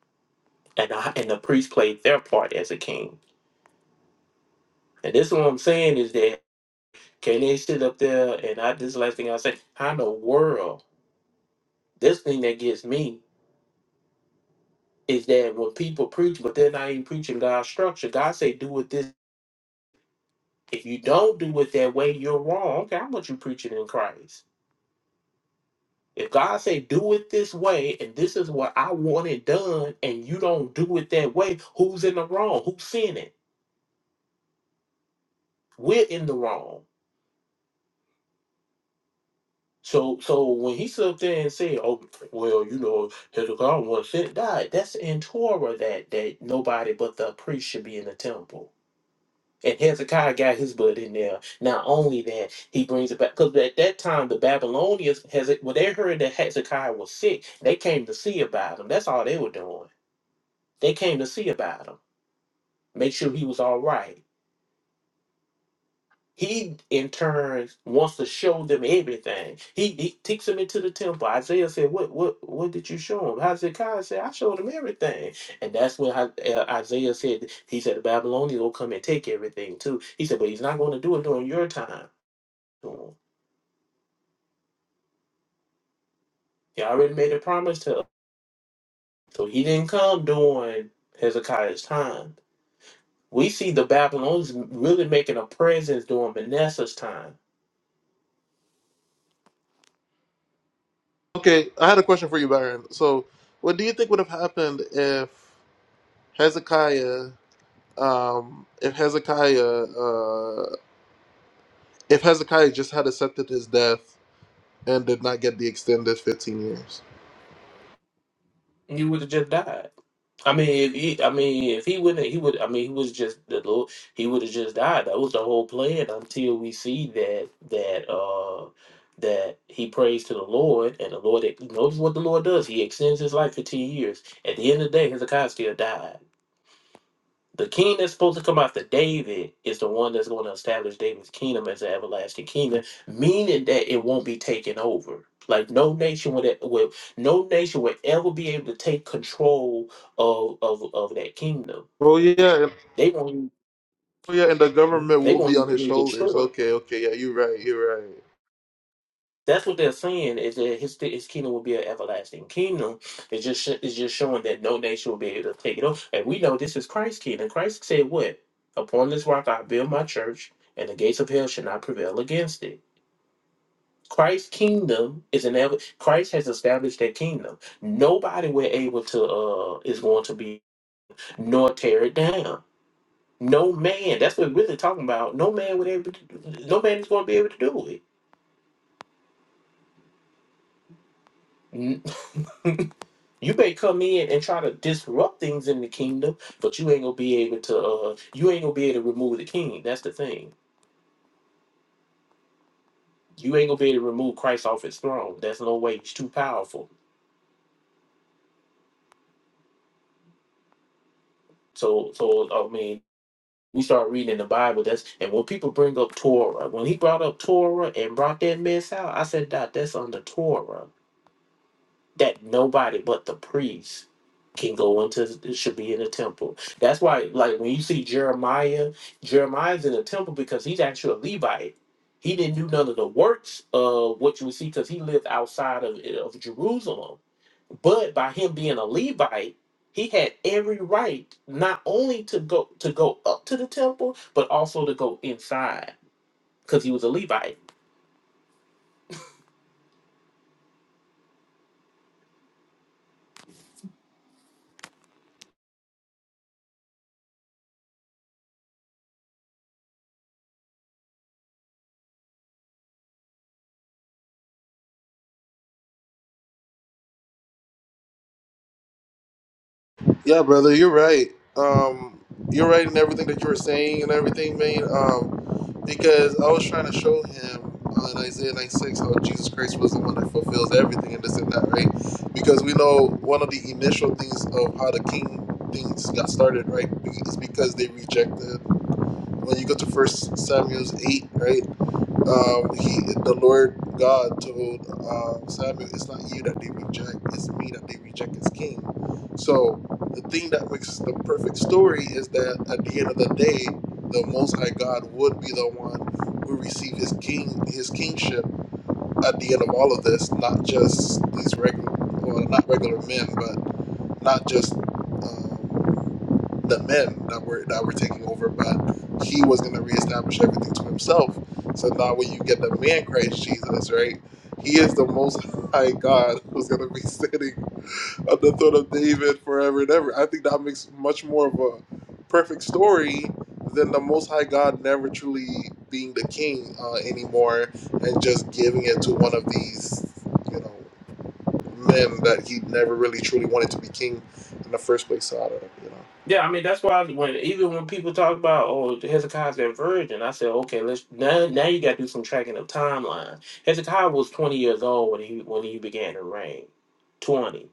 O: and the, and the priests played their part as a king. And this is what I'm saying is that can they sit up there and I this is the last thing I say? How in the world? This thing that gets me is that when people preach, but they're not even preaching God's structure. God say, "Do it this. If you don't do it that way, you're wrong. Okay, i want you preaching in Christ. If God say, "Do it this way," and this is what I want it done, and you don't do it that way, who's in the wrong? Who's sinning? We're in the wrong. So, so when he stood up there and said, "Oh, well, you know, Hezekiah was sin died," that's in Torah that that nobody but the priest should be in the temple. And Hezekiah got his blood in there. Not only that, he brings it back because at that time the Babylonians, has when they heard that Hezekiah was sick, they came to see about him. That's all they were doing. They came to see about him, make sure he was all right. He in turn wants to show them everything. He, he takes them into the temple. Isaiah said, "What what what did you show him?" Hezekiah said, "I showed him everything." And that's when I- uh, Isaiah said, "He said the Babylonians will come and take everything too." He said, "But he's not going to do it during your time." He already made a promise to us. So he didn't come during Hezekiah's time. We see the Babylonians really making a presence during Manasseh's time.
A: Okay, I had a question for you, Byron. So, what do you think would have happened if Hezekiah, um, if Hezekiah uh, if Hezekiah just had accepted his death and did not get the extended 15 years.
O: He would have just died. I mean, if he, I mean, if he wouldn't, he would. I mean, he was just the Lord. He would have just died. That was the whole plan until we see that that uh that he prays to the Lord and the Lord. Notice what the Lord does. He extends his life for ten years. At the end of the day, Hezekiah still died. The king that's supposed to come after David is the one that's going to establish David's kingdom as an everlasting kingdom, meaning that it won't be taken over. Like no nation would, e, would no nation would ever be able to take control of of, of that kingdom.
A: Oh yeah, and,
O: They won't.
A: oh yeah, and the government
O: They
A: will be on
O: won't
A: his
O: be
A: shoulders.
O: destroyed.
A: Okay, okay, yeah, you're right, you're right.
O: That's what they're saying is that his his kingdom will be an everlasting kingdom. It's just sh- it's just showing that no nation will be able to take it over. And we know this is Christ's kingdom. Christ said, "What upon this rock I build my church, and the gates of hell shall not prevail against it." Christ's kingdom is an ever. Christ has established that kingdom. Nobody will able to uh is going to be nor tear it down. No man. That's what we're really talking about. No man would able. To, no man is going to be able to do it. You may come in and try to disrupt things in the kingdom, but you ain't gonna be able to. Uh, you ain't gonna be able to remove the king. That's the thing. You ain't gonna be able to remove Christ off his throne. That's no way. He's too powerful. So, so I mean, we start reading in the Bible. That's and when people bring up Torah, when he brought up Torah and brought that mess out, I said, "Dot, that's under Torah." that nobody but the priest can go into the- should be in the temple. That's why like when you see Jeremiah, Jeremiah's in the temple because he's actually a Levite. He didn't do none of the works of what you would see because he lived outside of, of Jerusalem. But by him being a Levite, he had every right not only to go to go up to the temple, but also to go inside because he was a Levite.
A: Yeah, brother, you're right. Um, you're right in everything that you were saying and everything, man. Um, because I was trying to show him uh, in Isaiah 96 how Jesus Christ was the one that fulfills everything and this and that, right? Because we know one of the initial things of how the king things got started, right, be- is because they rejected when you go to First Samuel's eight, right? Um, he, the Lord God, told um, Samuel, "It's not you that they reject; it's me that they reject as king." So the thing that makes the perfect story is that at the end of the day, the Most High God would be the one who received his king, his kingship at the end of all of this, not just these regular, well, not regular men, but not just um, the men that were that were taking over, but he was going to reestablish everything to himself. So now, when you get the man Christ Jesus, right? He is the Most High God who's going to be sitting on the throne of David forever and ever. I think that makes much more of a perfect story than the Most High God never truly being the king uh, anymore and just giving it to one of these, you know men that he never really truly wanted to be king in the first place out of, you know.
O: Yeah, I mean that's why when even when people talk about oh Hezekiah's that virgin, I said okay, let's now now you got to do some tracking of timeline. Hezekiah was twenty years old when he when he began to reign, twenty.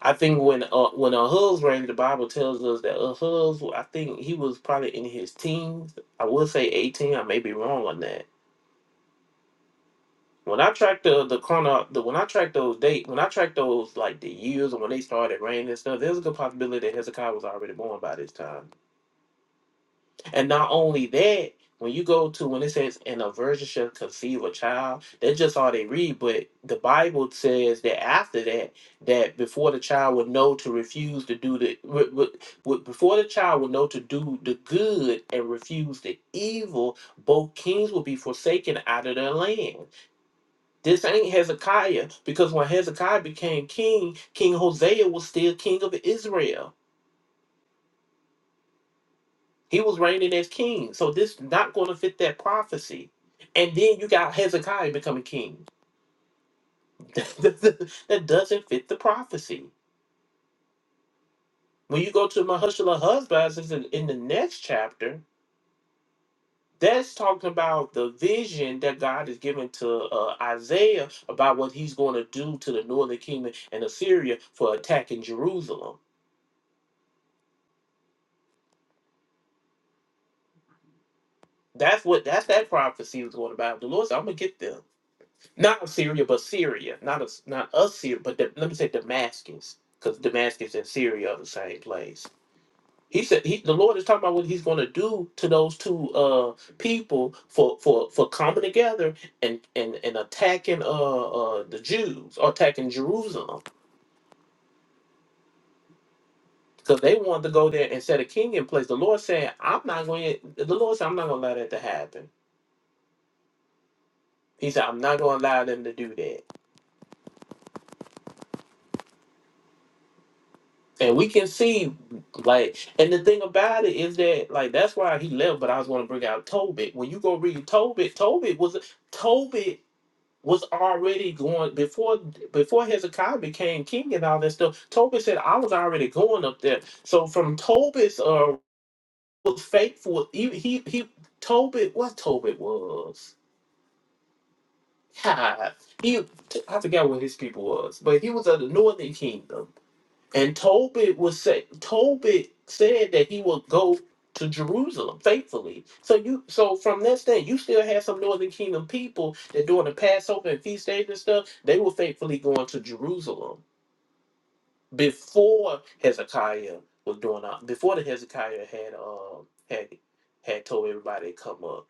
O: I think when uh, when Ahuz reigned, the Bible tells us that Ahuz, I think he was probably in his teens. I would say eighteen. I may be wrong on that. When I track the the chrono, the, when I track those date, when I track those like the years and when they started reigning and stuff, there's a good possibility that Hezekiah was already born by this time. And not only that, when you go to when it says "and a virgin shall conceive a child," that's just all they read. But the Bible says that after that, that before the child would know to refuse to do the, w- w- w- before the child would know to do the good and refuse the evil, both kings will be forsaken out of their land. This ain't Hezekiah because when Hezekiah became king, King Hosea was still king of Israel. He was reigning as king. So this is not going to fit that prophecy. And then you got Hezekiah becoming king. that doesn't fit the prophecy. When you go to Mahushala husbands in, in the next chapter, that's talking about the vision that God is giving to uh, Isaiah about what he's going to do to the northern kingdom and Assyria for attacking Jerusalem. That's what that's that prophecy was going about. The Lord said, I'm gonna get them. Not Assyria, but Syria. Not a, not Assyria, but the, let me say Damascus, because Damascus and Syria are the same place. He said he, the Lord is talking about what He's going to do to those two uh, people for, for, for coming together and and and attacking uh, uh, the Jews or attacking Jerusalem because they wanted to go there and set a king in place. The Lord said, "I'm not going." The Lord said, "I'm not going to allow that to happen." He said, "I'm not going to allow them to do that." And we can see, like, and the thing about it is that, like, that's why he left. But I was going to bring out Tobit. When you go read Tobit, Tobit was Tobit was already going before before Hezekiah became king and all that stuff. Tobit said, "I was already going up there." So from Tobit's uh was faithful. He he, he Tobit what Tobit was. God, he I forgot what his people was, but he was of the northern kingdom and Tobit was say, Tobit said that he would go to Jerusalem faithfully. So you so from that stand, you still have some Northern Kingdom people that during the Passover and feast days and stuff, they were faithfully going to Jerusalem before Hezekiah was doing out before the Hezekiah had uh had had told everybody to come up.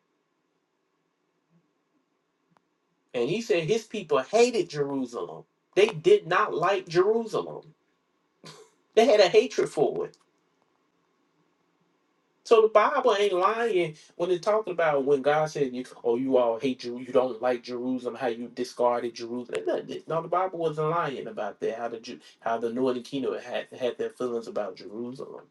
O: And he said his people hated Jerusalem. They did not like Jerusalem. They had a hatred for it. So the Bible ain't lying when it's talking about when God said, "You oh, you all hate Jeru, you don't like Jerusalem, how you discarded Jerusalem." No, th- no, the Bible wasn't lying about that. How the Ju- how the Northern Kingdom had had their feelings about Jerusalem.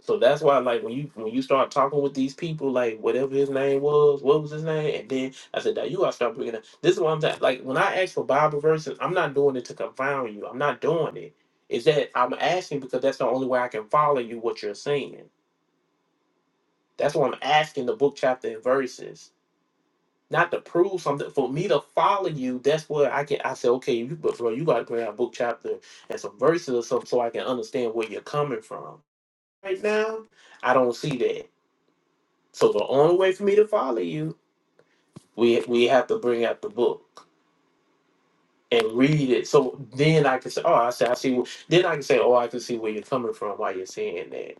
O: So that's why, like when you when you start talking with these people, like whatever his name was, what was his name, and then I said, "Now you gotta start bringing up." This is what I'm saying. Like when I ask for Bible verses, I'm not doing it to confound you. I'm not doing it. Is that I'm asking because that's the only way I can follow you what you're saying. That's what I'm asking the book, chapter, and verses. Not to prove something, for me to follow you, that's where I can I say, okay, you but bro, you gotta bring out book chapter and some verses or something so I can understand where you're coming from. Right now, I don't see that. So the only way for me to follow you, we we have to bring out the book and read it. So then I can say, Oh, I say I see wh- then I can say, Oh, I can see where you're coming from, why you're saying that.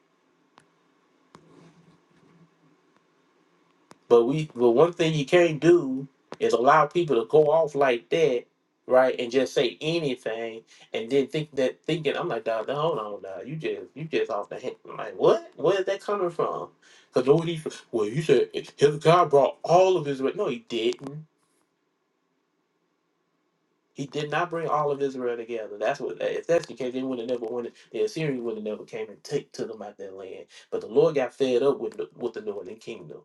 O: But we, but one thing you can't do is allow people to go off like that, right, and just say anything, and then think that thinking I'm like, dog, no, hold on, dog, you just you just off the hand. I'm like, what? Where is that coming from? Because what he, well, you said Hezekiah brought all of Israel. No, he didn't. He did not bring all of Israel together. That's what. If that's the case, they would have never wanted. The Assyrians would have never came and take to them out their land. But the Lord got fed up with the, with the northern kingdom.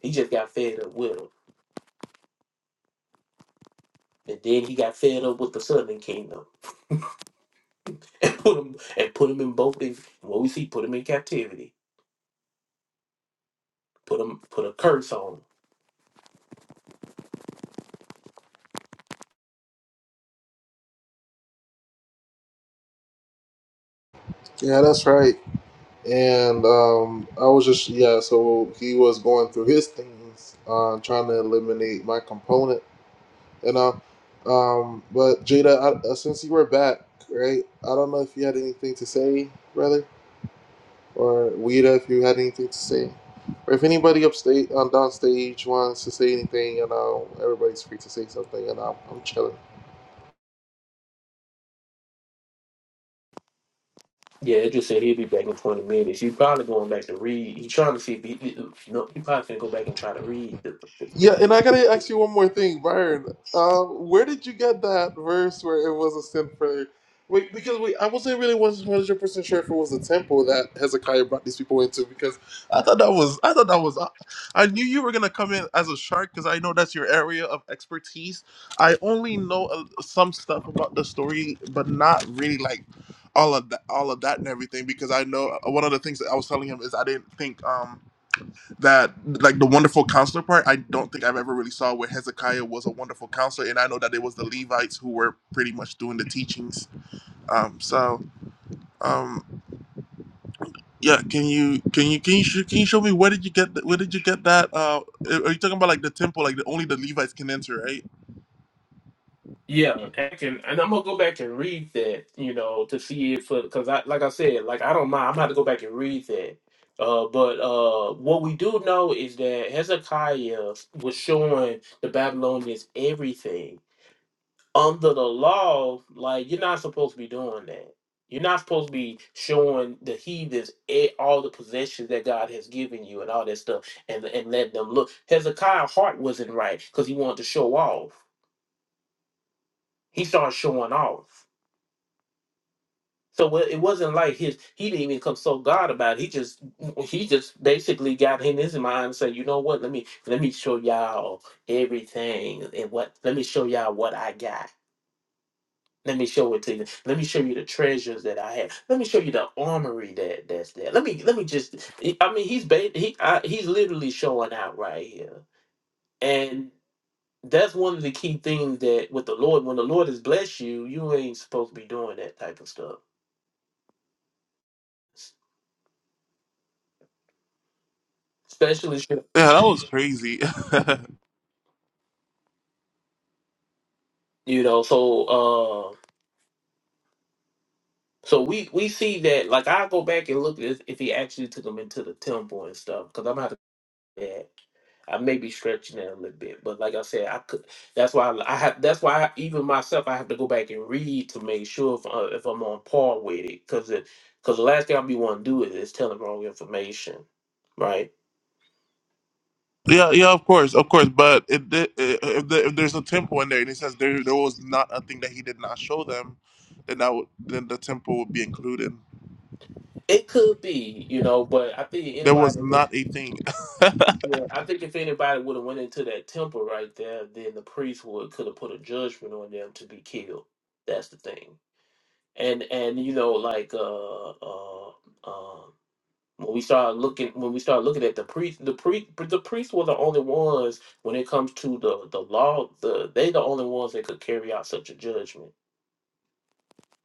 O: He just got fed up with them. And then he got fed up with the southern kingdom and put him and put him in both. And what we see, put him in captivity. Put him put a curse on him.
A: Yeah, that's right. And um, I was just yeah, so he was going through his things, uh, trying to eliminate my component, you know. Um, but Jada, I, uh, since you were back, right? I don't know if you had anything to say, brother, or Wida, if you had anything to say, or if anybody upstate on downstage wants to say anything, you know, everybody's free to say something, and I'm I'm chilling.
O: Yeah, it just said he'll be back in twenty minutes. He's probably going back to read. He's trying to see if he, he- no, he probably gonna go back and try to read. The,
A: Yeah, and I gotta ask you one more thing, Byron. Uh, where did you get that verse where it was a sin for? Wait, because wait, I wasn't really one hundred percent sure if it was a temple that Hezekiah brought these people into. Because I thought that was, I thought that was, I knew you were gonna come in as a shark because I know that's your area of expertise. I only know uh, some stuff about the story, but not really like all of that, all of that and everything. Because I know uh, one of the things that I was telling him is I didn't think. um that like the wonderful counselor part i don't think i've ever really saw where hezekiah was a wonderful counselor and i know that it was the levites who were pretty much doing the teachings um so um yeah can you can you can you, sh- can you show me where did you get th- where did you get that uh are you talking about like the temple like the, only the levites can enter right
O: yeah, I can, and I'm gonna go back and read that. You know, to see if because I like I said, like I don't mind. I'm gonna go back and read that. Uh, but uh, what we do know is that Hezekiah was showing the Babylonians everything under the law, like you're not supposed to be doing that. You're not supposed to be showing the heathens e- all the possessions that God has given you and all that stuff, and and let them look. Hezekiah's heart wasn't right because he wanted to show off. He started showing off. So wa- it wasn't like his he didn't even consult God about it. He just he just basically got in his mind and said, you know what? Let me let me show y'all everything and what let me show y'all what I got Let me show it to you. Let me show you the treasures that I have. Let me show you the armory that that's there. Let me let me just. I mean, he's ba- he I, he's literally showing out right here, and that's one of the key things that with the Lord, when the Lord has blessed you, you ain't supposed to be doing that type of stuff, especially shit,
A: yeah that was crazy
O: you know. So uh, so we we see that like I go back and look at if he actually took him into the temple and stuff because I'm out of that. I may be stretching it a little bit, but like I said, I could. That's why I, I have. That's why I, even myself, I have to go back and read to make sure if, uh, if I'm on par with it, because because the last thing I be want to do is, is tell them wrong information, right?
A: yeah yeah of course of course but it, did- i- if, the, if there's a temple in there and it says there there was not a thing that he did not show them then that would then the temple would be included
O: It could be, you know, but I think
A: There was
O: anybody would.
A: not a thing.
O: Yeah, I think if anybody would have went into that temple right there, then the priest would could have put a judgment on them to be killed. That's the thing, and and you know, like uh uh um. when we start looking when we start looking at the priest the priest the priests were the only ones when it comes to the the law the they the only ones that could carry out such a judgment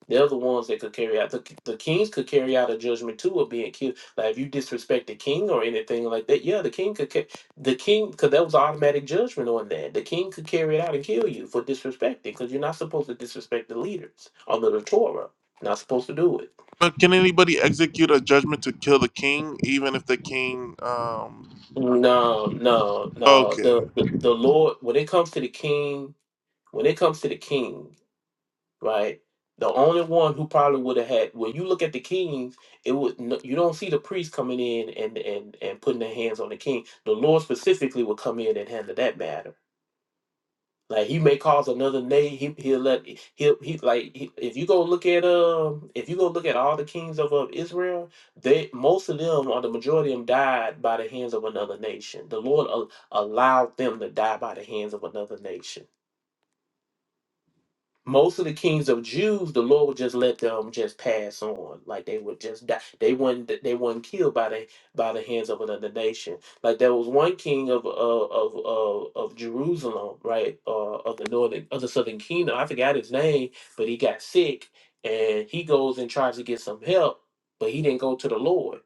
O: they're the ones that could carry out the, the kings could carry out a judgment too of being killed like if you disrespect the king or anything like that yeah the king could ca- the king because that was automatic judgment on that the king could carry it out and kill you for disrespecting because you're not supposed to disrespect the leaders under the torah not supposed to do it
A: But can anybody execute a judgment to kill the king, even if the king? Um,
O: No, no, no.
A: okay,
O: The, the Lord when it comes to the king, when it comes to the king, right? The only one who probably would have had when you look at the kings, it would no- you don't see the priest coming in and and and putting their hands on the king. The Lord specifically would come in and handle that matter. Like he may cause another name. He he'll let he'll he like he, if you go look at um if you go look at all the kings of, of Israel, they most of them or the majority of them died by the hands of another nation. The Lord al- allowed them to die by the hands of another nation most of the kings of Jews, the Lord would just let them just pass on, like they would just die. They weren't they weren't killed by the by the hands of another nation. Like there was one king of of of of, of Jerusalem, right, uh, of the northern of the southern kingdom. I forgot his name, but he got sick, and he goes and tries to get some help, but he didn't go to the Lord.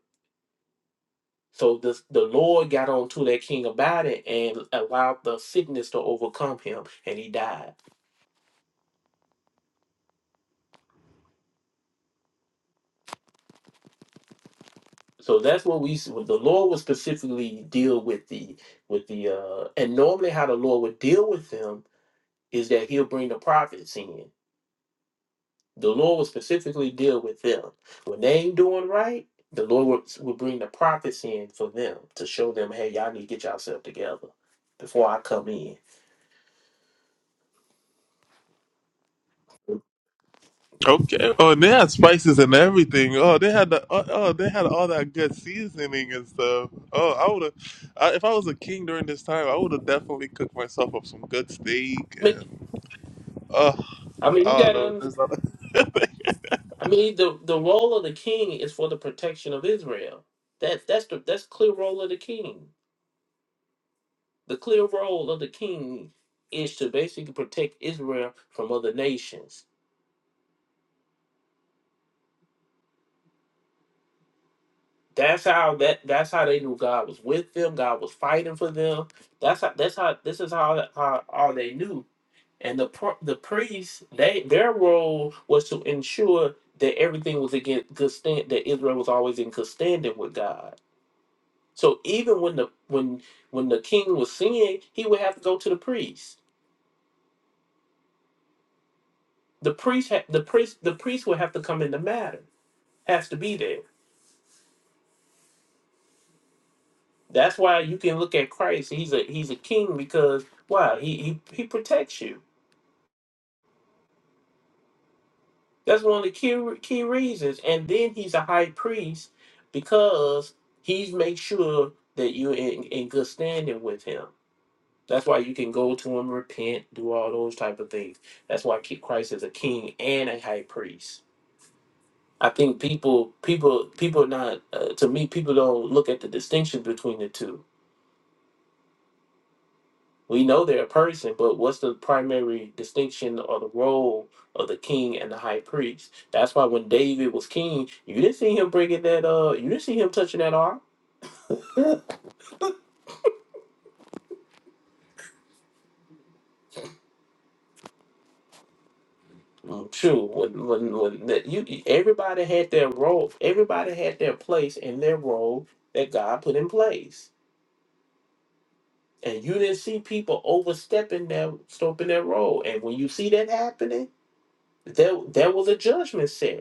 O: So the the Lord got on to that king about it and allowed the sickness to overcome him, and he died. So that's what we see. The Lord would specifically deal with the with the uh and normally how the Lord would deal with them is that he'll bring the prophets in. The Lord will specifically deal with them. When they ain't doing right, the Lord would will bring the prophets in for them to show them, hey, y'all need to get yourself together before I come in.
A: okay. Oh, and they had spices and everything. Oh, they had the oh, oh they had all that good seasoning and stuff. Oh, I would have I, if I was a king during this time, I would have definitely cooked myself up some good steak
O: I mean,
A: and oh,
O: I mean, you
A: oh
O: gotta
A: no, there's not. A-
O: I mean the the role of the king is for the protection of Israel. That that's the that's clear role of the king. The clear role of the king is to basically protect Israel from other nations. That's how that that's how they knew God was with them. God was fighting for them. That's how that's how this is how how, how they knew. And the pro- the priests, they their role was to ensure that everything was against good stand that Israel was always in good standing with God. So even when the when when the king was sinning, he would have to go to the priest. The priest ha- the priest the priest would have to come in the matter. Has to be there That's why you can look at Christ. He's a he's a king because why he he, he protects you. That's one of the key key reasons. And then he's a high priest because he's make sure that you're in, in good standing with him. That's why you can go to him, repent, do all those type of things. That's why ki- Christ is a king and a high priest. I think people people people not uh, to me people don't look at the distinction between the two We know they're a person, but what's the primary distinction or the role of the king and the high priest? That's why when David was king, you didn't see him bringing that. Uh, you didn't see him touching that ark. True. When when when that you everybody had their role. Everybody had their place and their role that God put in place. And you didn't see people overstepping their stepping their role. And when you see that happening, there there was a judgment set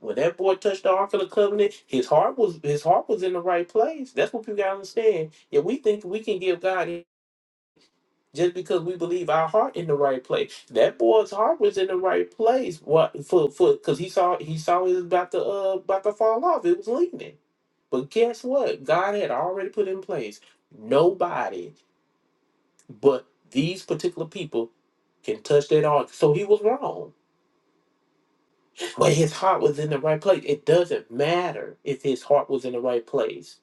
O: When that boy touched the Ark of the Covenant, his heart was his heart was in the right place. That's what people gotta understand. If we think we can give God just because we believe our heart in the right place, that boy's heart was in the right place. What for? For because he saw he saw it was about to uh about to fall off. It was leaning. But guess what? God had already put in place. Nobody but these particular people can touch that ark. So he was wrong. But his heart was in the right place. It doesn't matter if his heart was in the right place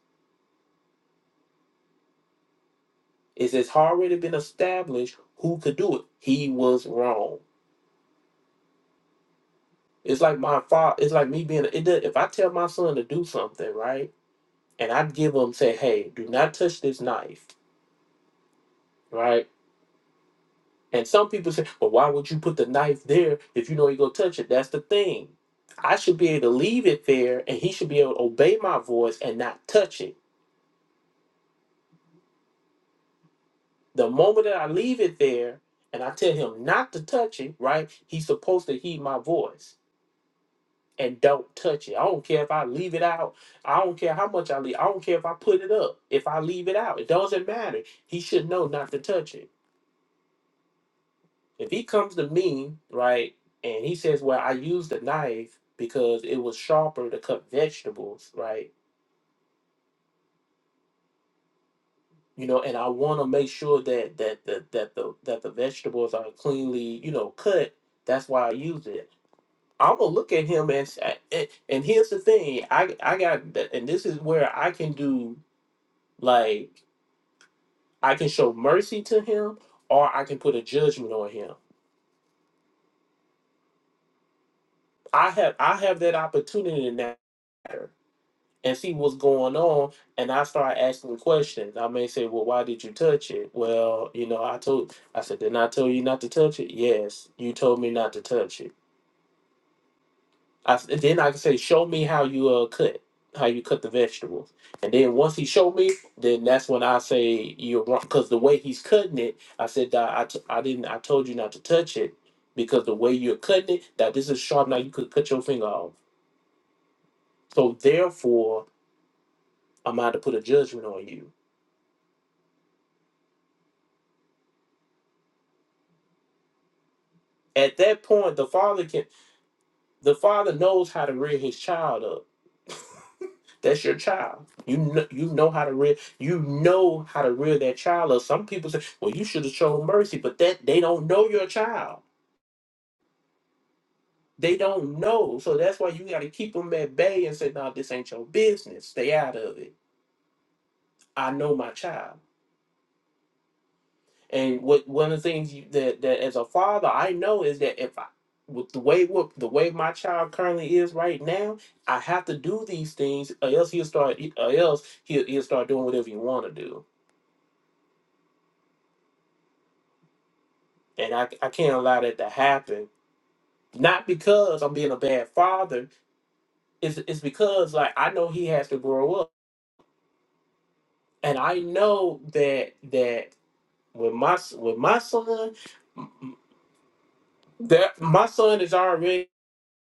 O: is it's already been established who could do it. He was wrong. It's like my father. It's like me being. It does, if I tell my son to do something, right, and I give him say, "Hey, do not touch this knife," right, and some people say, "Well, why would you put the knife there if you know he gonna touch it?" That's the thing. I should be able to leave it there, and he should be able to obey my voice and not touch it. The moment that I leave it there and I tell him not to touch it, right, he's supposed to heed my voice and don't touch it. I don't care if I leave it out. I don't care how much I leave. I don't care if I put it up. If I leave it out, it doesn't matter. He should know not to touch it. If he comes to me, right, and he says, Well, I used a knife because it was sharper to cut vegetables, right? You know, and I want to make sure that that that that the that the vegetables are cleanly, you know, cut. That's why I use it. I'm gonna look at him and s- and and here's the thing. I I got and this is where I can do like I can show mercy to him or I can put a judgment on him. I have I have that opportunity in that matter and see what's going on and I start asking questions. I may say, Well, why did you touch it? Well, you know, I told I said, Didn't I tell you not to touch it? Yes, you told me not to touch it I s then I can say, show me how you uh, cut, how you cut the vegetables. And then once he showed me, then that's when I say you're wrong because the way he's cutting it, I said that I, t- I didn't I told you not to touch it because the way you're cutting it, that this is sharp now you could cut your finger off. So therefore, I'm out to put a judgment on you. At that point, the father can the father knows how to rear his child up That's your child. You know, you know how to rear. You know how to rear that child. Or some people say, "Well, you should have shown mercy," but that they don't know your child. They don't know, so that's why you got to keep them at bay and say, "No, this ain't your business. Stay out of it. I know my child." And what one of the things you, that that as a father I know is that if I with the way what the way my child currently is right now, I have to do these things, or else he'll start, or else he'll, he'll start doing whatever you want to do and I, I can't allow that to happen. Not because I'm being a bad father. It's, it's because like I know he has to grow up, and I know that that with my s- with my son, that my son is already.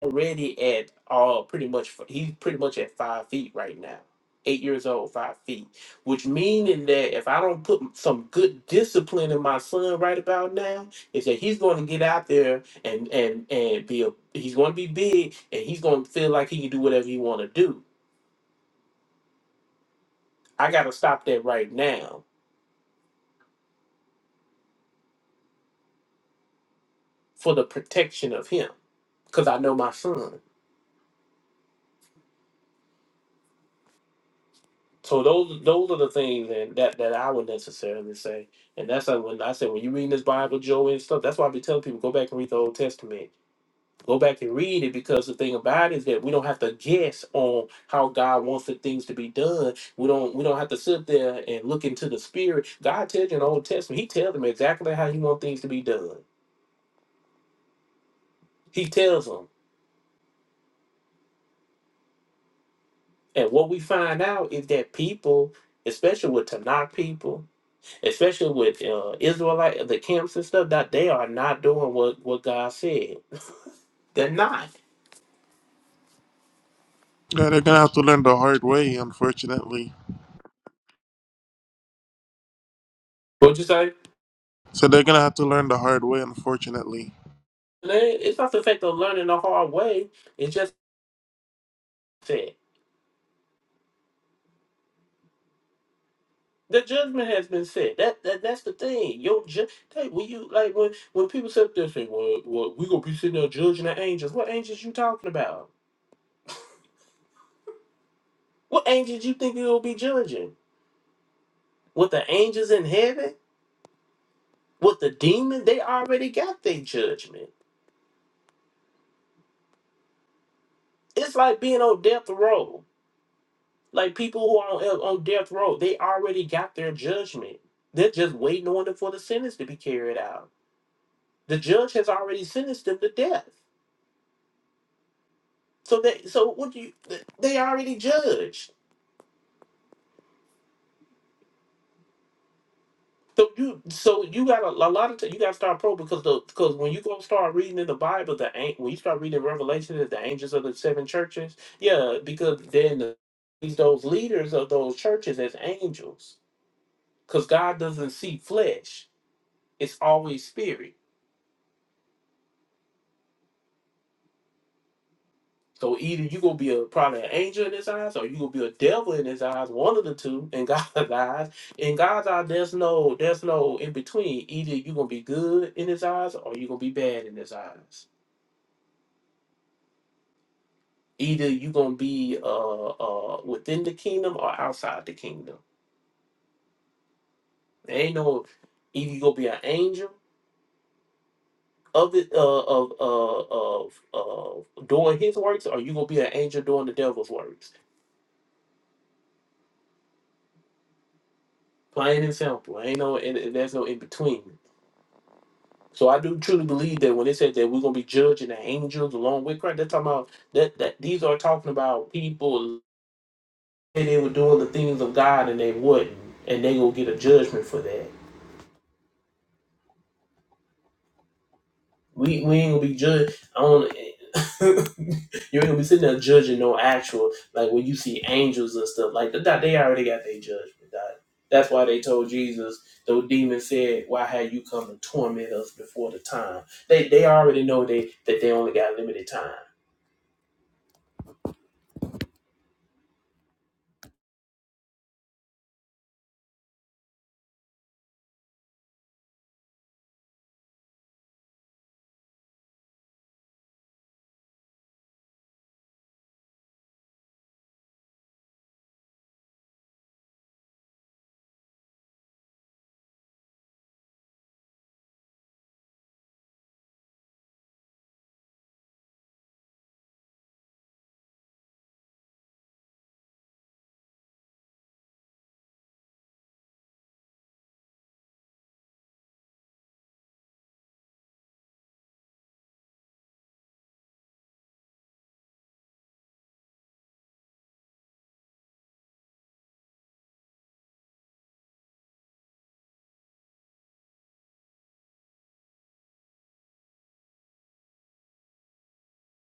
O: already at all pretty much he's pretty much at five feet right now eight years old five feet which meaning that if i don't put some good discipline in my son right about now is that he's going to get out there and and and be a, he's going to be big and he's going to feel like he can do whatever he want to do i got to stop that right now for the protection of him because i know my son So those those are the things and that that I would necessarily say, and that's like when I say when you reading this Bible, Joey and stuff. That's why I be telling people go back and read the Old Testament, go back and read it because the thing about it is that we don't have to guess on how God wants the things to be done. We don't we don't have to sit there and look into the spirit. God tells you in the Old Testament, He tells them exactly how He wants things to be done. He tells them, and what we find out is that people, especially with Tanakh people. especially with uh, Israelite the camps and stuff, that they are not doing what what God said. They're not.
A: yeah, they're gonna have to learn the hard way, unfortunately.
O: What you say?
A: So they're gonna have to learn the hard way, unfortunately.
O: They- It's not the fact of learning the hard way. It's just said. The judgment has been said. That, that that's the thing. Your ju- hey, when you like when when people sit up there and say, "Well, well, we gonna be sitting there judging the angels." What angels you talking about? What angels you think you'll be judging? With the angels in heaven? With the demon? They already got their judgment. It's like being on death row. Like people who are on, on death row, they already got their judgment. They're just waiting on it for the sentence to be carried out. The judge has already sentenced them to death. So they, so what do you? They already judged. So you, so you got a, a lot of t- you got to start pro because the because when you go start reading in the Bible, the an- when you start reading Revelation, it's the angels of the seven churches. Yeah, because then the, these those leaders of those churches as angels, because God doesn't see flesh; it's always spirit. So either you gonna be a probably an angel in his eyes, or you gonna be a devil in his eyes. One of the two in God's eyes. In God's eyes, there's no there's no in between. Either you gonna be good in his eyes, or you gonna be bad in his eyes. Either you gonna be uh uh within the kingdom or outside the kingdom. There ain't no either you gonna be an angel of it uh of uh of of doing his works, or you gonna be an angel doing the devil's works. Plain and simple. Ain't no and and there's no in between. So I do truly believe that when they said that we're gonna be judging the angels along with Christ, they're talking about that that these are talking about people and they were doing the things of God and they wouldn't, and they gonna get a judgment for that. We we ain't gonna be judged on you ain't gonna be sitting there judging no actual like when you see angels and stuff like that. They already got their judgment. That that's why they told Jesus the demons said, "Why had you come to torment us before the time?" They they already know they that they only got limited time.